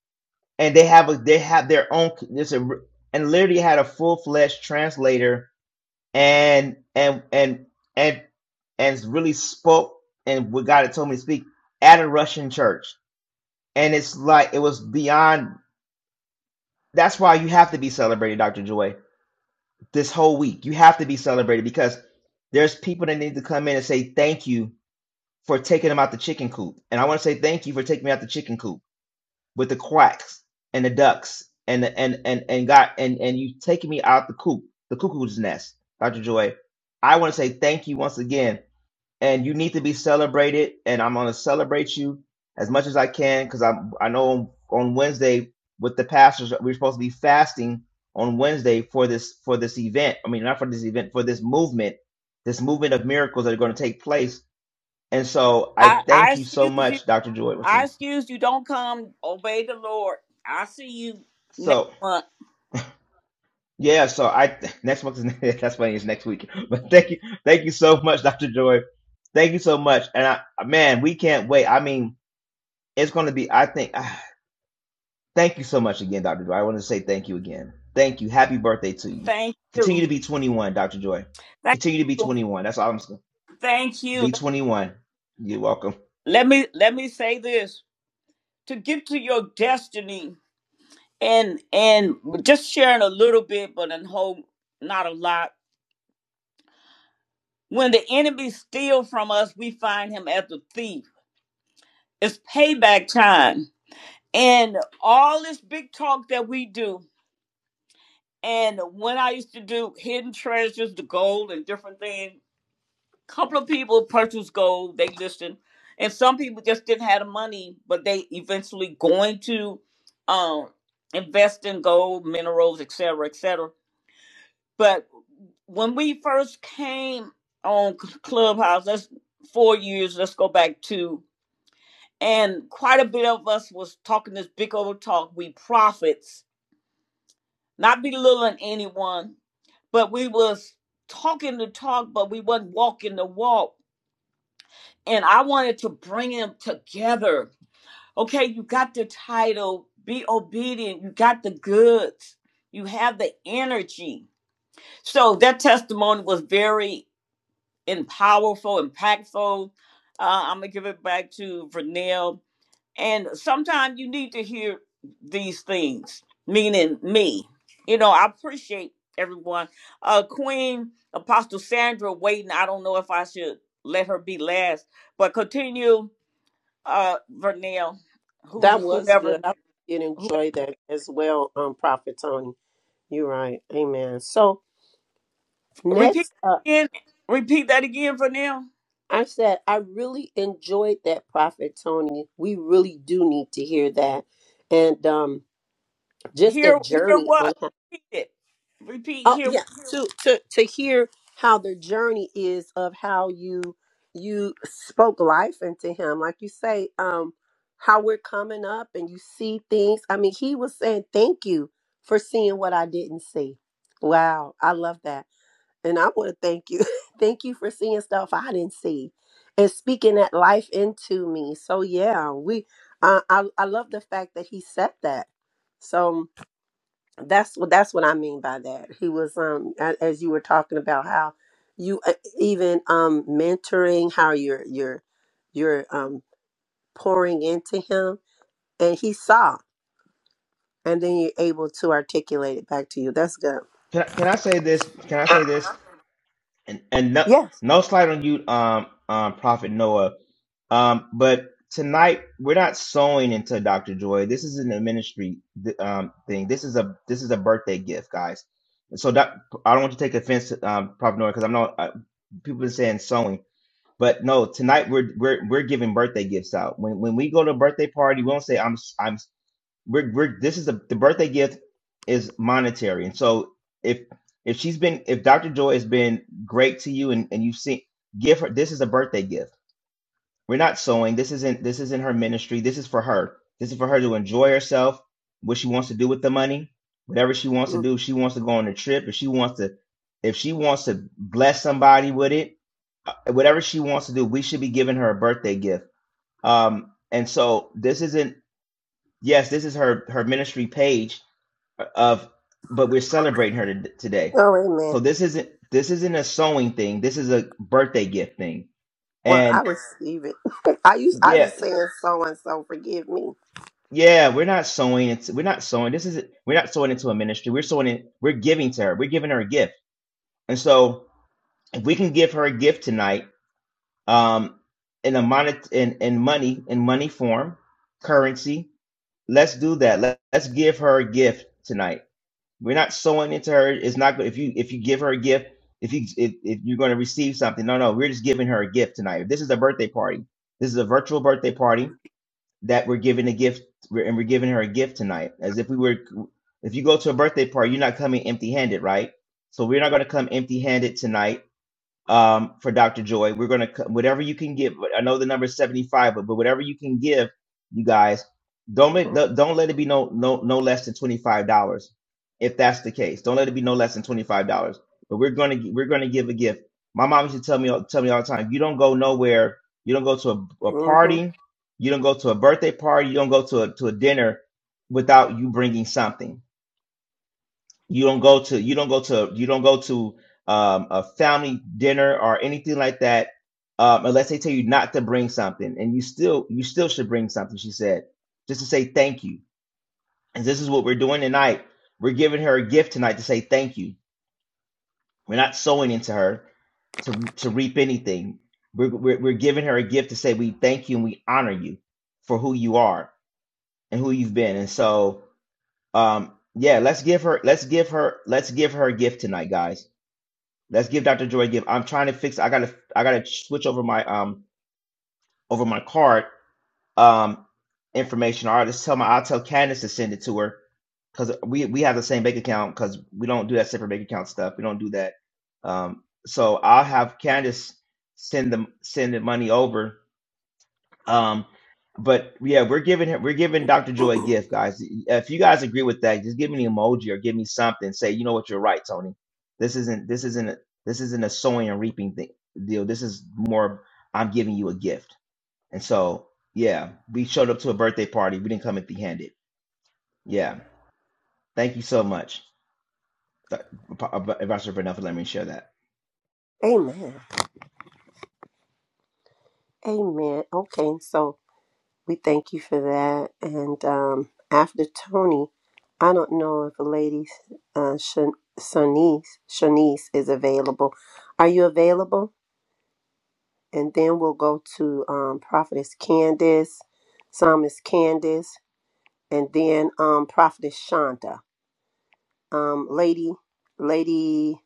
O: and they have a they have their own. There's a r- and literally had a full fledged translator, and and and and and really spoke and what God had told me to speak at a Russian church, and it's like it was beyond. That's why you have to be celebrated, Doctor Joy. This whole week, you have to be celebrated because there's people that need to come in and say thank you for taking them out the chicken coop. And I want to say thank you for taking me out the chicken coop with the quacks and the ducks and the, and and and got and and you taking me out the coop, the cuckoo's nest, Dr. Joy. I want to say thank you once again. And you need to be celebrated. And I'm gonna celebrate you as much as I can because I I know on, on Wednesday with the pastors we're supposed to be fasting on Wednesday for this for this event. I mean not for this event for this movement, this movement of miracles that are going to take place and so I
A: I, I
O: thank you so
A: excuse you.
O: much, Dr. Joy. What's your-
A: I
O: name?
A: excuse you. Don't come. Obey the Lord. I see you next
O: So
A: month.
O: yeah, so I next month is that's funny, it's next week. But thank you, thank you so much, Dr. Joy. Thank you so much. And I man, we can't wait. I mean, it's gonna be I think ah, thank you so much again, Dr. Joy. I want to say thank you again. Thank you. Happy birthday to you.
A: Thank
O: Continue
A: you.
O: to be 21, Dr. Joy.
A: Thank
O: Continue to be
A: you.
O: 21. That's all I'm saying.
A: Thank you.
O: Be 21. You're welcome.
A: Let me let me say this. To get to your destiny and and just sharing a little bit, but in whole not a lot. When the enemy steals from us, we find him as a thief. It's payback time. And all this big talk that we do, and when I used to do hidden treasures, the gold and different things, couple of people purchased gold, they listened, and some people just didn't have the money, but they eventually going to um, invest in gold, minerals, et cetera, et cetera. But when we first came on Clubhouse, that's four years, let's go back to, and quite a bit of us was talking this big old talk, we prophets, not belittling anyone, but we was talking the talk, but we wasn't walking the walk and I wanted to bring them together. Okay, you got the title, be obedient, you got the goods, you have the energy. So that testimony was very and powerful, impactful. Uh, I'm gonna give it back to Vernell. And sometimes you need to hear these things, meaning me. You know, I appreciate everyone. Uh, Queen Apostle Sandra waiting. I don't know if I should let her be last, but continue uh Vernell, who's
E: that was good.
A: whoever
E: I did
A: whoever
E: enjoy that as well. Um, Prophet Tony, you're right. Amen. So
A: repeat
E: next up,
A: again repeat that again Vernell.
E: I said I really enjoyed that, Prophet Tony. We really do need to hear that, and um, just
A: Hear
E: that
A: hear
E: journey
A: what?
E: on
A: Repeat it. Repeat
E: Oh
A: hear
E: yeah,
A: what
E: to to to hear how the journey is of how you you spoke life into him, like you say, um, how we're coming up and you see things. I mean, he was saying thank you for seeing what I didn't see. Wow, I love that, and I want to thank you, thank you for seeing stuff I didn't see, and speaking that life into me. So yeah, we, uh, I I love the fact that he said that. So that's what that's what I mean by that. He was um a- as you were talking about how you uh, even um mentoring how you're you're you're um pouring into him and he saw and then you're able to articulate it back to you. That's good.
O: Can I, can I say this? Can I say this? And and no,
E: Yes.
O: no slide on you, um, um, Prophet Noah. Um, but tonight we're not sewing into Dr. Joy. This isn't a ministry um, thing. This is a this is a birthday gift, guys. And so doc, I don't want to take offense to um, Prophet Noah because I'm not uh, people are saying sewing, but no, tonight we're we're we're giving birthday gifts out. When when we go to a birthday party, we don't say i am i am I'm. s- We're we're this is a the birthday gift is monetary, and so if if she's been if Dr. Joy has been great to you and and you've seen give her this is a birthday gift we're not sewing. This isn't this isn't her ministry. This is for her. This is for her to enjoy herself, what she wants to do with the money, whatever she wants to
E: Mm.
O: do. If she wants to go on a trip, if she wants to if she wants to bless somebody with it, uh, whatever she wants to do, we should be giving her a birthday gift. Um and so this isn't yes, this is her her ministry page of but we're celebrating her to, today.
E: Oh amen.
O: So this isn't this isn't a sewing thing. This is a birthday gift thing.
E: Well, I
O: And
E: receive it. I used I was
O: yeah,
E: saying so and so. Forgive me.
O: Yeah, we're not sowing. It's we're not sowing. This is we're not sowing into a ministry. We're sowing it. We're giving to her. We're giving her a gift. And so, if we can give her a gift tonight, um, in a monet in in money in money form, currency, let's do that. Let, let's give her a gift tonight. We're not sowing into her. It's not good if you if you give her a gift. If you if, if you're going to receive something, no, no, we're just giving her a gift tonight. This is a birthday party. This is a virtual birthday party that we're giving a gift and we're giving her a gift tonight as if we were if you go to a birthday party you're not coming empty handed right so we're not going to come empty handed tonight um, for Dr. Joy. We're gonna whatever you can give. I know the number is seventy five, but but whatever you can give, you guys don't make
E: hmm
O: don't let it be no no no less than twenty five dollars. If that's the case, don't let it be no less than twenty five dollars. But we're gonna we're gonna give a gift. My mom used to tell me tell me all the time, you don't go nowhere. You don't go to a, a
E: hmm
O: party. You don't go to a birthday party. You don't go to a, to a dinner without you bringing something you don't go to you don't go to you don't go to um, a family dinner or anything like that um, unless they tell you not to bring something and you still you still should bring something she said just to say thank you and this is what we're doing tonight we're giving her a gift tonight to say thank you we're not sowing into her to to reap anything we're, we're, we're giving her a gift to say we thank you and we honor you for who you are and who you've been and so um yeah let's give her let's give her let's give her a gift tonight guys Let's give Dr. Joy a give. I'm trying to fix. I gotta I gotta switch over my um over my card um information. All right, let's tell my I'll tell Candace to send it to her because we we have the same bank account because we don't do that separate bank account stuff. We don't do that. Um, so I'll have Candace send them send the money over um, but yeah, we're giving him, we're giving Dr. Joy a gift, guys. If you guys agree with that, just give me an emoji or give me something. Say, you know what, you're right, Tony. This isn't this isn't a, this isn't a sowing and reaping thing deal. This is more I'm giving you a gift. And so yeah, we showed up to a birthday party. We didn't come empty handed. Yeah, thank you so much, Th- Apostle Bernard, for letting me share that.
E: Amen. Amen. Okay, so. We thank you for that. And um, after Tony, I don't know if a lady, uh, Shan- Shanice, Shanice is available. Are you available? And then we'll go to um, Prophetess Candace, Psalmist Candace, and then um, Prophetess Shonda. Um, lady, Lady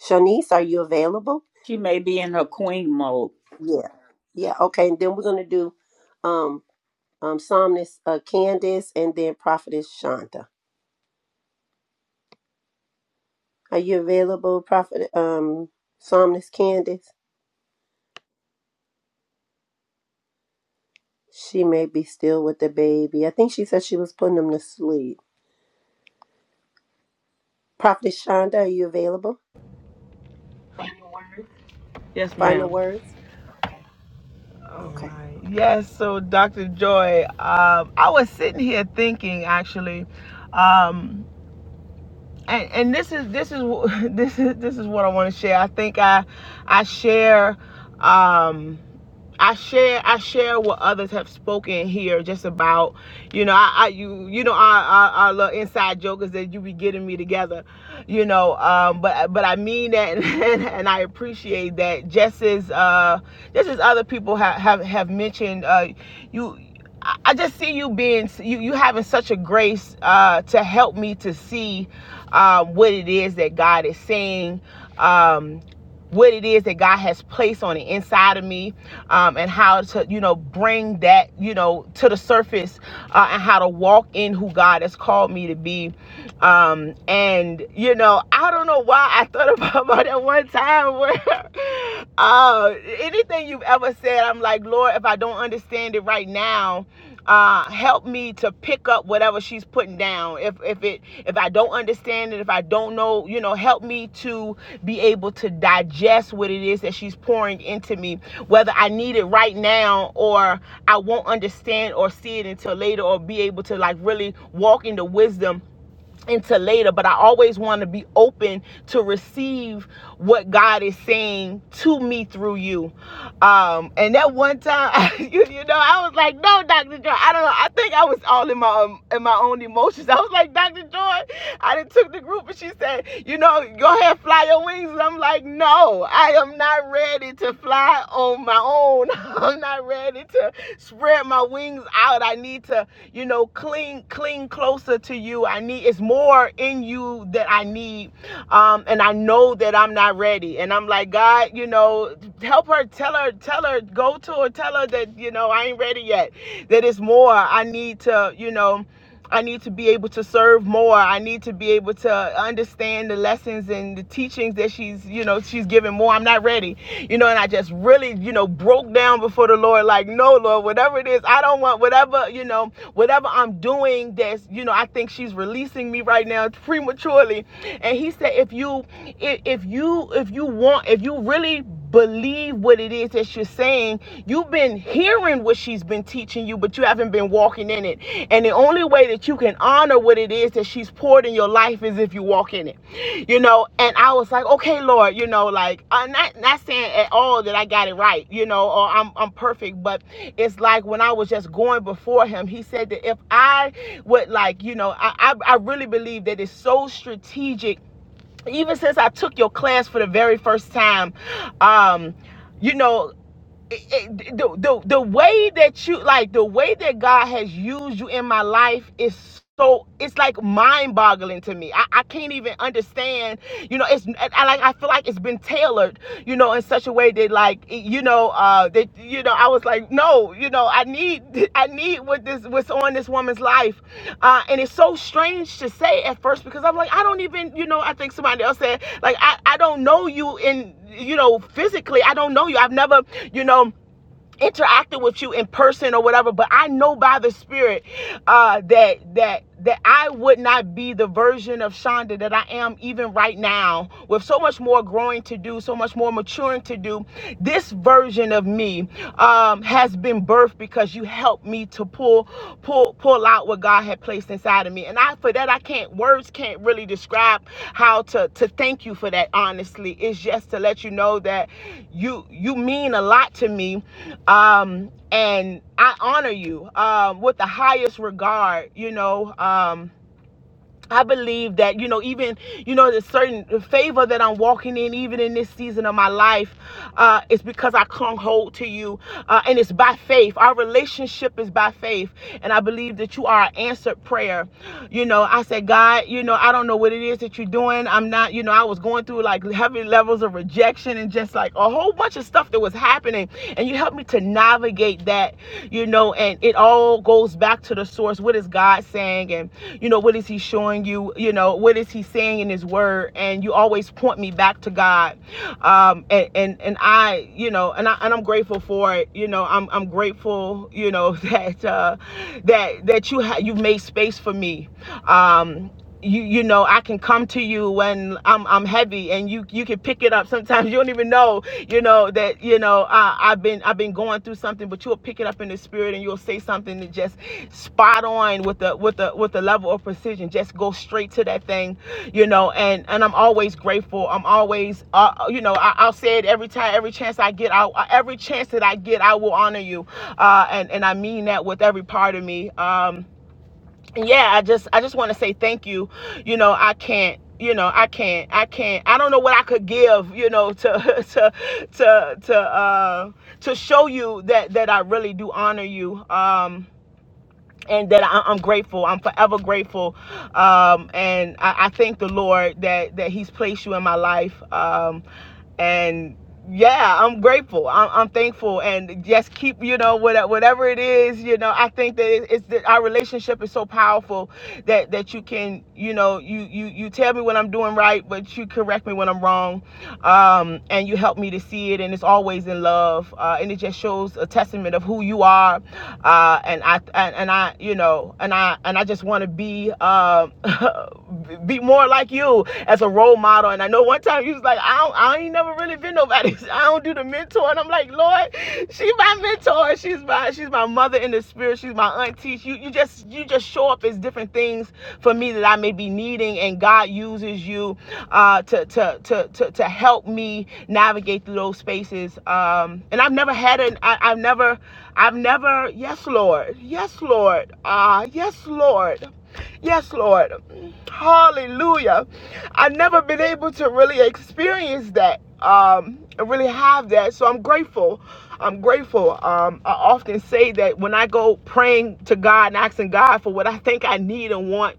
E: Shanice, are you available?
A: she may be in her queen mode.
E: Yeah. Yeah. Okay. And then we're gonna do um, um, Psalmist uh, Candace, and then Prophetess Shonda. Are you available, Prophet um Psalmist Candace? She may be still with the baby. I think she said she was putting him to sleep. Prophet Shonda, are you available?
S: yes
E: Final
S: ma'am
E: words?
S: All
E: Okay.
S: right. Yes. So, Dr. Joy, um, I was sitting here thinking, actually, um, and and this is this is this is this is what I want to share. I think I I share. Um, I share I share what others have spoken here just about you know I, I you you know our, our our little inside jokers that you be getting me together you know um but but I mean that and, and I appreciate that just as uh just as other people have have, have mentioned uh you I just see you being you you having such a grace uh to help me to see um what it is that God is saying Um, what it is that God has placed on the inside of me, um, and how to, you know, bring that, you know, to the surface, uh, and how to walk in who God has called me to be. Um, and you know, I don't know why I thought about, about that one time where, uh, anything you've ever said, I'm like, Lord, if I don't understand it right now, uh, help me to pick up whatever she's putting down. If if it if I don't understand it, if I don't know, you know, help me to be able to digest what it is that she's pouring into me, whether I need it right now or I won't understand or see it until later, or be able to like really walk into wisdom into later, but I always want to be open to receive what God is saying to me through you. Um, and that one time, you, you know, I was like, no, Dr. Joy, I don't know. I think I was all in my um, in my own emotions. I was like, Dr. Joy, I done took the group and she said, you know, go ahead, fly your wings. And I'm like, no, I am not ready to fly fly on my own. I'm not ready to spread my wings out. I need to, you know, cling cling closer to you. I need it's more in you that I need. Um, and I know that I'm not ready. And I'm like, God, you know, help her, tell her, tell her, go to her, tell her that, you know, I ain't ready yet. That it's more. I need to, you know. I need to be able to serve more. I need to be able to understand the lessons and the teachings that she's, you know, she's giving more. I'm not ready. You know, and I just really, you know, broke down before the Lord, like, no, Lord, whatever it is, I don't want whatever, you know, whatever I'm doing that's, you know, I think she's releasing me right now prematurely. And he said, if you if, you if you want, if you really believe what it is that she's saying. You've been hearing what she's been teaching you, but you haven't been walking in it. And the only way that you can honor what it is that she's poured in your life is if you walk in it. You know, and I was like, okay, Lord, you know, like I'm not not saying at all that I got it right, you know, or I'm I'm perfect, but it's like when I was just going before him, he said that if I would like, you know, I I, I really believe that it's so strategic even since I took your class for the very first time, um, you know, it, it, the, the the way that you like the way that God has used you in my life is so it's like mind boggling to me. I, I can't even understand. You know, it's I like I feel like it's been tailored. You know, in such a way that like you know uh, that you know i was like no you know i need i need what this what's on this woman's life uh and it's so strange to say at first because i'm like i don't even you know i think somebody else said like i i don't know you in you know physically i don't know you i've never you know interacting with you in person or whatever but i know by the spirit uh that that that i would not be the version of shonda that i am even right now with so much more growing to do so much more maturing to do this version of me um has been birthed because you helped me to pull pull pull pull out what God had placed inside of me. And I for that I can't words can't really describe how to to thank you for that honestly. It's just to let you know that you you mean a lot to me. Um and I honor you um with the highest regard, you know. Um I believe that, you know, even, you know, the certain favor that I'm walking in, even in this season of my life, uh, is because I clung hold to you. Uh, and it's by faith. Our relationship is by faith. And I believe that you are an answered prayer. You know, I said, God, you know, I don't know what it is that you're doing. I'm not, you know, I was going through like heavy levels of rejection and just like a whole bunch of stuff that was happening. And you helped me to navigate appreciate that, you know, and it all goes back to the source. What is God saying? And, you know, what is He showing you? You know, what is He saying in His Word? And you always point me back to God. Um, and, and, and I, you know, and, I, and I'm grateful for it. You know, I'm, I'm grateful, you know, that, uh, that, that you ha- you've made space for me. Um, you you know I can come to you when I'm I'm heavy and you you can pick it up sometimes you don't even know you know that you know I, I've been I've been going through something but you'll pick it up in the spirit and you'll say something that just spot on with the with the with the level of precision just go straight to that thing you know and and I'm always grateful I'm always uh, uh, you know I, I'll say it every time every chance I get I every chance that I get I will honor you uh and and I mean that with every part of me um yeah i just i just want to say thank you you know i can't you know i can't i can't i don't know what i could give you know to to to to uh to show you that that i really do honor you um and that I, I'm grateful. I'm forever grateful, um, and I, I thank the Lord that that He's placed you in my life. Um, and yeah i'm grateful i'm, I'm thankful and just keep you know whatever, whatever it is you know i think that it, it's that our relationship is so powerful that that you can you know you you you tell me when i'm doing right but you correct me when i'm wrong um and you help me to see it and it's always in love uh and it just shows a testament of who you are uh and i and, and i you know and i and i just want to be um, be more like you as a role model. And I know one time you was like, I, don't, I ain't never really been nobody. I don't do the mentor. And I'm like, Lord, she's my mentor. She's my she's my mother in the spirit. She's my auntie. You you just you just show up as different things for me that I may be needing, and God uses you uh, to, to to to to help me navigate through those spaces. Um, and I've never had an I, I've never I've never yes Lord yes Lord ah uh, yes Lord Yes, Lord. Hallelujah. I've never been able to really experience that, um, really have that. So I'm grateful. I'm grateful. Um, I often say that when I go praying to God and asking God for what I think I need and want,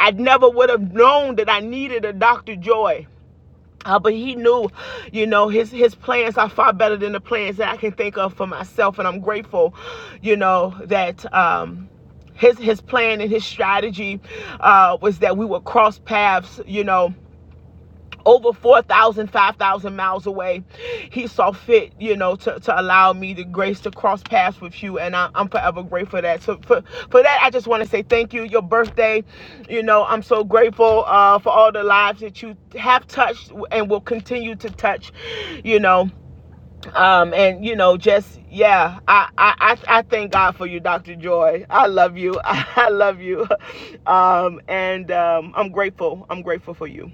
S: I never would have known that I needed a Dr. Joy. Uh, but he knew, you know, his his plans are far better than the plans that I can think of for myself, and I'm grateful, you know, that um, his his plan and his strategy uh, was that we would cross paths, you know over 4,000, 5,000 miles away. He saw fit, you know, to, to allow me the grace to cross paths with you. And I, I'm forever grateful for that. So for, for that, I just want to say thank you. Your birthday, you know, I'm so grateful uh, for all the lives that you have touched and will continue to touch, you know. Um, and, you know, just, yeah, I, I, I, I thank God for you, Dr. Joy. I love you. I love you. Um, and um, I'm grateful. I'm grateful for you.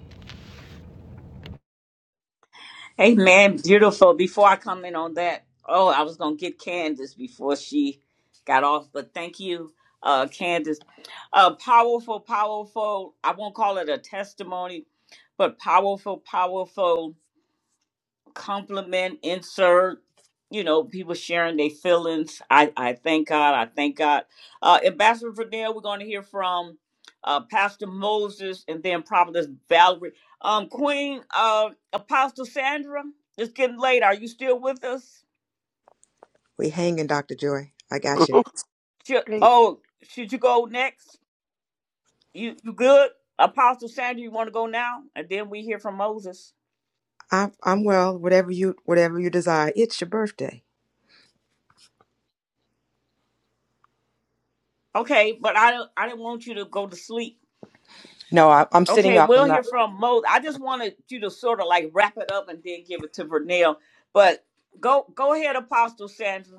A: Amen. beautiful. Before I comment on that, oh I was gonna get Candace before she got off, but thank you, uh Candace. Uh powerful, powerful, I won't call it a testimony, but powerful, powerful compliment insert you know people sharing their feelings i i thank god i thank god uh ambassador Fidel, we're going to hear from uh pastor moses and then prophetess valerie um queen uh apostle sandra it's getting late are you still with us
B: We hanging, Dr. Joy. I got you.
E: Mhm.
A: should,
E: Great.
A: oh should you go next you you good apostle sandra you want to go now and then we hear from moses
B: I'm I'm well, whatever you whatever you desire. It's your birthday.
A: okay but i don't i didn't want you to go to sleep
B: No, I, I'm sitting
A: Okay,
B: up. I'm
A: we'll
B: not.
A: hear from Mo. I just wanted you to sort of like wrap it up and then give it to Vernell. But go go ahead, Apostle Sandra.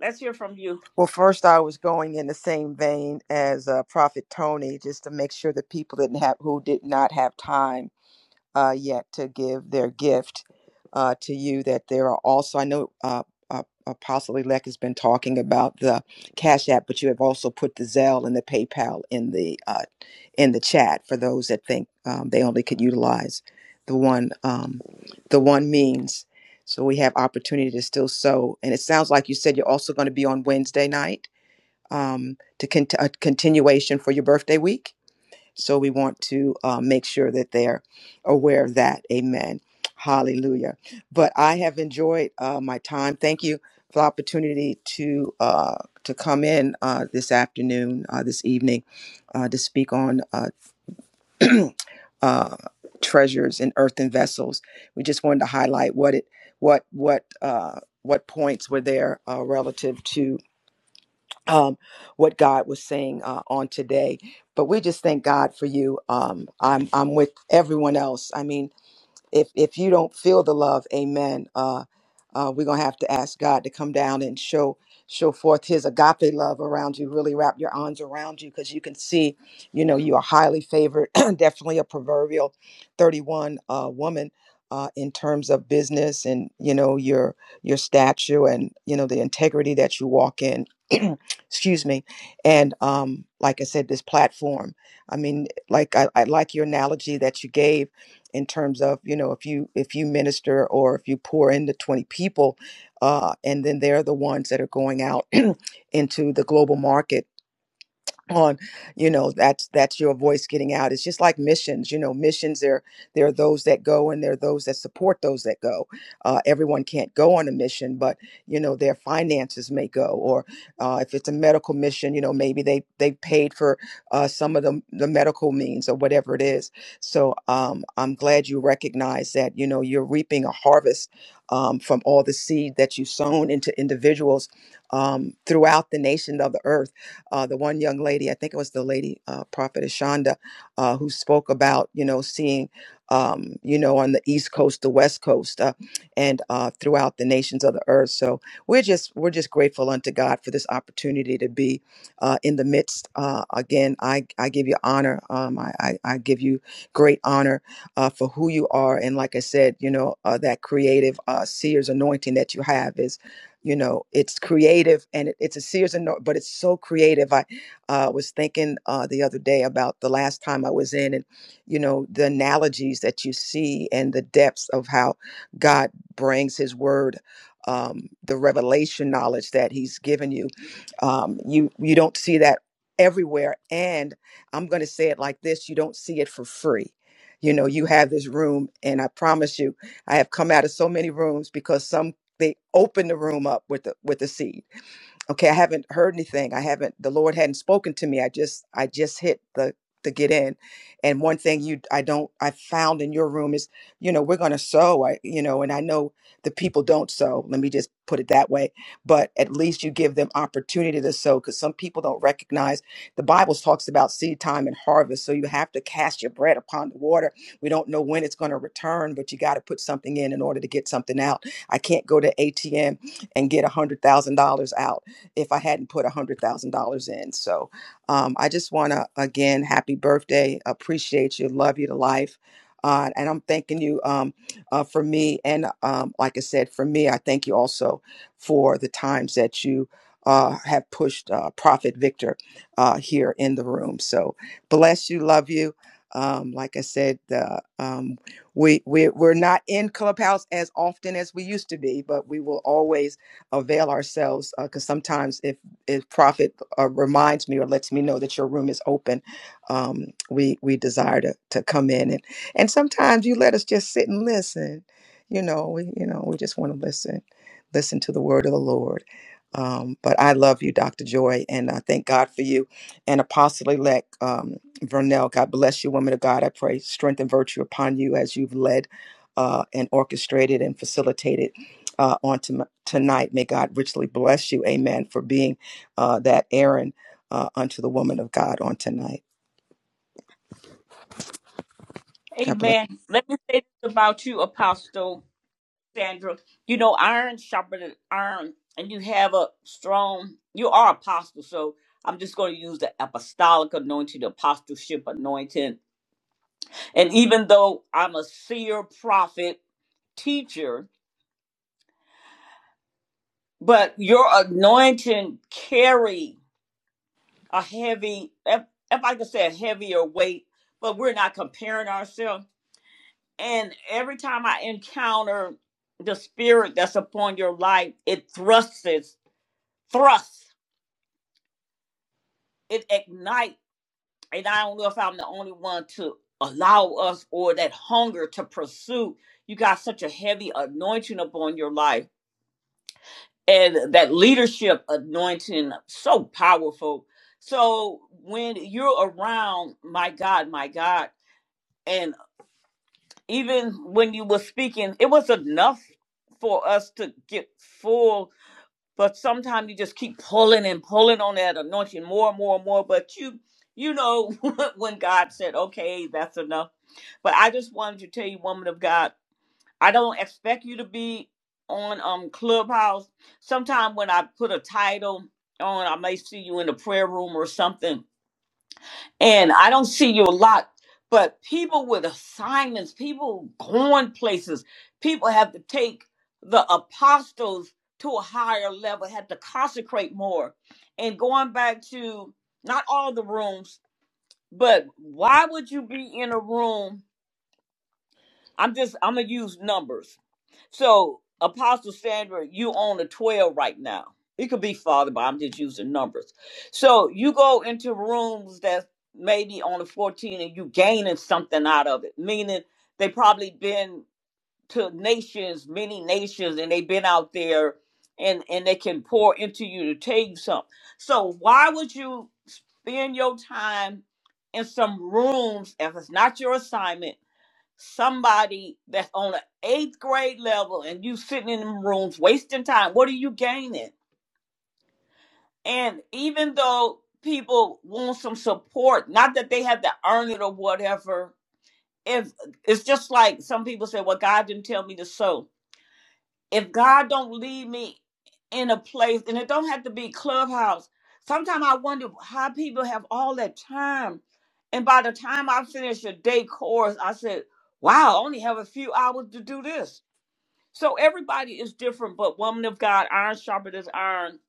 A: Let's hear from you.
B: Well, first, I was going in the same vein as uh, Prophet Tony, just to make sure the people didn't have who did not have time uh, yet to give their gift uh, to you. That there are also, I know uh, uh, Apostle Elect has been talking about the Cash App, but you have also put the Zelle and the PayPal in the uh, in the chat for those that think um, they only could utilize the one um, the one means. So we have opportunity to still sow, and it sounds like you said you're also going to be on Wednesday night um, to cont- a continuation for your birthday week. So we want to uh, make sure that they're aware of that. Amen. Hallelujah. But I have enjoyed uh, my time. Thank you for the opportunity to uh, to come in uh, this afternoon, uh, this evening, uh, to speak on uh, uh, treasures in earthen vessels. We just wanted to highlight what it what what uh, what points were there uh, relative to um, what God was saying uh, on today. But we just thank God for you. Um, I'm I'm with everyone else. I mean, if if you don't feel the love amen uh uh we're gonna have to ask god to come down and show show forth his agape love around you really wrap your arms around you because you can see you know you are highly favored definitely a proverbial 31 uh woman uh, in terms of business and you know your your stature and you know the integrity that you walk in excuse me and um like i said this platform i mean like I, I like your analogy that you gave in terms of you know if you if you minister or if you pour into 20 people uh, and then they're the ones that are going out into the global market on you know that's that's your voice getting out it's just like missions you know missions there there are those that go and there are those that support those that go uh, everyone can't go on a mission but you know their finances may go or uh, if it's a medical mission you know maybe they they paid for uh, some of the, the medical means or whatever it is so um, i'm glad you recognize that you know you're reaping a harvest um, from all the seed that you've sown into individuals um, throughout the nation of the earth uh, the one young lady, I think it was the lady uh, prophetess Shonda, uh, who spoke about you know seeing um, you know on the East Coast, the West Coast, uh, and uh, throughout the nations of the earth. So we're just we're just grateful unto God for this opportunity to be uh, in the midst. Uh, again, I I give you honor. Um, I, I I give you great honor uh, for who you are, and like I said, you know uh, that creative uh, seer's anointing that you have is you know it's creative and it, it's a Sears and Nor- but it's so creative. I uh, was thinking uh, the other day about the last time I was in, and you know the analogies that you see and the depths of how God brings His Word, um, the revelation knowledge that He's given you. Um, you you don't see that everywhere, and I'm going to say it like this: you don't see it for free. You know, you have this room, and I promise you, I have come out of so many rooms because some they open the room up with the with the seed okay i haven't heard anything i haven't the lord hadn't spoken to me i just i just hit the the get in and one thing you i don't i found in your room is you know we're going to sow I, you know and i know the people don't sow let me just put it that way but at least you give them opportunity to sow because some people don't recognize the bible talks about seed time and harvest so you have to cast your bread upon the water we don't know when it's going to return but you got to put something in in order to get something out i can't go to atm and get a hundred thousand dollars out if I hadn't put a $100,000 in. So um, I just want to, again, happy birthday. Appreciate you. Love you to life. Uh, and I'm thanking you um, uh, for me. And um, like I said, for me, I thank you also for the times that you uh, have pushed uh, Prophet Victor uh, here in the room. So bless you. Love you. Um, like I said, uh, um, we, we we're not in clubhouse as often as we used to be, but we will always avail ourselves because sometimes if if prophet uh, reminds me or lets me know that your room is open um, we we desire to, to come in and and sometimes you let us just sit and listen you know we you know we just want to listen listen to the word of the lord um, but I love you, Dr. Joy, and I thank God for you. And Apostle elect um, Vernell, God bless you, woman of God. I pray strength and virtue upon you as you've led uh, and orchestrated and facilitated uh, on to, tonight. May God richly bless you. Amen. For being uh, that Aaron uh, unto the woman of God on tonight. God bless.
A: Amen. Let me say this about you, Apostle Sandra. You know, iron sharpened iron, and you have a strong. You are apostle, so I'm just going to use the apostolic anointing, the apostleship anointing. And even though I'm a seer, prophet, teacher, but your anointing carry a heavy, if, if I could say a heavier weight, but we're not comparing ourselves. And every time I encounter the spirit that's upon your life, it thrusts, thrusts, it ignites. And I don't know if I'm the only one to allow us or that hunger to pursue. You got such a heavy anointing upon your life and that leadership anointing, so powerful. So when you're around, my God, my God, and even when you were speaking, it was enough for us to get full. But sometimes you just keep pulling and pulling on that anointing more and more and more. But you, you know, when God said, okay, that's enough. But I just wanted to tell you, woman of God, I don't expect you to be on um Clubhouse. Sometime when I put a title on, I may see you in the prayer room or something and I don't see you a lot, but people with assignments, people going places, people have to take the apostles to a higher level, have to consecrate more. And going back to not all the rooms, but why would you be in a room? I'm just, I'm going to use numbers. So, Apostle Sandra, you own a 12 right now. It could be farther, but I'm just using numbers. So you go into rooms that's maybe on the 14 and you gaining something out of it, meaning they probably been to nations, many nations, and they've been out there and, and they can pour into you to tell you something. So why would you spend your time in some rooms if it's not your assignment? somebody that's on an eighth grade level and you sitting in them rooms wasting time, what are you gaining? And even though people want some support, not that they have to earn it or whatever, if it's just like some people say, Well, God didn't tell me to sow. If God don't lead me in a place, and it don't have to be clubhouse, sometimes I wonder how people have all that time. And by the time I finish a day course, I said, Wow, I only have a few hours to do this So everybody is different, but woman of God, iron sharpened as iron.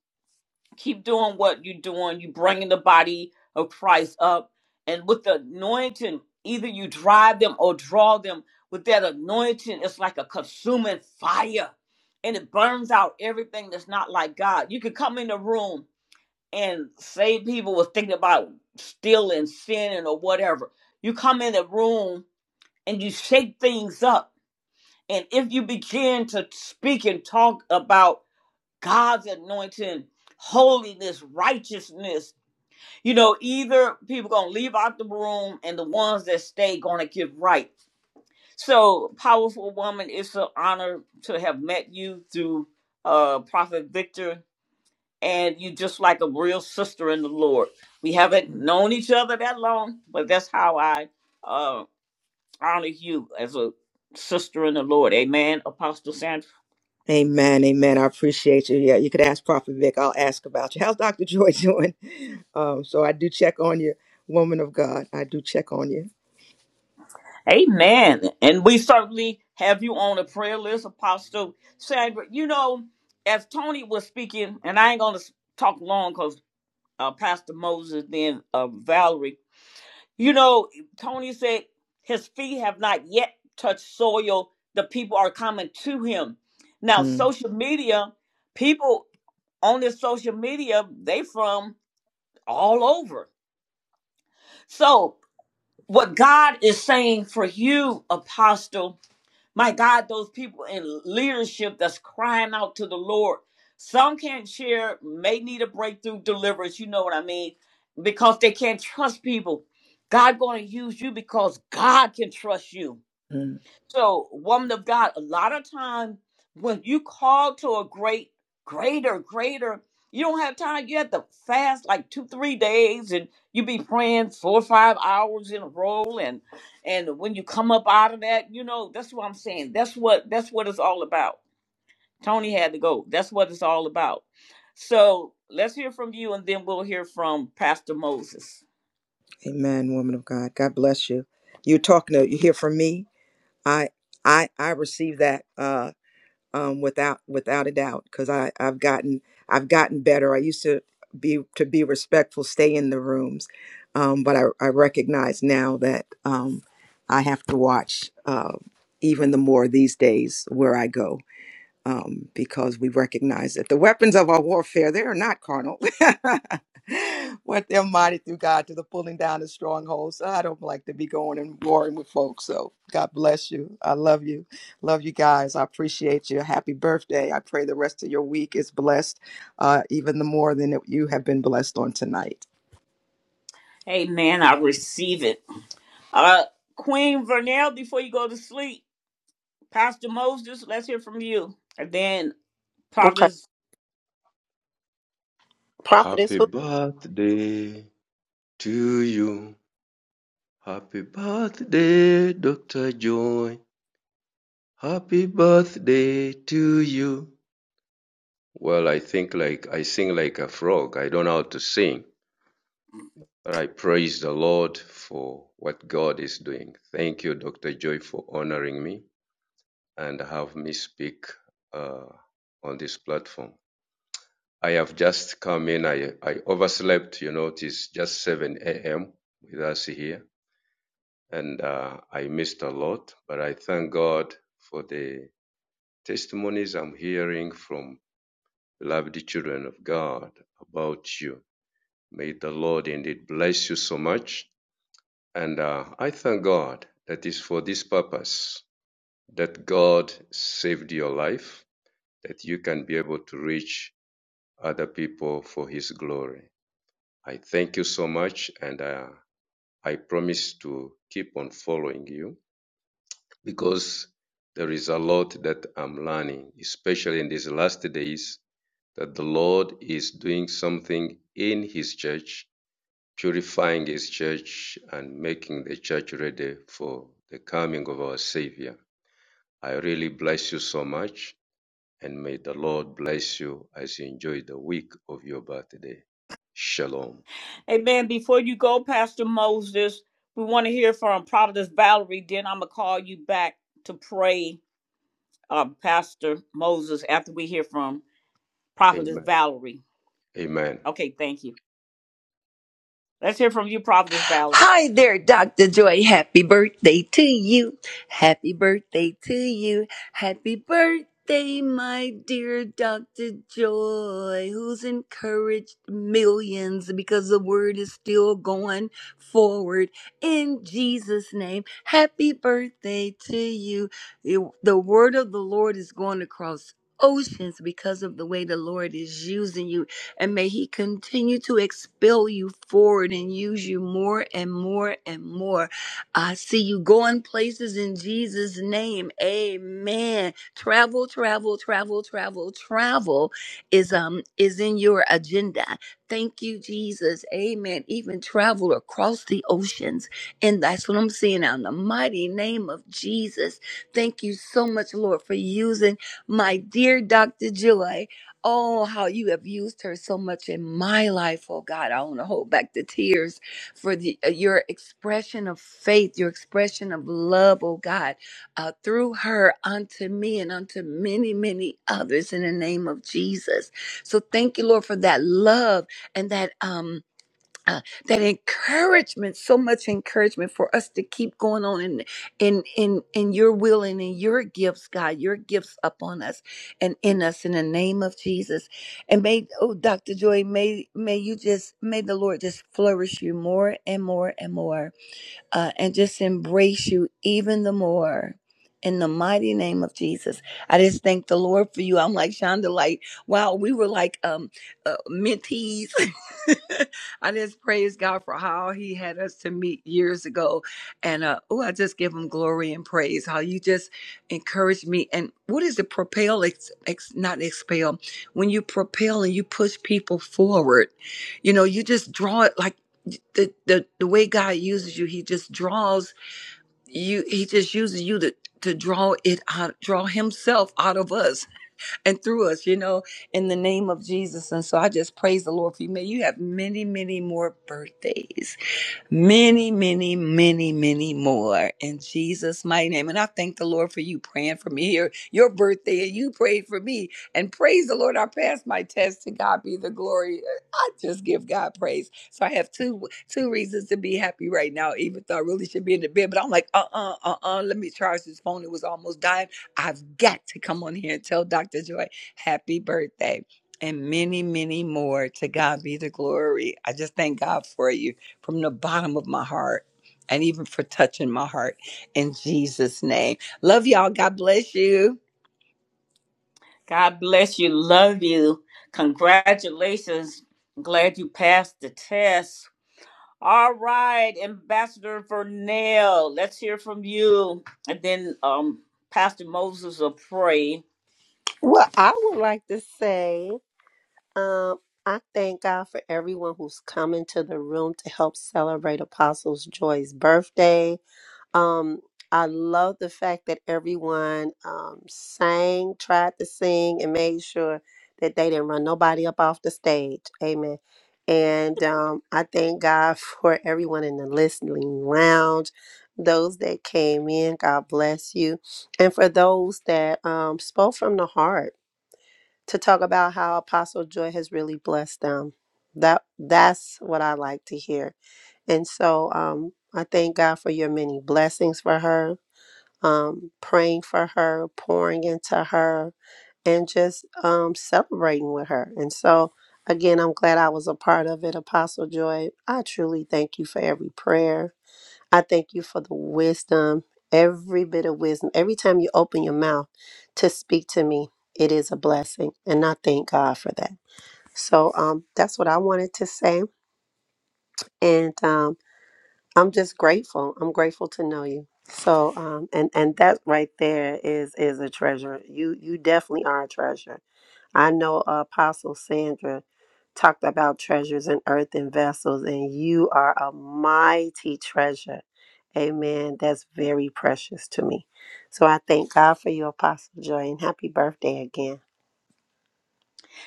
A: Keep doing what you're doing. You bringing the body of Christ up, and with the anointing, either you drive them or draw them. With that anointing, it's like a consuming fire, and it burns out everything that's not like God. You could come in the room and say people were thinking about stealing, sinning, or whatever. You come in the room and you shake things up and if you begin to speak and talk about God's anointing, holiness, righteousness, you know, either people gonna leave out the room and the ones that stay gonna get right. So, powerful woman, it's an honor to have met you through uh Prophet Victor, and you just like a real sister in the Lord. We haven't known each other that long, but that's how I uh honor you as a sister in the Lord. Amen, Apostle Sandra.
B: Amen. Amen. I appreciate you. Yeah, you could ask Prophet Vic. I'll ask about you. How's Dr. Joy doing? Um, so I do check on you, woman of God. I do check on you.
A: Amen. And we certainly have you on the prayer list, Apostle Sandra. You know, as Tony was speaking, and I ain't going to talk long because uh, Pastor Moses, then uh, Valerie, you know, Tony said his feet have not yet touched soil. The people are coming to him. Now,
B: Mm,
A: social media, people on this social media, they from all over. So, what God is saying for you, Apostle, My God, those people in leadership that's crying out to the Lord. Some can't share, may need a breakthrough deliverance, you know what I mean, because they can't trust people. God going to use you because God can trust you.
B: mm.
A: So, woman of God, a lot of time when you call to a great, greater, greater, you don't have time. You have to fast like two, three days, and you be praying four or five hours in a row. And and when you come up out of that, you know that's what I'm saying. That's what that's what it's all about. Tony had to go. That's what it's all about. So let's hear from you, and then we'll hear from Pastor Moses.
B: Amen, woman of God. God bless you. You're talking to you hear from me. I I I receive that. Uh um, without without a doubt because I I've gotten I've gotten better. I used to be to be respectful, stay in the rooms, um, but I, I recognize now that um, I have to watch uh, even the more these days where I go um, because we recognize that the weapons of our warfare they are not carnal, but they're mighty through God to the pulling down of strongholds. So I don't like to be going and warring with folks. So God bless you. I love you, love you guys. I appreciate you. Happy birthday. I pray the rest of your week is blessed, uh, even the more than that you have been blessed on tonight.
A: Amen. I receive it. Uh, Queen Vernell, before you go to sleep. Pastor Moses, let's hear from you. And then
E: okay.
A: Providence.
E: Prophetess
T: Happy
E: who
T: birthday to you. Happy birthday, Dr. Joy. Happy birthday to you. Well, I think like I sing like a frog. I don't know how to sing, but I praise the Lord for what God is doing. Thank you, Dr. Joy, for honoring me and have me speak uh, on this platform. I have just come in. I, I overslept, you know, it is just 7 a.m. with us here and uh, I missed a lot, but I thank God for the testimonies I'm hearing from beloved children of God about you. May the Lord indeed bless you so much. And uh, I thank God that is for this purpose that God saved your life, that you can be able to reach other people for His glory. I thank you so much, and uh, I promise to keep on following you because there is a lot that I'm learning, especially in these last days, that the Lord is doing something in His church, purifying His church, and making the church ready for the coming of our Savior. I really bless you so much, and may the Lord bless you as you enjoy the week of your birthday. Shalom.
A: Amen. Before you go, Pastor Moses, we want to hear from Providence Valerie. Then I'm going to call you back to pray, uh, Pastor Moses, after we hear from Providence
T: Amen.
A: Valerie.
T: Amen.
A: Okay, thank you. Let's hear from you, Providence Valerie.
U: Hi there, Dr. Joy. Happy birthday to you. Happy birthday to you. Happy birthday, my dear Dr. Joy, who's encouraged millions because the word is still going forward in Jesus' name. Happy birthday to you. You- The word of the Lord is going across. Oceans because of the way the Lord is using you and may He continue to expel you forward and use you more and more and more. I see you going places in Jesus' name. Amen. Travel, travel, travel, travel, travel is um is in your agenda. Thank you, Jesus. Amen. Even travel across the oceans. And that's what I'm seeing now in the mighty name of Jesus. Thank you so much, Lord, for using my dear Dr. Joy. Oh, how you have used her so much in my life, oh God. I want to hold back the tears for the, uh, your expression of faith, your expression of love, oh God, uh, through her unto me and unto many, many others in the name of Jesus. So thank you, Lord, for that love and that. um uh, that encouragement so much encouragement for us to keep going on in in in in your will and in your gifts god your gifts upon us and in us in the name of jesus and may oh dr joy may may you just may the lord just flourish you more and more and more uh, and just embrace you even the more. In the mighty name of Jesus, I just thank the Lord for you. I'm like Shonda, like wow, we were like um uh, mentees. I just praise God for how He had us to meet years ago, and uh, oh, I just give Him glory and praise. How you just encouraged me, and what is it? Propel, ex, ex, not expel. When you propel and you push people forward, you know, you just draw it like the the the way God uses you, He just draws you. He just uses you to to draw it out, draw Himself out of us and through us. You know, in the name of Jesus. And so I just praise the Lord for you. May you have many, many more birthdays many, many, many, many more in Jesus' mighty name. And I thank the Lord for you praying for me here, your birthday, and you prayed for me. And praise the Lord, I passed my test. To God be the glory. I just give God praise. So I have two two reasons to be happy right now, even though I really should be in the bed. But I'm like, uh uh, uh uh, let me charge this phone. It was almost dying. I've got to come on here and tell Dr. Joy, happy birthday. And many, many more. To God be the glory. I just thank God for you from the bottom of my heart and even for touching my heart in Jesus' name. Love y'all. God bless you.
A: God bless you. Love you. Congratulations. I'm glad you passed the test. All right, Ambassador Vernell, let's hear from you. And then um Pastor Moses will pray.
E: well, I would like to say, um, I thank God for everyone who's coming to the room to help celebrate Apostles Joy's birthday. Um, I love the fact that everyone um, sang, tried to sing, and made sure that they didn't run nobody up off the stage. Amen. And um, I thank God for everyone in the listening lounge, those that came in, God bless you. And for those that um, spoke from the heart, to talk about how Apostle Joy has really blessed them. That that's what I like to hear. And so um I thank God for your many blessings for her, um, praying for her, pouring into her, and just um celebrating with her. And so again, I'm glad I was a part of it, Apostle Joy. I truly thank you for every prayer I thank you for the wisdom, every bit of wisdom. Every time you open your mouth to speak to me, it is a blessing. And I thank God for that. So um, that's what I wanted to say. And um, I'm just grateful. I'm grateful to know you. So um, and and that right there is is a treasure. You you definitely are a treasure I know uh, Apostle Sandra talked about treasures in earth and vessels, and you are a mighty treasure. Amen. That's very precious to me. So I thank God for you, Apostle Joy, and happy birthday again.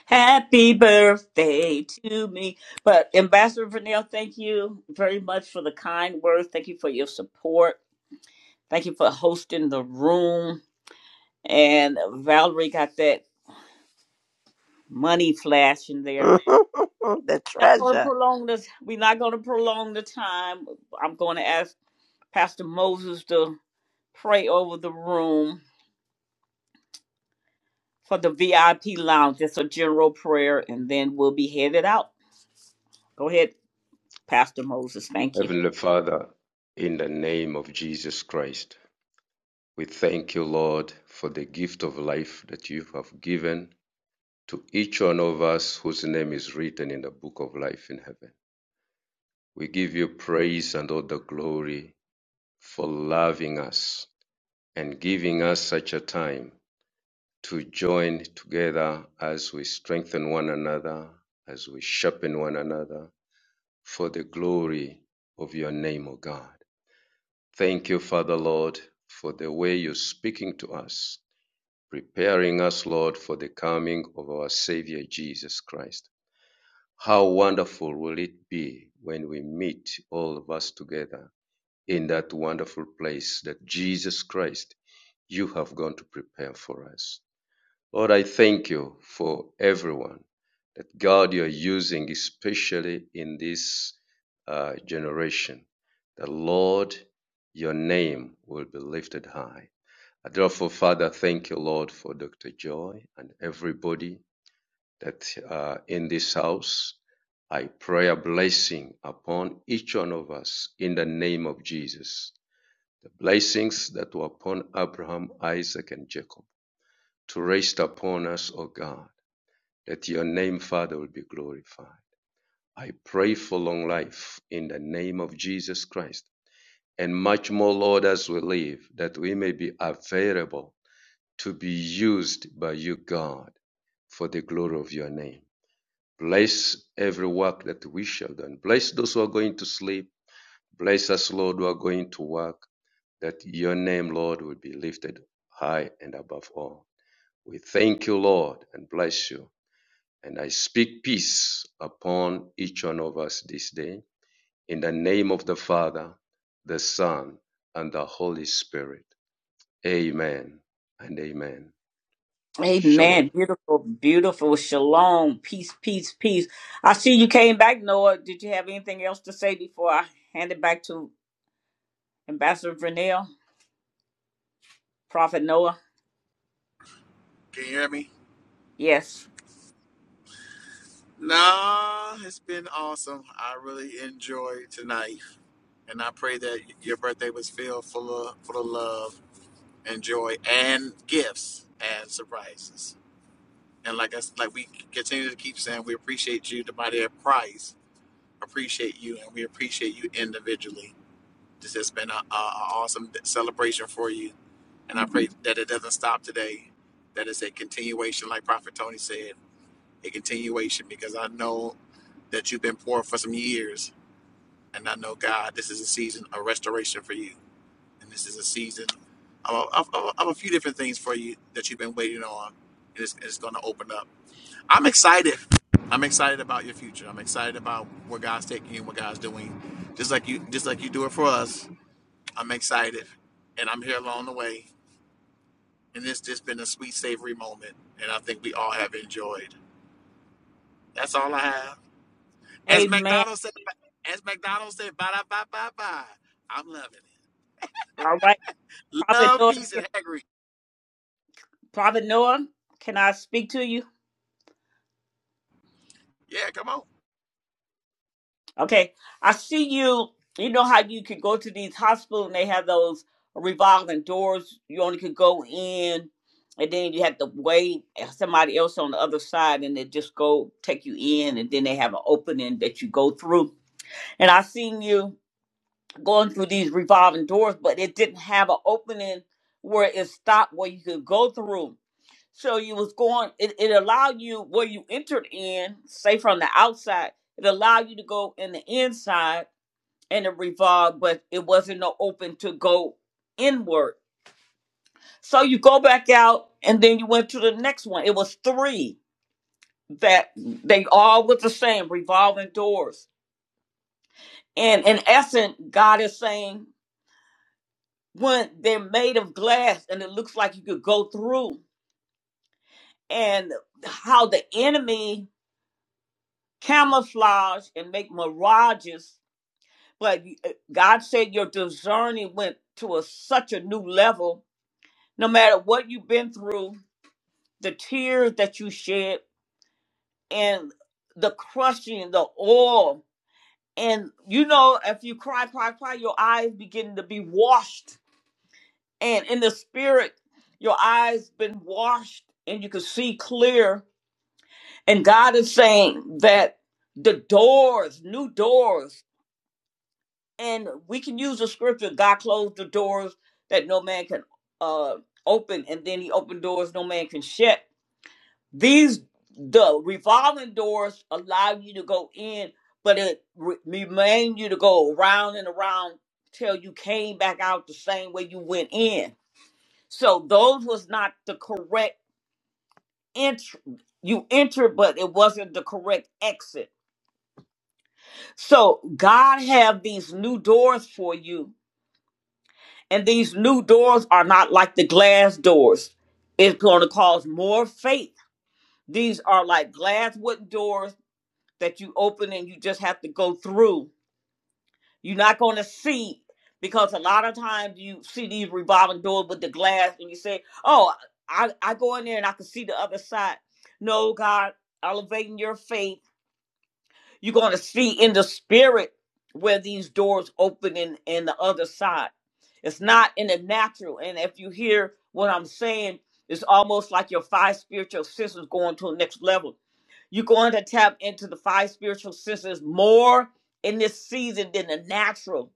A: Happy birthday to me. But Ambassador Vernell, thank you very much for the kind words. Thank you for your support. Thank you for hosting the room. And Valerie got that money flash in there.
E: the
A: Not gonna
E: treasure.
A: prolong this. We're not gonna prolong the time. I'm gonna ask Pastor Moses to pray over the room for the VIP lounge. Just a general prayer, and then we'll be headed out. Go ahead, Pastor Moses. Thank you.
T: Heavenly Father, in the name of Jesus Christ. We thank you, Lord, for the gift of life that you have given to each one of us whose name is written in the book of life in heaven. We give you praise and all the glory for loving us and giving us such a time to join together as we strengthen one another, as we sharpen one another for the glory of your name, O God. Thank you, Father Lord, for the way you're speaking to us preparing us, Lord, for the coming of our Savior Jesus Christ. How wonderful will it be when we meet all of us together in that wonderful place that Jesus Christ, you have gone to prepare for us. Lord, I thank you for everyone that God you're using, especially in this uh, generation. The Lord, your name will be lifted high. I Therefore, Father, thank you, Lord, for Dr. Joy and everybody that uh, in this house. I pray a blessing upon each one of us in the name of Jesus. The blessings that were upon Abraham, Isaac, and Jacob to rest upon us, O God, that your name, Father, will be glorified. I pray for long life in the name of Jesus Christ, and much more, Lord, as we live, that we may be available to be used by you, God, for the glory of your name. Bless every work that we shall do. and Bless those who are going to sleep. Bless us, Lord, who are going to work, that your name, Lord, will be lifted high and above all. We thank you, Lord, and bless you. And I speak peace upon each one of us this day. In the name of the Father, the Son, and the Holy Spirit. Amen and amen. Shalom.
A: Amen. Beautiful, beautiful. Shalom. Peace, peace, peace. I see you came back, Noah. Did you have anything else to say before I hand it back to Ambassador Vernell, Prophet Noah?
H: Can you hear me?
A: Yes.
H: Nah, it's been awesome. I really enjoyed tonight, and I pray that your birthday was filled full of full of love and joy and gifts and surprises. And like us, like we continue to keep saying, we appreciate you, the body of Christ, appreciate you, and we appreciate you individually. This has been an awesome celebration for you, and I pray that it doesn't stop today. That it's a continuation, like Prophet Tony said a continuation because I know that you've been poor for some years. And I know, God, this is a season of restoration for you. And this is a season of, of, of, of a few different things for you that you've been waiting on. And it's, it's going to open up. I'm excited. I'm excited about your future. I'm excited about where God's taking you and what God's doing. Just like you, just like you do it for us. I'm excited, and I'm here along the way. And it's just been a sweet, savory moment, and I think we all have enjoyed. That's all I have. As
A: Amen.
H: McDonald said, as McDonald said, bye bye bye bye. I'm loving
A: All right.
H: it.
A: Prophet
H: Love,
A: Noah,
H: peace, and haggery.
A: Prophet Noah, can I speak to you?
H: Yeah, come on.
A: Okay. I see you. You know how you can go to these hospitals and they have those revolving doors. You only could go in and then you have to wait and somebody else on the other side and they just go take you in and then they have an opening that you go through. And I seen you going through these revolving doors, but it didn't have an opening where it stopped where you could go through. So you was going it, it allowed you where you entered in, say from the outside, it allowed you to go in the inside and it revolved, but it wasn't no open to go inward. So you go back out and then you went to the next one. It was three that they all was the same, revolving doors. And in essence, God is saying when they're made of glass and it looks like you could go through and how the enemy camouflage and make mirages. But God said your discerning went to a, such a new level. No matter what you've been through, the tears that you shed and the crushing, the oil. And you know, if you cry, cry, cry, your eyes begin to be washed. And in the spirit, your eyes been washed and you can see clear. And God is saying that the doors, new doors, and we can use the scripture, God closed the doors that no man can uh open, and then he opened doors no man can shut These the revolving doors allow you to go in, but it re- remain you to go around and around till you came back out the same way you went in. So those was not the correct entry. You entered, but it wasn't the correct exit. So God have these new doors for you, and these new doors are not like the glass doors. It's going to cause more faith. These are like glass wooden doors that you open and you just have to go through. You're not going to see because a lot of times you see these revolving doors with the glass and you say, "Oh, I I go in there and I can see the other side." No, God, elevating your faith you're going to see in the spirit where these doors open in, in the other side. It's not in the natural. And if you hear what I'm saying, it's almost like your five spiritual senses going to the next level. You're going to tap into the five spiritual senses more in this season than the natural.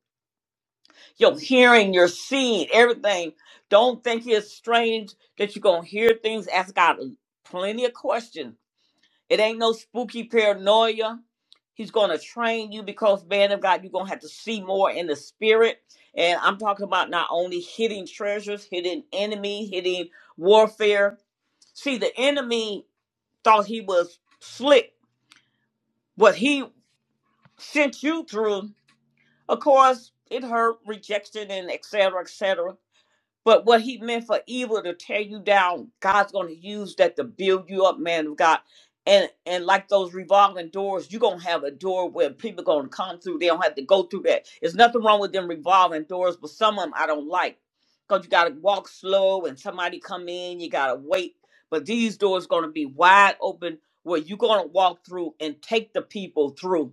A: Your hearing, your seeing, everything. Don't think it's strange that you're going to hear things. Ask God plenty of questions it ain't no spooky paranoia. He's going to train you because, man of God, you're going to have to see more in the spirit. And I'm talking about not only hitting treasures, hitting enemy, hitting warfare. See, the enemy thought he was slick. What he sent you through, of course, it hurt rejection and et cetera, et cetera. But what he meant for evil to tear you down, God's going to use that to build you up, man of God. And and like those revolving doors, you're going to have a door where people going to come through. They don't have to go through that. There's nothing wrong with them revolving doors, but some of them I don't like because you got to walk slow and somebody come in, you got to wait. But these doors going to be wide open where you're going to walk through and take the people through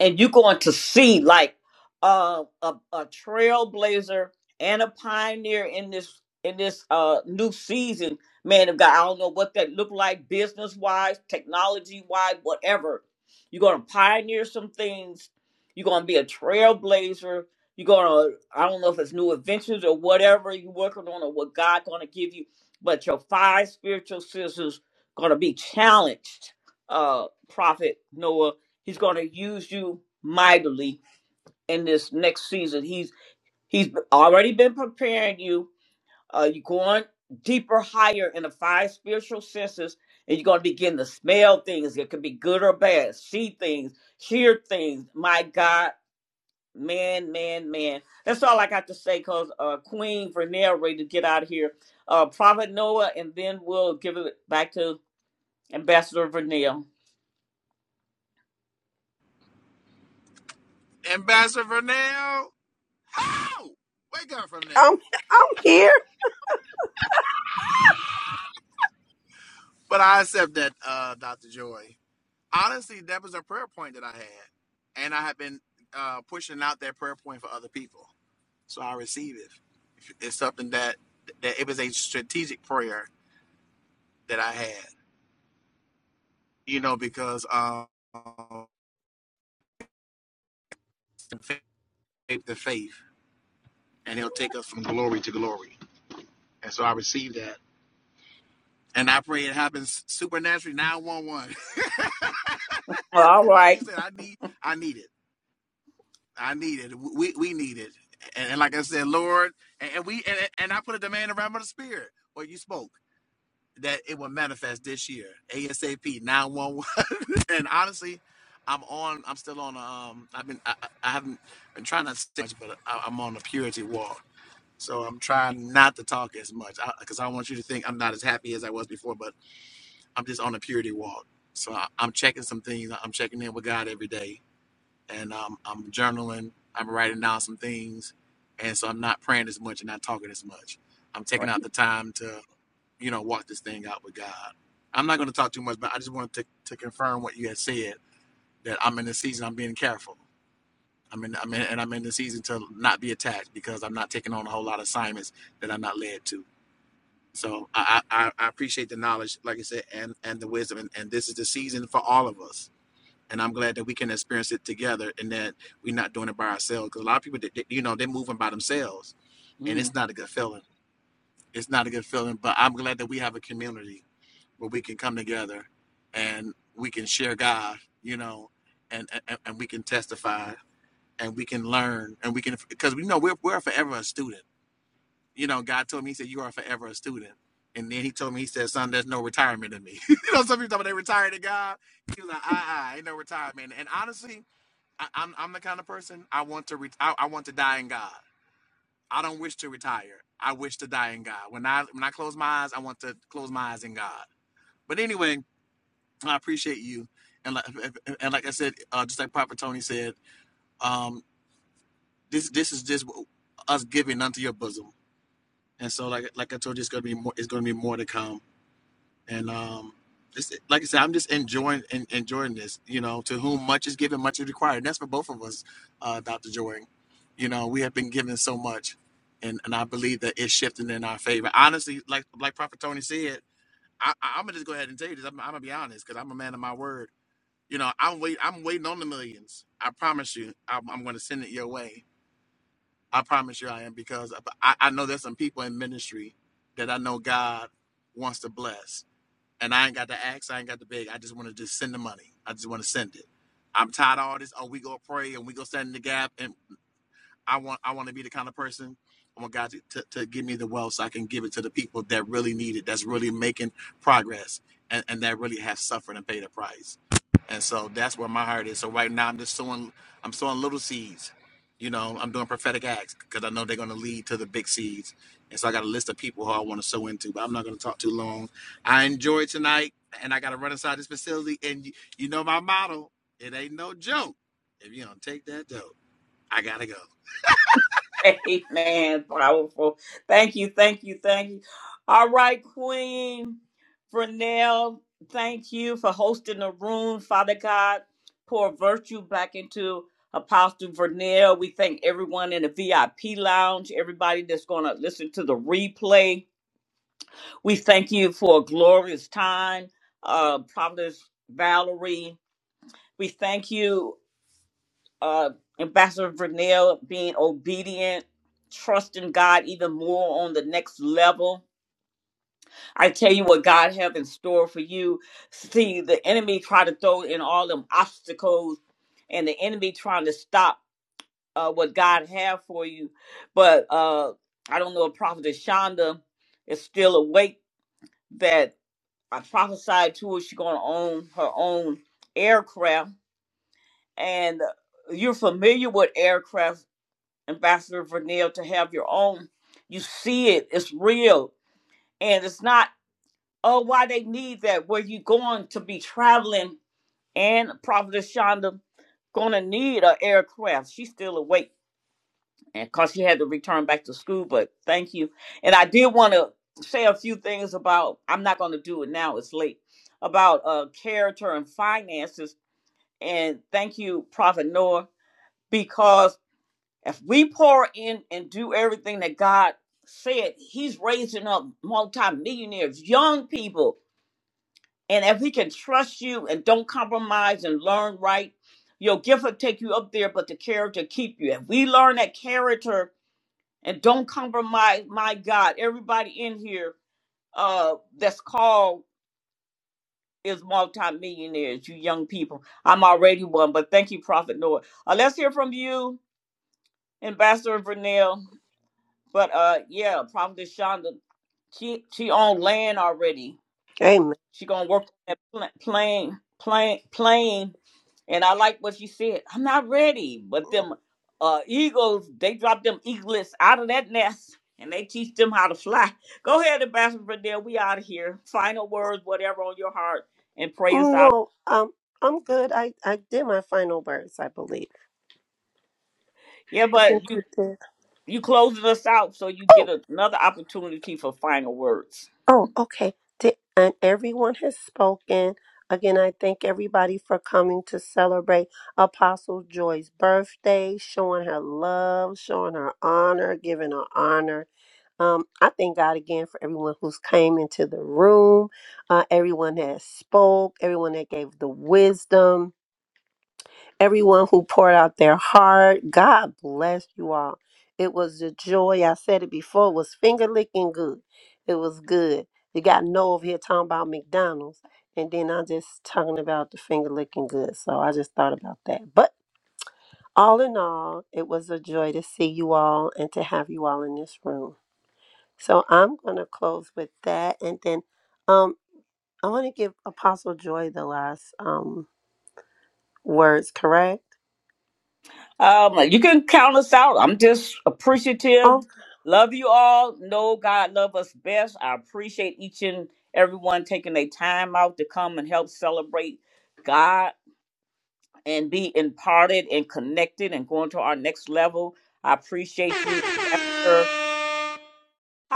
A: and you're going to see like uh, a a trailblazer and a pioneer in this in this uh new season, man of God. I don't know what that look like business wise, technology wise, whatever. You're gonna pioneer some things. You're gonna be a trailblazer. You're gonna I don't know if it's new adventures or whatever you're working on or what God's gonna give you, but your five spiritual sisters gonna be challenged. Uh, Prophet Noah He's going to use you mightily in this next season. He's he's already been preparing you. Uh, you're going deeper, higher in the five spiritual senses, and you're going to begin to smell things. It could be good or bad. See things, hear things. My God, man, man, man. That's all I got to say. Cause uh, Queen Vernell ready to get out of here. Uh, Prophet Noah, and then we'll give it back to Ambassador Vernell.
H: Ambassador Vernell. How? Wake up from there.
E: I'm I'm here.
H: But I accept that, uh, Dr. Joy. Honestly, that was a prayer point that I had. And I have been uh, pushing out that prayer point for other people. So I receive it. It's something that, that it was a strategic prayer that I had, you know, because um, faith to faith. and he'll take us from glory to glory. And so I receive that. And I pray it happens supernaturally 911.
A: All
H: like
A: right.
H: you said, I need I need it. I need it. We we need it. And, and like I said, Lord, and, and we and, and I put a demand around the spirit where you spoke that it will manifest this year. ASAP 911. And honestly, I'm on I'm still on um I've been I, I I haven't been trying not to stitch, but I, I'm on a purity walk So I'm trying not to talk as much because I, 'cause I want you to think I'm not as happy as I was before, but I'm just on a purity walk. So I, I'm checking some things. I'm checking in with God every day, and um, I'm journaling. I'm writing down some things, and so I'm not praying as much and not talking as much. I'm
A: All
H: taking
A: Right.
H: out the time to, you know, walk this thing out with God. I'm not going to talk too much, but I just wanted to, to confirm what you had said that I'm in the season. I'm being careful. I'm in, I'm in, and I'm in the season to not be attacked because I'm not taking on a whole lot of assignments that I'm not led to. So I, I, I appreciate the knowledge, like I said, and, and the wisdom. And, and this is the season for all of us. And I'm glad that we can experience it together and that we're not doing it by ourselves. Because a lot of people, that, you know, they're moving by themselves. And
A: Mm.
H: it's not a good feeling. It's not a good feeling. But I'm glad that we have a community where we can come together and we can share God, you know, and, and, and we can testify and we can learn and we can, because we know we're, we're forever a student you know, God told me, He said, You are forever a student. And then He told me, He said, Son, there's no retirement in me. you know, some people talk about they retired to God. He was like, Ah, uh ain't no retirement. And honestly, I, I'm I'm the kind of person I want to re- I, I want to die in God. I don't wish to retire. I wish to die in God. When I when I close my eyes, I want to close my eyes in God. But anyway, I appreciate you. And like, and like I said, uh, just like Prophet Tony said, um, this this is just us giving unto your bosom. And so, like like I told you, it's gonna be more. It's gonna be more to come. And um, it's, like I said, I'm just enjoying en- enjoying this. You know, to whom much is given, much is required. And that's for both of us, uh, Dr. Jordan. You know, we have been given so much, and and I believe that it's shifting in our favor. Honestly, like like Prophet Tony said, I, I, I'm gonna just go ahead and tell you this. I'm, I'm gonna be honest because I'm a man of my word. You know, I'm wait I'm waiting on the millions. I promise you, I'm, I'm gonna send it your way. I promise you, I am because I, I know there's some people in ministry that I know God wants to bless and I ain't got to ask, I ain't got to beg. I just want to just send the money. I just want to send it. I'm tired of all this. Oh, we go pray and we go stand in the gap. And I want I want to be the kind of person I want God to, to, to give me the wealth so I can give it to the people that really need it, that's really making progress, and, and that really have suffered and paid a price. And so that's where my heart is. So right now I'm just sowing I'm sowing little seeds. You know, I'm doing prophetic acts because I know they're gonna lead to the big seeds. And so I got a list of people who I want to sow into, but I'm not gonna talk too long. I enjoyed tonight and I gotta run inside this facility. And you, you know my motto, it ain't no joke. If you don't take that dope, I gotta go.
A: Amen. Powerful. Thank you. Thank you. Thank you. All right, Queen Vernell, thank you for hosting the room. Father God, pour virtue back into Apostle Vernell. We thank everyone in the VIP lounge, everybody that's going to listen to the replay. We thank you for a glorious time, uh, Providence Valerie. We thank you uh, Ambassador Vernell being obedient, trusting God even more on the next level. I tell you what God have in store for you. See, the enemy try to throw in all them obstacles, and the enemy trying to stop uh, what God have for you. But uh, I don't know if Prophet Shonda is still awake. That I prophesied to her, she's gonna own her own aircraft, and you're familiar with aircraft Ambassador Vernell, to have your own. You see it, it's real. And it's not, oh, why they need that? Where you going to be traveling and Prophetess Shonda gonna need an aircraft. She's still awake and cause she had to return back to school, but thank you. And I did wanna say a few things about I'm not gonna do it now, it's late. About uh character and finances. And thank you, Prophet Noah, because. If we pour in and do everything that God said, He's raising up multimillionaires, young people. And if He can trust you and don't compromise and learn right, your gift will take you up there, but the character keep you. If we learn that character and don't compromise, my God, everybody in here uh, that's called is multimillionaires, you young people. I'm already one, but thank you, Prophet Noah. Uh, let's hear from you, Ambassador Vernell. But uh, yeah, Prophet Shonda, she she on land already.
E: Amen.
A: She gonna work on that pla- plane, plane, plane. And I like what she said. I'm not ready, but them uh eagles, they drop them eaglets out of that nest, and they teach them how to fly. Go ahead, Ambassador Bradell. We out of here. Final words, whatever on your heart, and pray us out.
E: No, um, I'm good. I I did my final words, I believe.
A: Yeah,
E: I
A: but
E: think you
A: you
E: did.
A: you closing us out, so you get another opportunity for final words.
E: Oh, okay. Di- And everyone has spoken. Again, I thank everybody for coming to celebrate Apostle Joy's birthday, showing her love, showing her honor, giving her honor. Um, I thank God again for everyone who's came into the room, uh, everyone that spoke, everyone that gave the wisdom everyone who poured out their heart. God bless you all. It was a joy. I said it before. It was finger licking good. It was good. You got no over here talking about McDonald's, and then I'm just talking about the finger licking good. So I just thought about that. But all in all, it was a joy to see you all and to have you all in this room. So I'm gonna close with that, and then um, I want to give Apostle Joy the last um words. Correct?
A: Um, you can count us out. I'm just appreciative.
E: Oh.
A: Love you all. Know God love us best. I appreciate each and everyone taking their time out to come and help celebrate God and be imparted and connected and going to our next level. I appreciate you, Ambassador.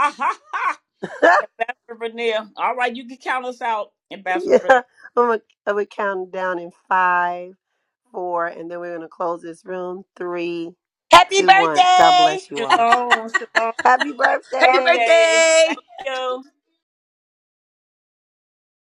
A: Ha ha ha! Ambassador Vanille. All right, you can count us out, Ambassador
E: Yeah,
A: Vanille.
E: I'm gonna, I'm gonna count down in five, four, and then we're gonna close this room. Three,
U: Happy
E: two, one. God
U: birthday.
E: bless you all.
A: Shalom, shalom.
E: Happy
A: Happy
U: Happy
E: birthday.
A: birthday.
U: birthday.
A: Thank you.